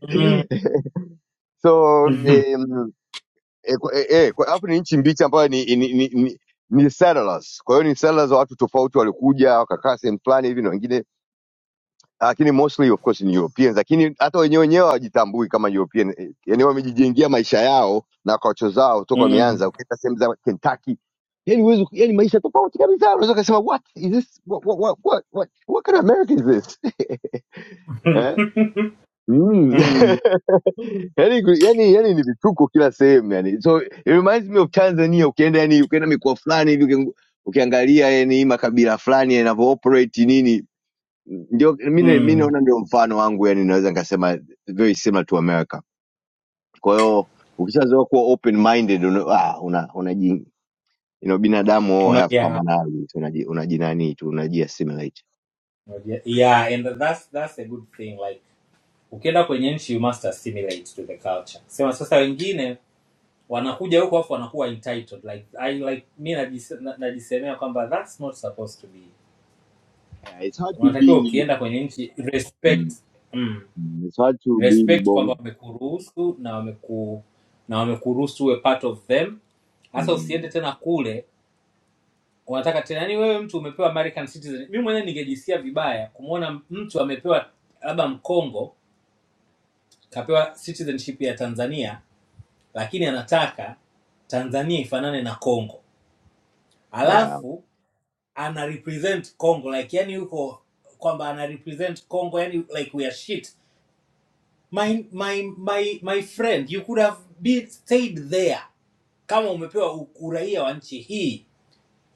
[SPEAKER 9] Mm.
[SPEAKER 17] so
[SPEAKER 9] Mm.
[SPEAKER 17] eh, mm, *laughs* eh, kwa- eh, eh, kwa- alafu ni nchi mbichi ambayo ni, ni, ni, ni, ni settlers. Kwa hiyo ni settlers wa watu tofauti walikuja wakakaa sehemu fulani hivi na wengine lakini mostly of course ni Europeans, lakini hata wenyewe wenyewe hawajitambui kama European, eh, yani wamejijengea maisha yao na kocho zao toka
[SPEAKER 9] Mm.
[SPEAKER 17] wameanza. Ukienda sehemu za Kentucky, yani huwezi, yani maisha tofauti kabisa. Unaweza kusema what is this, what, what, what, what, what, what kind of America is this *laughs* eh?
[SPEAKER 9] *laughs*
[SPEAKER 17] Mm. *laughs*
[SPEAKER 9] Mm.
[SPEAKER 17] yani, ku- yani, yani ni vituko kila sehemu yani. So it reminds me of Tanzania. Ukienda yani, ukienda mikoa fulani hivi ukiang- ukiangalia yani makabila fulani yanavyo operate nini ndio mi mi
[SPEAKER 9] Mm.
[SPEAKER 17] naona ndio mfano wangu yani naweza nikasema very similar to america kwa hiyo ukishazoea kuwa open minded una, ah, una, unaji you know, binadamu all
[SPEAKER 9] Una-
[SPEAKER 17] have
[SPEAKER 9] yeah.
[SPEAKER 17] commonalities unaji unajinani tu unaji assimilate
[SPEAKER 9] Unajua- yeah and that's that's a good thing like ukienda kwenye nchi you must assimilate to the culture sema sasa wengine wanakuja huko afu wanakuwa entitled like I like mi najise- na- najisemea kwamba that's not supposed to be.
[SPEAKER 17] yeah, it's hard to
[SPEAKER 9] Unatakiwa
[SPEAKER 17] be
[SPEAKER 9] ukienda kwenye nchi respect,
[SPEAKER 17] mm,
[SPEAKER 9] mm,
[SPEAKER 17] mm, it's hard to be
[SPEAKER 9] respect
[SPEAKER 17] mbong
[SPEAKER 9] kwamba wamekuruhusu na wameku na wamekuruhusu uwe part of them. Hasa usiende
[SPEAKER 17] mm,
[SPEAKER 9] tena kule wanataka tena, yani wewe mtu umepewa American citizen. Mi mwenyewe ningejisikia vibaya kumwona mtu amepewa labda Mkongo kapewa citizenship ya Tanzania, lakini anataka Tanzania ifanane na Kongo
[SPEAKER 17] yeah
[SPEAKER 9] alafu ana represent Congo like yani yuko kwamba ana represent Congo yani like we are shit. My my my my friend you could have been stayed there. Kama umepewa u- uraia wa nchi hii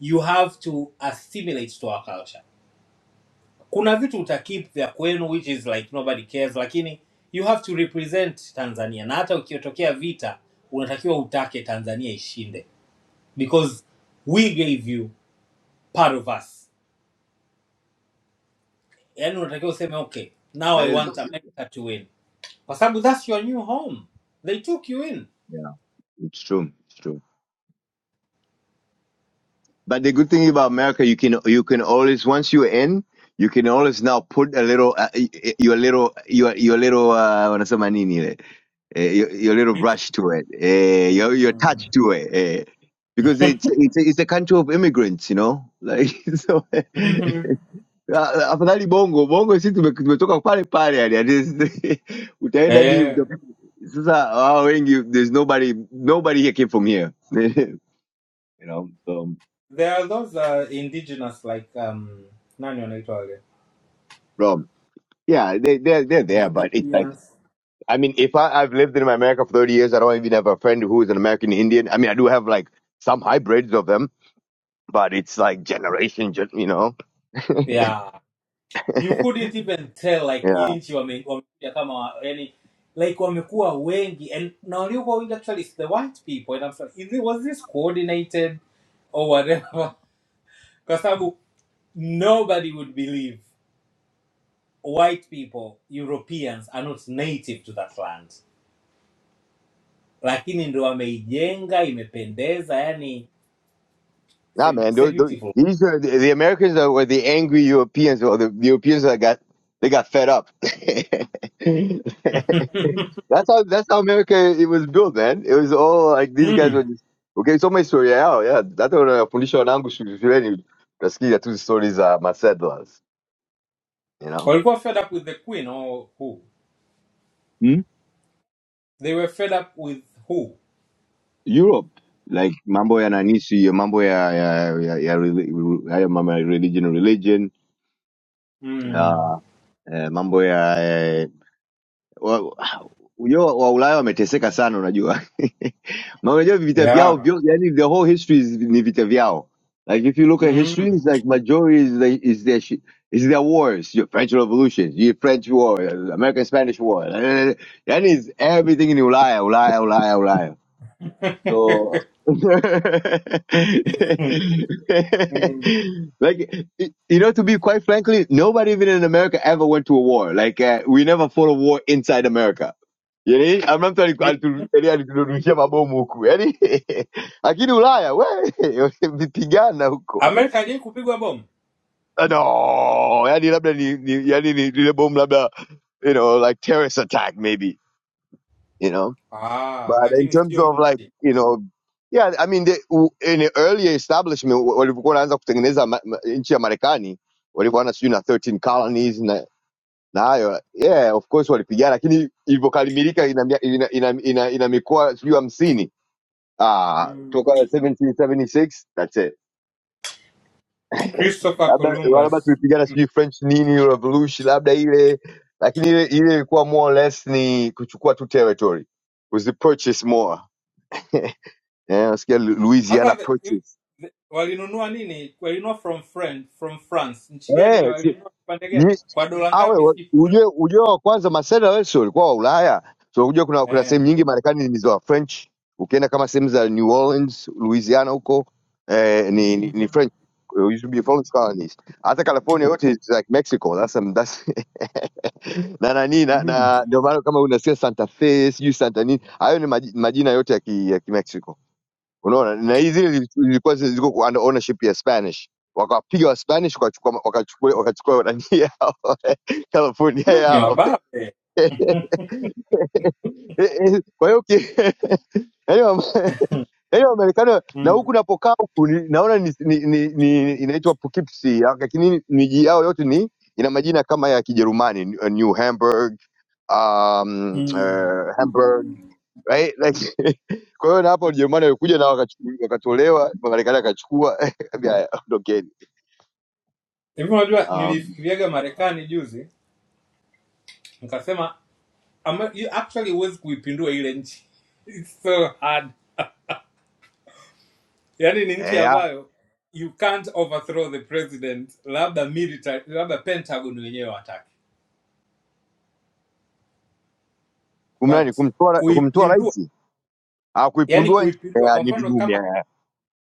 [SPEAKER 9] you have to assimilate to our culture. Kuna vitu utakeep vya kwenu which is like nobody cares lakini you have to represent Tanzania na hata ukiotokea vita unatakiwa utake Tanzania ishinde because we gave you part of us yani unatakiwa useme okay now i want
[SPEAKER 17] there's
[SPEAKER 9] america to win kwa sababu thats your new home they took you in
[SPEAKER 17] yeah it's true it's true but the good thing about america you can you can always once you're in you can always now put a little uh, y- y- your little your your little uh, wanasema nini ile eh, your, your little
[SPEAKER 9] Nito-
[SPEAKER 17] brush to it, eh, your your touch
[SPEAKER 9] Mm.
[SPEAKER 17] to it, eh, because it's it's it's a country of immigrants, you know. Like *laughs* so, eh,
[SPEAKER 9] Mhm.
[SPEAKER 17] ah, afadhali bongo bongo, sisi tume- tumetoka pale pale, yani at least *laughs* utaenda ni
[SPEAKER 9] eh,
[SPEAKER 17] sasa wao wengi, there's nobody nobody here came from here, *laughs* you know. So
[SPEAKER 9] there are those uh, indigenous like um, nani wanaitwa wale
[SPEAKER 17] bro, yeah, they they're they're there,
[SPEAKER 9] the
[SPEAKER 17] but it's like
[SPEAKER 9] indians
[SPEAKER 17] I mean, if I, I've lived in America for thirty years, I don't even have a friend who is an American Indian. I mean, I do have like some hybrids of them but it's like generation, gen- you know.
[SPEAKER 9] yeah you couldn't even tell like
[SPEAKER 17] yeah,
[SPEAKER 9] hii nchi wame- wamekuja kama wa- yani like wamekuwa wengi and na waliokuwa wengi actually it's the white people and I'm sorry, is it, was this coordinated or whatever *laughs* kwa sababu nobody would believe white people europeans are not native to that land lakini ndo wameijenga imependeza yani it's a-
[SPEAKER 17] nah, man.
[SPEAKER 9] it's a
[SPEAKER 17] Those, those,
[SPEAKER 9] beautiful
[SPEAKER 17] these are the, the Americans are were the angry Europeans, or the Europeans that got they got fed up. *laughs* that's how that's how America it was built, man. It was all like these guys
[SPEAKER 9] mm.
[SPEAKER 17] were just okay. So my story, yeah, yeah. That's what I fundisha wanangu shule- shuleni utasikia tu story za masettlers, you know.
[SPEAKER 9] walikuwa fed up with the queen or who
[SPEAKER 17] Hmm?
[SPEAKER 9] they were fed up with who
[SPEAKER 17] Europe like mambo ya nanisi ya mambo ya ya ya, ya, reli- haya mambo ya religion religion
[SPEAKER 9] mm.
[SPEAKER 17] eh, mambo ya eh, wa, ujua wa Ulaya wameteseka sana, unajua *laughs* Ma- unajua vita vyao
[SPEAKER 9] yeah
[SPEAKER 17] vyote, yani the whole history is, ni vita vyao. Like if you look at
[SPEAKER 9] mm.
[SPEAKER 17] history, it's like majority is, the, is their shi- is their wars, your French Revolution, your French War, American Spanish War, *laughs* yani is everything in Ulaya, Ulaya, Ulaya, Ulaya.
[SPEAKER 9] *laughs*
[SPEAKER 17] So *laughs* like
[SPEAKER 9] Mm.
[SPEAKER 17] y- you know to be quite frankly nobody even in america ever went to a war like uh, we never fought a war inside america yani amnamtu aliturushia mabomu huku yani *laughs* lakini ulaya we *laughs* vipigana huko
[SPEAKER 9] amerika ajai kupigwa bomu
[SPEAKER 17] Ah, no yani labda ni, ni yani ni lile bomu labda you know like terrorist attack maybe you know
[SPEAKER 9] ah,
[SPEAKER 17] but in
[SPEAKER 9] lakini
[SPEAKER 17] terms
[SPEAKER 9] sio
[SPEAKER 17] of like,
[SPEAKER 9] nchi
[SPEAKER 17] you know, yeah, I mean, the, u- in the earlier establishment wa- walivyokuwa wanaanza kutengeneza ma, ma, nchi ya Marekani walikuwa na sijui na 13 colonies na na hayo yeah, of course walipigana, lakini ilivyokalimilika ina, mia- ina, ina, ina, ina mikoa sijui hamsini ah,
[SPEAKER 9] mm.
[SPEAKER 17] toka 1776 that's it *laughs*
[SPEAKER 9] christopher
[SPEAKER 17] labda labda
[SPEAKER 9] columbus
[SPEAKER 17] tulipigana sijui French nini revolution labda ile, lakini ile ile ilikuwa more or less ni kuchukua tu territory, kuzi purchase more *laughs* eh, nasikia Lu- Louisiana
[SPEAKER 9] hata the- hivi-
[SPEAKER 17] Purchase
[SPEAKER 9] the- walinunua nini walinunua from friend from france nchi
[SPEAKER 17] eh,
[SPEAKER 9] gani
[SPEAKER 17] si-
[SPEAKER 9] walinunua kipande
[SPEAKER 17] ni-
[SPEAKER 9] gani kwa dola
[SPEAKER 17] awe
[SPEAKER 9] ngapi
[SPEAKER 17] wa-
[SPEAKER 9] sijui dola-
[SPEAKER 17] ujue ujue wa kwanza masela wesi walikuwa wa Ulaya so ujue kuna kuna
[SPEAKER 9] eh.
[SPEAKER 17] sehemu nyingi Marekani ni za French. Ukienda kama sehemu za New Orleans, Louisiana huko eh, ni, ni, ni
[SPEAKER 9] Mhm.
[SPEAKER 17] French It used to be French colonies. Hata California yote is like Mexico. That's, some, that's *laughs* na nani na,
[SPEAKER 9] mm.
[SPEAKER 17] na ndio maana kama unasikia Santa Fe sijui Santa nini, hayo ni maji- majina yote ya ki, ya Kimexico unaona na hizi zile zilikuwa ziko kwa under ownership ya spanish wakapiga wa spanish wakachukua wakachukua wakachukua nani yao *laughs* california
[SPEAKER 9] ni
[SPEAKER 17] yao
[SPEAKER 9] wababe
[SPEAKER 17] *laughs* kwa hiyo ki- *laughs* yaani wame- yaani wamarekani na huku
[SPEAKER 9] Mm.
[SPEAKER 17] napokaa huku ni- naona ni, ni, ni, ni, inaitwa poughkeepsie lakini miji yao yote ni ina majina kama ya kijerumani New Hamburg um,
[SPEAKER 9] Mm.
[SPEAKER 17] uh, Hamburg right? Like *laughs* kwa hiyo na hapo Ujerumani walikuja na wakachuku- wakatolewa, Marekani akachukua *laughs* akaambia, "Haya, ondokeni.
[SPEAKER 9] hivi unajua
[SPEAKER 17] Um,
[SPEAKER 9] nilifikiriaga marekani juzi nikasema ama, you actually huwezi kuipindua ile nchi It's so hard yaani ni nchi
[SPEAKER 17] eh, ya,
[SPEAKER 9] ambayo you can't overthrow the president labda military labda pentagon wenyewe wataki
[SPEAKER 17] kumnani
[SPEAKER 9] but
[SPEAKER 17] kumtoa ra- kumtoa
[SPEAKER 9] kuipindua
[SPEAKER 17] rais ah,
[SPEAKER 9] yani
[SPEAKER 17] kuipundua nchi
[SPEAKER 9] kuipindua
[SPEAKER 17] eh,
[SPEAKER 9] kwa
[SPEAKER 17] ni
[SPEAKER 9] mfano
[SPEAKER 17] vigumu,
[SPEAKER 9] kama
[SPEAKER 17] ya, ya,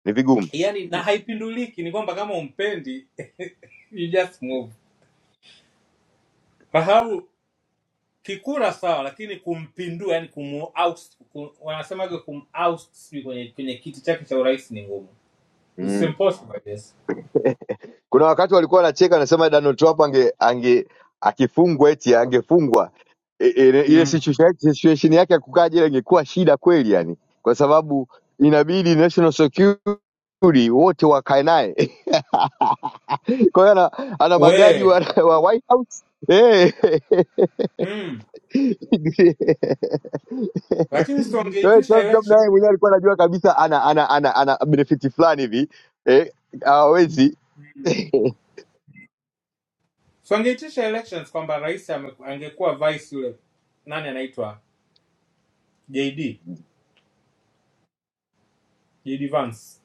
[SPEAKER 17] ni vigumu
[SPEAKER 9] yani na
[SPEAKER 17] vigumu.
[SPEAKER 9] haipinduliki ni kwamba kama umpendi *laughs* you just move fahamu kikura sawa lakini kumpindua yani kumu oust kum, wanasemaga kum oust sijui kwenye, kwenye kiti chake cha urais ni ngumu It's
[SPEAKER 17] mm.
[SPEAKER 9] impossible yes
[SPEAKER 17] Kuna wakati walikuwa wanacheka wanasema Donald Trump ange, ange akifungwa eti angefungwa I- ile ile
[SPEAKER 9] mm.
[SPEAKER 17] situation yake- situation yake ya kukaa jela ingekuwa shida kweli yani, kwa sababu inabidi national security wote wakae naye *laughs* Kwa hiyo ana, ana magadi wa,
[SPEAKER 9] we
[SPEAKER 17] wa White House eh.
[SPEAKER 9] mm. lakini
[SPEAKER 17] *laughs* Kwa hiyo
[SPEAKER 9] siwangeitisha
[SPEAKER 17] Trump Trump
[SPEAKER 9] election
[SPEAKER 17] naye mwenyewe alikuwa anajua kabisa ana ana ana, ana benefit fulani hivi eh, hawezi *laughs*
[SPEAKER 9] siwangeitisha elections kwamba rais ame- angekuwa vice yule nani anaitwa jd jd vance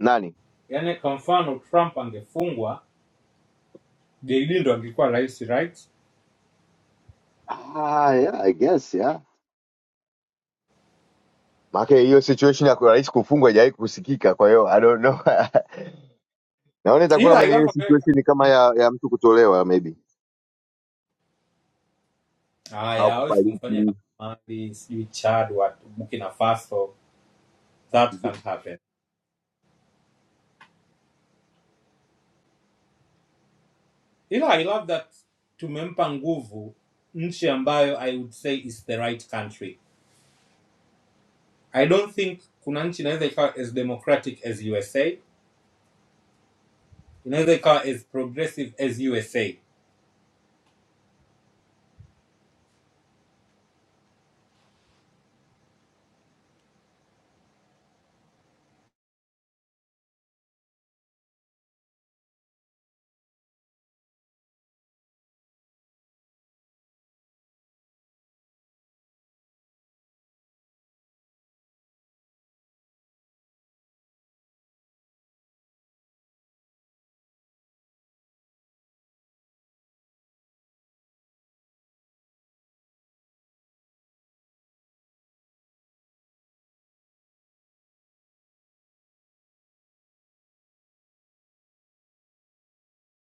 [SPEAKER 17] nani
[SPEAKER 9] yani kwa mfano trump angefungwa jd ndo angekuwa rais right
[SPEAKER 17] ah, yeah, I guess yeah. Maana hiyo situation ya rais kufungwa haijawahi kusikika, kwa hiyo I don't know. *laughs* Naona itakuwa
[SPEAKER 9] ila
[SPEAKER 17] kama
[SPEAKER 9] i
[SPEAKER 17] ni ile
[SPEAKER 9] love america
[SPEAKER 17] situation
[SPEAKER 9] Hmm.
[SPEAKER 17] kama ya, ya mtu kutolewa maybe au
[SPEAKER 9] haya hawezi kumfanyia
[SPEAKER 17] kufariki.
[SPEAKER 9] kama Mali sijui Chad wa Burkina Faso that can't happen ila I love that tumempa nguvu nchi ambayo I would say is the right country I don't think kuna nchi inaweza ikawa as democratic as USA inaweza ikawa as progressive as USA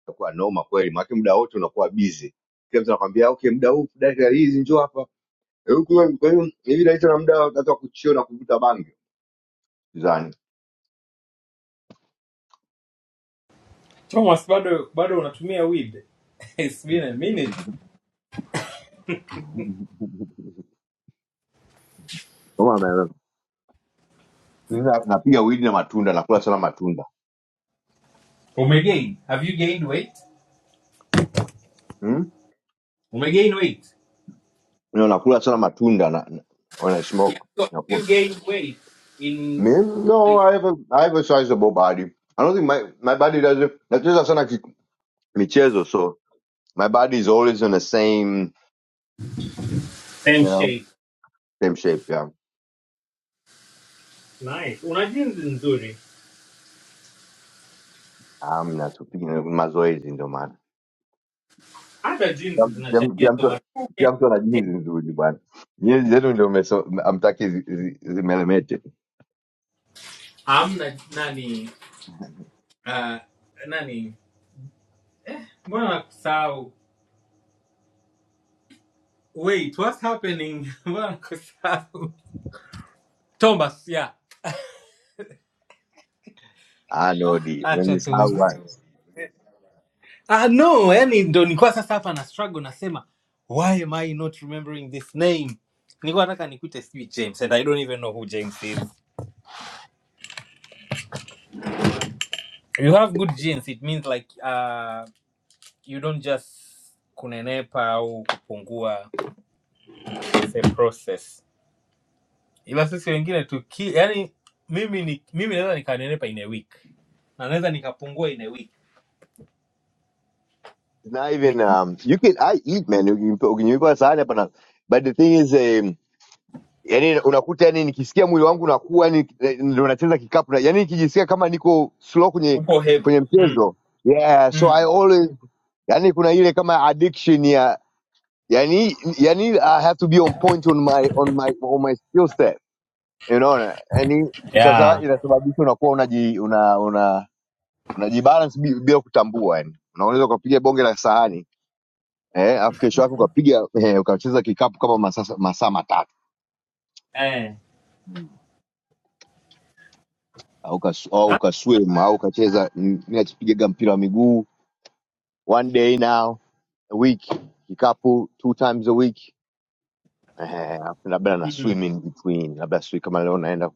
[SPEAKER 17] itakuwa noma kweli maana muda wote unakuwa busy kila mtu anakwambia okay muda huu dakika hizi njoo hapa Eh, huku, wewe, kwa hiyo hivi naita na muda wakati wa kuchio na kuvuta bangi zani
[SPEAKER 9] Thomas, bado bado unatumia weed? *laughs* it's been a minute
[SPEAKER 17] noma na- na- napiga weed na matunda nakula sana matunda
[SPEAKER 9] Umegain? Have you gained weight?
[SPEAKER 17] hmm?
[SPEAKER 9] Umegain weight?
[SPEAKER 17] na nakula sana matunda na, na, when I
[SPEAKER 9] yeah,
[SPEAKER 17] smoke
[SPEAKER 9] so
[SPEAKER 17] nakula
[SPEAKER 9] you gain weight in
[SPEAKER 17] Men, no
[SPEAKER 9] like,
[SPEAKER 17] I have a, I have a sizable body I don't think my my body does it nacheza sana ki- michezo so my body is always in the same
[SPEAKER 9] same
[SPEAKER 17] you know
[SPEAKER 9] shape
[SPEAKER 17] same shape yeah
[SPEAKER 9] Nice. Una jeans nzuri,
[SPEAKER 17] I'm not too mazoezi ndio maana
[SPEAKER 9] hata
[SPEAKER 17] Kila
[SPEAKER 9] jeans
[SPEAKER 17] mtu kila mtu-
[SPEAKER 9] zinachangia
[SPEAKER 17] kila mtu-
[SPEAKER 9] soma. Okay.
[SPEAKER 17] kila mtu ana jinsi nzuri bwana. Jinsi zenu ndio mmeso- hamtaki zi- zi- zimelemete.
[SPEAKER 9] Hamna nani uh, nani, mbona nakusahau? Wait, what's happening? *laughs* Mbona nakusahau? Thomas, yeah.
[SPEAKER 17] Ah no,
[SPEAKER 9] *laughs*
[SPEAKER 17] di.
[SPEAKER 9] Acha tuuzi.
[SPEAKER 17] Mmenisahau bwana.
[SPEAKER 9] Ah, no, yani ndo nilikuwa sasa hapa na struggle nasema why am I not remembering this name? Nilikuwa nataka nikuite sijui James and I don't even know who James is. You have good genes, it means like uh, you don't just kunenepa au kupungua it's a process ila sisi wengine tuki yani mimi ni mimi naweza nikanenepa in a week na naweza nikapungua in a week
[SPEAKER 17] It's Not
[SPEAKER 9] Ni-
[SPEAKER 17] even um you can I eat man. Ukinipa ukinipa sahani hapa na but the thing is um yani unakuta yani nikisikia mwili wangu unakuwa yani eh, ndio nacheza kikapu na yani nikijisikia kama niko slow kwenye
[SPEAKER 9] upo heavy
[SPEAKER 17] kwenye
[SPEAKER 9] mm.
[SPEAKER 17] mchezo. Yeah, so I
[SPEAKER 9] Mm.
[SPEAKER 17] always yani kuna ile kama addiction ya yani yani I have to be on point on my on my on my skill set unaona yani sasa
[SPEAKER 9] Yeah.
[SPEAKER 17] inasababisha unakuwa unaji una una unajibalance bi- bila kutambua yani unaweza ukapiga bonge la sahani eh afu kesho yake ukapiga eh, ukacheza kikapu kama masaa masaa matatu
[SPEAKER 9] Eh.
[SPEAKER 17] au ukas- au ukaswim au ukacheza mm, mimi nachipigaga mpira wa miguu one day now a week kikapu two times a week eh, afu labda na
[SPEAKER 9] Mm.
[SPEAKER 17] swim in between labda swi kama leo naenda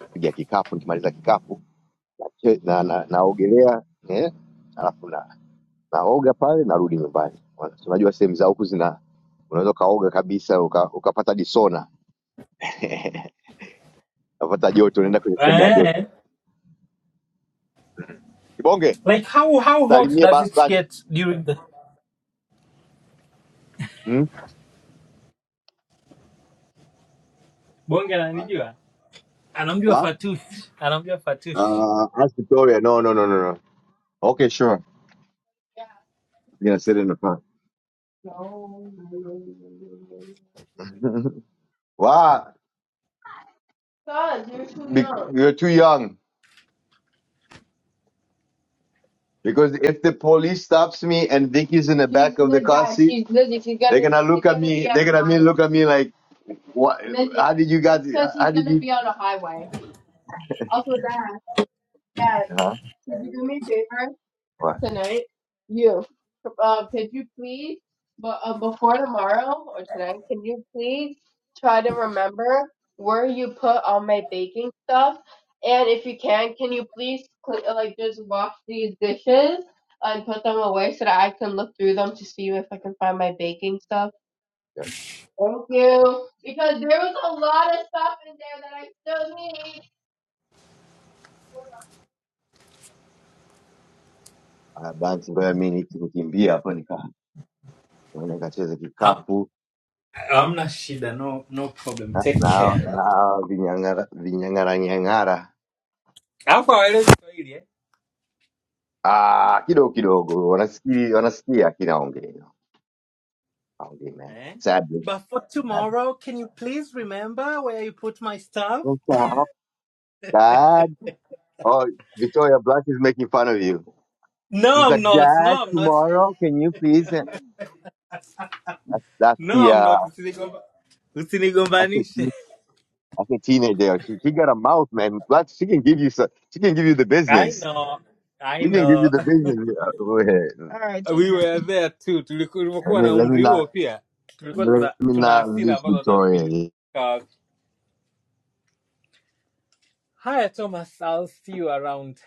[SPEAKER 17] kupiga kikapu nikimaliza kikapu na, na, na, naogelea eh, alafu naoga pale narudi nyumbani Wana- unajua sehemu za huku zina unaweza ukaoga kabisa uka- ukapata disona *laughs* ukapata joto unaenda kwenye sehemu ya joto
[SPEAKER 9] Eh.
[SPEAKER 17] kibonge
[SPEAKER 9] like how how hot
[SPEAKER 17] salimie
[SPEAKER 9] does
[SPEAKER 17] ba-
[SPEAKER 9] it get during the
[SPEAKER 17] hmm?
[SPEAKER 9] bonge ananijua anaambiwa
[SPEAKER 17] Huh?
[SPEAKER 9] fatush anaambiwa fatush
[SPEAKER 17] Uh, ask Victoria. No, no, no, no, no. Okay, sure. I'm gonna sit in the front. No, no. *laughs* wow. Todd, you're too Be- young. You're too young. Because if the police stops me and Vicky's in the She's back of the good, car yeah, seat, she's good. If you got they're it, gonna look at me. They're gonna me look at me like What? Listen, How did you guys? because How he's how did gonna you? be on the highway. Also, Dad, Dad, Huh? could you do me a favor What? tonight? You, uh, could you please, but uh, before tomorrow or tonight, can you please try to remember where you put all my baking stuff? And if you can, can you please cl- uh, like just wash these dishes and put them away so that I can look through them to see if I can find my baking stuff? Yes. Thank you. Because there was a lot of stuff in there that I still need. Ah, Bahati mbaya mi nikikimbia hapo nika naona nikacheza
[SPEAKER 9] Am-
[SPEAKER 17] kikapu
[SPEAKER 9] hamna shida no no problem
[SPEAKER 17] na
[SPEAKER 9] take
[SPEAKER 17] na hao-
[SPEAKER 9] care
[SPEAKER 17] na hao vinyang'ara vinyang'ara nyang'ara
[SPEAKER 9] alafu awaelezi swahili eh?
[SPEAKER 17] ah, kidogo kidogo wanasikia wanasikia kinaongea aongee man
[SPEAKER 9] Eh?
[SPEAKER 17] sadly
[SPEAKER 9] but for
[SPEAKER 17] sadly
[SPEAKER 9] tomorrow can you please remember where you put my stuff
[SPEAKER 17] What's up, dad oh Victoria Black is making fun of you
[SPEAKER 9] No,
[SPEAKER 17] she's
[SPEAKER 9] I'm
[SPEAKER 17] like
[SPEAKER 9] not.
[SPEAKER 17] dad
[SPEAKER 9] No, I'm not.
[SPEAKER 17] tomorrow can you please eh?" that's that's
[SPEAKER 9] No,
[SPEAKER 17] the
[SPEAKER 9] I'm not. Usinigomba-
[SPEAKER 17] uh,
[SPEAKER 9] Usinigombanishe.
[SPEAKER 17] That's a teenager. She, she got a mouth, man. Like, She can give you some. she can give you the
[SPEAKER 9] I
[SPEAKER 17] business.
[SPEAKER 9] know. I
[SPEAKER 17] She can give you
[SPEAKER 9] know. *laughs*
[SPEAKER 17] the business. Uh, Go ahead. All right,
[SPEAKER 9] We
[SPEAKER 17] just
[SPEAKER 9] were there too. Tuliku-
[SPEAKER 17] Let
[SPEAKER 9] Tulikuwa
[SPEAKER 17] me
[SPEAKER 9] na
[SPEAKER 17] let me
[SPEAKER 9] umri huo
[SPEAKER 17] not
[SPEAKER 9] pia. Tulikuwa
[SPEAKER 17] let
[SPEAKER 9] tuna
[SPEAKER 17] me
[SPEAKER 9] tuna
[SPEAKER 17] not
[SPEAKER 9] hasira
[SPEAKER 17] lose
[SPEAKER 9] ambazo hata hatujui ni
[SPEAKER 17] Victoria.
[SPEAKER 9] sawa. Haya Thomas, I'll see you around.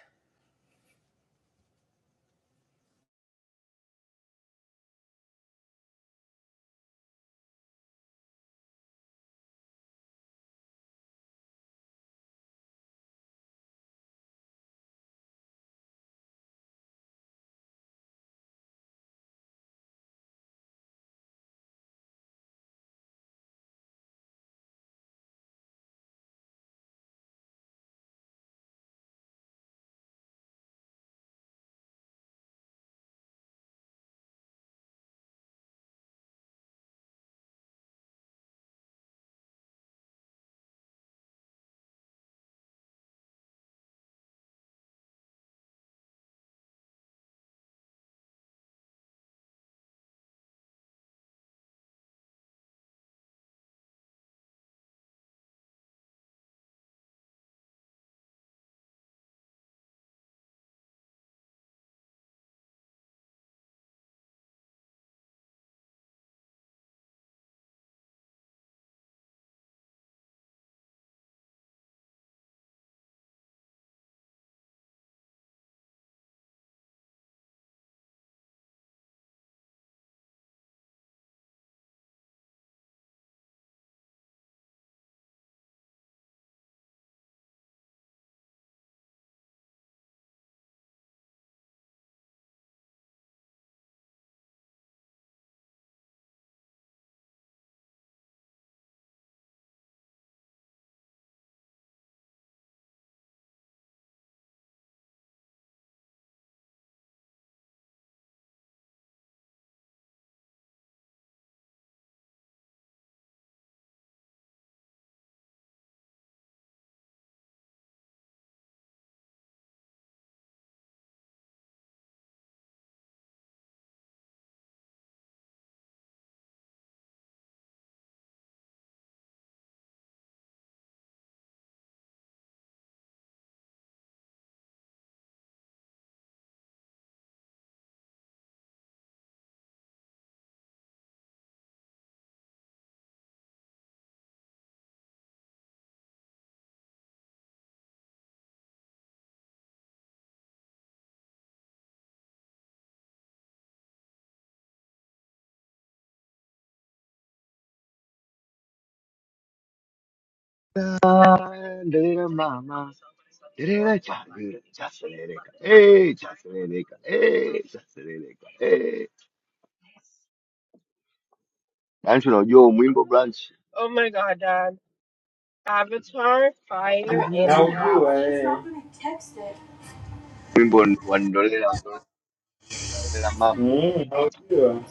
[SPEAKER 17] Little mama. just a little girl. Hey, just a little girl. Hey, just a little girl. Hey. Angelo, you're on Wimbo branch. oh my god, Dad. Avatar, fire,
[SPEAKER 9] Na
[SPEAKER 17] and
[SPEAKER 9] ujua
[SPEAKER 17] ash.
[SPEAKER 9] eh.
[SPEAKER 17] Wimbo, one dollar, one dollar, mama.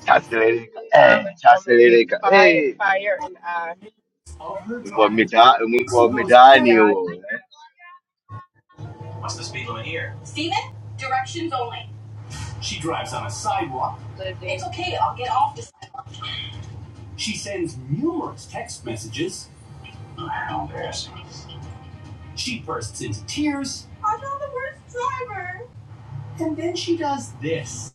[SPEAKER 17] eh, chaserereka eh, fire and ash. mungu wa mitaani huo eh.
[SPEAKER 9] What's the speed limit here? Steven, directions only. She drives on a sidewalk. It's okay, I'll get off the She sends numerous text messages. Wow, embarrassing. She bursts into tears, I'm not the worst driver. and then she does this.